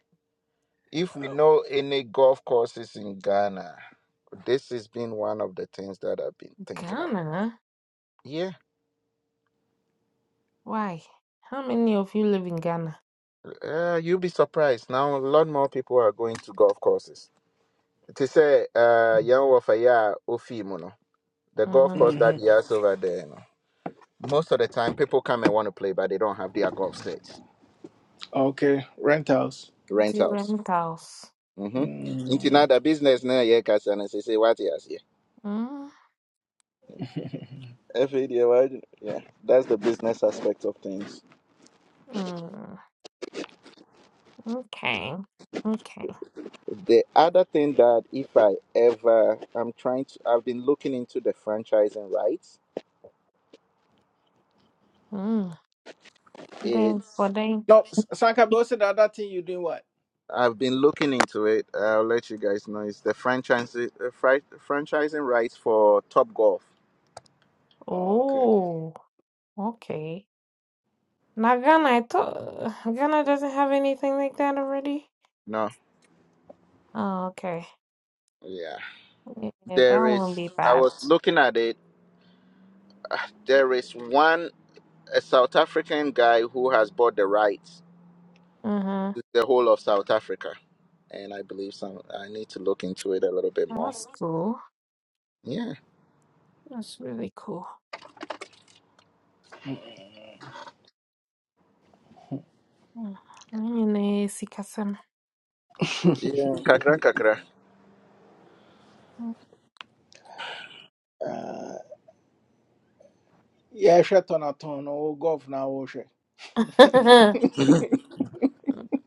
if we Oh. know any golf courses in Ghana, this has been one of the things that I've been thinking about. Ghana. Yeah, Why? How many of you live in Ghana? uh, you'll be surprised. Now, a lot more people are going to golf courses. To say, uh, young warfare, ofi mono. the Mm-hmm. golf course that hmm he has over there. You know, most of the time, people come and want to play, but they don't have their golf sets. Okay, rentals. Two Rentals. rentals. Mm-hmm. Into now Mm. the business now, yeah, Kasan, and say, say what he has here. Mm-hmm. FADA, yeah, that's the business aspect of things. Okay. Okay. The other thing that if I ever, I'm trying to, I've been looking into the franchising rights. Mm. Then for It's, them. No, S- Sanka Bill said the other thing you doing what? I've been looking into it. I'll let you guys know. It's the franchising, uh, fri- franchising rights for Top Golf. Okay. Oh, okay. Now Ghana, I thought Ghana doesn't have anything like that already. No, Oh, okay. yeah. Yeah, that There is, won't be I bad. was looking at it. uh, There is one, a South African guy who has bought the rights Uh-huh. to the whole of South Africa. And I believe some, I need to look into it a little bit more. That's cool. Yeah. That's really cool. Mm. Anyone see Sikasam. Yeah. Kakra, kakra. Uh, yeah, share turn a turn or golf now or share. Mhm.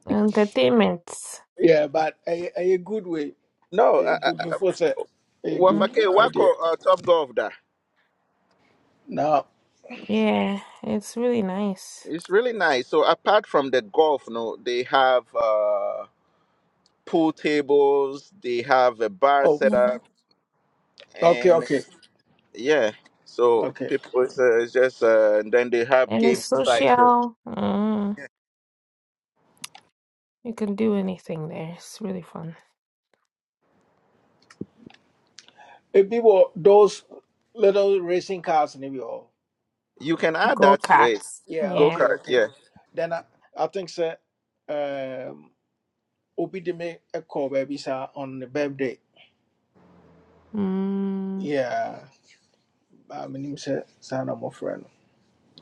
Entertainment. Yeah, but a, a good way, No, a uh, uh, good uh, before say a hmm good Wafake, idea. Wako, uh, Top Golf, da. Now, Yeah, it's really nice. It's really nice. So apart from the golf, no, they have uh, pool tables, they have a bar oh, set Mm-hmm. up, okay, okay, yeah. So okay. people it's, uh, it's just uh, and then they have And game it's sites. So social. Uh, you can do anything there. It's really fun. If people those little racing cars in the all. you can add Go that to it. karts. Yeah, Go Yeah. okay, kart, okay. yeah, Then I, I think sir, um, Obi de me a call baby sir on the birthday. Mm. Yeah. baa menim sɛ saa na mmɔfra no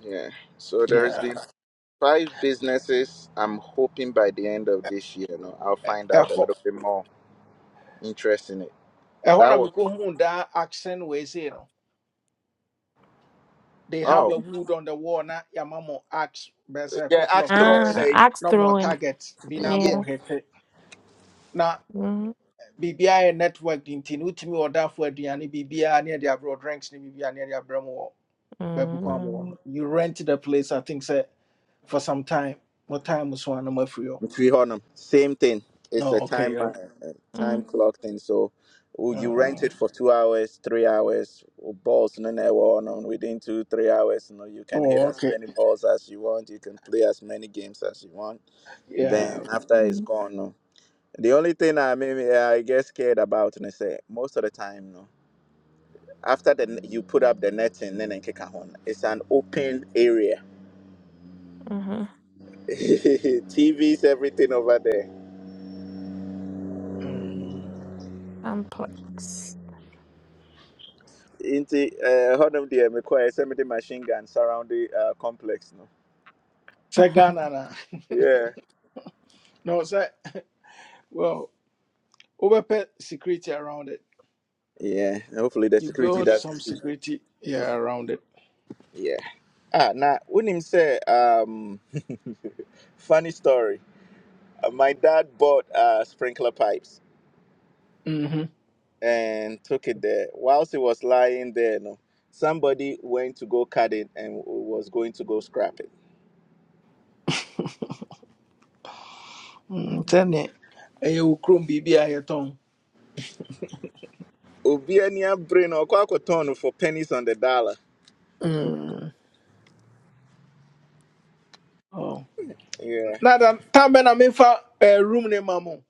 yeah. So there's Yeah. been five businesses. I'm hoping by the end of this year, you know, I'll find out a ɛhɔ little bit more interest in it. ɛhɔ That na was mekɔhuu daa accent wei sei no they have a oh wood on the wall na yɛama ax bɛsɛ a yeah, couple axe of throwing. ax Uh, A, axe na mɔ throwing. target bi yeah. Yeah. hete na Mm, biribiaa network de nti no wotumi wɔ aduane biribiaa ne ɛde aberɛ drinks ne biribiaa ne ɛde aberɛ mu wɔ baabi mm, no you rent the place i think sɛ for some time mo time so na moafiri hɔ Three Hornum, same thing. It's a oh, okay time uh, okay uh, time mm, clock thing. So oh, you rent uh, it for two hours, three hours. oh, Balls no never on on within two three hours. You know you can hit oh, as okay many balls as you want. You can play as many games as you want. yeah Then after it's mm, gone. No. The only thing I mean I get scared about and I say most of the time no. After the you put up the netting, then kick a horn. It's an open area. mm-hmm. TVs, everything over there. mm. Complex. nti eh, hɔnom deɛ mekɔɛ sɛ machine gun surround the uh, complex no Say Ghana na yeah no say well Overpay security around it. yeah and hopefully the You security build doesn't some sleep security yeah around it. yeah ah na him say? um funny story Uh, my dad bought uh, sprinkler pipes Mhm. and took it there whilst he was lying there no somebody went to go cut it and w- was going to go scrap it Mm, Sɛne ɛyɛ wo kurom biribi a yɛtɔn. obi ani abere no ɔkɔ akɔtɔn no for pennies on the dollar Mm. Oh. yeah Na da tam bɛ na memfa eh, room ne ma mo.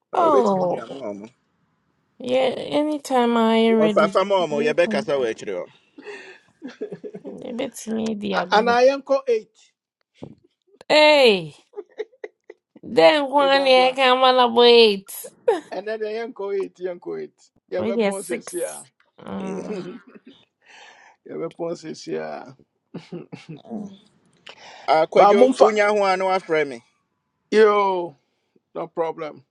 ɔbɛtumi de Oh. ama ɔmo Yeah, anytime I ready. wɔfafa ma ɔmo Anytime. yɛbɛkasa wɔ akyire me the A- ago. Anaa yɛnkɔ eight. Hey, then one yeah, I Meboaboa. can wanna wait. Ɛnɛ deɛ yɛnkɔ eight yɛnkɔ eight. Wait, yeah, Yɛbɛpɔn seesie a. six. Yeah. Um, Yɛbɛpɔn seesie a. Ba Akwadwo, momfa. wonya ho a na wafrɛ me. Yo no problem.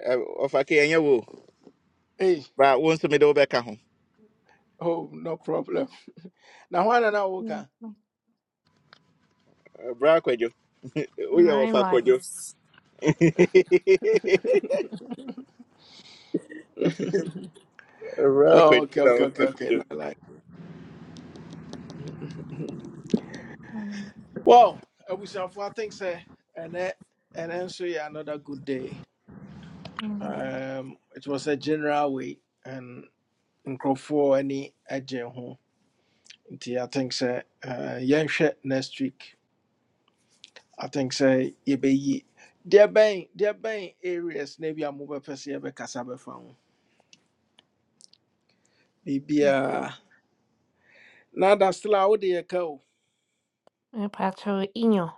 Ɛ, Ɔfa ke ɛnyɛ wo. o. Hey. Bra, wo nso mede wobɛka ho. Oh, no problem. Now, why not I work? nine Ɛ, Bra akwadwo. Woyɛ wɔfa akwadwo. lives. Bra Oh, akwadwo okay, na okay, okay, wɔfa okay. akwadwo. No, like, Mm, well, I wish you I think so. And that, and then so yeah, another good day. mm. Um, it was a general way and in for any agent who. nti I think so. Uh, yeah, next week. I think so. You be ye. there, bang, there, bang areas. Maybe I'm over per se. Be found. Maybe uh, now that's still out there. Eh, Patrol inyo.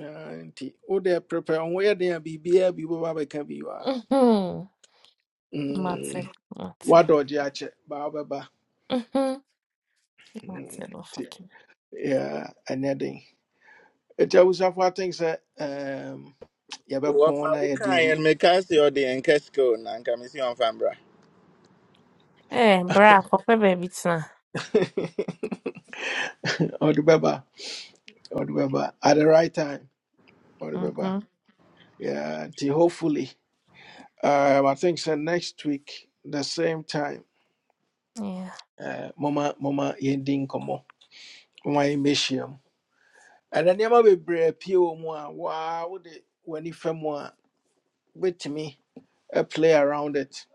Ah, nti wode prepare wo ho yɛ den a biribiaa bi wobɛba bɛka bi wɔ a Mhm. Mate, mm, mate. woadɔgye akyɛ baa wobɛba Mhm. Mm, Mate, no nti fucking. yeah, ɛnyɛ den ɛti abusafo atenk sɛ um, yɛbɛpɔn na Wɔfa wo yɛde kaeɛ no, ru- mekaa sɛ ɔde ɛnkɛ sika o, na anka mesi ɔmfa mbra. Eh, bra, kope baby tina. Or the baba. bɛba ɔde bɛba at the right time ɔde baba. Mhm. Yeah, nti hopefully um, i think sɛ next week the same time Yeah. uh, Mama. Mama. Yending komo. Mama. ɛna nneɛma bebree pie wɔ mu a waa wode w'ani fa mu a wobɛtumi a play around it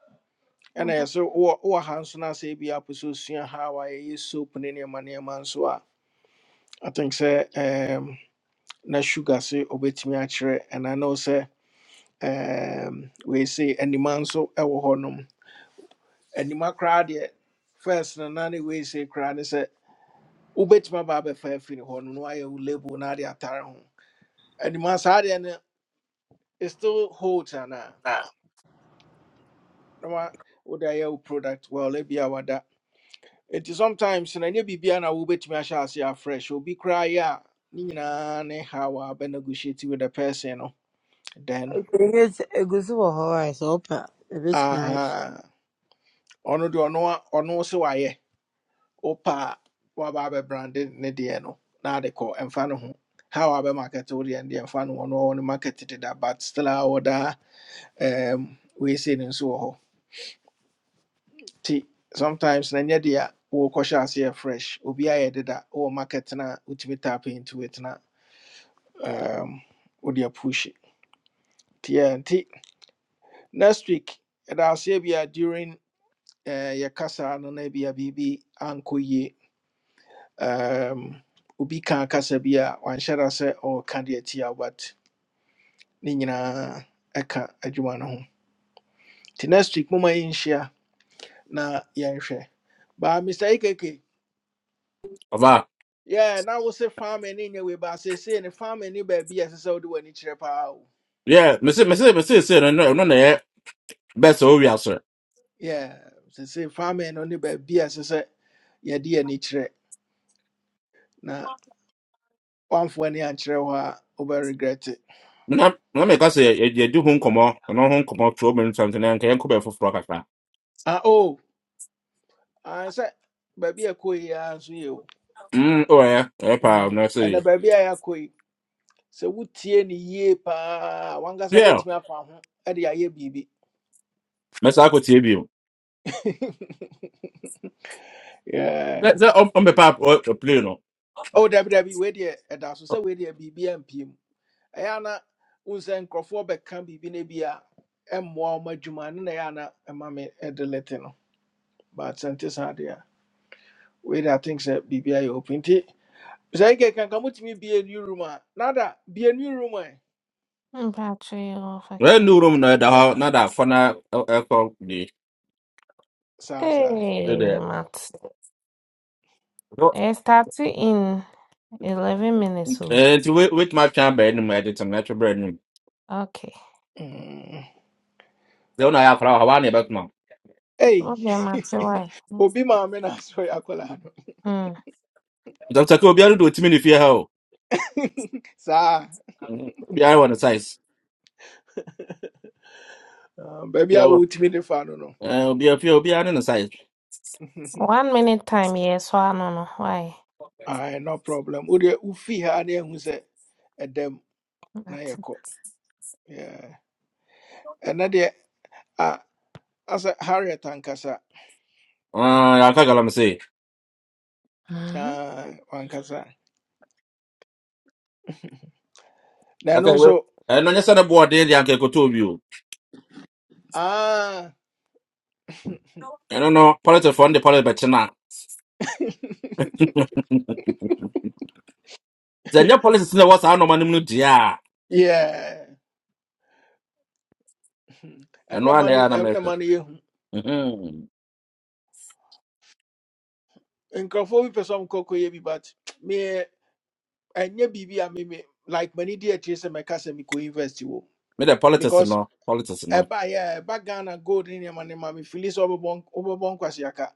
ɛna Mhm. yɛ so wowɔ wowɔ ha nso no asɛ bi apɛ sɛ osua how a yɛyɛ soap ne nneɛma nneɛma nso a i think sɛ um, na sugar se obɛtumi akyerɛ ɛna ne wo sɛ um, wei se anima nso ɛwɔ hɔnom anima koraa deɛ first no na ne wei se koraa ne sɛ wobɛtumi aba abɛfa afiri hɔ no na woayɛ wo label na ade atare ho anima saa deɛ no it still holds anaa Ah. na wa wode ayɛ wo product well ebia wada nti sometimes na ɛnyɛ biribia na wobɛtumi ahyɛ ase afresh obi koraa yɛ a ne nyinaa ne how a negotiate with the person no then Here's egusi wɔ hɔ a sɛ wopɛ a bit my. aha ono deɛ ono a- ɔno sɛ wayɛ wopa a woaba abɛbrande ne deɛ no na ade kɔ ɛmfa no ho how a bɛmarket wo deɛ no deɛ ɛmfa no ho, ɔno ne market deda but still I order um, we sei no nso wɔ nti sometimes na nyɛ deɛ wɔrekɔhyɛ aseɛ fresh obi ayɛ deda wɔ market no a wotumi tap into it na um, wode apush it. nti yeah, nti next week ɛda aseɛ bi during eh, yɛ kasa no na bi bibi biribi ankɔ yie um, obi ka kasa bi wanhyɛ da sɛ ɔreka deɛ tia but ne nyinaa ɛka adwuma no ho nti next week moma yɛnhyia na yɛnhwɛ baa mr ekk Ɔba, Yeah, na wo se farming ni nyewe say say the ne farming ni ba bi ese do wo de wani kyerɛ paa o. yeah, mese mese mese se no no no na best o wi asre. Yeah, se se farming no ne ba bi ese se ye de ani kyerɛ na wamfo ani ankyerɛ hɔ a wo bɛ regret it. Na na me ka se ye di ho nkɔmɔ, no ho nkɔmɔ tro me nsam na nka yɛn kɔ bɛ kakra. Ah oh, I said ba bi ekoi ya nso ye o. Mm, o yeah, e pa Mm, na ɛna se. ba bi a ya koi se wutie ni yie paa, wankasa Yeah, betumi afa ho ɛde ayɛ biribi. mese akɔ tie bi. Na Yeah. se on be pa o play no. Oh, dabi dabi we de ɛda so sɛ we Be biribi ampiem. ɛyɛ na wo sɛ nkurɔfoɔ bɛka biribi no bi a ɛmmoa wɔn adwuma no na ɛyɛ ana ɛma me ɛdelete no but sɛ nte saa deɛ a wei de atink sɛ biribi ayɛ opi nti sɛ yɛkɛ kanka motumi bie new room a nada bie new room ɛ Patrol, Well, fucking. no room na da na yeah, da fana ɛkɔ di Sa sa. Hey, ɛdɛ. mate. It starts in 11 minutes. oh. eh nti wait wait my chamber ɛnum ɛdi tɛm n'ɛtwe brɛ ɛnum. Okay. Mm. Sɛ ɔna yɛ akora ɔhaban na ɛbɛtuma. ei Okay, Mate, why? obi maame na asɔ yɛ akwadaa no Hmm. Dɔkita kɛ obiara do otimi ne fie ha o. saa Obiara wɔ ne size. um, baabi a Obiara wɔ wotumi de fa no no ɛɛ obiara fie obiara ne ne size. One minute time, yes, so I don't know why. Aye, no problem wodeɛ ufi ha ne ahu sɛ ɛdam na Mate. yɛkɔ And ɛnɛ deɛ a- asɛ harriet ankasa Ah, Ɛɛ yaka galamsey. Mhm. Ah, wankasa na Daka ɛno ɛwɛ. nso Ɛno nyɛ na ne boɔ den de anka ekoto obi o. ah, Ɛno no politifoɔ no de pɔliti bɛkyi na. Sɛ nyɛ politics na ɛwɔ saa nɔɔma no mu no deɛ a, yeah ɛno ɛnna ara ma na no ɛyɛ a na ɛnna mɛpɛ. ma no yɛhu Mhm. nkurɔfoɔ bi pɛ sɛ ɔmkɔkɔyɛ bi but meɛ ɛnyɛ biribi a meme like m'ani di akyire sɛ mɛka sɛ mekɔ university wɔ Me de politics because no politics no. ɛba yɛ ɛba ghana gold ne nneɛma no ma mefili sɛ wobɛbɔ wobɛbɔ nkwaseaka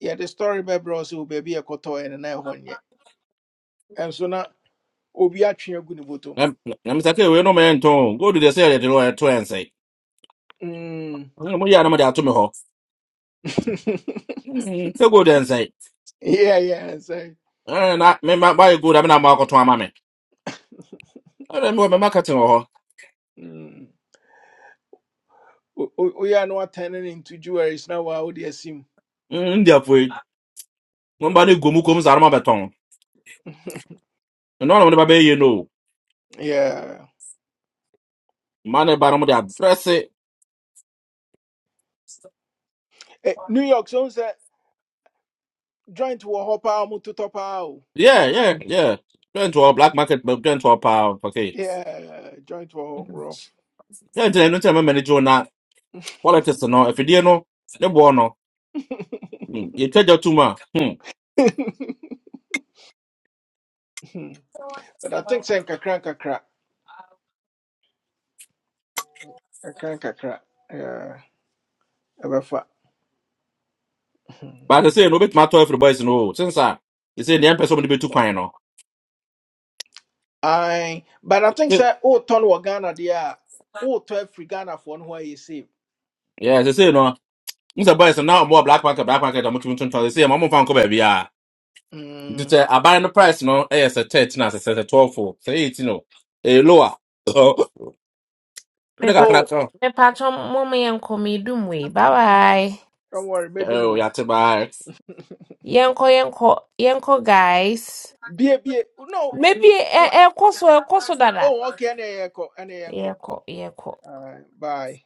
the story bɛbrɛ wo sɛ wo baabi a ɛkɔtɔɔ ɛne na ɛhɔ nyɛ ɛnso na obi atwe agu ne bɔtɔm Na- na- na msake we no man ton. Go to the side to lawyer to and say. No mo ya na mo da to me ho. Mhm. Say go there and say. yeah, yeah, say. Eh na me ma buy go da me na ma ko ton ama me. Eh me me marketing ho. Mm. We, we we are not turning into jewelries now. Wow, dear sim. Ndia foi. Mo ba ne gomu kom zarma beton. No no me ba be ye no. Yeah. Man e ba no mo da fresh. Eh, New York, so say joint war hop out to top out. Yeah, yeah, yeah. Turn to our black market, but turn to our power. Okay. Yeah, joint war rough. Yeah, then no tell me manage on that. Politics no. If you no, the boy no. You tell your tumor. Hmm. Hmm. but I think say kakra kakra, kakra kakra. Yeah, ever ebefa. But I say no bit matter if the boys no since I they say the person will be too quiet no. I but I think say oh turn wa Ghana there. Oh to every Ghana for no why you see. Yeah, they say no. Mr. Boys now more black market black market I'm trying to say my mom found cover be ah. Just Mm. say I buy the price no eh say 13 as it's a 12 for say 18 no. Eh lower. Oh, Me but I pa. Oh, crack. Mepacho mama yenko me dum we. Bye bye. don't worry, me Oh, do yeah, Yanko yanko yanko guys. Bie bie. No. Maybe e What? e koso e koso dada. Oh, okay. Any echo. Any echo. Yeko yeko. All right. Bye.